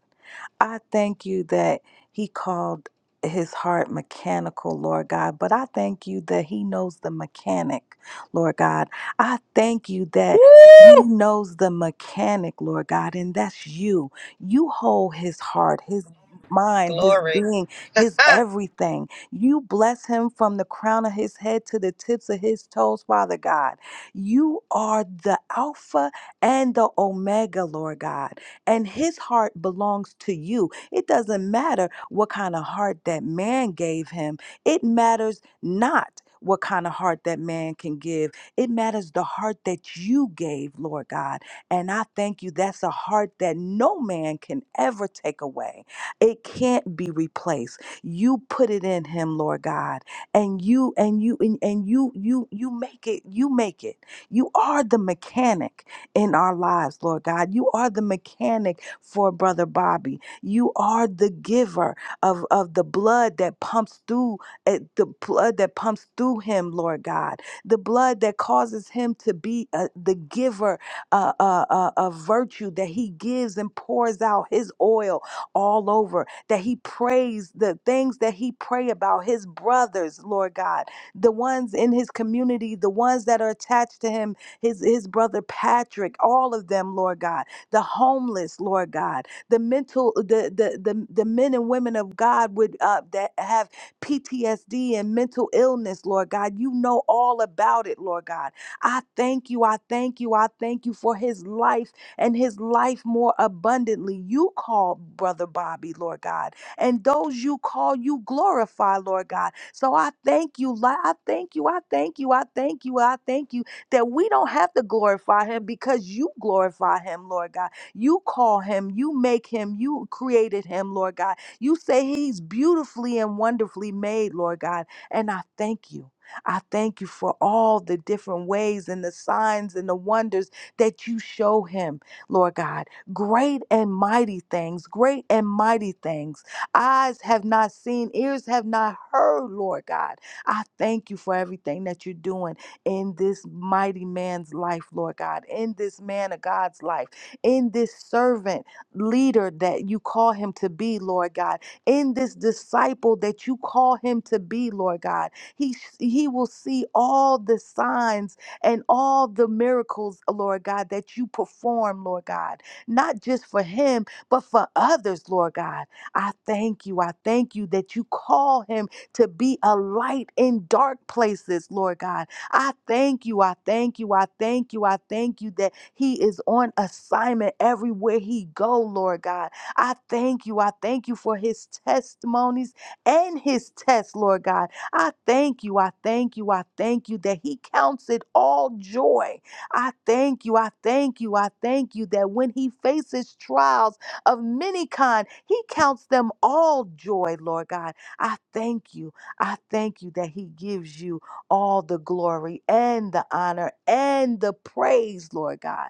S2: I thank you that he called his heart mechanical, Lord God, but I thank you that he knows the mechanic, Lord God. I thank you that he knows the mechanic, Lord God, and that's you. You hold his heart, his mind, his
S6: Glory.
S2: being, his
S6: Ha!
S2: everything. You bless him from the crown of his head to the tips of his toes, Father God. You are the Alpha and the Omega, Lord God. And his heart belongs to you. It doesn't matter what kind of heart that man gave him, it matters not. What kind of heart that man can give. It matters the heart that you gave, Lord God. And I thank you. That's a heart that no man can ever take away. It can't be replaced. You put it in him, Lord God. And you and you and, and you you you make it, you make it. You are the mechanic in our lives, Lord God. You are the mechanic for Brother Bobby. You are the giver of, of the blood that pumps through eh, the blood that pumps through him, Lord God. The blood that causes him to be uh, the giver uh, uh, uh, of virtue that he gives and pours out his oil all over. That he prays the things that he pray about his brothers, Lord God the ones in his community, the ones that are attached to him, his, his brother Patrick, all of them, Lord God, the homeless, Lord God, the mental, the the the, the men and women of God would uh, that have PTSD and mental illness, Lord God. You know all about it, Lord God. I thank you, I thank you, I thank you for his life and his life more abundantly. You call brother Bobby, Lord God, and those you call, you glorify, Lord God. So I thank you, Li- I thank you, I thank you, I thank you, I thank you that we don't have to glorify him because you glorify him, Lord God. You call him, you make him, you created him, Lord God. You say he's beautifully and wonderfully made, Lord God. And I thank you. I thank you for all the different ways and the signs and the wonders that you show him, Lord God. Great and mighty things, great and mighty things eyes have not seen, ears have not heard, Lord God. I thank you for everything that you're doing in this mighty man's life, Lord God, in this man of God's life, in this servant leader that you call him to be, Lord God, in this disciple that you call him to be, Lord God. He he will see all the signs and all the miracles, Lord God, that you perform, Lord God, not just for him, but for others, Lord God. I thank you. I thank you that you call him to be a light in dark places, Lord God. I thank you. I thank you. I thank you. I thank you that he is on assignment everywhere he go, Lord God. I thank you. I thank you for his testimonies and his tests, Lord God. I thank you. I thank you. I thank you that he counts it all joy. I thank you. I thank you. I thank you that when he faces trials, of many kind. He counts them all joy, Lord God. I thank you. I thank you that He gives you all the glory and the honor and the praise, Lord God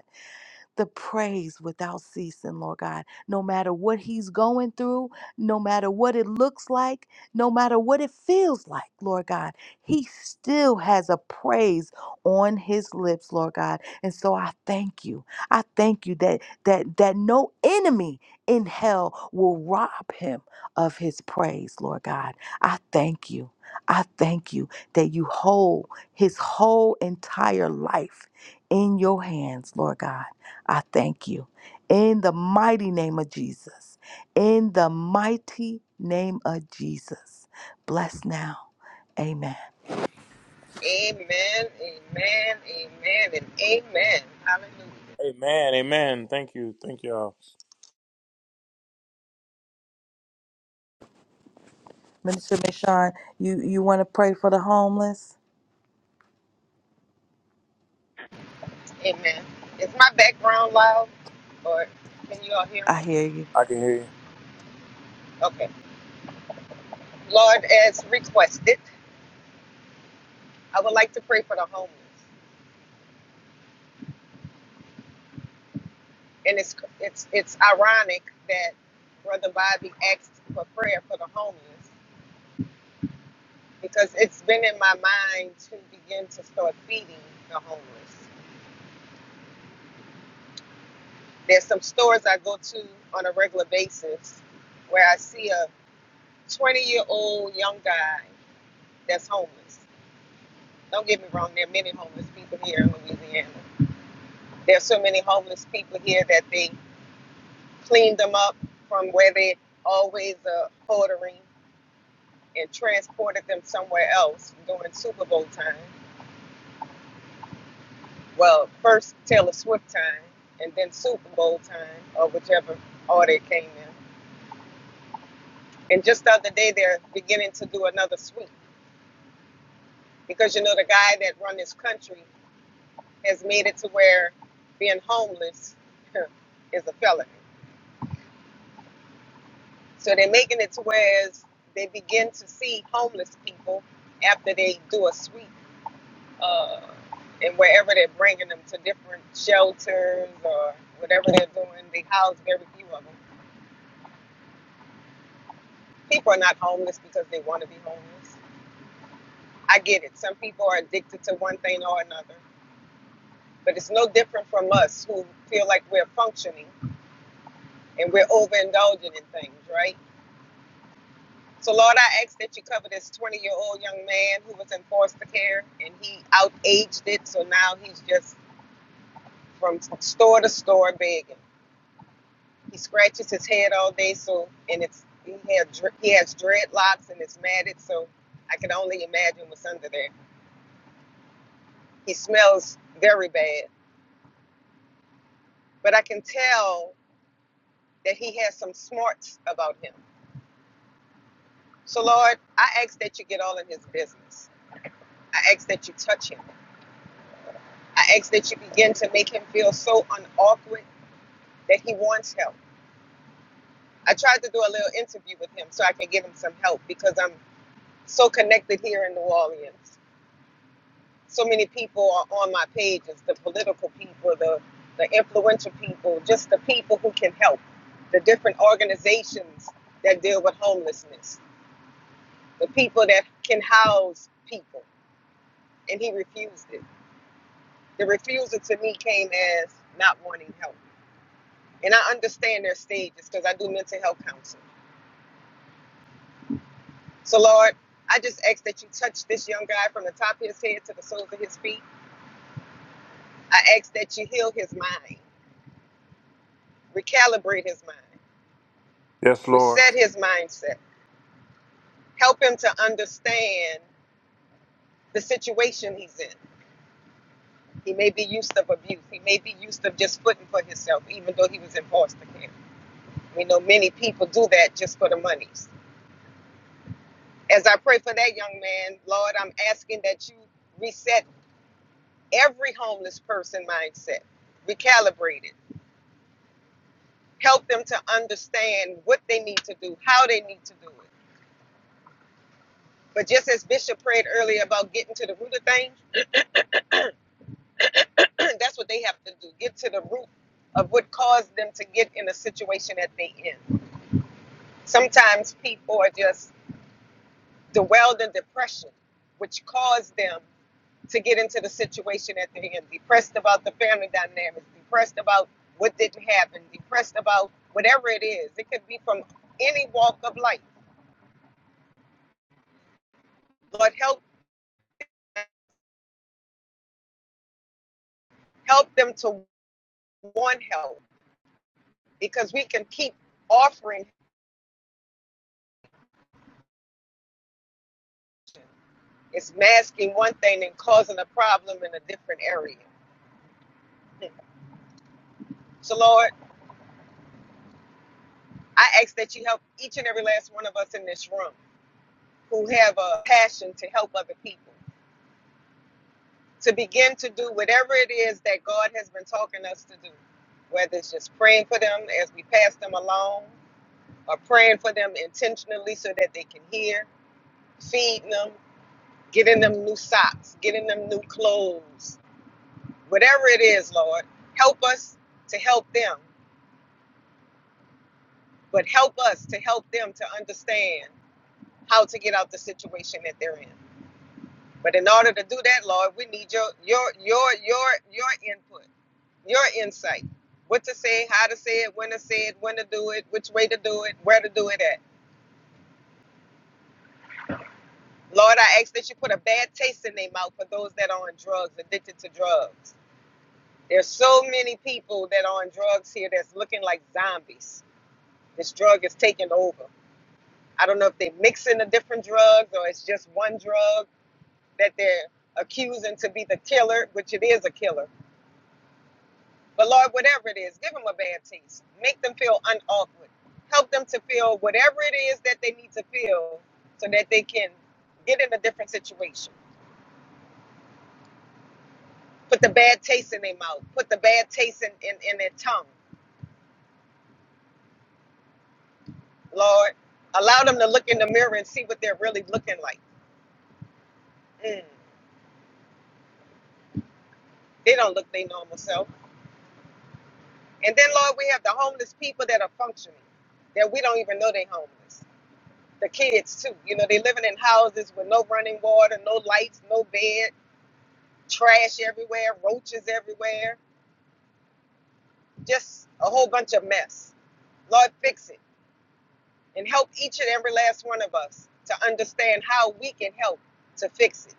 S2: the praise without ceasing, Lord God. No matter what he's going through, no matter what it looks like, no matter what it feels like, Lord God, he still has a praise on his lips, Lord God. And so I thank you. I thank you that that that no enemy in hell will rob him of his praise, Lord God. I thank you. I thank you that you hold his whole entire life in your hands, Lord God. I thank you. In the mighty name of Jesus. In the mighty name of Jesus. Bless now. Amen.
S6: Amen, amen, amen, and amen. Hallelujah.
S5: Amen. Amen. Thank you. Thank y'all.
S2: Minister Michon, you, you want to pray for the homeless?
S6: Amen. Is my background loud? Or can you all hear
S2: I
S6: me?
S2: hear you.
S5: I can hear you.
S6: Okay. Lord, as requested, I would like to pray for the homeless. And it's it's it's ironic that Brother Bobby asked for prayer for the homeless because it's been in my mind to begin to start feeding the homeless. There's some stores I go to on a regular basis where I see a 20 year old young guy that's homeless. Don't get me wrong, there are many homeless people here in Louisiana. There are so many homeless people here that they cleaned them up from where they always are ordering and transported them somewhere else during Super Bowl time. Well, first Taylor Swift time and then Super Bowl time or whichever order it came in. And just the other day, they're beginning to do another sweep because you know the guy that run this country has made it to where being homeless is a felony. So they're making it to where as they begin to see homeless people after they do a sweep, uh, and wherever they're bringing them to different shelters or whatever they're doing, they house very few of them. People are not homeless because they want to be homeless. I get it. Some people are addicted to one thing or another, but it's no different from us who feel like we're functioning and we're overindulging in things, right? So, Lord, I ask that you cover this 20 year old young man who was in foster care and he outaged it. So now he's just from store to store begging. He scratches his head all day, so and it's he, had, he has dreadlocks and it's matted, so I can only imagine what's under there. He smells very bad, but I can tell that he has some smarts about him. So, Lord, I ask that you get all in his business. I ask that you touch him. I ask that you begin to make him feel so unawkward that he wants help. I tried to do a little interview with him so I can give him some help because I'm so connected here in New Orleans. So many people are on my pages the political people, the, the influential people, just the people who can help, the different organizations that deal with homelessness, the people that can house people. And he refused it. The refusal to me came as not wanting help And I understand their stages because I do mental health counseling. So, Lord, I just ask that you touch this young guy from the top of his head to the soles of his feet. I ask that you heal his mind, recalibrate his mind,
S5: Yes, Lord.
S6: reset his mindset, help him to understand the situation he's in. He may be used to abuse. He may be used to just footing for himself, even though he was in foster care. We know many people do that just for the monies. As I pray for that young man, Lord, I'm asking that you reset every homeless person mindset, recalibrate it, help them to understand what they need to do, how they need to do it. But just as Bishop prayed earlier about getting to the root of things, that's what they have to do get to the root of what caused them to get in a situation that they in. Sometimes people are just dwelled in depression, which caused them to get into the situation at the end, depressed about the family dynamics, depressed about what didn't happen, depressed about whatever it is. It could be from any walk of life. Lord, help help them to want help because we can keep offering it's masking one thing and causing a problem in a different area. So Lord, I ask that you help each and every last one of us in this room who have a passion to help other people. to begin to do whatever it is that God has been talking us to do, whether it's just praying for them as we pass them along, or praying for them intentionally so that they can hear, feeding them, getting them new socks, getting them new clothes, whatever it is, Lord, help us to help them, but help us to help them to understand how to get out the situation that they're in. But in order to do that, Lord, we need your your your your your input. your insight what to say how to say it when to say it when to do it which way to do it where to do it at lord i ask that you put a bad taste in their mouth for those that are on drugs addicted to drugs there's so many people that are on drugs here that's looking like zombies this drug is taking over i don't know if they're mixing the different drugs or it's just one drug that they're accusing to be the killer which it is a killer But Lord, whatever it is, give them a bad taste. Make them feel unawkward. Help them to feel whatever it is that they need to feel so that they can get in a different situation. Put the bad taste in their mouth. Put the bad taste in, in, in their tongue. Lord, allow them to look in the mirror and see what they're really looking like. Mm, they don't look their normal self. And then, Lord, we have the homeless people that are functioning, that we don't even know they're homeless. The kids, too. You know, they're living in houses with no running water, no lights, no bed trash everywhere, roaches everywhere, just a whole bunch of mess. Lord, fix it and help each and every last one of us to understand how we can help to fix it.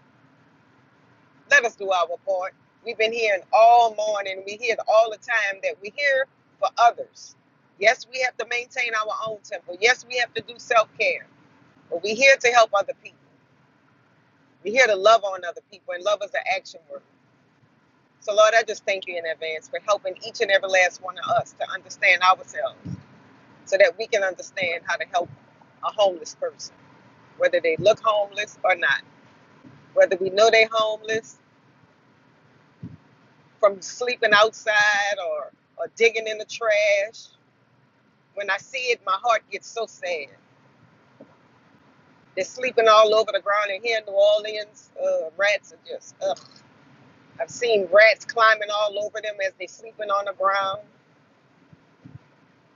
S6: Let us do our part. We've been hearing all morning, we hear all the time that we hear for others. Yes, we have to maintain our own temple. Yes, we have to do self care, but we're here to help other people. We're here to love on other people, and love is an action word. So, Lord, I just thank you in advance for helping each and every last one of us to understand ourselves so that we can understand how to help a homeless person, whether they look homeless or not, whether we know they're homeless from sleeping outside or, or digging in the trash. When I see it, my heart gets so sad. They're sleeping all over the ground, and here in New Orleans, uh, rats are just, ugh. I've seen rats climbing all over them as they're sleeping on the ground.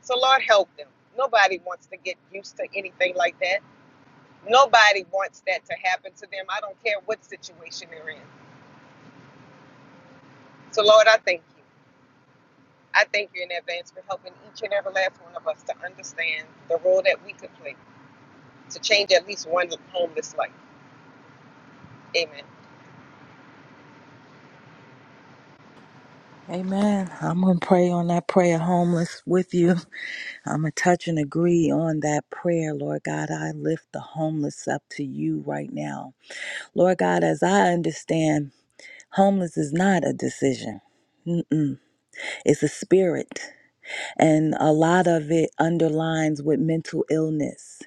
S6: So, Lord, help them. Nobody wants to get used to anything like that. Nobody wants that to happen to them. I don't care what situation they're in. So, Lord, I thank you. I thank you in advance for helping each and every last one of us to understand the role that we could play to change at least one homeless life. Amen.
S2: Amen. I'm going to pray on that prayer, homeless, with you. I'm going to touch and agree on that prayer, Lord God. I lift the homeless up to you right now. Lord God, as I understand, homeless is not a decision. Mm-mm. It's a spirit. and a lot of it underlines with mental illness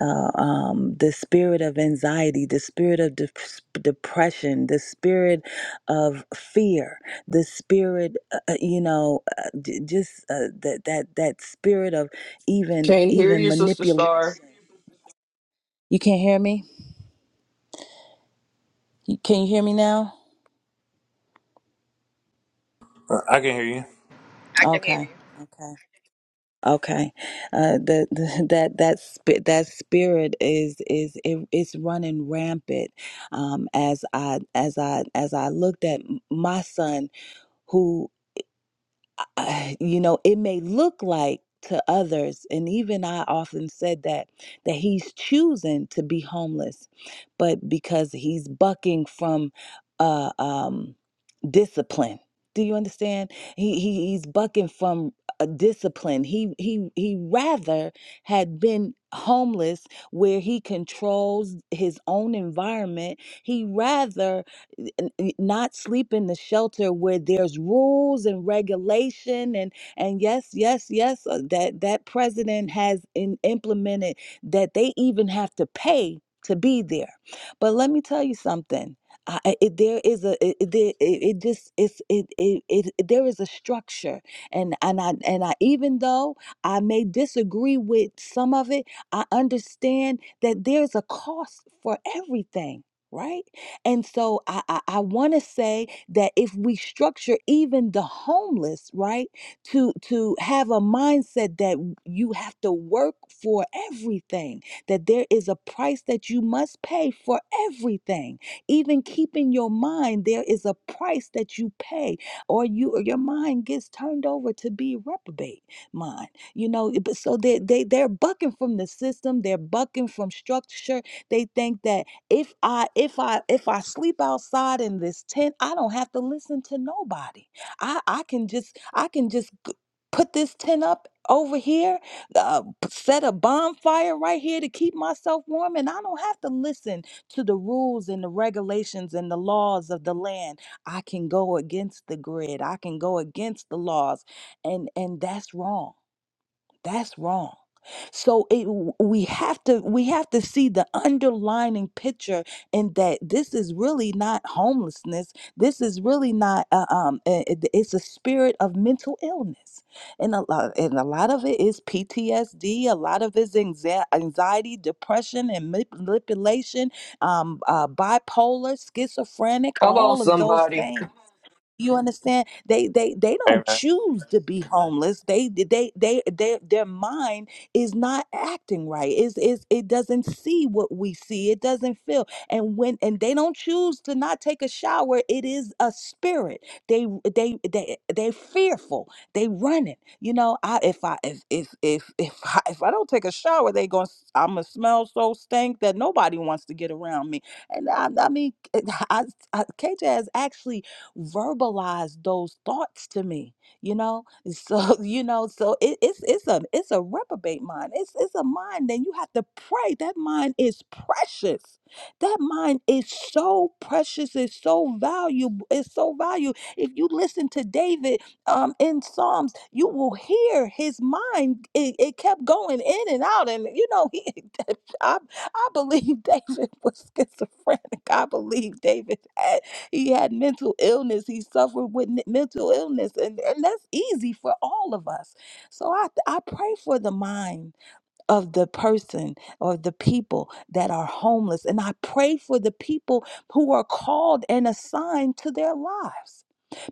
S2: uh, um, the spirit of anxiety the spirit of de- depression the spirit of fear the spirit uh, uh, you know uh, j- just uh, that that that spirit of even
S7: Can't hear
S2: even
S7: you, sister
S2: manipulation
S7: Star.
S2: you can't hear me You- can you hear me now
S5: I I can hear
S6: I can hear you.
S2: okay okay Okay, uh, the, the that that spi- that spirit is is it, it's running rampant. Um, as I as I as I looked at m- my son, who uh, you know, it may look like to others, and even I often said that, that he's choosing to be homeless, but because he's bucking from uh, um, discipline. Do you understand? He, he he's bucking from a discipline. He he he rather had been homeless where he controls his own environment. He rather n- n- not sleep in the shelter where there's rules and regulation and and yes yes yes uh, that that president has in, implemented that they even have to pay to be there but let me tell you something I, I- it, there is a it, it, there- it it just it's it, it it it- there is a structure and and I and I even though I may disagree with some of it I understand that there's a cost for everything right and so I, I, I want to say that if we structure even the homeless, right, to to have a mindset that you have to work for everything, that there is a price that you must pay for everything. Even keeping your mind, there is a price that you pay, or you or your mind gets turned over to be reprobate mind. You know, but so they they they're bucking from the system, they're bucking from structure. They think that if i if i if i sleep outside in this tent i don't have to listen to nobody i i can just i can just g- put this tent up over here uh, p- set a bonfire right here to keep myself warm and i don't have to listen to the rules and the regulations and the laws of the land i can go against the grid i can go against the laws and and that's wrong that's wrong so it, we have to we have to see the underlining picture in that this is really not homelessness. This is really not uh, um. uh, it- It's a spirit of mental illness, and a lot and a lot of it is PTSD. A lot of it's anxie- anxiety, depression, and manip- manipulation. Um, uh, bipolar, schizophrenic,
S7: Come on,
S2: all of those
S7: somebody.
S2: things. You understand? They they they
S5: you.
S2: don't choose to be homeless. They they they they their mind is not acting right. Is is it doesn't see what we see. It doesn't feel. And when and they don't choose to not take a shower, it is a spirit. They they they they fearful. They running. You know, I if I if if if if I, if I don't take a shower, they going to I'm gonna smell so stink that nobody wants to get around me. And I, I mean, I, I KJ has actually verbalize those thoughts to me you know so you know so it, it's it's a it's a reprobate mind it's it's a mind that you have to pray that mind is precious that mind is so precious it's so valuable it's so valuable if you listen to david um in psalms you will hear his mind it, it kept going in and out and you know he I, I believe david was schizophrenic i believe david he had mental illness. He suffered with n- mental illness, and, and that's easy for all of us. So I, I pray for the mind of the person or the people that are homeless. And I pray for the people who are called and assigned to their lives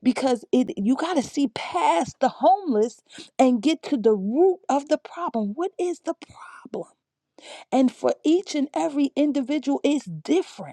S2: because it you got to see past the homeless and get to the root of the problem. What is the problem? And for each and every individual, it's different.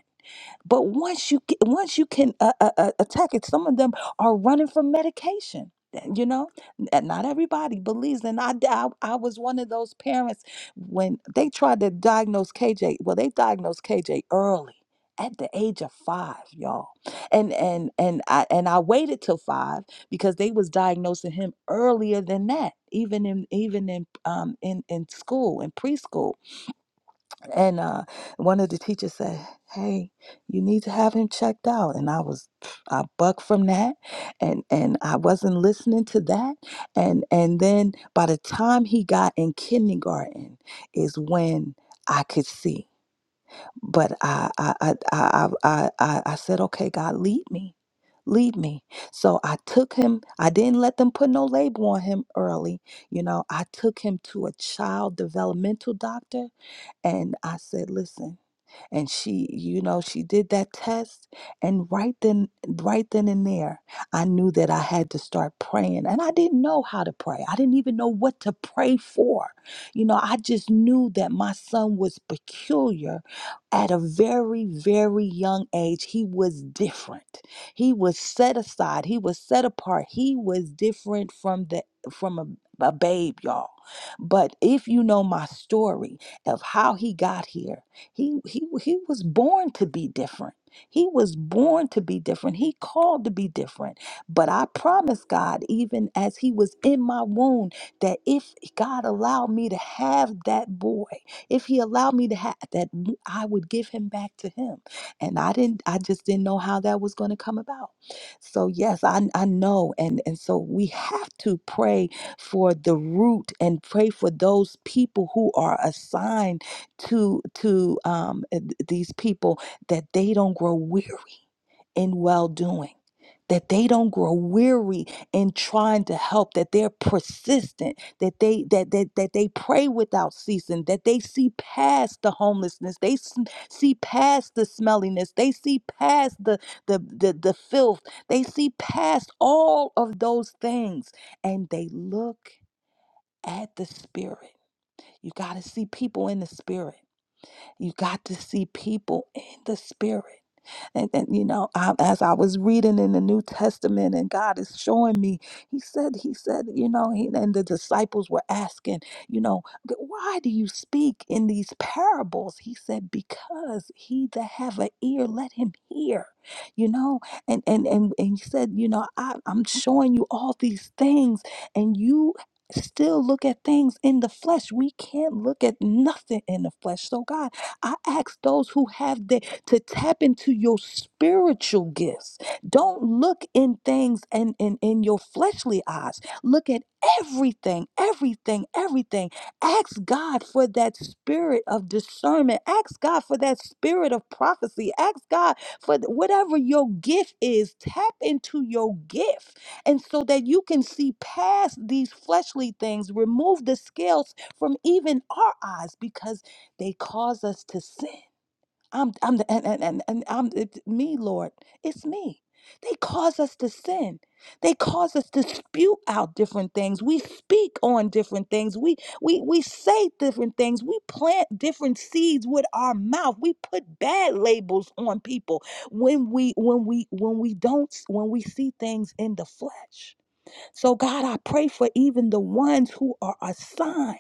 S2: But once you get, once you can uh, uh, uh, attack it, some of them are running from medication. eh, You know, and not everybody believes. And I, d- I, I was one of those parents when they tried to diagnose KJ. Well, they diagnosed KJ early, at the age of five, y'all. And and and I and I waited till five because they was diagnosing him earlier than that, even in even in um in in school in preschool and uh, one of the teachers said, "Hey, you need to have him checked out." And I was, I bucked from that, and and I wasn't listening to that. And and then by the time he got in kindergarten, is when I could see. But I I I I I, I, I said, "Okay, God, lead me." Lead me. So I took him, I didn't let them put no label on him early. You know, I took him to a child developmental doctor and I said, listen, and she you know she did that test and right then right then and there i knew that i had to start praying and i didn't know how to pray i didn't even know what to pray for you know i just knew that my son was peculiar at a very very young age he was different he was set aside he was set apart he was different from the from a a babe, y'all. But if you know my story of how he got here, he, he, he was born to be different. He was born to be different. He called to be different. But I promise God, even as he was in my womb, that if God allowed me to have that boy, if he allowed me to have that, I would give him back to him. And I didn't, I just didn't know how that was going to come about. So yes, I, I know. And, and so we have to pray for the root and pray for those people who are assigned to to um, uh, these people that they don't grow weary in well doing that they don't grow weary in trying to help that they're persistent that they that that, that they pray without ceasing that they see past the homelessness they s- see past the smelliness they see past the the the, the filth they see past all of those things and they look at the spirit you got to see people in the spirit you got to see people in the spirit. And, and you know, I, as I was reading in the New Testament and God is showing me, He said, He said, you know, he, and the disciples were asking, you know, "Th- why do you speak in these parables? He said, because he that have an ear, let him hear. You know, and and and, and he said, you know, I, I'm showing you all these things, and you still look at things in the flesh. We can't look at nothing in the flesh. So God, I ask those who have the to tap into your spiritual gifts. Don't look in things and in, in, your fleshly eyes. Look at everything, everything, everything. Ask God for that spirit of discernment. Ask God for that spirit of prophecy. Ask God for th- whatever your gift is. Tap into your gift. And so that you can see past these fleshly things, remove the scales from even our eyes because they cause us to sin. I'm I'm the and and and, and I'm it's me, Lord. It's me. They cause us to sin. They cause us to spew out different things. We speak on different things. We we we say different things. We plant different seeds with our mouth. We put bad labels on people when we when we when we don't when we see things in the flesh. So God, I pray for even the ones who are assigned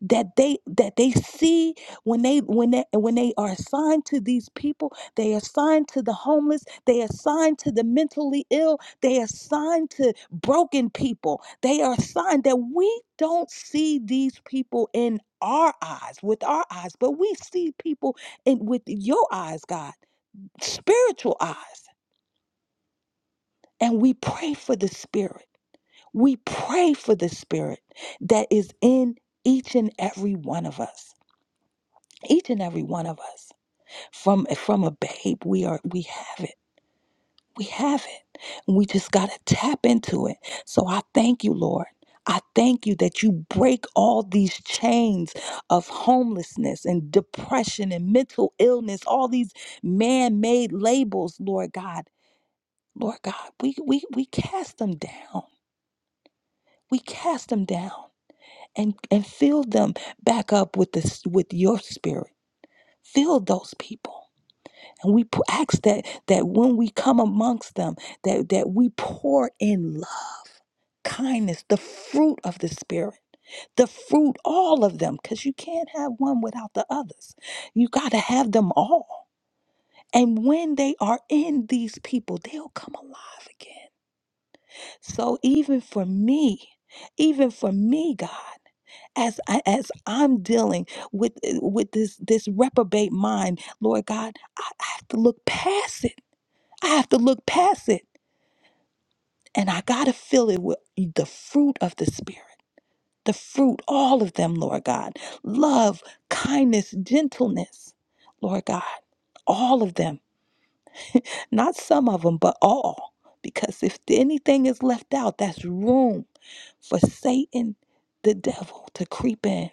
S2: that they that they see when they when they when they are assigned to these people they are assigned to the homeless they are assigned to the mentally ill they are assigned to broken people they are assigned that we don't see these people in our eyes with our eyes but we see people in with your eyes god spiritual eyes and we pray for the spirit we pray for the spirit that is in each and every one of us each and every one of us from from a babe we are we have it we have it we just got to tap into it so i thank you lord I thank you that you break all these chains of homelessness and depression and mental illness, all these man made labels, Lord God. Lord God, we, we, we cast them down. We cast them down and, and fill them back up with, this, with your spirit. Fill those people. And we p- ask that that when we come amongst them, that, that we pour in love, kindness, the fruit of the spirit, the fruit, all of them, because you can't have one without the others. You gotta have them all. And when they are in these people, they'll come alive again. So even for me, even for me, God, as I, as I'm dealing with eh, with this this reprobate mind, Lord God, I I have to look past it. I have to look past it and I got to fill it with the fruit of the Spirit, the fruit, all of them, Lord God. Love, kindness, gentleness, Lord God. All of them, not some of them, but all. Because if anything is left out, that's room for Satan, the devil, to creep in.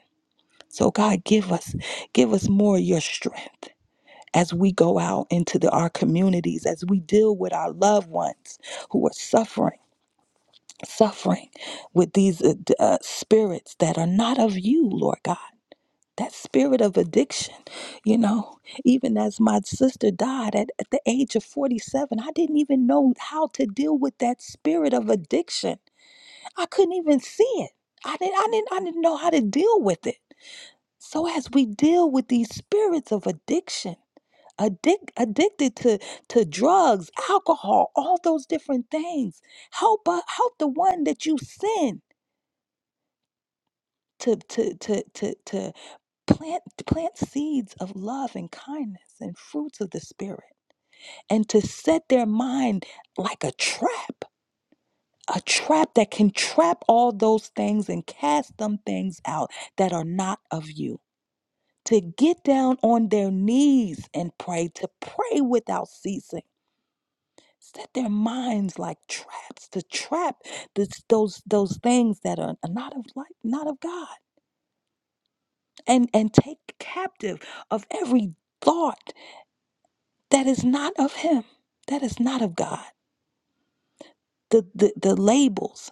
S2: So God, give us, give us more of your strength as we go out into the, our communities, as we deal with our loved ones who are suffering suffering with these uh, d- uh, spirits that are not of you, Lord God. That spirit of addiction, you know, even as my sister died at, at the age of 47, I didn't even know how to deal with that spirit of addiction. I couldn't even see it. I didn't, I didn't, I didn't know how to deal with it. So as we deal with these spirits of addiction, addic- addicted to, to drugs, alcohol, all those different things, help, uh, help the one that you send to to to to to plant plant seeds of love and kindness and fruits of the spirit and to set their mind like a trap a trap that can trap all those things and cast them things out that are not of you to get down on their knees and pray to pray without ceasing set their minds like traps to trap this, those those things that are not of like not of God and and take captive of every thought that is not of him that is not of god the the, the labels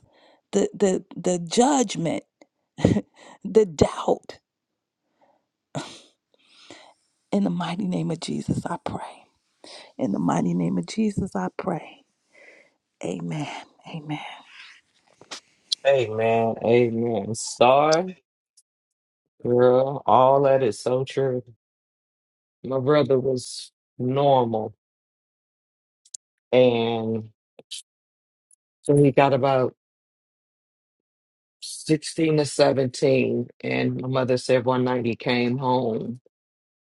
S2: the the the judgment the doubt in the mighty name of jesus i pray in the mighty name of jesus i pray amen amen
S7: Amen. Amen. Star, girl, all that is so true. my brother was normal and so he got about 16 to 17 and my mother said one night he came home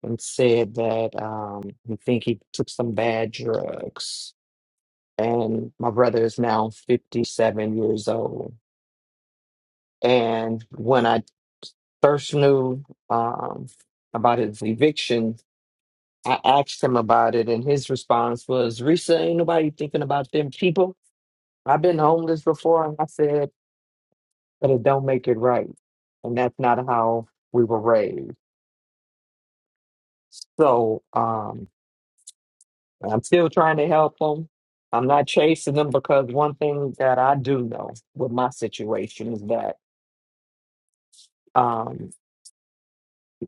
S7: and said that um he think he took some bad drugs and my brother is now 57 years old and when i first knew um about his eviction i asked him about it and his response was risa ain't nobody thinking about them people I've been homeless before. And I said, but it don't make it right. And that's not how we were raised. So um, I'm still trying to help them. I'm not chasing them because one thing that I do know with my situation is that um,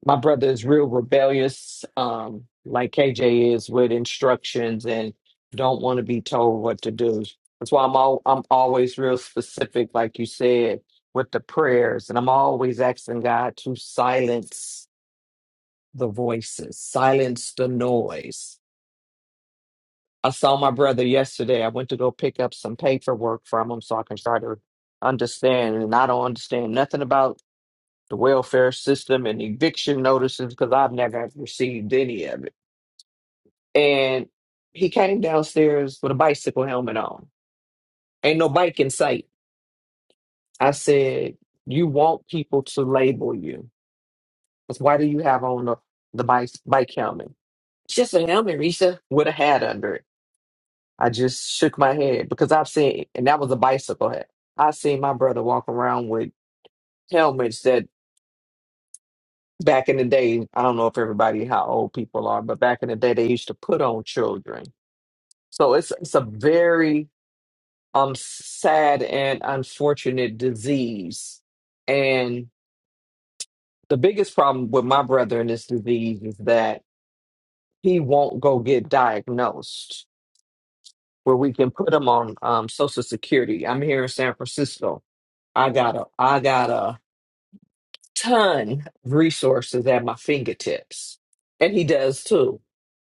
S7: my brother is real rebellious, um, like KJ is with instructions and don't want to be told what to do. That's why I'm all, I'm always real specific, like you said, with the prayers, and I'm always asking God to silence the voices, silence the. I saw my brother yesterday. I went to go pick up some paperwork from him so I can try to understand. And I don't understand nothing about the welfare system and eviction notices because I've never received any of it. And he came downstairs with a bicycle helmet on. Ain't no bike in sight. I said, You want people to label you. That's why do you have on the, the bike, bike helmet? It's just a helmet, Risa, with a hat under it. I just shook my head because I've seen, and that was a bicycle hat. I seen my brother walk around with helmets that back in the day, I don't know if everybody how old people are, but back in the day they used to put on children. So it's it's a very um sad and unfortunate disease. And the biggest problem with my brother in this disease is that he won't go get diagnosed where we can put him on um, social security. I'm here in San Francisco. I got a I got a ton of resources at my fingertips. And he does too.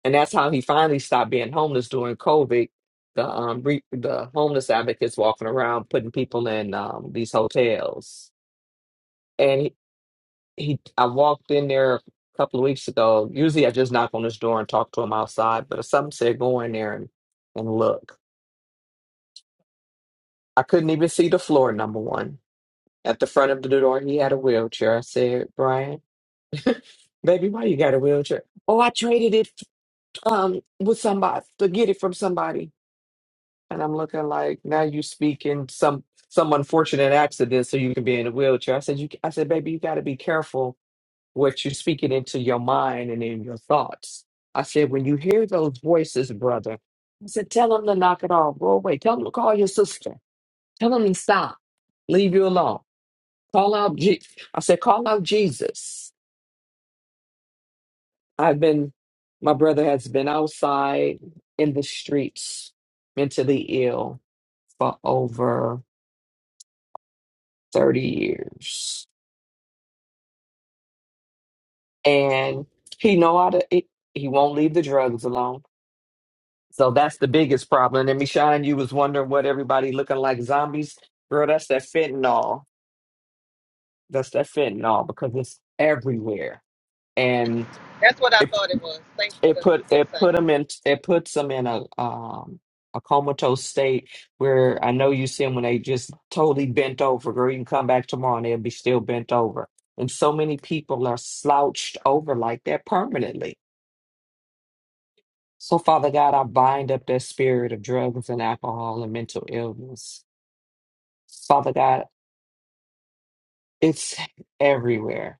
S7: And that's how he finally stopped being homeless during COVID. The um re- the homeless advocates walking around putting people in um these hotels. And he, he I walked in there a couple of weeks ago. Usually I just knock on his door and talk to him outside, but something said go in there and, and look. I couldn't even see the floor, number one. At the front of the door, he had a wheelchair. I said, Brian, baby, why you got a wheelchair? Oh, I traded it um with somebody to get it from somebody and i'm looking like now you speak in some some unfortunate accident so you can be in a wheelchair i said you i said baby you got to be careful what you're speaking into your mind and in your thoughts i said when you hear those voices brother i said tell them to knock it off go away tell them to call your sister tell them to stop leave you alone call out Je- i said call out jesus i've been my brother has been outside in the streets mentally ill for over 30 years. And he know how to it, he won't leave the drugs alone. So that's the biggest problem. And Michonne, you was wondering what everybody looking like zombies. Bro, that's that fentanyl. That's that fentanyl because it's everywhere. And
S6: That's what I
S7: it.
S6: thought it was. Thanks for
S7: it
S6: the
S7: put it
S6: insight.
S7: put them in it puts them in a um a comatose state where I know you see them when they just totally bent over. Girl, you can come back tomorrow and they'll be still bent over. And so many people are slouched over like that permanently. So, Father God, I bind up that spirit of drugs and alcohol and mental illness. Father God, it's everywhere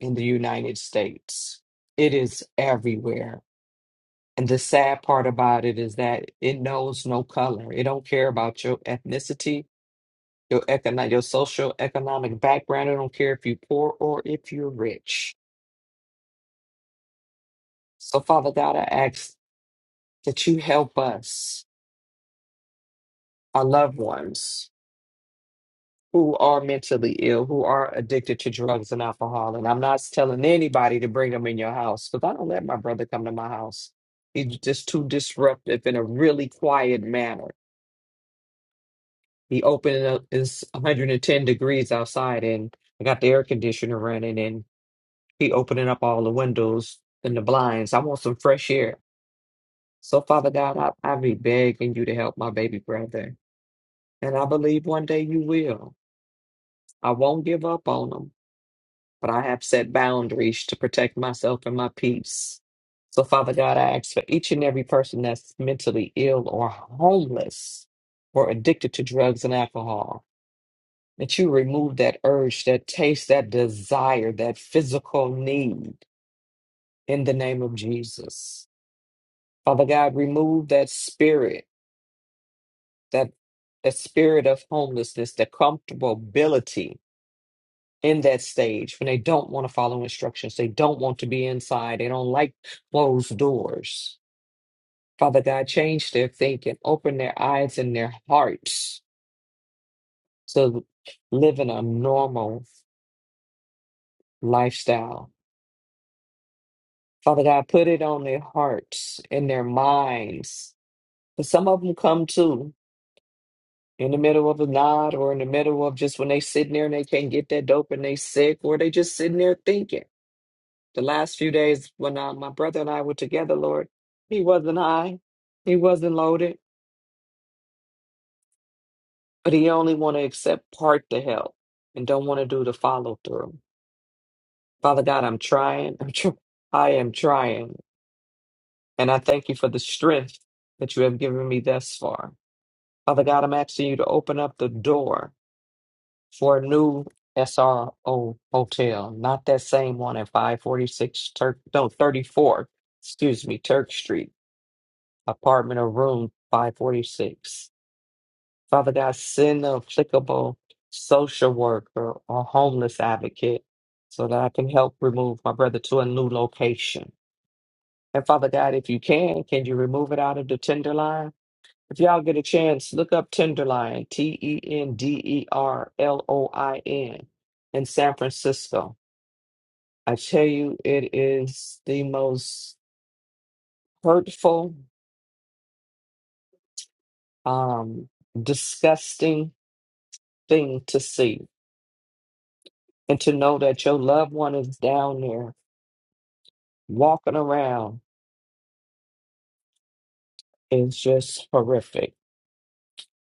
S7: in the United States. It is everywhere And the sad part about it is that it knows no color. It don't care about your ethnicity, your economic, your social economic background. It don't care if you're poor or if you're rich. So, Father God, I ask that you help us, our loved ones who are mentally ill, who are addicted to drugs and alcohol. And I'm not telling anybody to bring them in your house because I don't let my brother come to my house. He's just too disruptive in a really quiet manner The opening up is 110 degrees outside, and I got the air conditioner running, and he opening up all the windows and the blinds. I want some fresh air. So, Father God, I, I be begging you to help my baby brother. And I believe one day you will. I won't give up on him, but I have set boundaries to protect myself and my peace. So, Father God, I ask for each and every person that's mentally ill or homeless or addicted to drugs and alcohol. that you remove that urge, that taste, that desire, that physical need in the name of Jesus. Father God, remove that spirit, that that spirit of homelessness, that comfortability in that stage when they don't want to follow instructions, they don't want to be inside, they don't like closed doors. Father God, change their thinking, open their eyes and their hearts to live in a normal life. Father God, put it on their hearts and their But some of them come too in the middle of a nod or in the middle of just when they sitting there and they can't get that dope and they sick or they just sitting there thinking. The last few days when uh, my brother, Lord, he wasn't high, he wasn't loaded, but he only want to accept part the help and don't want to do the follow through. Father God, I'm trying. I'm tr- I am trying. And I thank you for the strength that you have given me thus far. Father God, I'm asking you to open up the door for a new SRO hotel, not that same one at 546 Turk, no, 34, excuse me, Turk Street, apartment or room 546. Father God, send an applicable social worker or homeless advocate so that I can help remove my brother to a new location. And Father God, if you can, can you remove it out of the Tenderloin? If y'all get a chance, look up Tenderloin, T E N D E R L O I N, in San Francisco. I tell you, it is the most hurtful, um, disgusting thing to see. And to know that your loved one is down there walking around is just horrific.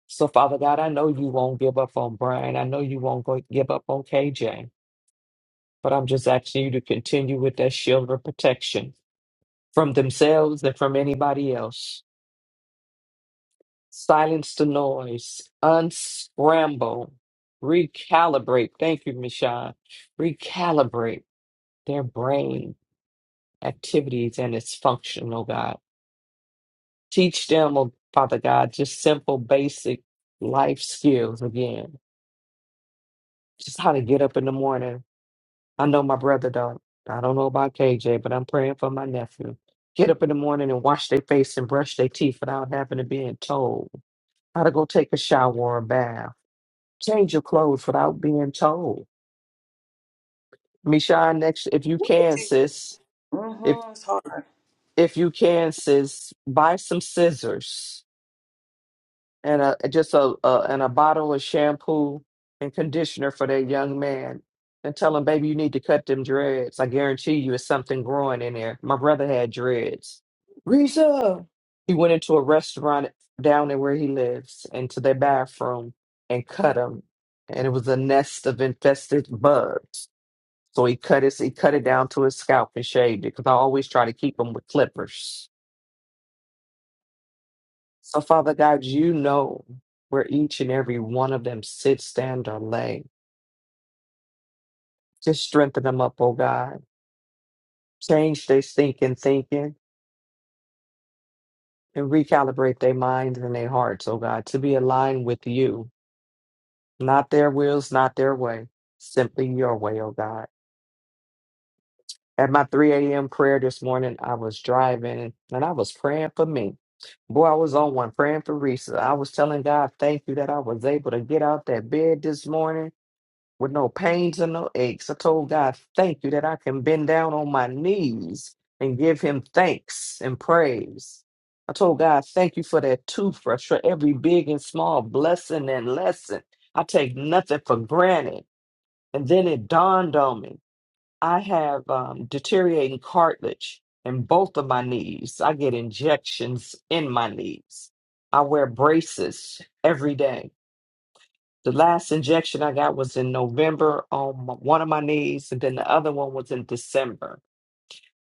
S7: So, Father God, I know you won't give up on Brian. I know you won't go give up on KJ, but I'm just asking you to continue with that shield of protection from themselves and from anybody else. Silence the noise, unscramble, recalibrate. Thank you, Michelle. Recalibrate their brain activities and its function, oh God. Teach them, oh Father God, just simple, basic life skills again. Just how to get up in the morning. I know my brother don't. I don't know about KJ, but I'm praying for my nephew. Get up in the morning and wash their face and brush their teeth without having to be told How to go take a shower and bath. Change your clothes without being told. Michonne, next, if you can, sis, if
S2: Mm-hmm. It's hard.
S7: if you can, sis, buy some scissors. and a just a, a and a bottle of shampoo and conditioner for that young man and tell him baby you need to cut them dreads i guarantee you it's something growing in there my brother had dreads Risa. he went into a restaurant down there where he lives into their bathroom and cut him. and it was a nest of infested bugs so he cut his he cut it down to his scalp and shaved it because i always try to keep them with clippers so, Father God, you know where each and every one of them sit, stand, or lay. Just strengthen them up, oh God. Change their thinking, thinking, and recalibrate their minds and their hearts, oh God, to be aligned with you. Not their wills, not their way, simply your way, oh God. At my 3 a.m. prayer this morning, I was driving and I was praying for me. Boy, I was on one praying for Risa. I was telling God, thank you that I was able to get out that bed this morning with no pains and no aches. I told God, thank you that I can bend down on my knees and give him thanks and praise. I told God, thank you for that toothbrush, for every big and small blessing and lesson. I take nothing for granted. And then it dawned on me I have um, deteriorating cartilage in both of my knees. I get injections in my knees. I wear braces every day. The last injection I got was in November on my, one of my knees, and then the other one was in December.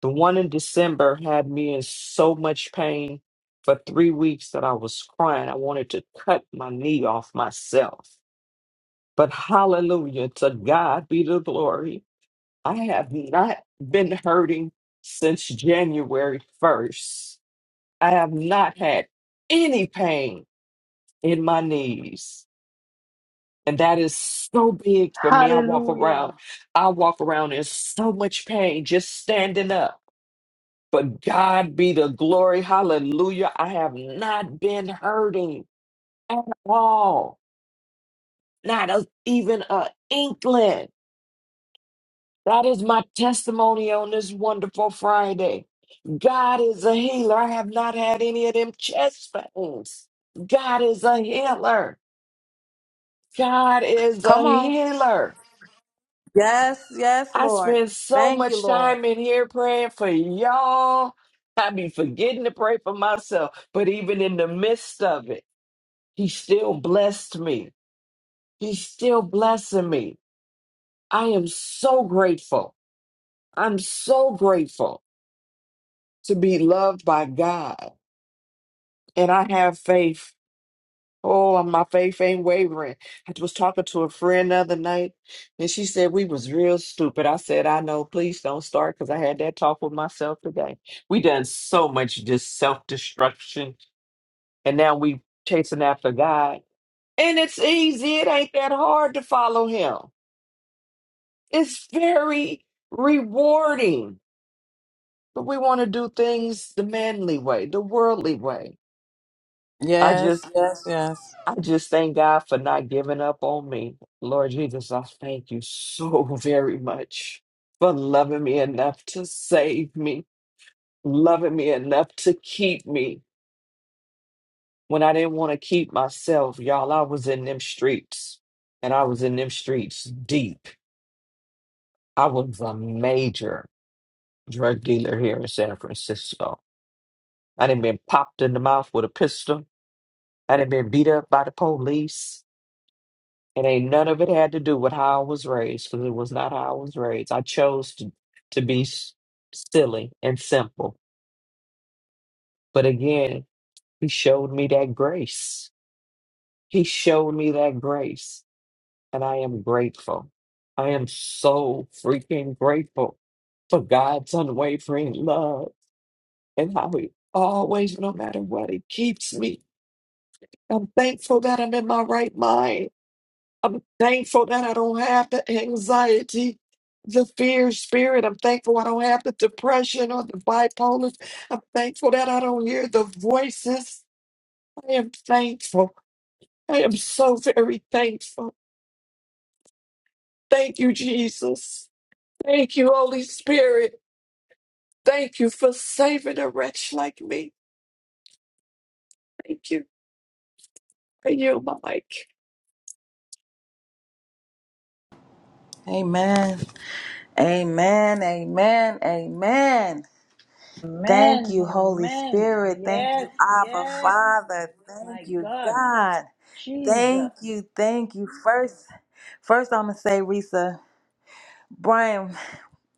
S7: The one in December had me in so much pain for three weeks that I was crying. I wanted to cut my knee off myself. But hallelujah, to God be the glory. I have not been hurting since January 1st. I have not had any pain in my knees And that is so big for me. I walk around,
S1: hallelujah.
S7: I walk around in so much pain just standing up. But God be the glory. Hallelujah. I have not been hurting at all, not a, even an inkling. That is my testimony on this wonderful Friday. God is a healer. I have not had any of them chest pains. God is a healer. God is a
S2: Come on.
S7: healer.
S2: Yes, yes,
S7: I
S2: Lord.
S7: spend so
S2: Thank you,
S7: much
S2: Lord.
S7: time in here praying for y'all. I be forgetting to pray for myself. But even in the midst of it, he still blessed me. He's still blessing me. I am so grateful. I'm so grateful to be loved by God. And I have faith Oh, my faith ain't wavering. I was talking to a friend the other night, and she said we was real stupid. I said, I know, please don't start, because I had that talk with myself today. We done so much just self-destruction, and now we chasing after God. And it's easy. It ain't that hard to follow him. It's very rewarding. But we want to do things the manly way, the worldly way. I
S2: Yes,
S7: just
S2: yes, yes.
S7: I just thank God for not giving up on me. Lord Jesus, I thank you so very much for loving me enough to save me, loving me enough to keep me when I didn't want to keep myself. Y'all, I was in them streets and I was in them streets deep. I was a major drug dealer here in San Francisco. I done been popped in the mouth with a pistol. I done been beat up by the police. It ain't none of it had to do with how I was raised, because it was not how I was raised. I chose to, to be s- silly and simple. But again, he showed me that grace. He showed me that grace. And I am grateful. I am so freaking grateful for God's unwavering love and how he always, no matter what, he keeps me. I'm thankful that I'm in my right mind. I'm thankful that I don't have the anxiety, the fear spirit. I'm thankful I don't have the depression or the bipolar. I'm thankful that I don't hear the voices. I am thankful. I am so very thankful. Thank you, Jesus. Thank you, Holy Spirit. Thank you for saving a wretch like me. Thank you. for you, Mike.
S2: Amen. Amen. Amen. Amen. Thank
S1: Amen,
S2: you, Holy
S1: amen.
S2: Spirit. Thank
S1: Yes,
S2: you, Abba
S1: yes,
S2: Father. Thank
S1: my
S2: you,
S1: God,
S2: God.
S1: Jesus.
S2: Thank you, thank you. First, first I'm gonna say, Risa, Brian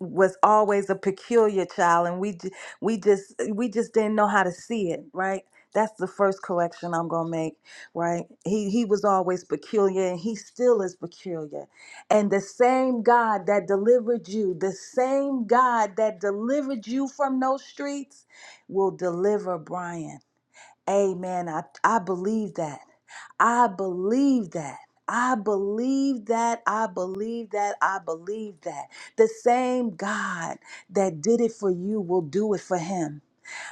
S2: was always a peculiar child and we ju- we just we just didn't know how to see it right that's the first correction i'm going to make right he he was always peculiar and he still is peculiar and the same god that delivered you the same god that delivered you from those streets will deliver brian amen i i believe that I believe that. I believe that. I believe that. I believe that. The same God that did it for you will do it for him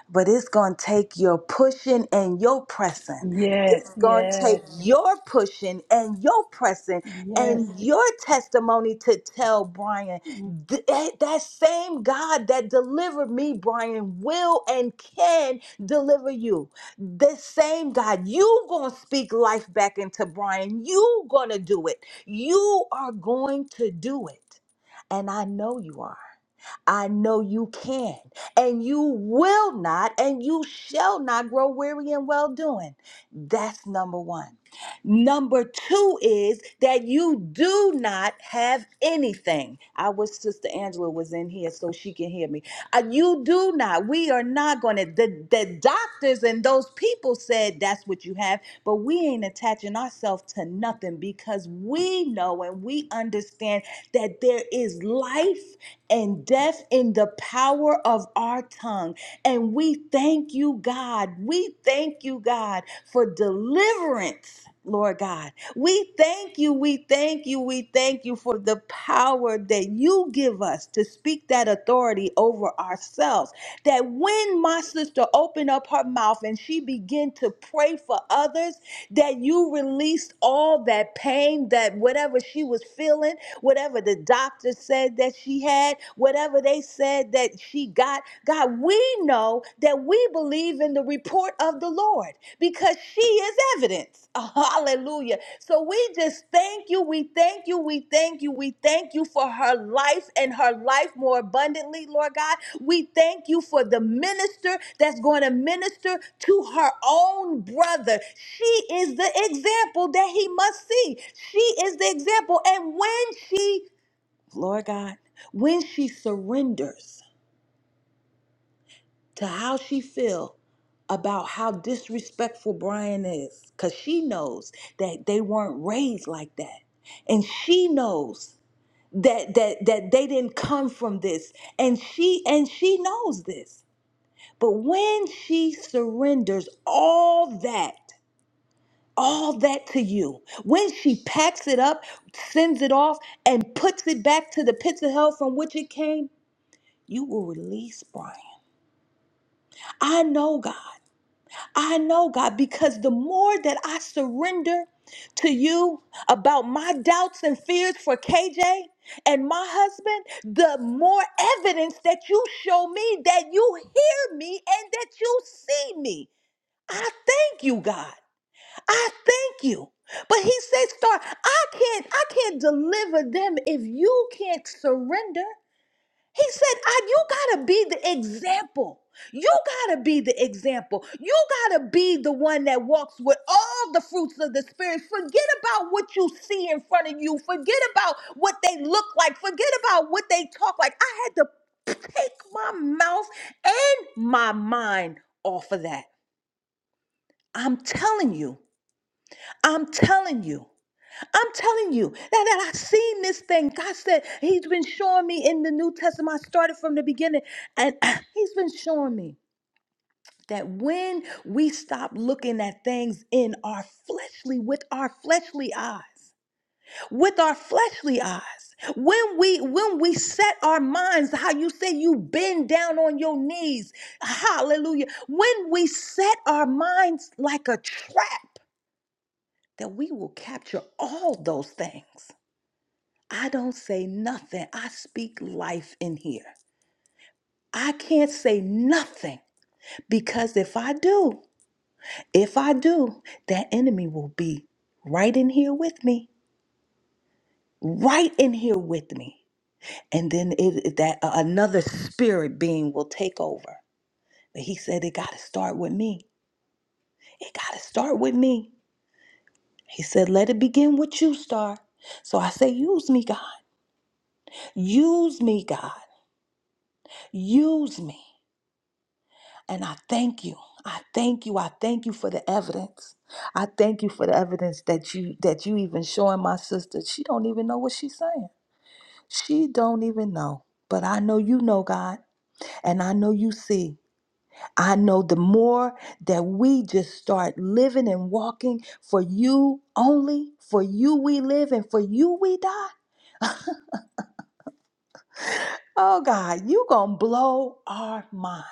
S2: but it's going to take your pushing and your pressing.
S1: Yes,
S2: It's going to take
S1: yes,
S2: your pushing and your pressing
S1: yes.
S2: and your testimony to tell Brian "Th- that that same God that delivered me, Brian, will and can deliver you. The same God, you going to speak life back into Brian. You going to do it. You are going to do it. And I know you are. I know you can, and you will not, and you shall not grow weary in well doing. That's number one. Number two is that you do not have anything. I wish Sister Angela was in here so she can hear me. Uh, you do not. We are not going to. The, the doctors and those people said that's what you have, but we ain't attaching ourselves to nothing because we know and we understand that there is life and death in the power of our tongue. And we thank you, God. We thank you, God, for deliverance. Lord God, we thank you, we thank you, we thank you for the power that you give us to speak that authority over ourselves. That when my sister opened up her mouth and she began to pray for others, that you released all that pain, that whatever she was feeling whatever the doctor said that she had, whatever they said that she got. God, we know that we believe in the report of the Lord because she is evidence. Hallelujah. So we just thank you. We thank you. We thank you. We thank you for her life and her life more abundantly, Lord God. We thank you for the minister that's going to minister to her own brother. She is the example that he must see. She is the example. And when she, Lord God, when she surrenders to how she feel about how disrespectful Brian is, because she knows that they weren't raised like that. And she knows that that that they didn't come from this. And she and she knows this But when she surrenders all that, all that to you, when she packs it up, sends it off, and puts it back to the pits of hell from which it came, you will release Brian. I know, God. I know, God, because the more that I surrender to you about my doubts and fears for KJ and my husband, the more evidence that you show me that you hear me and that you see me. I thank you, God. I thank you. But he says, Star, I can't, I can't deliver them if you can't surrender. He said, I, you gotta be the example. You gotta be the example. You gotta be the one that walks with all the fruits of the spirit. Forget about what you see in front of you. Forget about what they look like. Forget about what they talk like. I had to take my mouth and my mind off of that. I'm telling you. I'm telling you. I'm telling you that, that I've seen this thing. God said He's been showing me in the New Testament. I started from the beginning, and He's been showing me that when we stop looking at things in our fleshly, with our fleshly eyes, with our fleshly eyes, when we when we set our minds, how you say you bend down on your knees, hallelujah. When we set our minds like a trap that we will capture all those things. I don't say nothing. I speak life in here. I can't say nothing because if I do, if I do, that enemy will be right in here with me, right in here with me. And then it, that uh, another spirit being will take over. But he said it got to start with me. It got to start with me. He said, let it begin with you, Star. So I say, use me, God. Use me, God. Use me. And I thank you. I thank you. I thank you for the evidence. I thank you for the evidence that you that you even showing my sister. She don't even know what she's saying. She don't even know. But I know you know, God, and I know you see. I know the more that we just start living and walking for you only, for you we live and for you we die. Oh God, you gonna blow our mind.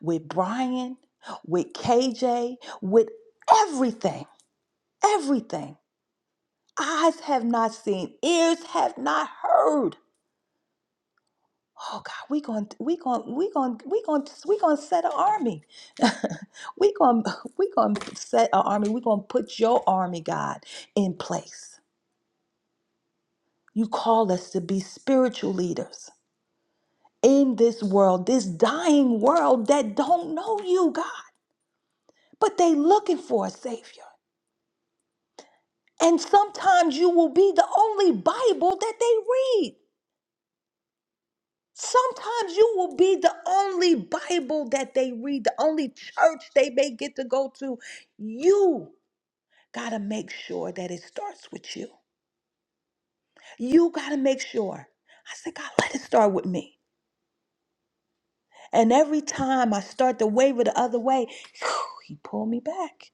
S2: with Brian, with KJ, with everything, everything. Eyes have not seen, ears have not heard. Oh God, we going to we going to we going to we going to we going to set an army. we going to we going to set an army. We going to put your army, God, in place. You call us to be spiritual leaders in this world, this dying world that don't know you, God, but they looking for a savior. And sometimes you will be the only Bible that they read. Sometimes you will be the only Bible that they read, the only church they may get to go to. You got to make sure that it starts with you. You got to make sure. I said, God, let it start with me. And every time I start to waver the other way, he pulled me back.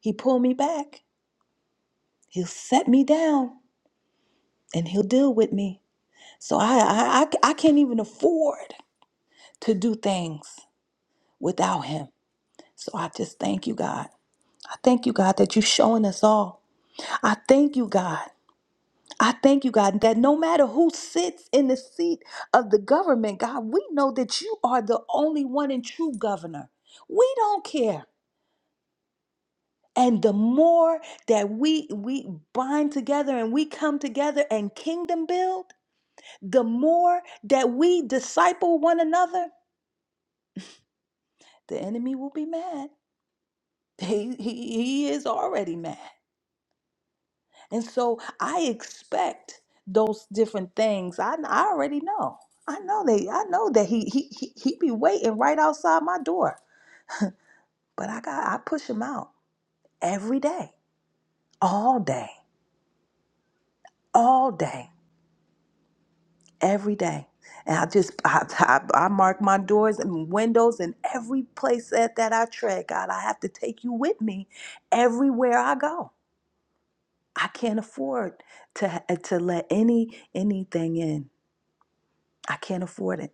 S2: He pulled me back. He'll set me down and he'll deal with me. So I, I, I I can't even afford. to do things without him. So I just thank you, God. I thank you, God, that you're showing us all. I thank you, God. I thank you, God, that no matter who sits in the seat of the government, God, we know that you are the only one and true governor. We don't care. And the more that we we bind together and we come together and kingdom build, the more that we disciple one another, the enemy will be mad. He, he, he is already mad. And so I expect those different things. I, I already know. I know they I know that he he he he be waiting right outside my door. But I got I push him out every day, all day, all day, every day. And I just I, I, I mark my doors and windows and every place that, that I tread, God, I have to take you with me everywhere I go. I can't afford to eh, to let any anything in. I can't afford it.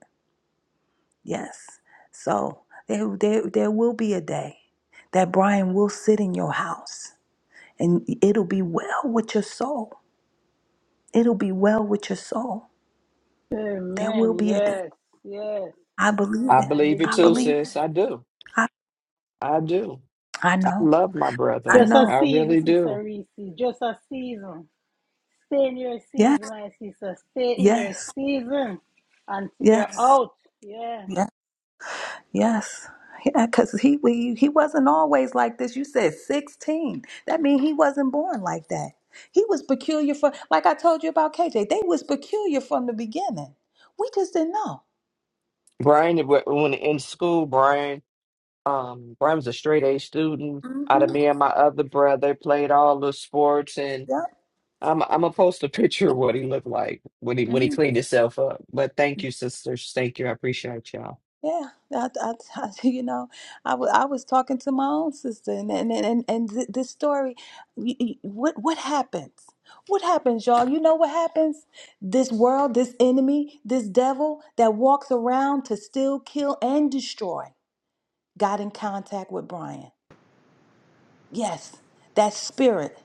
S2: Yes. So there, there, there will be a day that Brian will sit in your house and it'll be well with your soul. It'll be well with your soul. There will
S1: Amen,
S2: be a day.
S1: yes, yes.
S2: I believe
S7: I
S2: it.
S1: I
S7: believe you
S2: I
S1: believe
S7: too,
S1: it.
S2: believe it.
S7: sis. I do.
S2: I,
S7: I do.
S2: I
S7: I
S2: know.
S7: love my
S2: I
S7: brother.
S1: Just a
S2: know.
S7: I
S1: season,
S7: really
S1: Sister
S7: do.
S1: Reese, just a season. Stay in your
S2: Yes.
S1: season, my sister. Stay in your
S2: Yes.
S1: season until you're
S2: Yes.
S1: out. Yeah.
S2: Yes. Yes. Yeah, because he we, he wasn't always like this. You said 16. That means he wasn't born like that. He was peculiar for like I told you about KJ, they was peculiar from the beginning. We just didn't know.
S7: Brian, when in school, Brian. Um, Brian was a straight A student. Out of
S2: Mm-hmm.
S7: me and my other brother, played all the sports, and
S2: Yep.
S7: I'm I'm gonna post a picture of what he looked like when he when he cleaned himself up. But thank you, sisters. Thank you. I appreciate y'all.
S2: Yeah, I, I, I- you know, I w I was talking to my own sister, and and and, and th this story, y- y- what what happens? What happens, y'all? You know what happens? This world, this enemy, this devil that walks around to steal, kill, and destroy, got in contact with Brian. Yes, that spirit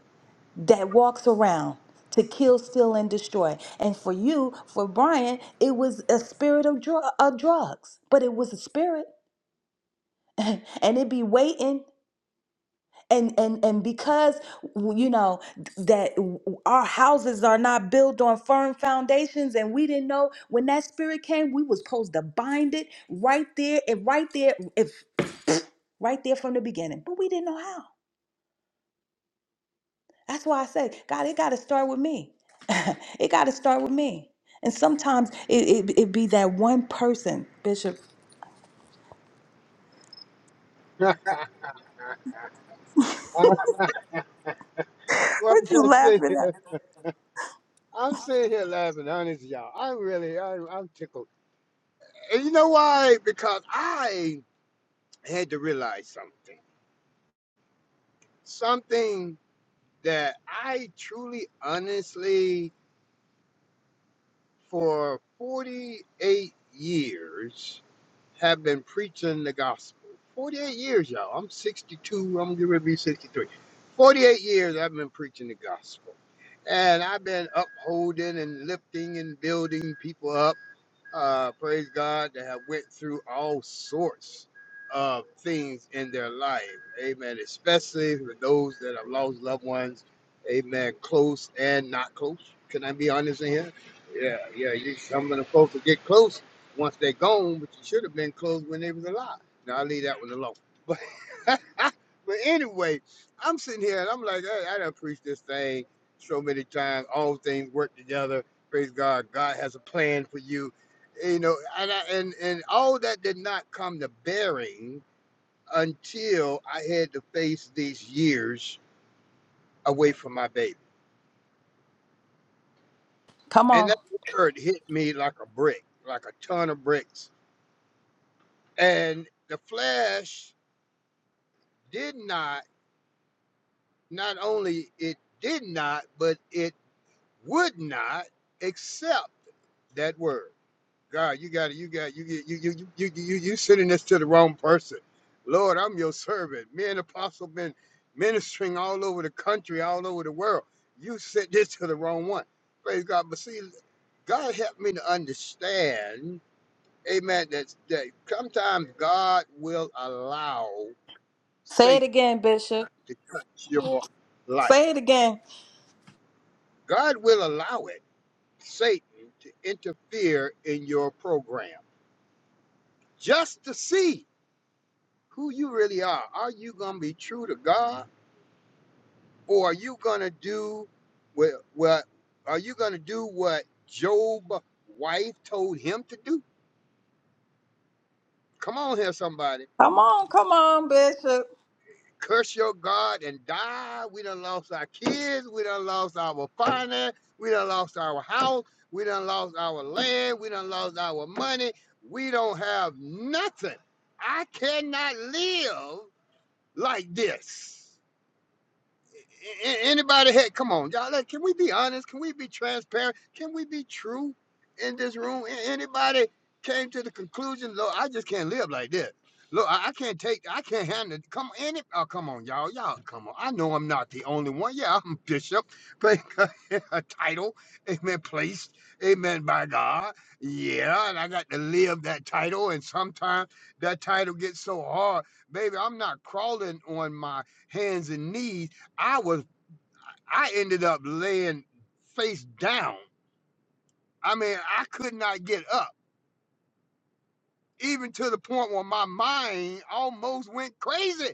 S2: that walks around to kill, steal, and destroy. And for you, for Brian, it was a spirit of dr- of drugs, but it was a spirit. and it be waiting and and and because you know that our houses are not built on firm foundations and we didn't know when that spirit came we was supposed to bind it right there and right there if right there from the beginning but we didn't know how that's why i say god it got to start with me it got to start with me and sometimes it, it it be that one person bishop
S8: Well, I'm
S2: what you
S8: going to say.
S2: laughing at
S8: I'm sitting here laughing, honest, y'all. i really, I'm, I'm tickled. And you know why? Because I had to realize something. Something that I truly, honestly, for 48 years have been preaching the gospel. 48 years, y'all. I'm 62. I'm going to be 63. 48 years I've been preaching the gospel. And I've been upholding and lifting and building people up uh, praise God, that have went through all sorts of things in their life. Amen. Especially for those that have lost loved ones. Amen. Close and not close. Can I be honest in here? Yeah, yeah. You, some of the folks will get close once they're gone, but you should have been close when they was alive. Now I'll leave that one alone. But but anyway, I'm sitting here and I'm like, hey, I done preached this thing so many times. All things work together. Praise God. God has a plan for you you know, and, I, and and all that did not come to bearing until I had to face these years away from my baby,
S2: come
S8: and
S2: on
S8: that word hit me like a brick, like a ton of bricks. And the flesh did not, not only it did not, but it would not accept that word. God, you got it. You got you get you you you you you you sending this to the wrong person. Lord, I'm your servant. Me and Apostle been ministering all over the country, all over the world. You sent this to the wrong one. Praise God. But see, God helped me to understand, Amen. That that sometimes God will allow
S2: say it
S8: Satan
S2: again bishop
S8: to touch your
S2: say
S8: life.
S2: it again
S8: God will allow it, Satan, to interfere in your program just to see. who you really are. Are you gonna be true to God, or are you gonna do what? What are you gonna do? What Job's wife told him to do? Come on here, somebody.
S2: Come on, come on, Bishop.
S8: Curse your God and die. We done lost our kids. We done lost our finance. We done lost our house. We done lost our land. We done lost our money. We don't have nothing. I cannot live like this. anybody had come on y'all like, can we be honest can we be transparent can we be true in this room anybody came to the conclusion look i just can't live like this look i, I can't take i can't handle it. come any oh come on y'all y'all come on i know i'm not the only one yeah i'm a bishop but a title amen placed amen by god yeah and i got to live that title and sometimes that title gets so hard baby i'm not crawling on my hands and knees I was I ended up laying face down. I mean, I could not get up, even to the point where my mind almost went crazy.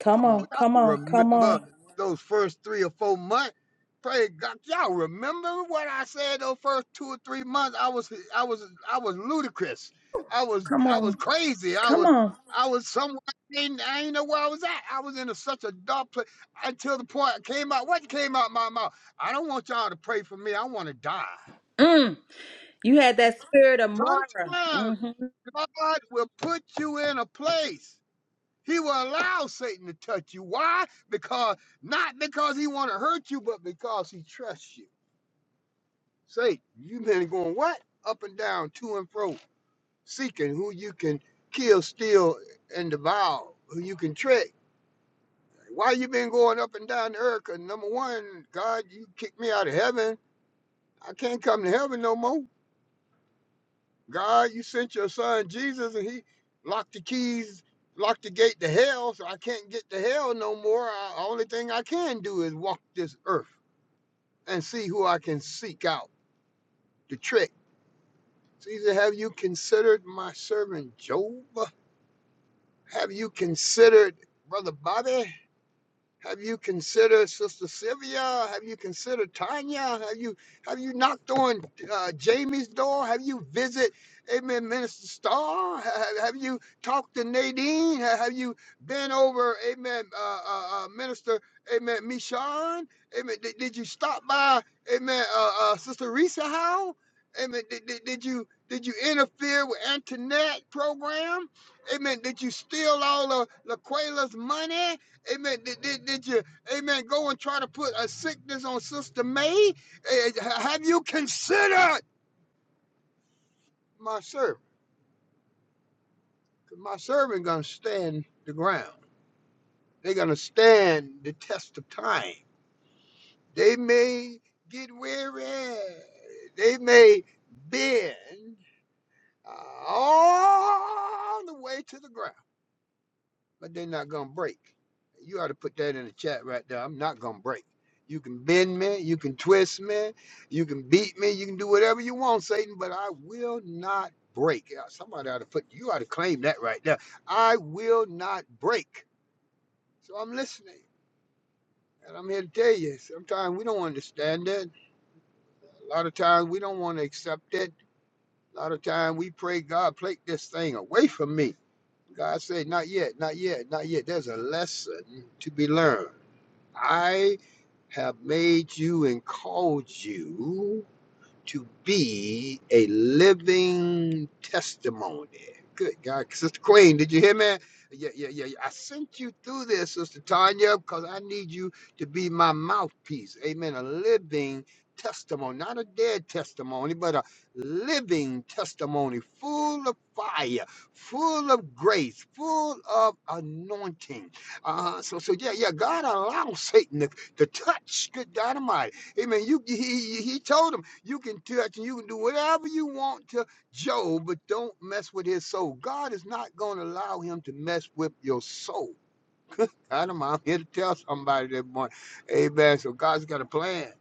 S2: Come
S8: Come on,
S2: on, come
S8: y'all
S2: on, come
S8: remember
S2: on,
S8: those first three or four months? Praise God, y'all remember what I said those first two or three months? I was, I was, I was ludicrous. I was,
S2: come
S8: I was
S2: on,
S8: crazy. I
S2: come
S8: was,
S2: on.
S8: I was somewhere. I didn't, I didn't know where I was at. I was in a, such a dark place until the point I came out. What came out my mouth? I don't want y'all to pray for me. I want to die.
S2: Mm, you had that spirit of Mara.
S8: Sometimes
S2: hmm
S8: God will put you in a place He will allow Satan to touch you. Why? Because not because he want to hurt you, but because he trusts you. Satan, you've been going what? Up and down, to and fro, seeking who you can kill, steal, and devour, who you can trick. Why you been going up and down the earth? 'Cause number one, God, you kicked me out of heaven. I can't come to heaven no more. God, you sent your son Jesus and he locked the keys, locked the gate to hell, so I can't get to hell no more. I, only thing I can do is walk this earth and see who I can seek out. The trick. Caesar, have you considered my servant Job? Have you considered Brother Bobby? Have you considered Sister Sylvia? Have you considered Tanya? Have you have you knocked on uh, Jamie's door? Have you visit Amen Minister Starr? Have, have you talked to Nadine? Ha- Have you been over Amen uh, uh, uh, Minister Amen Michon? Amen. Did, did you stop by Amen uh, uh, Sister Risa Howe? Amen. Did, did, did you did you interfere with Antoinette program? Amen. Did you steal all of Laquela's money? Amen. Did, did, did you, amen, go and try to put a sickness on Sister May? Eh, Have you considered my servant? 'Cause My servant going to stand the ground. They're going to stand the test of time. They may get weary. They may bend uh, all the way to the ground. but they're not gonna break. You ought to put that in the chat right there. I'm not gonna break. You can bend me, you can twist me, you can beat me, you can do whatever you want, Satan, but I will not break. Yeah, Somebody ought to put you ought to claim that right there. I will not break. So I'm listening. And I'm here to tell you, sometimes we don't understand that. A lot of times we don't want to accept it. A lot of times we pray, God, take this thing away from me. God said, not yet, not yet, not yet. There's a lesson to be learned. I have made you and called you to be a living testimony. Good God, Sister Queen, did you hear me? Yeah, yeah, yeah. yeah. I sent you through this, Sister Tanya, because I need you to be my mouthpiece. Amen. A living testimony, not a dead testimony, but a living testimony, full of fire, full of grace, full of anointing. Uh, so, so yeah, yeah. God allows Satan to, to touch. Good dynamite. Amen. You, he, he he told him. You can touch and you can do whatever you want to Job, but don't mess with his soul. God is not going to allow him to mess with your soul. Adam, I'm here to tell somebody that morning. Amen. So God's got a plan.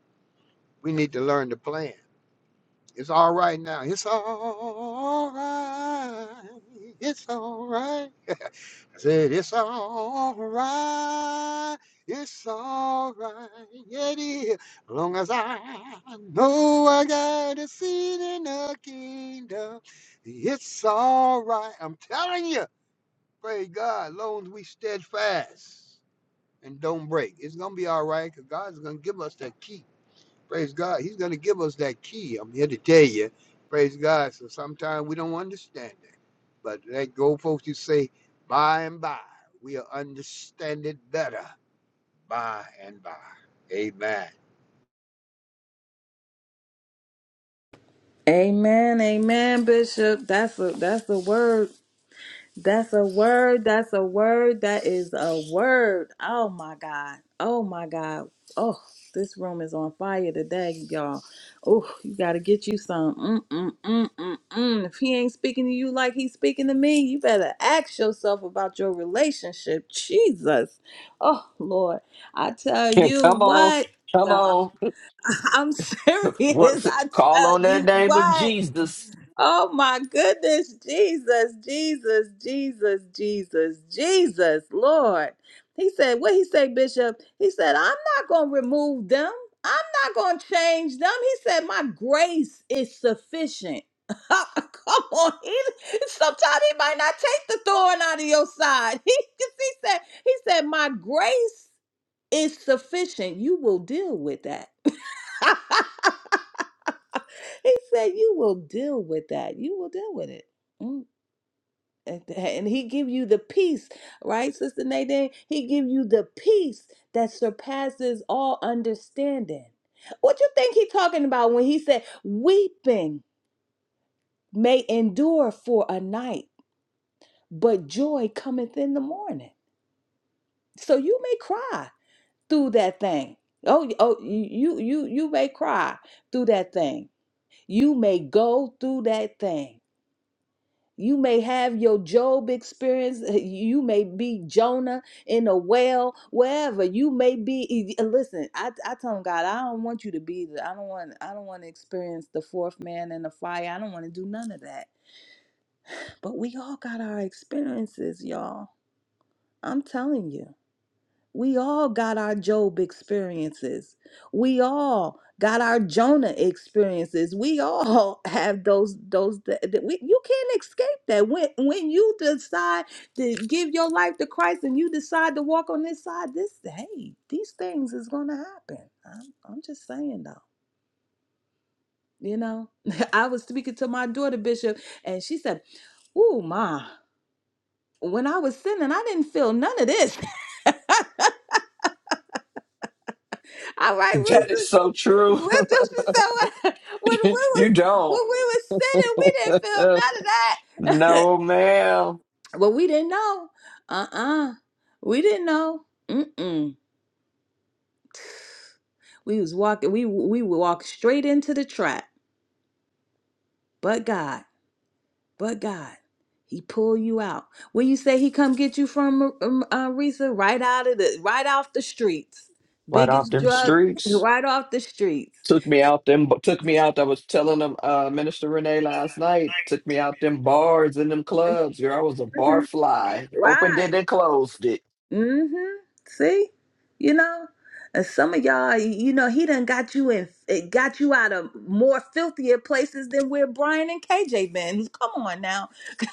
S8: We need to learn the plan. It's all right now. It's all right. It's all right. I said, It's all right. It's all right. Yeah, It is. As long as I know I got a seat in the kingdom, it's all right. I'm telling you, praise God, as long as we steadfast and don't break, it's going to be all right because God's going to give us that key. Praise God. He's going to give us that key. I'm here to tell you. Praise God. So sometimes we don't understand it. But thank you, old folks, you say, by and by, we'll understand it better by and by. Amen.
S2: Amen, amen, Bishop. That's a that's the word. That's a word. That's a word. That is a word. Oh my God. Oh my God. Oh, this room is on fire today, y'all. Oh, you got to get you some. Mm, mm, mm, mm, mm. If he ain't speaking to you like he's speaking to me, you better ask yourself about your relationship. Jesus. Oh, Lord. I tell
S7: And
S2: you
S7: come on,
S2: what,
S7: come
S2: y'all.
S7: on.
S2: I'm serious.
S7: What's
S2: I
S7: call
S2: tell
S7: on that
S2: you
S7: name of
S2: what.
S7: Jesus?
S2: Oh my goodness, Jesus, Jesus, Jesus, Jesus, Jesus, Lord. He said, what he say, Bishop? He said, I'm not gonna remove them. I'm not gonna change them. He said, My grace is sufficient. Come on, he sometimes he might not take the thorn out of your side. He, he said, he said, My grace is sufficient. You will deal with that. He said, "You will deal with that. You will deal with it." Mm. And and he give you the peace, right, Sister Nadine? He give you the peace that surpasses all understanding. What you think he talking about when he said, "Weeping may endure for a night, but joy cometh in the morning." So you may cry through that thing. Oh, oh, you you you may cry through that thing. You may go through that thing You may have your Job experience. You may be Jonah in a whale. wherever you may be. e, e, And Listen, I, I tell him, God, I don't want you to be. the- I don't want. I don't want to experience the fourth man in the fire. I don't want to do none of that. But we all got our experiences, y'all. I'm telling you. We all got our Job experiences. We all got our Jonah experiences. We all have those those that that we, you can't escape that. When when you decide to give your life to Christ and you decide to walk on this side, this hey, these things is gonna happen. I'm I'm just saying though. You know, I was speaking to my daughter Bishop, and she said, "Ooh, ma, when I was sinning, I didn't feel none of this." All right,
S7: That
S2: Reese.
S7: is so true.
S2: With just be so when when we
S7: you
S2: was when we
S7: don't.
S2: was sitting, we didn't feel none
S7: Uh,
S2: of that.
S7: no, ma'am.
S2: well, we didn't know. Uh-uh. We didn't know. Mm-mm. We was walking, we we walked straight into the trap. But God, but God, He pull you out. When you say He come get you from um, uh, Risa, right out of the right off the streets,
S7: Right off
S2: biggest
S7: them
S2: drug,
S7: streets.
S2: right off the streets.
S7: Took me out them took me out. I was telling them uh Minister Renee last night, took me out them bars and them clubs. Girl, I was a bar
S2: Mhm.
S7: fly. Opened
S2: Right.
S7: it and closed it.
S2: Mm-hmm. See, you know, and some of y'all, you know, he done got you in, it got you out of more filthier places than where Brian and KJ been. Come on now,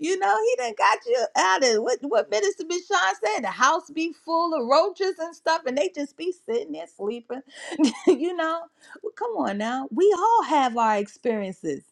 S2: you know, he done got you out of what what Minister Michon said. The house be full of roaches and stuff, and they just be sitting there sleeping. you know, well, come on now, we all have our experiences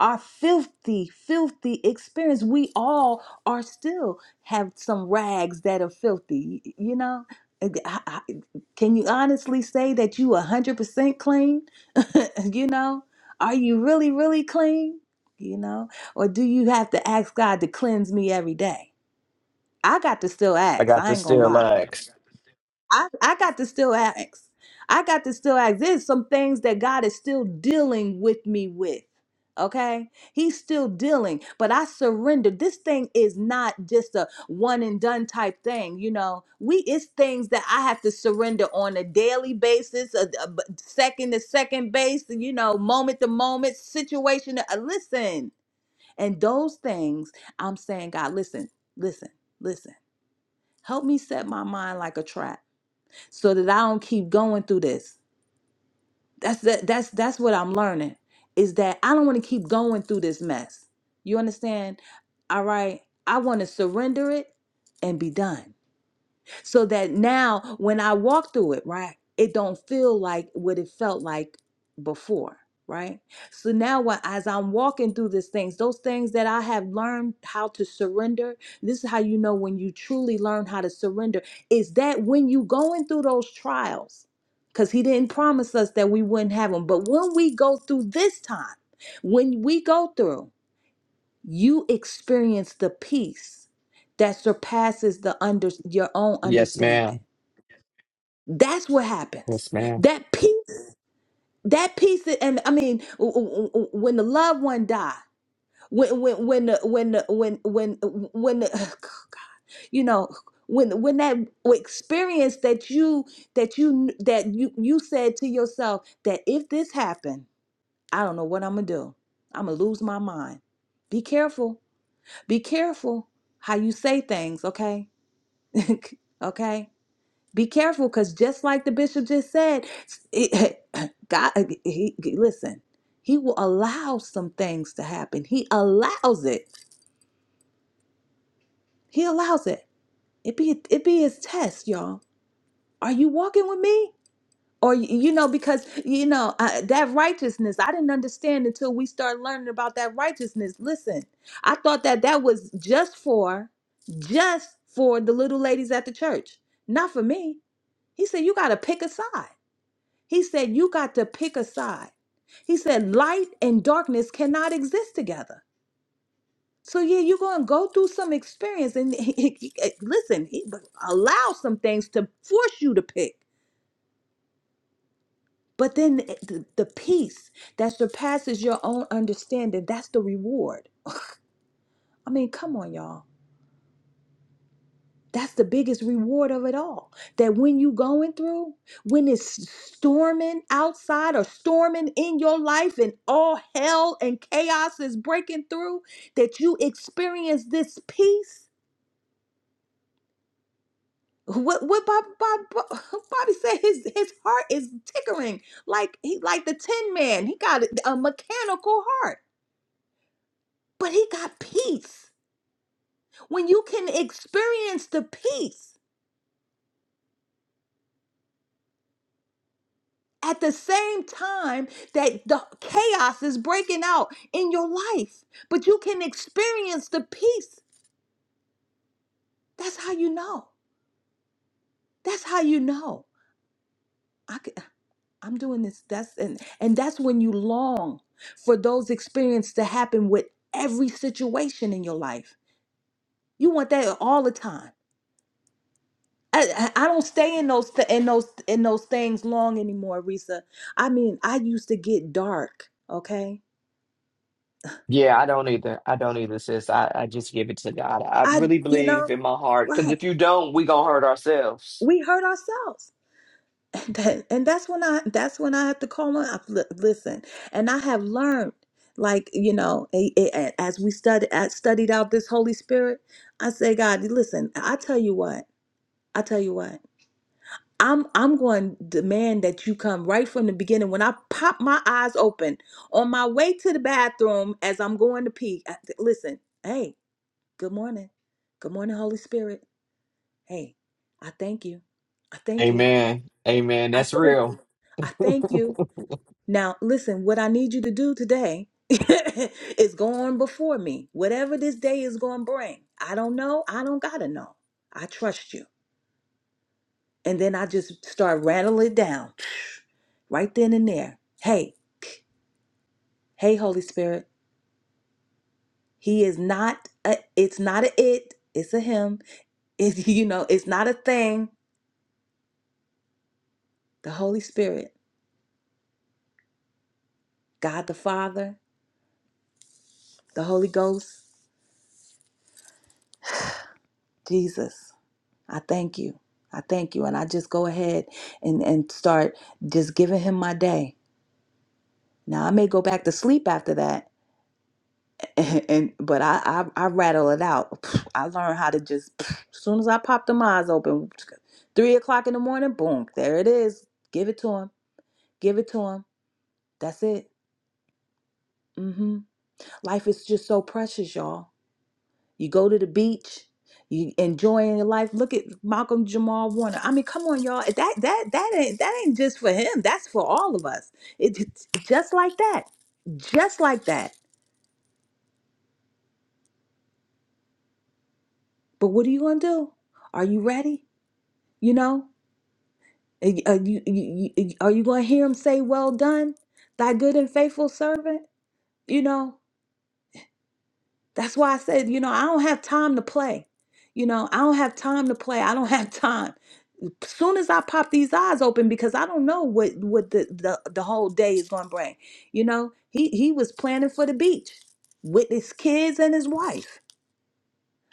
S2: our filthy, filthy experience. We all are still have some rags that are filthy, y- you know? And I- I- Can you honestly say that you 100% clean? you know? Are you really, really clean? You know? Or do you have to ask God to cleanse me every day? I got to still
S7: I
S2: ask.
S7: got
S2: I
S7: to
S2: ain't going to
S7: still
S2: lie.
S7: legs.
S2: I, I got to still ask. I got to still ask. There's some things that God is still dealing with me with. Okay, he's still dealing, but I surrendered. This thing is not just a one and done type thing, you know. We it's things that I have to surrender on a daily basis, a, a b- second to second base, you know, moment to moment, situation. To, uh, listen, and those things I'm saying, God, listen, listen, listen. Help me set my mind like a trap so that I don't keep going through this. That's that that's that's what I'm learning is that I don't want to keep going through this mess. You understand? All right. I want to surrender it and be done so that now when I walk through it, right, it don't feel like what it felt like before, right? So now what as I'm walking through these things, those things that I have learned how to surrender, this is how you know when you truly learn how to surrender, is that when you going through those trials, because he didn't promise us that we wouldn't have them. But when we go through this time, when we go through, you experience the peace that surpasses the under your own
S7: Yes,
S2: understanding
S7: ma'am.
S2: that's what happens.
S7: Yes, ma'am.
S2: That peace, that peace, that- and I mean, w- w- w- when the loved one die, when when when the- when the- when when when the- you know when when that experience that you that you that you you said to yourself that if this happened, I don't know what I'm gonna do. I'm gonna lose my mind. Be careful. Be careful how you say things. Okay. okay. Be careful, because just like the bishop just said, it, God, he, he- listen, he will allow some things to happen. He allows it. He allows it. It be it be his test, y'all. Are you walking with me? Or y- you know, because you know uh, that righteousness, I didn't understand until we start learning about that righteousness. Listen, I thought that that was just for, just for the little ladies at the church, not for me. He said you got to pick a side. He said, You got to pick a side. He said, Light and darkness cannot exist together. So, yeah, you're going to go through some experience and listen, he- allow some things to force you to pick. But then eh, the, the peace that surpasses your own understanding, that's the reward. I mean, come on, y'all. That's the biggest reward of it all. That when you going through, when it's storming outside or storming in your life and all hell and chaos is breaking through, that you experience this peace. What what Bob, Bob, Bob- Bobby said his his heart is tickling like he like the tin man. He got a mechanical heart, but he got peace. When you can experience the peace at the same time that the chaos is breaking out in your life, but you can experience the peace. That's how you know. That's how you know. I can, I'm doing this. That's and and that's when you long for those experiences to happen with every situation in your life. You want that all the time. I, I I don't stay in those th- in those in those things long anymore, Risa. I mean, I used to get dark. Okay,
S7: Yeah, I don't either. I don't either, sis. I, I just give it to God. I
S2: I
S7: really
S2: you know
S7: believe in my heart. Cause
S2: right.
S7: if you don't, we gonna hurt ourselves.
S2: we hurt ourselves and, that, and that's when i that's when i have to call on I, li- listen and i have learned like you know a- a- a- as we studied as studied out this holy spirit i say god listen i tell you what i tell you what i'm i'm going to demand that you come right from the beginning when i pop my eyes open on my way to the bathroom as i'm going to pee I- listen hey good morning good morning holy spirit hey i thank you i thank you
S7: Amen. Amen.
S2: I
S7: That's
S2: thank you.
S7: real.
S2: I thank you. Now, listen, what I need you to do today is go on before me. Whatever this day is going to bring, I don't know. I don't got to know. I trust you. And then I just start rattling it down right then and there. Hey, hey, Holy Spirit, He is not, a, it's not a it, it's a Him. It's, you know, it's not a thing. The Holy Spirit, God the Father, the Holy Ghost, Jesus. I thank you. I thank you. And I just go ahead and, and start just giving him my day. Now I may go back to sleep after that and, but I, I I rattle it out. I learned how to just as soon as I pop them eyes open, three o'clock in the morning, boom, there it is. Give it to him. Give it to him. That's it. hmm Life is just so precious, y'all. You go to the beach, you enjoying your life. Look at Malcolm Jamal Warner. I mean, come on, y'all. That that that ain't that ain't just for him. That's for all of us. It, it's just like that, just like that. But what are you gonna do? Are you ready? You know, are you, are you, you- you- are you gonna hear him say, "Well done, thy good and faithful servant"? You know. That's why I said, you know, I don't have time to play. You know, I don't have time to play. I don't have time. Soon as I pop these eyes open, because I don't know what what the the, the whole day is going to bring. You know, he he was planning for the beach with his kids and his wife.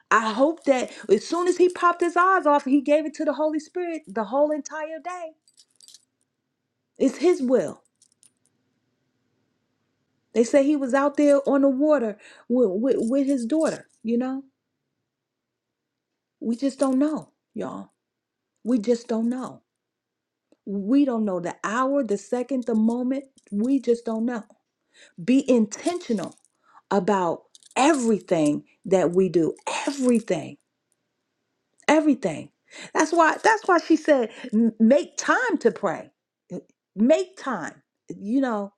S2: I hope that as soon as he popped his eyes off, he gave it to the Holy Spirit the whole entire day. It's his will. They say he was out there on the water with, with, with his daughter. You know, we just don't know, y'all. We just don't know. We don't know the hour, the second, the moment. We just don't know. Be intentional about everything that we do. Everything. Everything. That's why that's why she said "M- make time to pray. Eh, Make time. You know,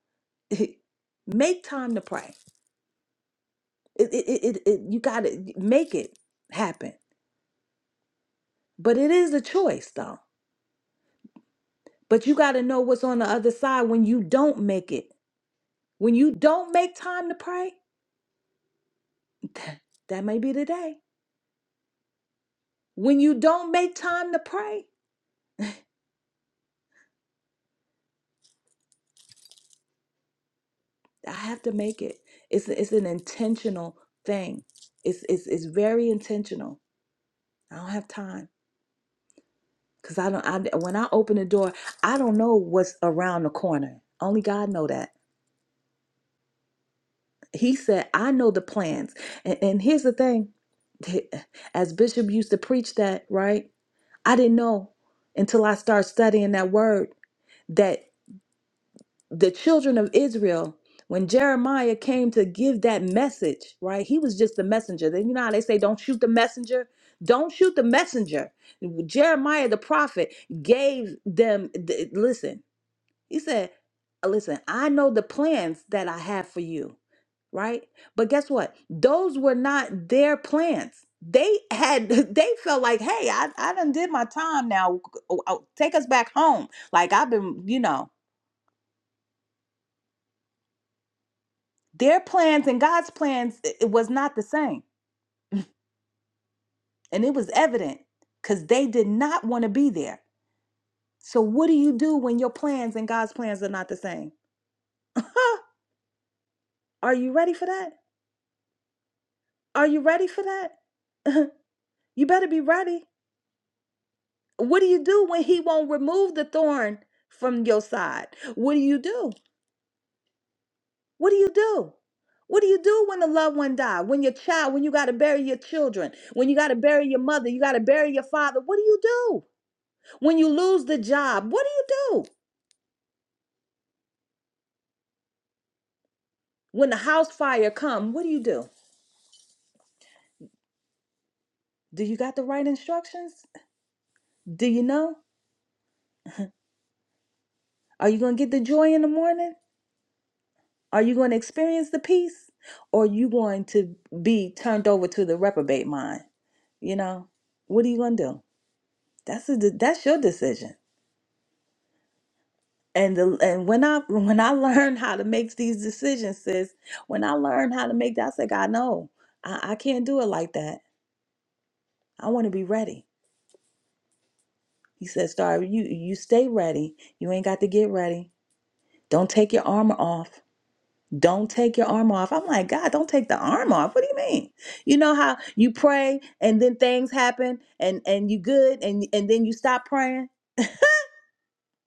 S2: make time to pray. It, it, it, it, it- you got to make it happen. But it is a choice though. But you got to know what's on the other side when you don't make it. When you don't make time to pray, That may be the day. When you don't make time to pray, I have to make it. It's, it's an intentional thing. It's, it's, it's very intentional. I don't have time because I don't. I, when I open the door, I don't know what's around the corner. Only God know that. He said, "I know the plans." And, and here's the thing: as Bishop used to preach that, right? I didn't know until I started studying that word that. the children of Israel, when Jeremiah came to give that message, right? He was just the messenger. Then you know how they say, don't shoot the messenger? Don't shoot the messenger. Jeremiah the prophet gave them, th- listen, he said, "Uh, listen, I know the plans that I have for you, right? But guess what? Those were not their plans. They had, they felt like, hey, I, I done did my time now. Oh, oh, Take us back home. Like I've been, you know. Their plans and God's plans it it was not the same, and it was evident because they did not want to be there. So what do you do when your plans and God's plans are not the same? Are you ready for that? Are you ready for that? you better be ready. What do you do when he won't remove the thorn from your side? What do you do? What do you do? What do you do when a loved one dies? When your child, when you got to bury your children, when you got to bury your mother, you got to bury your father. What do you do? When you lose the job, what do you do? When the house fire come, what do you do? Do you got the right instructions? Do you know? Are you going to get the joy in the morning? Are you going to experience the peace? Or are you going to be turned over to the reprobate mind? You know, what are you going to do? That's a, de- that's your decision. And the, and when I when I learned how to make these decisions, sis, when I learned how to make that, I said, God, no, I, I can't do it like that. I want to be ready. He said, Star, you, you stay ready. You ain't got to get ready. Don't take your armor off. Don't take your armor off. I'm like, God, don't take the armor off. What do you mean? You know how you pray and then things happen and, and you good and, and then you stop praying,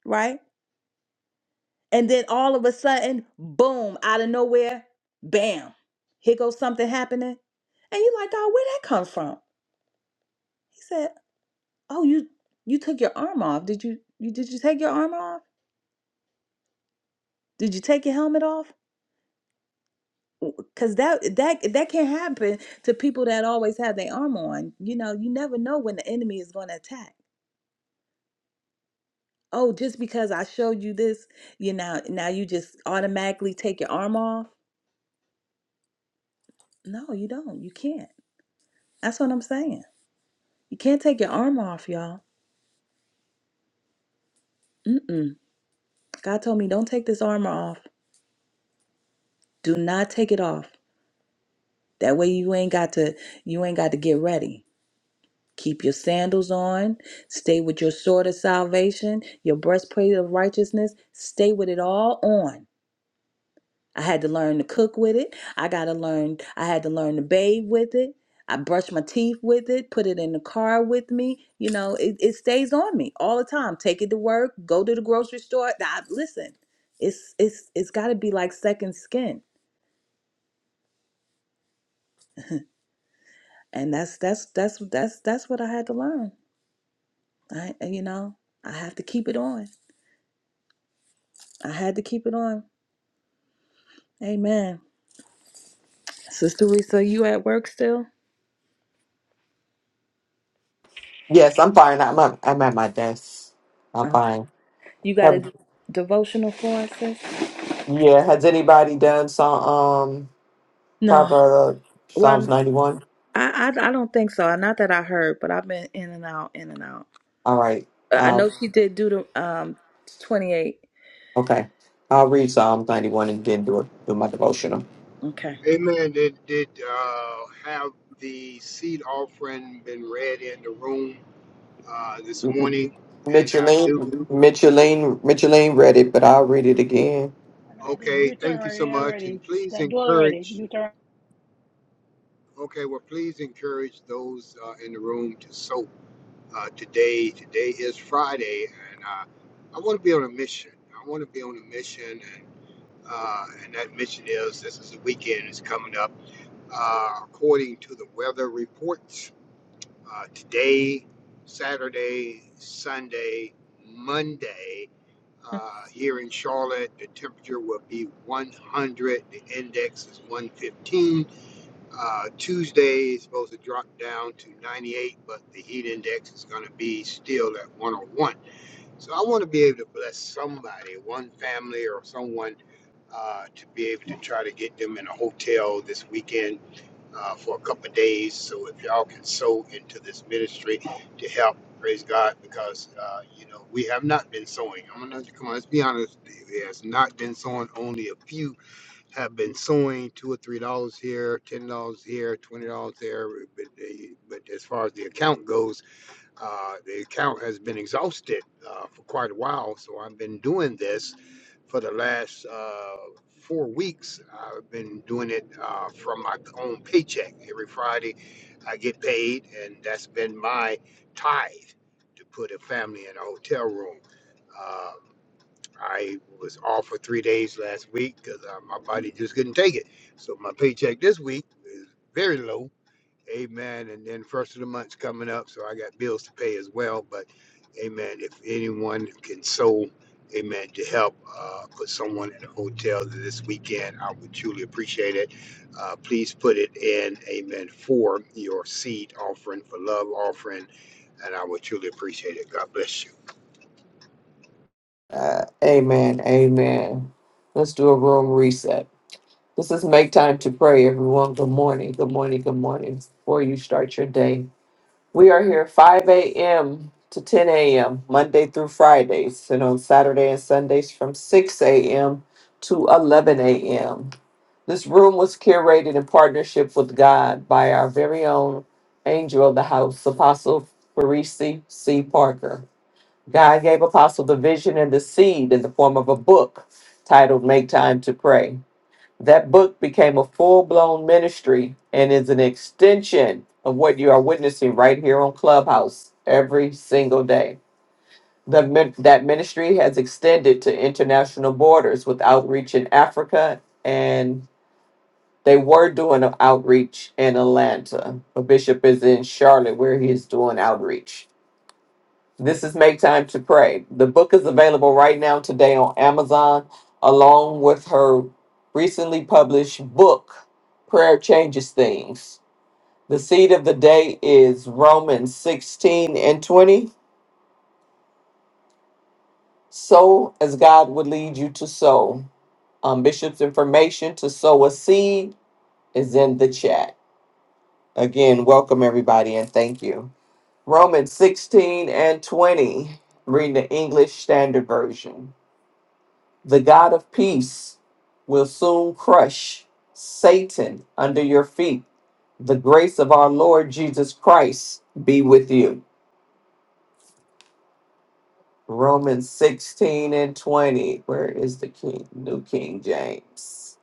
S2: right? And then all of a sudden, boom, out of nowhere, bam, here goes something happening. And you like, God, where that come from? He said, Oh, you you took your arm off. Did you you did you take your arm off? Did you take your helmet off? Cause that that that can happen to people that always have their armor on. You know, you never know when the enemy is going to attack. Oh, just because I showed you this, you know, now you just automatically take your arm off. No, you don't. You can't. That's what I'm saying. You can't take your armor off, y'all. Mm-mm. God told me don't take this armor off. Do not take it off. That way you ain't got to you ain't got to get ready. Keep your sandals on. Stay with your sword of salvation, your breastplate of righteousness. Stay with it all on. I had to cook with it. I got to learn. I had it. I mean, you know, it stays on. Take it to work. Go to it. It's and I, you know, I I had to keep it on. Amen. Sister Risa, you at work still?
S7: Yes, I'm fine. I'm I'm I'm at my desk. I'm
S2: Oh,
S7: fine.
S2: you got
S7: Have
S2: a devotional for us, sis?
S7: yeah? Has anybody done some?
S2: No.
S7: Proverbs, Psalms
S2: Well,
S7: 91.
S2: I, I I don't think so. Not that I heard, but I've been in and out, in and out.
S7: All right.
S2: Uh, I
S7: Uh,
S2: know she did do the um 28.
S7: okay. I'll read Psalms 91 and then do, it, do my devotional.
S2: Okay.
S8: Amen. Did did uh, have the seed offering been read in the room uh, this morning? And I
S7: Micheline,
S8: do.
S7: Micheline, Micheline read it, but I'll read it again.
S1: And I did
S8: Okay. Thank you so
S1: Deuteronomy
S8: much.
S1: already.
S8: And please
S1: That do already.
S8: encourage.
S1: Deuteronomy.
S8: Okay. Well, please encourage those uh, in the room to sow uh, today. Today is Friday, and I I want to be on a mission. I want to be on a mission, Uh, and that mission is this is the weekend is coming up. Uh, according to the weather reports, uh, today, Saturday, Sunday, Monday, uh, here in Charlotte, the temperature will be 100. The index is 115. Uh, Tuesday is supposed to drop down to 98, but the heat index is going to be still at 101. So I want to be able to bless somebody, one family or someone, uh, to be able to try to get them in a hotel this weekend uh, for a couple of days. So if y'all can sow into this ministry to help, praise God, because uh, you know we have not been sowing. I'm gonna come on. Let's be honest. It has not been sowing. Only a few have been sowing two or three dollars here, ten dollars here, twenty dollars there. But, but as far as the account goes. Uh, the account has been exhausted uh, for quite a while, so I've been doing this for the last uh, four weeks. I've been doing it uh, from my own paycheck. Every Friday, I get paid, and that's been my tithe to put a family in a hotel room. Uh, I was off for three days last week because uh, my body just couldn't take it. So my paycheck this week is very low. Amen. And then first of the month's coming up, so I got bills to pay as well. But Amen. If anyone can sow, amen, to help uh, put someone in a hotel this weekend, I would truly appreciate it. Uh, please put it in, amen, for your seed offering, for love offering, and I would truly appreciate it. God bless you.
S7: Amen. Amen. Let's do a room reset. This is make time to pray, everyone. Good morning. Good morning. Good morning. Before you start your day, we are here 5 a.m. to 10 a.m. Monday through Fridays, and on Saturday and Sundays from 6 a.m. to 11 a.m. This room was curated in partnership with God by our very own angel of the house, Apostle Parisi C. Parker. God gave Apostle the vision and the seed in the form of a book titled Make Time to Pray. That book became a full blown ministry and is an extension of what you are witnessing right here on Clubhouse every single day. The, min- that ministry has extended to international borders with outreach in Africa and. They were doing an outreach in Atlanta. A bishop is in Charlotte where he is doing outreach. This is Make Time to Pray. The book is available right now today on Amazon, along with her recently published book, Prayer Changes Things. The seed of the day is Romans 16 and 20. Sow as God would lead you to sow. Um, Bishop's information to sow a seed is in the chat. Again, welcome everybody and thank you. Romans 16 and 20, reading the English Standard Version. The God of peace will soon crush Satan under your feet. The grace of our Lord Jesus Christ be with you. Romans 16 and 20. Where is the King? New King James.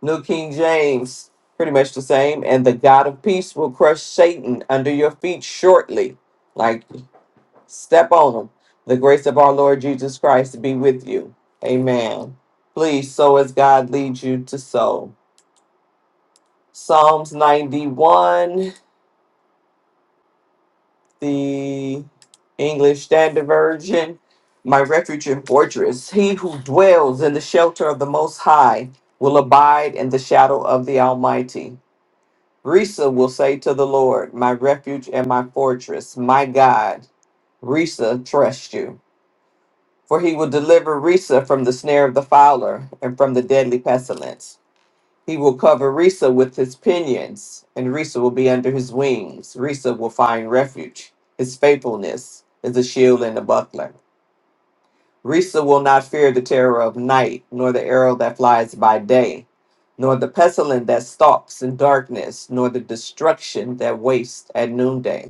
S7: New King James, pretty much the same. And the God of peace will crush Satan under your feet shortly. Like. Step on them. The grace of our Lord Jesus Christ be with you. Amen. Please sow as God leads you to sow. Psalms 91, the English Standard Version. My refuge and fortress, he who dwells in the shelter of the Most High will abide in the shadow of the Almighty. Risa will say to the Lord, My refuge and my fortress, my God. Risa, trust you. For he will deliver Risa from the snare of the fowler and from the deadly pestilence. He will cover Risa with his pinions, and Risa will be under his wings. Risa will find refuge. His faithfulness is a shield and a buckler. Risa will not fear the terror of night, nor the arrow that flies by day, nor the pestilence that stalks in darkness, nor the destruction that wastes at noonday.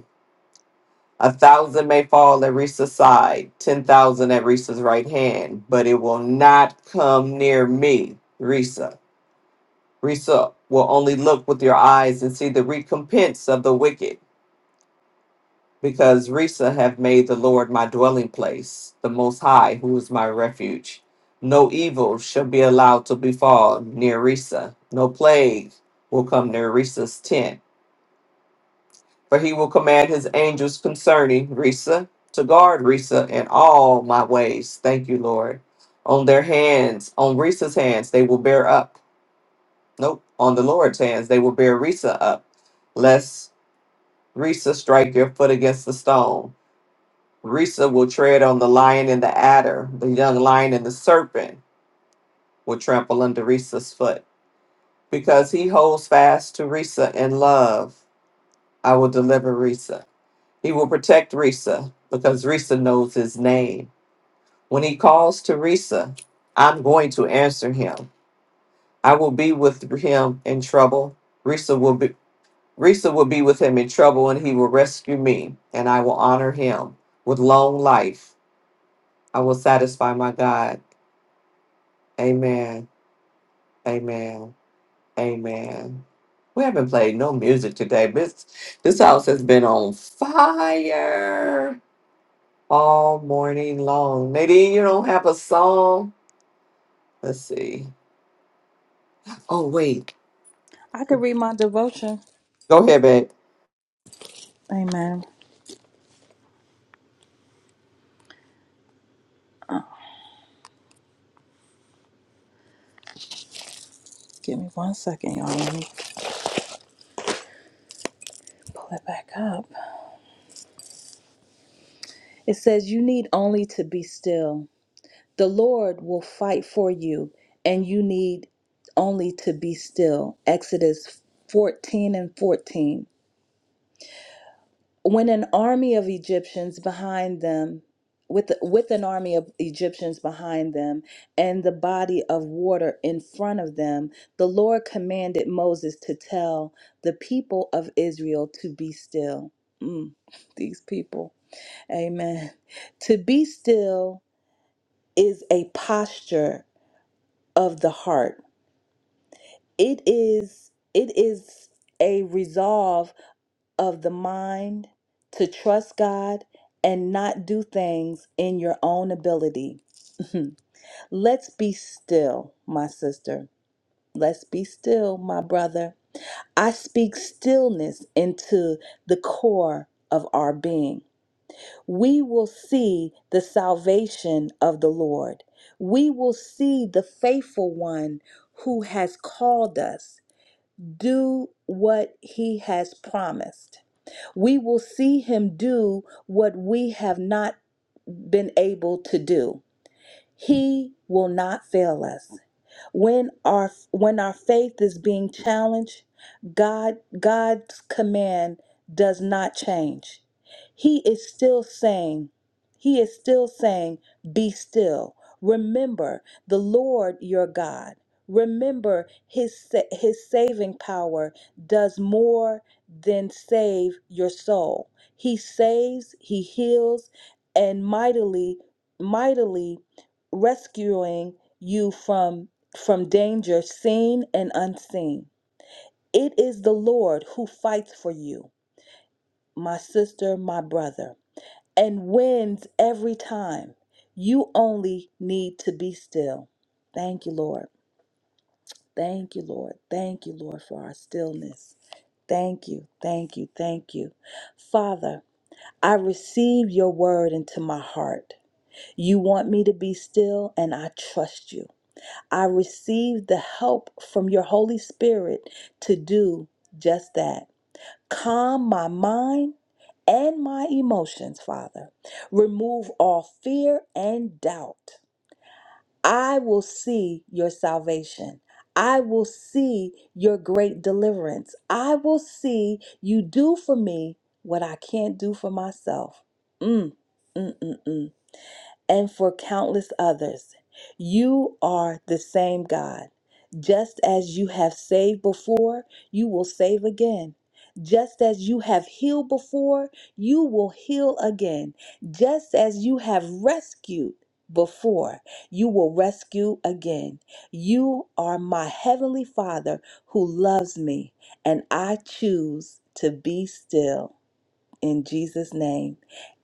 S7: A thousand may fall at Risa's side, ten thousand at Risa's right hand, but it will not come near me, Risa. Risa will only look with your eyes and see the recompense of the wicked, because Risa have made the Lord my dwelling place, the Most High, who is my refuge. No evil shall be allowed to befall near Risa. No plague will come near Risa's tent For he will command his angels concerning Risa to guard Risa in all my ways. Thank you, Lord. On their hands, on Risa's hands, they will bear up. Nope. On the Lord's hands, they will bear Risa up, lest Risa strike your foot against the stone. Risa will tread on the lion and the adder, the young lion and the serpent will trample under Risa's foot. Because he holds fast to Risa in love, I will deliver Risa. He will protect Risa because Risa knows his name. When he calls to Risa, I'm going to answer him. I will be with him in trouble. Risa will be Risa will be with him in trouble and he will rescue me and I will honor him with long life. I will satisfy my God. Amen. Amen. Amen. We haven't played no music today. This this house has been on fire. all morning long. Nadine, you don't have a song? Let's see. Oh, wait.
S2: I could read my devotion.
S7: Go ahead, babe.
S2: Amen. Give me one second, y'all. Let me pull it back up. It says, You need only to be still. The Lord will fight for you, and you need only to be still. Exodus 14 and 14. when an army of Egyptians behind them, with with an army of Egyptians behind them, and the body of water in front of them, the Lord commanded Moses to tell the people of Israel to be still. Mm, these people, Amen. To be still is a posture of the heart. It is. It is. A resolve of the mind to trust God and not do things in your own ability. Let's be still, my sister. Let's be still, my brother. I speak stillness into the core of our being. We will see the salvation of the Lord. We will see the faithful one who has called us do what he has promised we will see him do what we have not been able to do. He will not fail us. When our when our faith is being challenged, God God's command does not change. He is still saying, he is still saying, be still. Remember the Lord your God. Remember his sa- his saving power does more than save your soul. He saves, he heals and mightily mightily rescuing you from from danger seen and unseen. It is the Lord who fights for you, my sister, my brother, and wins every time. You only need to be still. Thank you, Lord. Thank you, Lord. Thank you, Lord, for our stillness. Thank you, thank you, thank you. Father, I receive your word into my heart. You want me to be still, and I trust you. I receive the help from your Holy Spirit to do just that. Calm my mind and my emotions, Father. Remove all fear and doubt. I will see your salvation. I will see your great deliverance. I will see you do for me what I can't do for myself. Mm, mm, mm, mm and for countless others. You are the same God. Just as you have saved before, you will save again. Just as you have healed before, you will heal again. Just as you have rescued before, you will rescue again. You are my heavenly Father who loves me, and I choose to be still in Jesus' name.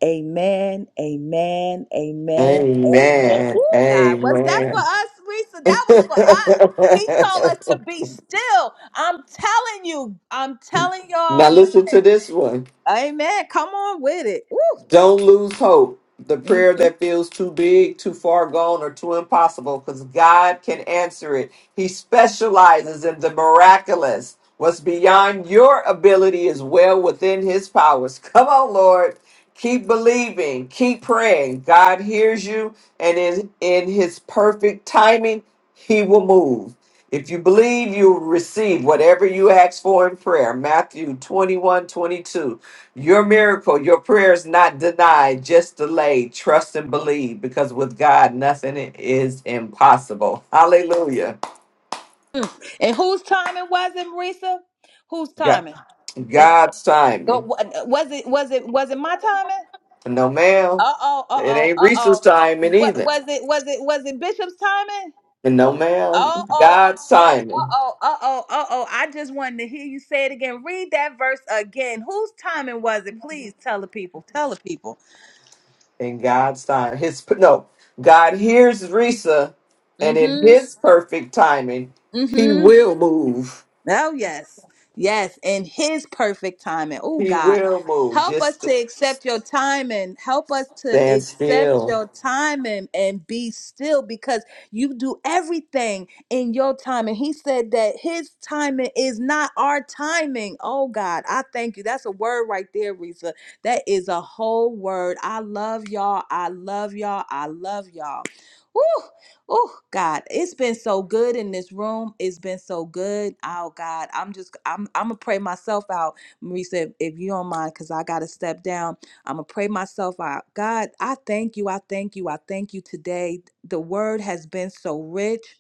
S2: Amen, amen, amen, amen.
S7: Amen.
S2: Oh God, was that for
S7: Amen.
S2: us, Risa? That was for us. He told us to be still. I'm telling you, I'm telling
S7: now
S2: y'all, listen.
S7: listen to this one.
S2: Amen. Come on with it. Woo.
S7: Don't lose hope. The prayer that feels too big, too far gone, or too impossible, because God can answer it. He specializes in the miraculous. What's beyond your ability is well within His powers. Come on, Lord. Keep believing. Keep praying. God hears you, and in, in His perfect timing, He will move. If you believe, you will receive whatever you ask for in prayer. Matthew 21 22. Your miracle, your prayer is not denied, just delayed. Trust and believe because with God, nothing is impossible. Hallelujah.
S2: Mhm. And whose timing was it, Marisa? Whose
S7: Yeah.
S2: timing? And
S7: God's
S2: uh,
S7: timing.
S2: wa- was it was it was it my timing?
S7: no, ma'am.
S2: Uh oh, uh
S7: It
S2: oh,
S7: ain't
S2: uh
S7: Reese's
S2: oh.
S7: timing
S2: What
S7: either.
S2: was it? Was it was it Bishop's timing?
S7: And no, ma'am.
S2: Oh, oh,
S7: God's
S2: oh, oh,
S7: timing.
S2: oh, oh, oh, oh. oh. I just wanted to hear you say it again. Read that verse again. Whose timing was it? Please tell the people. Tell the people.
S7: in God's time. His no, God hears Risa, and in
S2: Mm-hmm.
S7: His perfect timing, He
S2: Mm-hmm.
S7: will move.
S2: Oh, yes. Yes. In His perfect timing. Oh,
S7: He
S2: God.
S7: will move.
S2: Help us
S7: Just
S2: to
S7: to
S2: accept your timing. Help us to
S7: stand
S2: accept
S7: still.
S2: your timing and be still because you do everything in your timing. he said that his timing is not our timing. Oh, God, I thank you. That's a word right there, Risa. That is a whole word. I love y'all. I love y'all. I love y'all. Woo! Oh God, it's been so good in this room. It's been so good. Oh God, I'm just I'm I'm gonna pray myself out, Marisa, if, if you don't mind, cause I gotta step down. I'm gonna pray myself out. God, I thank you. I thank you. I thank you today. The word has been so rich.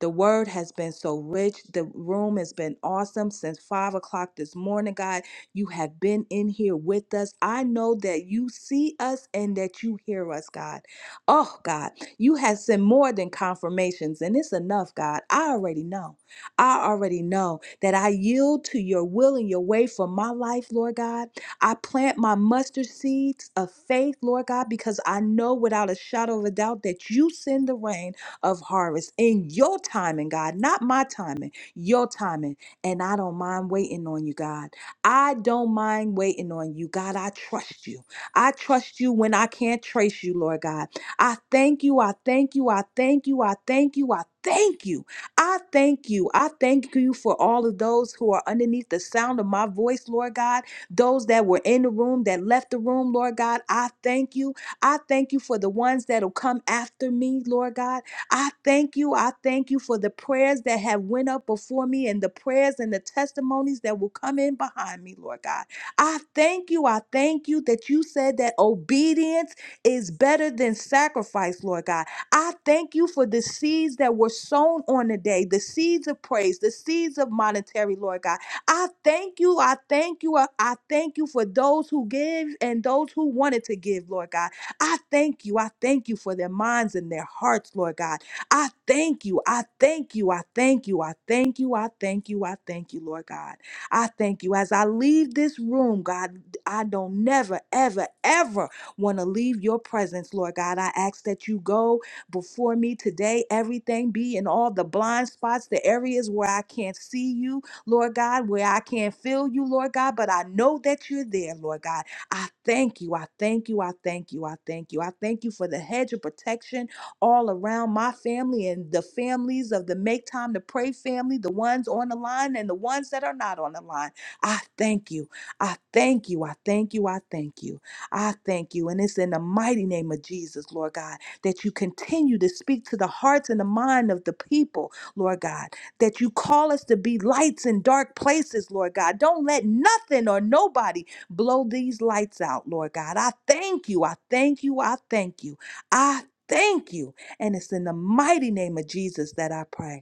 S2: The word has been so rich. The room has been awesome since five o'clock this morning, God. You have been in here with us. I know that you see us and that you hear us, God. Oh, God, you have sent more than confirmations, and it's enough, God. I already know. I already know that I yield to your will and your way for my life, Lord God. I plant my mustard seeds of faith, Lord God, because I know without a shadow of a doubt that you send the rain of harvest in your timing, God, not my timing, your timing. And I don't mind waiting on you, God. I don't mind waiting on you, God. I trust you. I trust you when I can't trace you, Lord God. I thank you. I thank you. I thank you. I thank you. I thank you. I thank you. I thank you for all of those who are underneath the sound of my voice, Lord God. Those that were in the room, that left the room, Lord God. I thank you. I thank you for the ones that'll come after me, Lord God. I thank you. I thank you for the prayers that have went up before me and the prayers and the testimonies that will come in behind me, Lord God. I thank you. I thank you that you said that obedience is better than sacrifice, Lord God. I thank you for the seeds that were sown on the day, the seeds of praise, the seeds of monetary, Lord God. I thank you. I thank you. I I thank you for those who give and those who wanted to give, Lord God. I thank you. I thank you for their minds and their hearts, Lord God. I thank you. I thank you. I thank you. I thank you. I thank you. I thank you, Lord God. I thank you. As I leave this room, God, I don't never, ever, ever want to leave your presence, Lord God. I ask that you go before me today. Everything be in all the blind spots, the areas where I can't see you, Lord God, where I can't feel you, Lord God, but I know that you're there, Lord God. I thank you. I thank you. I thank you. I thank you. I thank you for the hedge of protection all around my family and the families of the Make Time to Pray family, the ones on the line and the ones that are not on the line. I thank you. I thank you. I thank you. I thank you. I thank you. And it's in the mighty name of Jesus, Lord God, that you continue to speak to the hearts and the mind of the people, Lord God, that you call us to be lights in dark places, Lord God. Don't let nothing or nobody blow these lights out, Lord God. I thank you. I thank you. I thank you. I thank you. And it's in the mighty name of Jesus that I pray.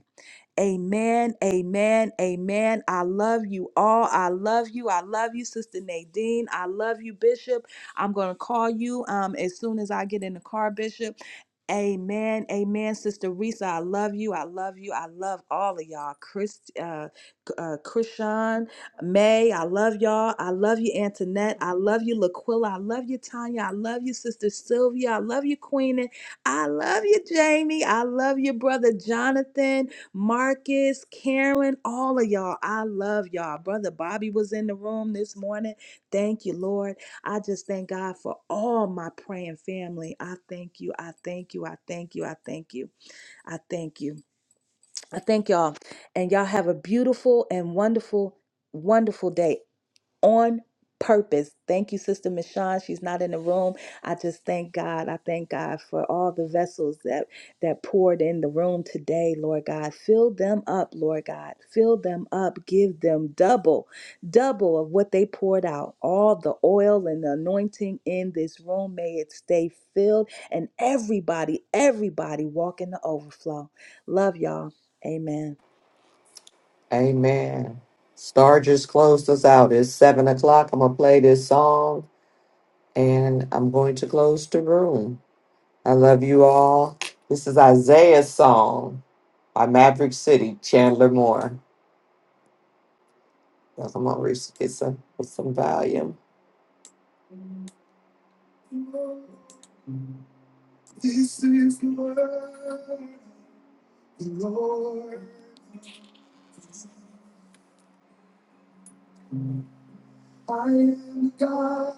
S2: Amen, amen, amen. I love you all. I love you. I love you, Sister Nadine. I love you, Bishop. I'm going to call you um, as soon as I get in the car, Bishop. Amen. Amen. Sister Risa, I love you. I love you. I love all of y'all. Chris, uh, uh, Krishan, May, I love y'all. I love you, Antoinette. I love you, Laquilla. I love you, Tanya. I love you, Sister Sylvia. I love you, Queenie. I love you, Jamie. I love you, Brother Jonathan, Marcus, Karen, all of y'all. I love y'all. Brother Bobby was in the room this morning. Thank you, Lord. I just thank God for all my praying family. I thank you. I thank you. I thank you. I thank you. I thank you. I thank y'all. And y'all have a beautiful and wonderful, wonderful day on purpose. Thank you, Sister Michonne. She's not in the room. I just thank God. I thank God for all the vessels that that poured in the room today, Lord God. Fill them up, Lord God. Fill them up. Give them double, double of what they poured out. All the oil and the anointing in this room. May it stay filled and everybody, everybody walk in the overflow. Love y'all. Amen.
S7: Amen. Star just closed us out. It's seven o'clock. I'm gonna play this song, and I'm going to close the room. I love you all. This is Isaiah's song by Maverick City, Chandler Moore. Now, Come on, Risa, get some, get some volume. This is the word of the Lord God.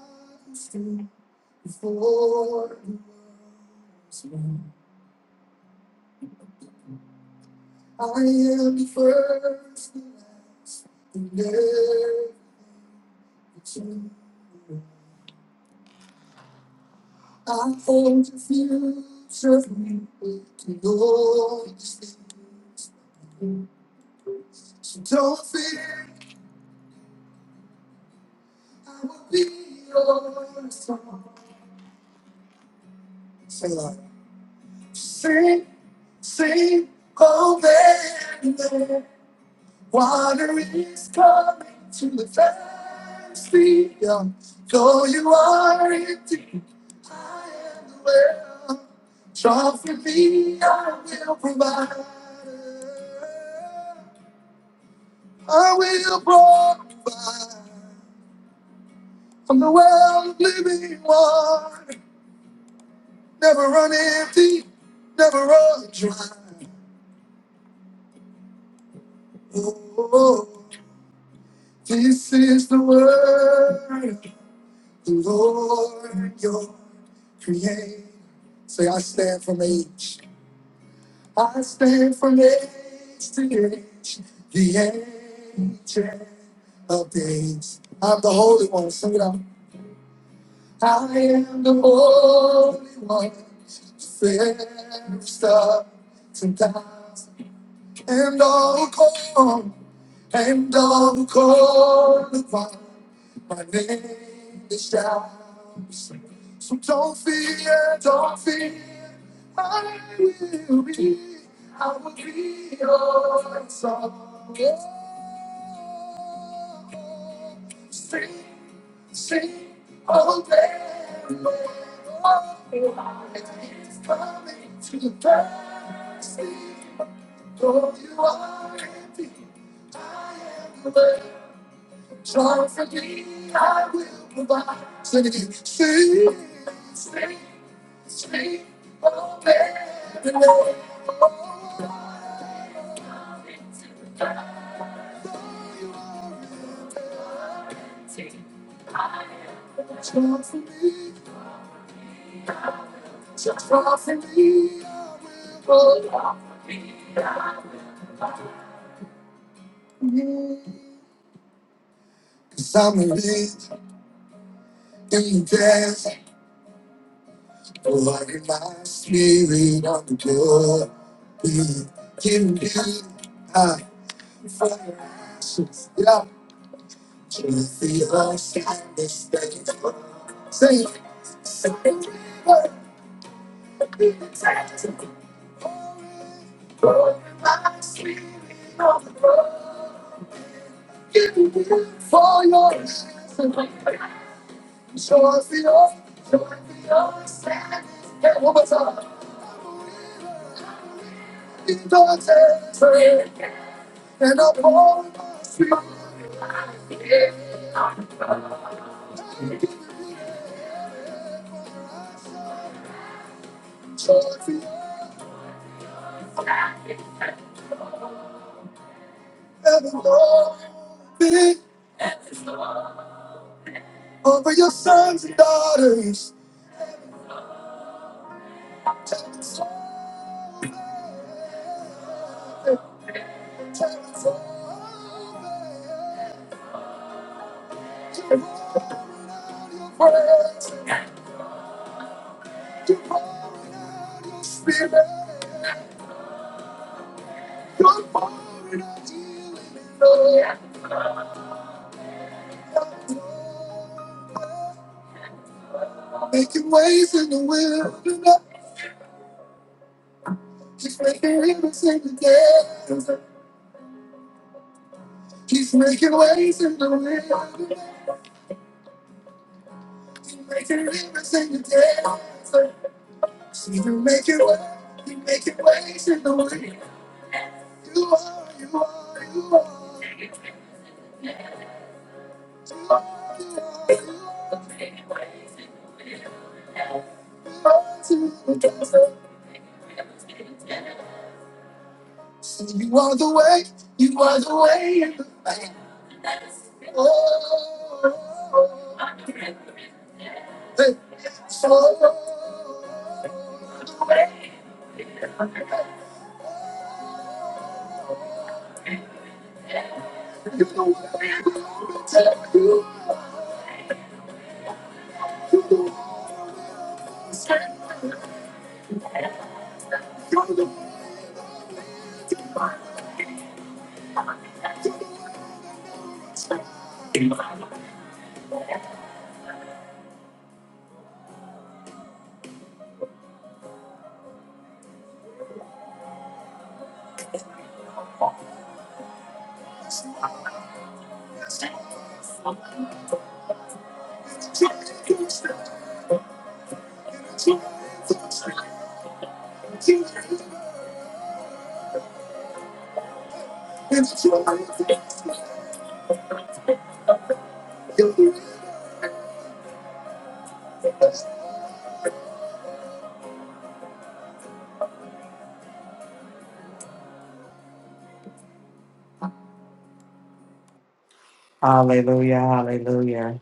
S7: Hallelujah, hallelujah.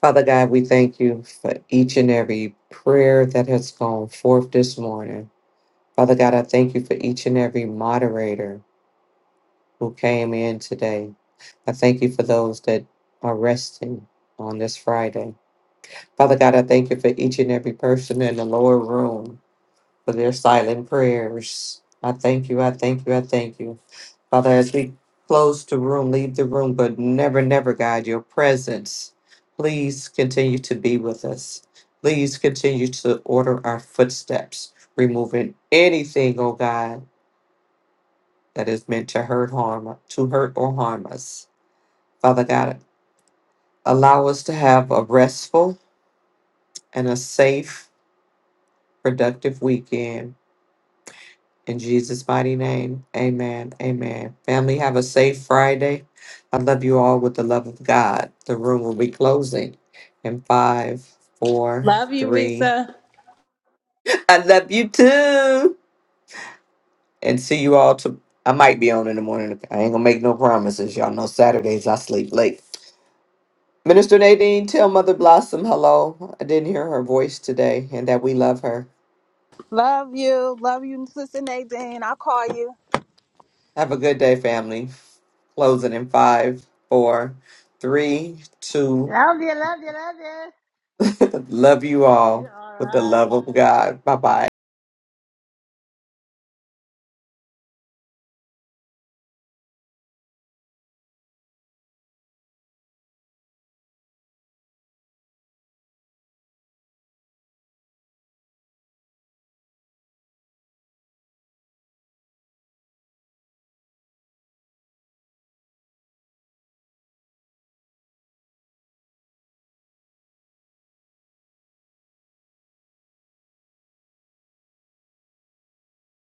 S7: Father God, we thank you for each and every prayer that has gone forth this morning. Father God, I thank you for each and every moderator who came in today. I thank you for those that are resting on this Friday. Father God, I thank you for each and every person in the lower room. for their silent prayers. I thank you. I thank you. I thank you. Father, as we close the room, leave the room, but never, never, God, your presence. Please continue to be with us. Please continue to order our footsteps, removing anything, oh God, that is meant to hurt, harm, to hurt or harm us. Father God, allow us to have a restful and a safe, productive weekend In Jesus' mighty name, amen. Amen. Family, have a safe Friday. I love you all with the love of God. The room will be closing in five, four,
S2: Love you,
S7: three.
S2: Risa.
S7: I love you too. And see you all to. I might be on in the morning. I ain't gonna make no promises. Y'all know Saturdays I sleep late. Minister Nadine, tell Mother Blossom hello. I didn't hear her voice today and that we love her.
S2: Love you. Love you, Sister Nadine. I'll call you.
S7: Have a good day, family. Closing in five, four, three, two,
S1: Love you, love you, love
S7: Love you
S1: you.
S7: all
S1: All
S7: with the
S1: right.
S7: love of God. Bye bye.